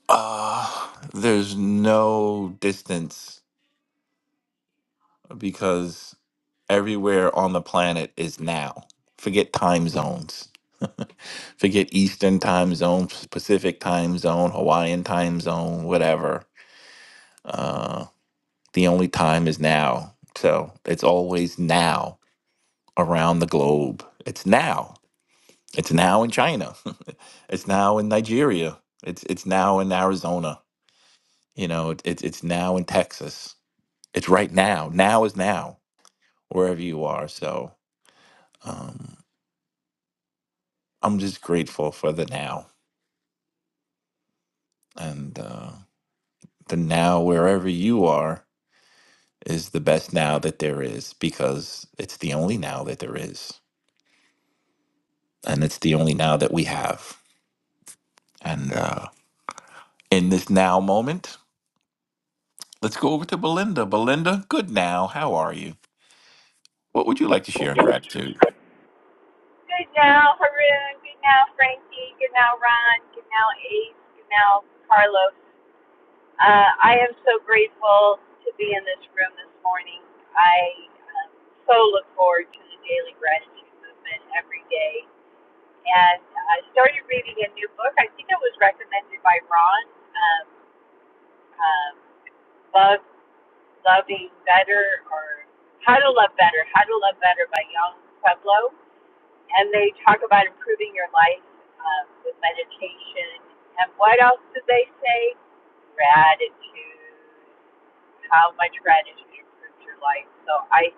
[SPEAKER 22] Uh, there's no distance because everywhere on the planet is now. Forget time zones. Forget Eastern time zone, Pacific time zone, Hawaiian time zone, whatever. Uh, the only time is now. So it's always now around the globe. It's now. It's now in China. it's now in Nigeria. It's it's now in Arizona. You know, it, it's it's now in Texas. It's right now. Now is now wherever you are. So. Um, I'm just grateful for the now. And uh, the now, wherever you are, is the best now that there is because it's the only now that there is. And it's the only now that we have. And uh, in this now moment, let's go over to Belinda. Belinda, good now. How are you? What would you like to share in gratitude?
[SPEAKER 27] Good now, Haroon. Good now, Frankie. Good now, Ron. Good now, Ace. Good now, Carlos. Uh, I am so grateful to be in this room this morning. I um, so look forward to the daily gratitude movement every day. And I started reading a new book. I think it was recommended by Ron. Um, um, Love, loving better, or how to love better. How to love better by Young Pueblo and they talk about improving your life um, with meditation. And what else did they say? Gratitude. How much gratitude improves your life. So I,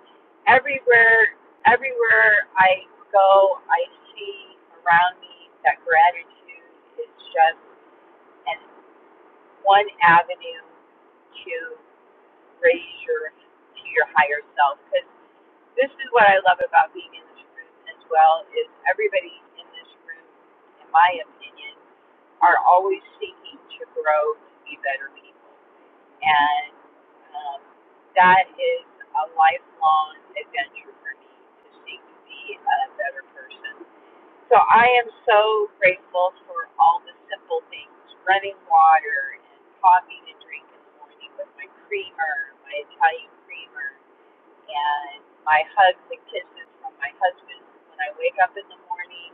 [SPEAKER 27] everywhere, everywhere I go, I see around me that gratitude is just an one avenue to raise your to your higher self. because. This is what I love about being in this room as well is everybody in this room, in my opinion, are always seeking to grow to be better people, and um, that is a lifelong adventure for me to seek to be a better person. So I am so grateful for all the simple things, running water and coffee to drink in the morning with my creamer, my Italian creamer and my hugs and kisses from my husband when I wake up in the morning,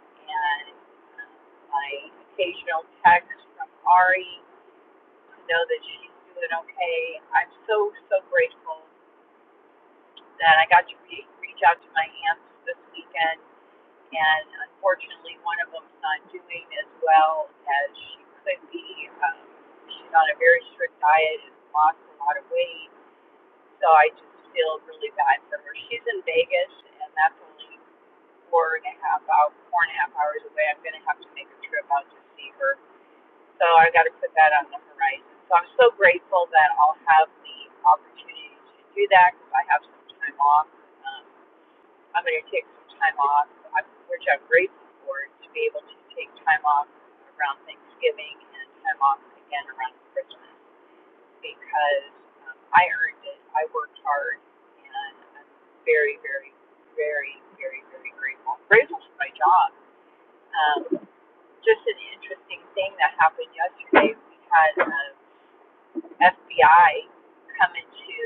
[SPEAKER 27] and um, my occasional text from Ari to know that she's doing okay. I'm so, so grateful that I got to re- reach out to my aunts this weekend, and unfortunately, one of them's not doing as well as she could be. Um, she's on a very strict diet and lost a lot of weight so I just feel really bad for her. She's in Vegas, and that's only four and a half hours, four and a half hours away. I'm going to have to make a trip out to see her. So I have got to put that on the horizon. So I'm so grateful that I'll have the opportunity to do that because I have some time off. Um, I'm going to take some time off, I'm- which I'm grateful for, to be able to take time off around Thanksgiving and time off again around Christmas because um, I earned it. I worked hard, and I'm very, very, very, very, very grateful. Grateful for my job. Um, just an interesting thing that happened yesterday. We had um, FBI come into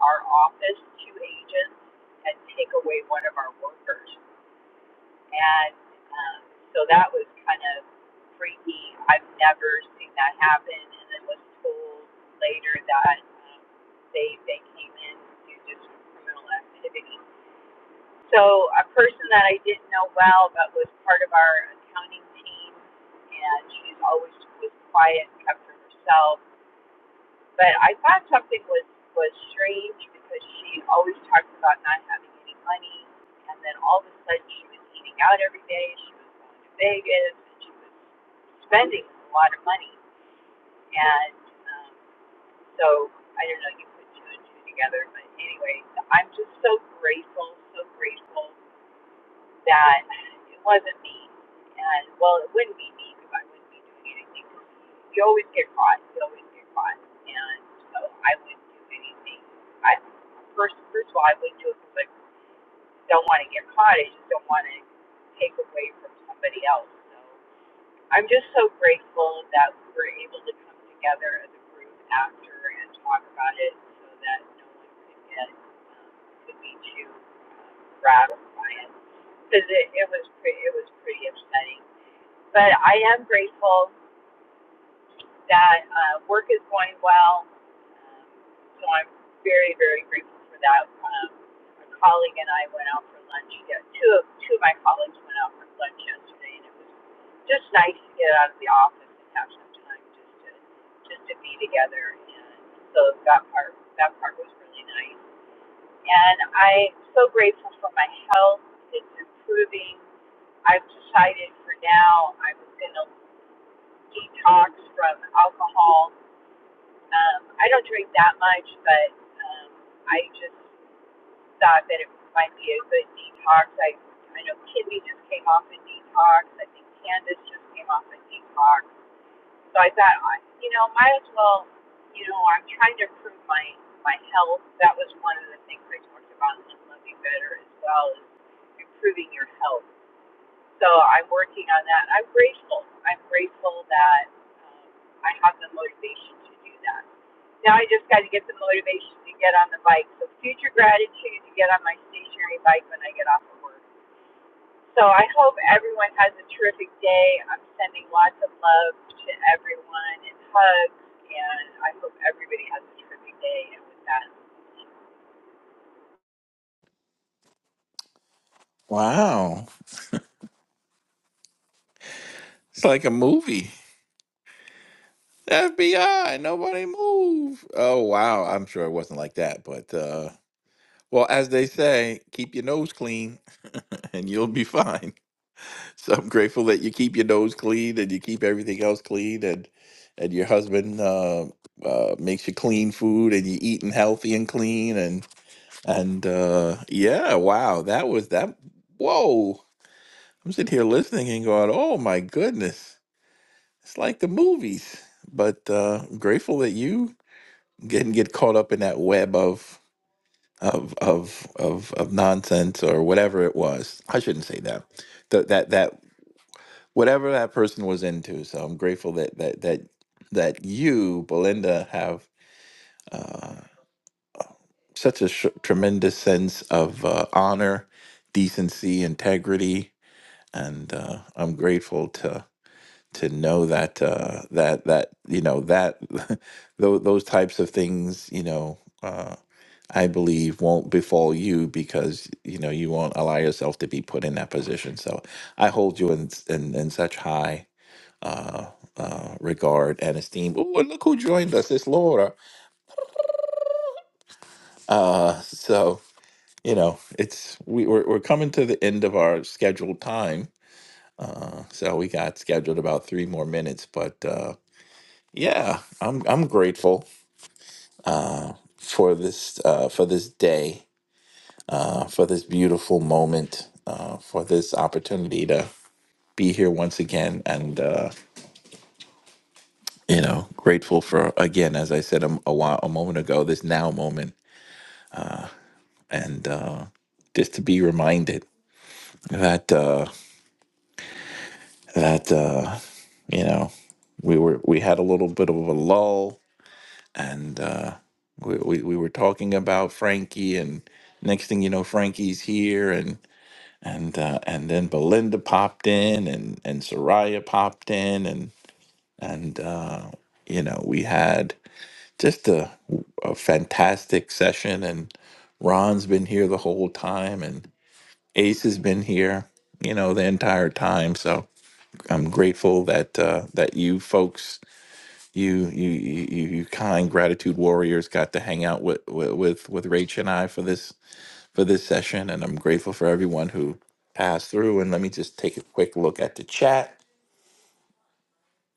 [SPEAKER 27] our office, two agents, and take away one of our workers. And um, so that was kind of freaky. I've never seen that happen. And then was told later that um, they they came in to just criminal activity. So a person that I didn't know well, but was part of our accounting team, and she's always was quiet, kept to herself but I thought something was was strange because she always talked about not having any money, and then all of a sudden she was eating out every day. She was going to Vegas. And she was spending a lot of money, and um, so I don't know. You put two and two together, but anyway, I'm just so grateful, so grateful that it wasn't me. And well, it wouldn't be me because I wouldn't be doing anything. You always get caught. You always get caught. And so I wouldn't do anything. I first, first of all, I wouldn't do it because I don't want to get caught. I just don't want to take away from somebody else. So I'm just so grateful that we were able to come together as a group after and talk about it so that no one could get um, could be too Rattled by it, because it, it was pretty it was pretty upsetting. But I am grateful that uh, work is going well, um, so I'm very very grateful for that. Um, a colleague and I went out for lunch. Yeah, two of two of my colleagues went out for lunch yesterday, and it was just nice to get out of the office and have some time just to just to be together. And so that part that part was really nice. And I'm so grateful for my health. It's improving. I've decided for now I'm going to detox from alcohol. Um, I don't drink that much, but um, I just thought that it might be a good detox. I, I know Kimmy just came off a detox. I think Candace just came off a detox. So I thought, you know, might as well, you know, I'm trying to improve my my health. That was one of the things I talked about in Living Better as well is improving your health. So I'm working on that. I'm grateful. I'm grateful that um, I have the motivation to do that. Now I just got to get the motivation to get on the bike. So future gratitude to get on my stationary bike when I get off of work so I hope everyone has a terrific day. I'm sending lots of love to everyone and hugs, and I hope everybody has a terrific day. And with that,
[SPEAKER 22] Wow. It's like a movie. FBI, nobody move. Oh, wow. I'm sure it wasn't like that. But, uh, well, as they say, keep your nose clean. and you'll be fine. So I'm grateful that you keep your nose clean and you keep everything else clean, and and your husband uh, uh, makes you clean food, and you're eating healthy and clean, and and uh, yeah, wow, that was that. Whoa, I'm sitting here listening and going, oh my goodness, it's like the movies. But uh, I'm grateful that you didn't get caught up in that web of. Of, of of of nonsense or whatever it was. I shouldn't say that. That that that whatever that person was into. So I'm grateful that that that that you, Belinda, have uh, such a sh- tremendous sense of uh, honor, decency, integrity, and uh, I'm grateful to to know that uh, that that you know that tho- those types of things, you know. Uh, I believe won't befall you because you know you won't allow yourself to be put in that position. So I hold you in in, in such high uh, uh, regard and esteem. Oh, and look who joined us! It's Laura. Uh, so you know, it's we, we're we're coming to the end of our scheduled time. Uh, so we got scheduled about three more minutes, but uh, yeah, I'm I'm grateful uh, for this uh, for this day, uh, for this beautiful moment, uh, for this opportunity to be here once again, and uh, you know, grateful for again, as I said a, m- a while a moment ago, this now moment and uh, just to be reminded that uh, that uh, you know we were we had a little bit of a lull, and uh, we, we we were talking about Frankie, and next thing you know, Frankie's here, and and uh, and then Belinda popped in, and and Soraya popped in, and and uh, you know we had just a, a fantastic session, and Ron's been here the whole time, and Ace has been here, you know, the entire time. So I'm grateful that uh, that you folks, you you you you you kind gratitude warriors, got to hang out with with with with Rach and I for this for this session, and I'm grateful for everyone who passed through. And let me just take a quick look at the chat.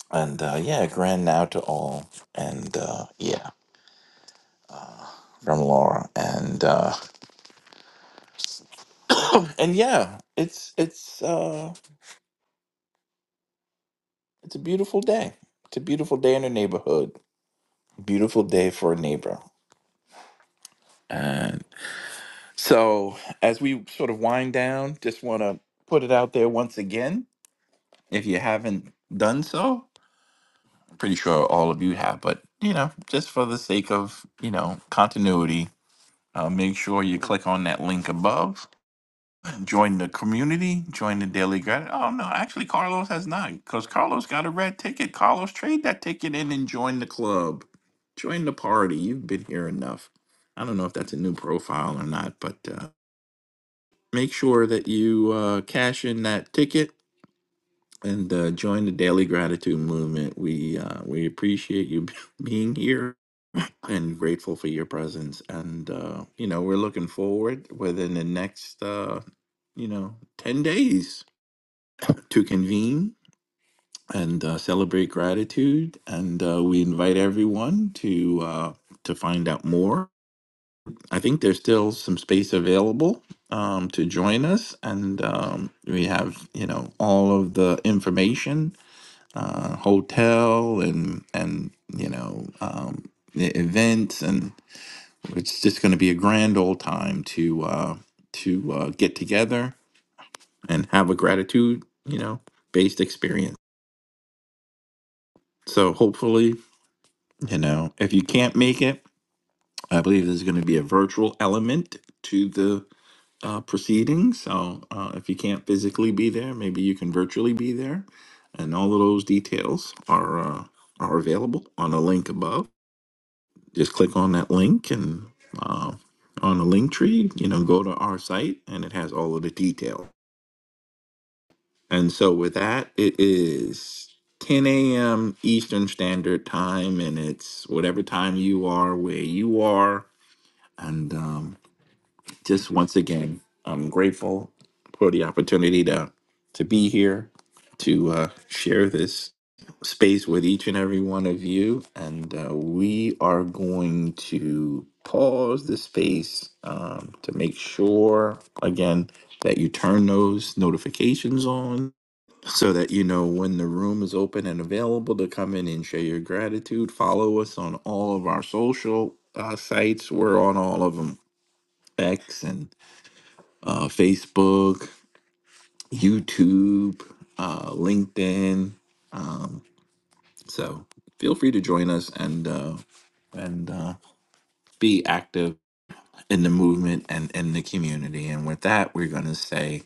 [SPEAKER 22] And uh, yeah, grand now to all, and uh, yeah, from Laura, and uh, and yeah, it's it's uh, it's a beautiful day. It's a beautiful day in the neighborhood beautiful day for a neighbor. And so, as we sort of wind down, just want to put it out there once again. If you haven't done so, I'm pretty sure all of you have, but you know, just for the sake of you know continuity, uh, make sure you click on that link above Join the community, join the daily gratitude. Oh no, actually Carlos has not, because Carlos got a red ticket. Carlos, trade that ticket in and join the club. Join the party. You've been here enough. I don't know if that's a new profile or not, but uh, make sure that you uh, cash in that ticket and uh, join the daily gratitude movement. We uh, we appreciate you being here and grateful for your presence. And uh, you know, we're looking forward within the next uh, you know ten days to convene and uh, celebrate gratitude. And uh, we invite everyone to uh, to find out more. I think there's still some space available um, to join us, and um, we have you know all of the information, uh, hotel and and you know um, the events, and it's just going to be a grand old time to uh, to uh, get together and have a gratitude you know based experience. So hopefully You know, if you can't make it, I believe there's going to be a virtual element to the uh, proceedings. So uh, if you can't physically be there, maybe you can virtually be there, and all of those details are uh, are available on the link above. Just click on that link and uh, on the link tree, you know, go to our site, and it has all of the detail. And so with that, it is 10 a.m. Eastern Standard Time, and it's whatever time you are, where you are and um, just once again, I'm grateful for the opportunity to to be here to uh, share this space with each and every one of you. And uh, we are going to pause the space um, to make sure again that you turn those notifications on so that you know when the room is open and available to come in and share your gratitude follow us on all of our social uh, sites we're on all of them X and uh, Facebook, YouTube, uh, LinkedIn. Um, so feel free to join us and uh, and uh, be active in the movement and in the community. And with that, we're gonna say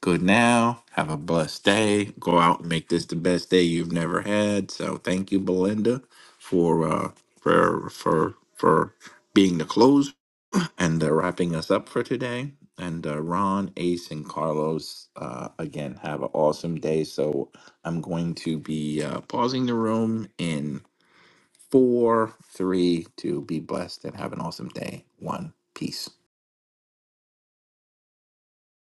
[SPEAKER 22] good now. Have a blessed day. Go out and make this the best day you've never had. So thank you, Belinda, for uh, for for for being the closer. And uh, wrapping us up for today. And uh, Ron, Ace, and Carlos, uh, again, have an awesome day. So I'm going to be uh, pausing the room in four, three, two. Be blessed and have an awesome day. One, peace.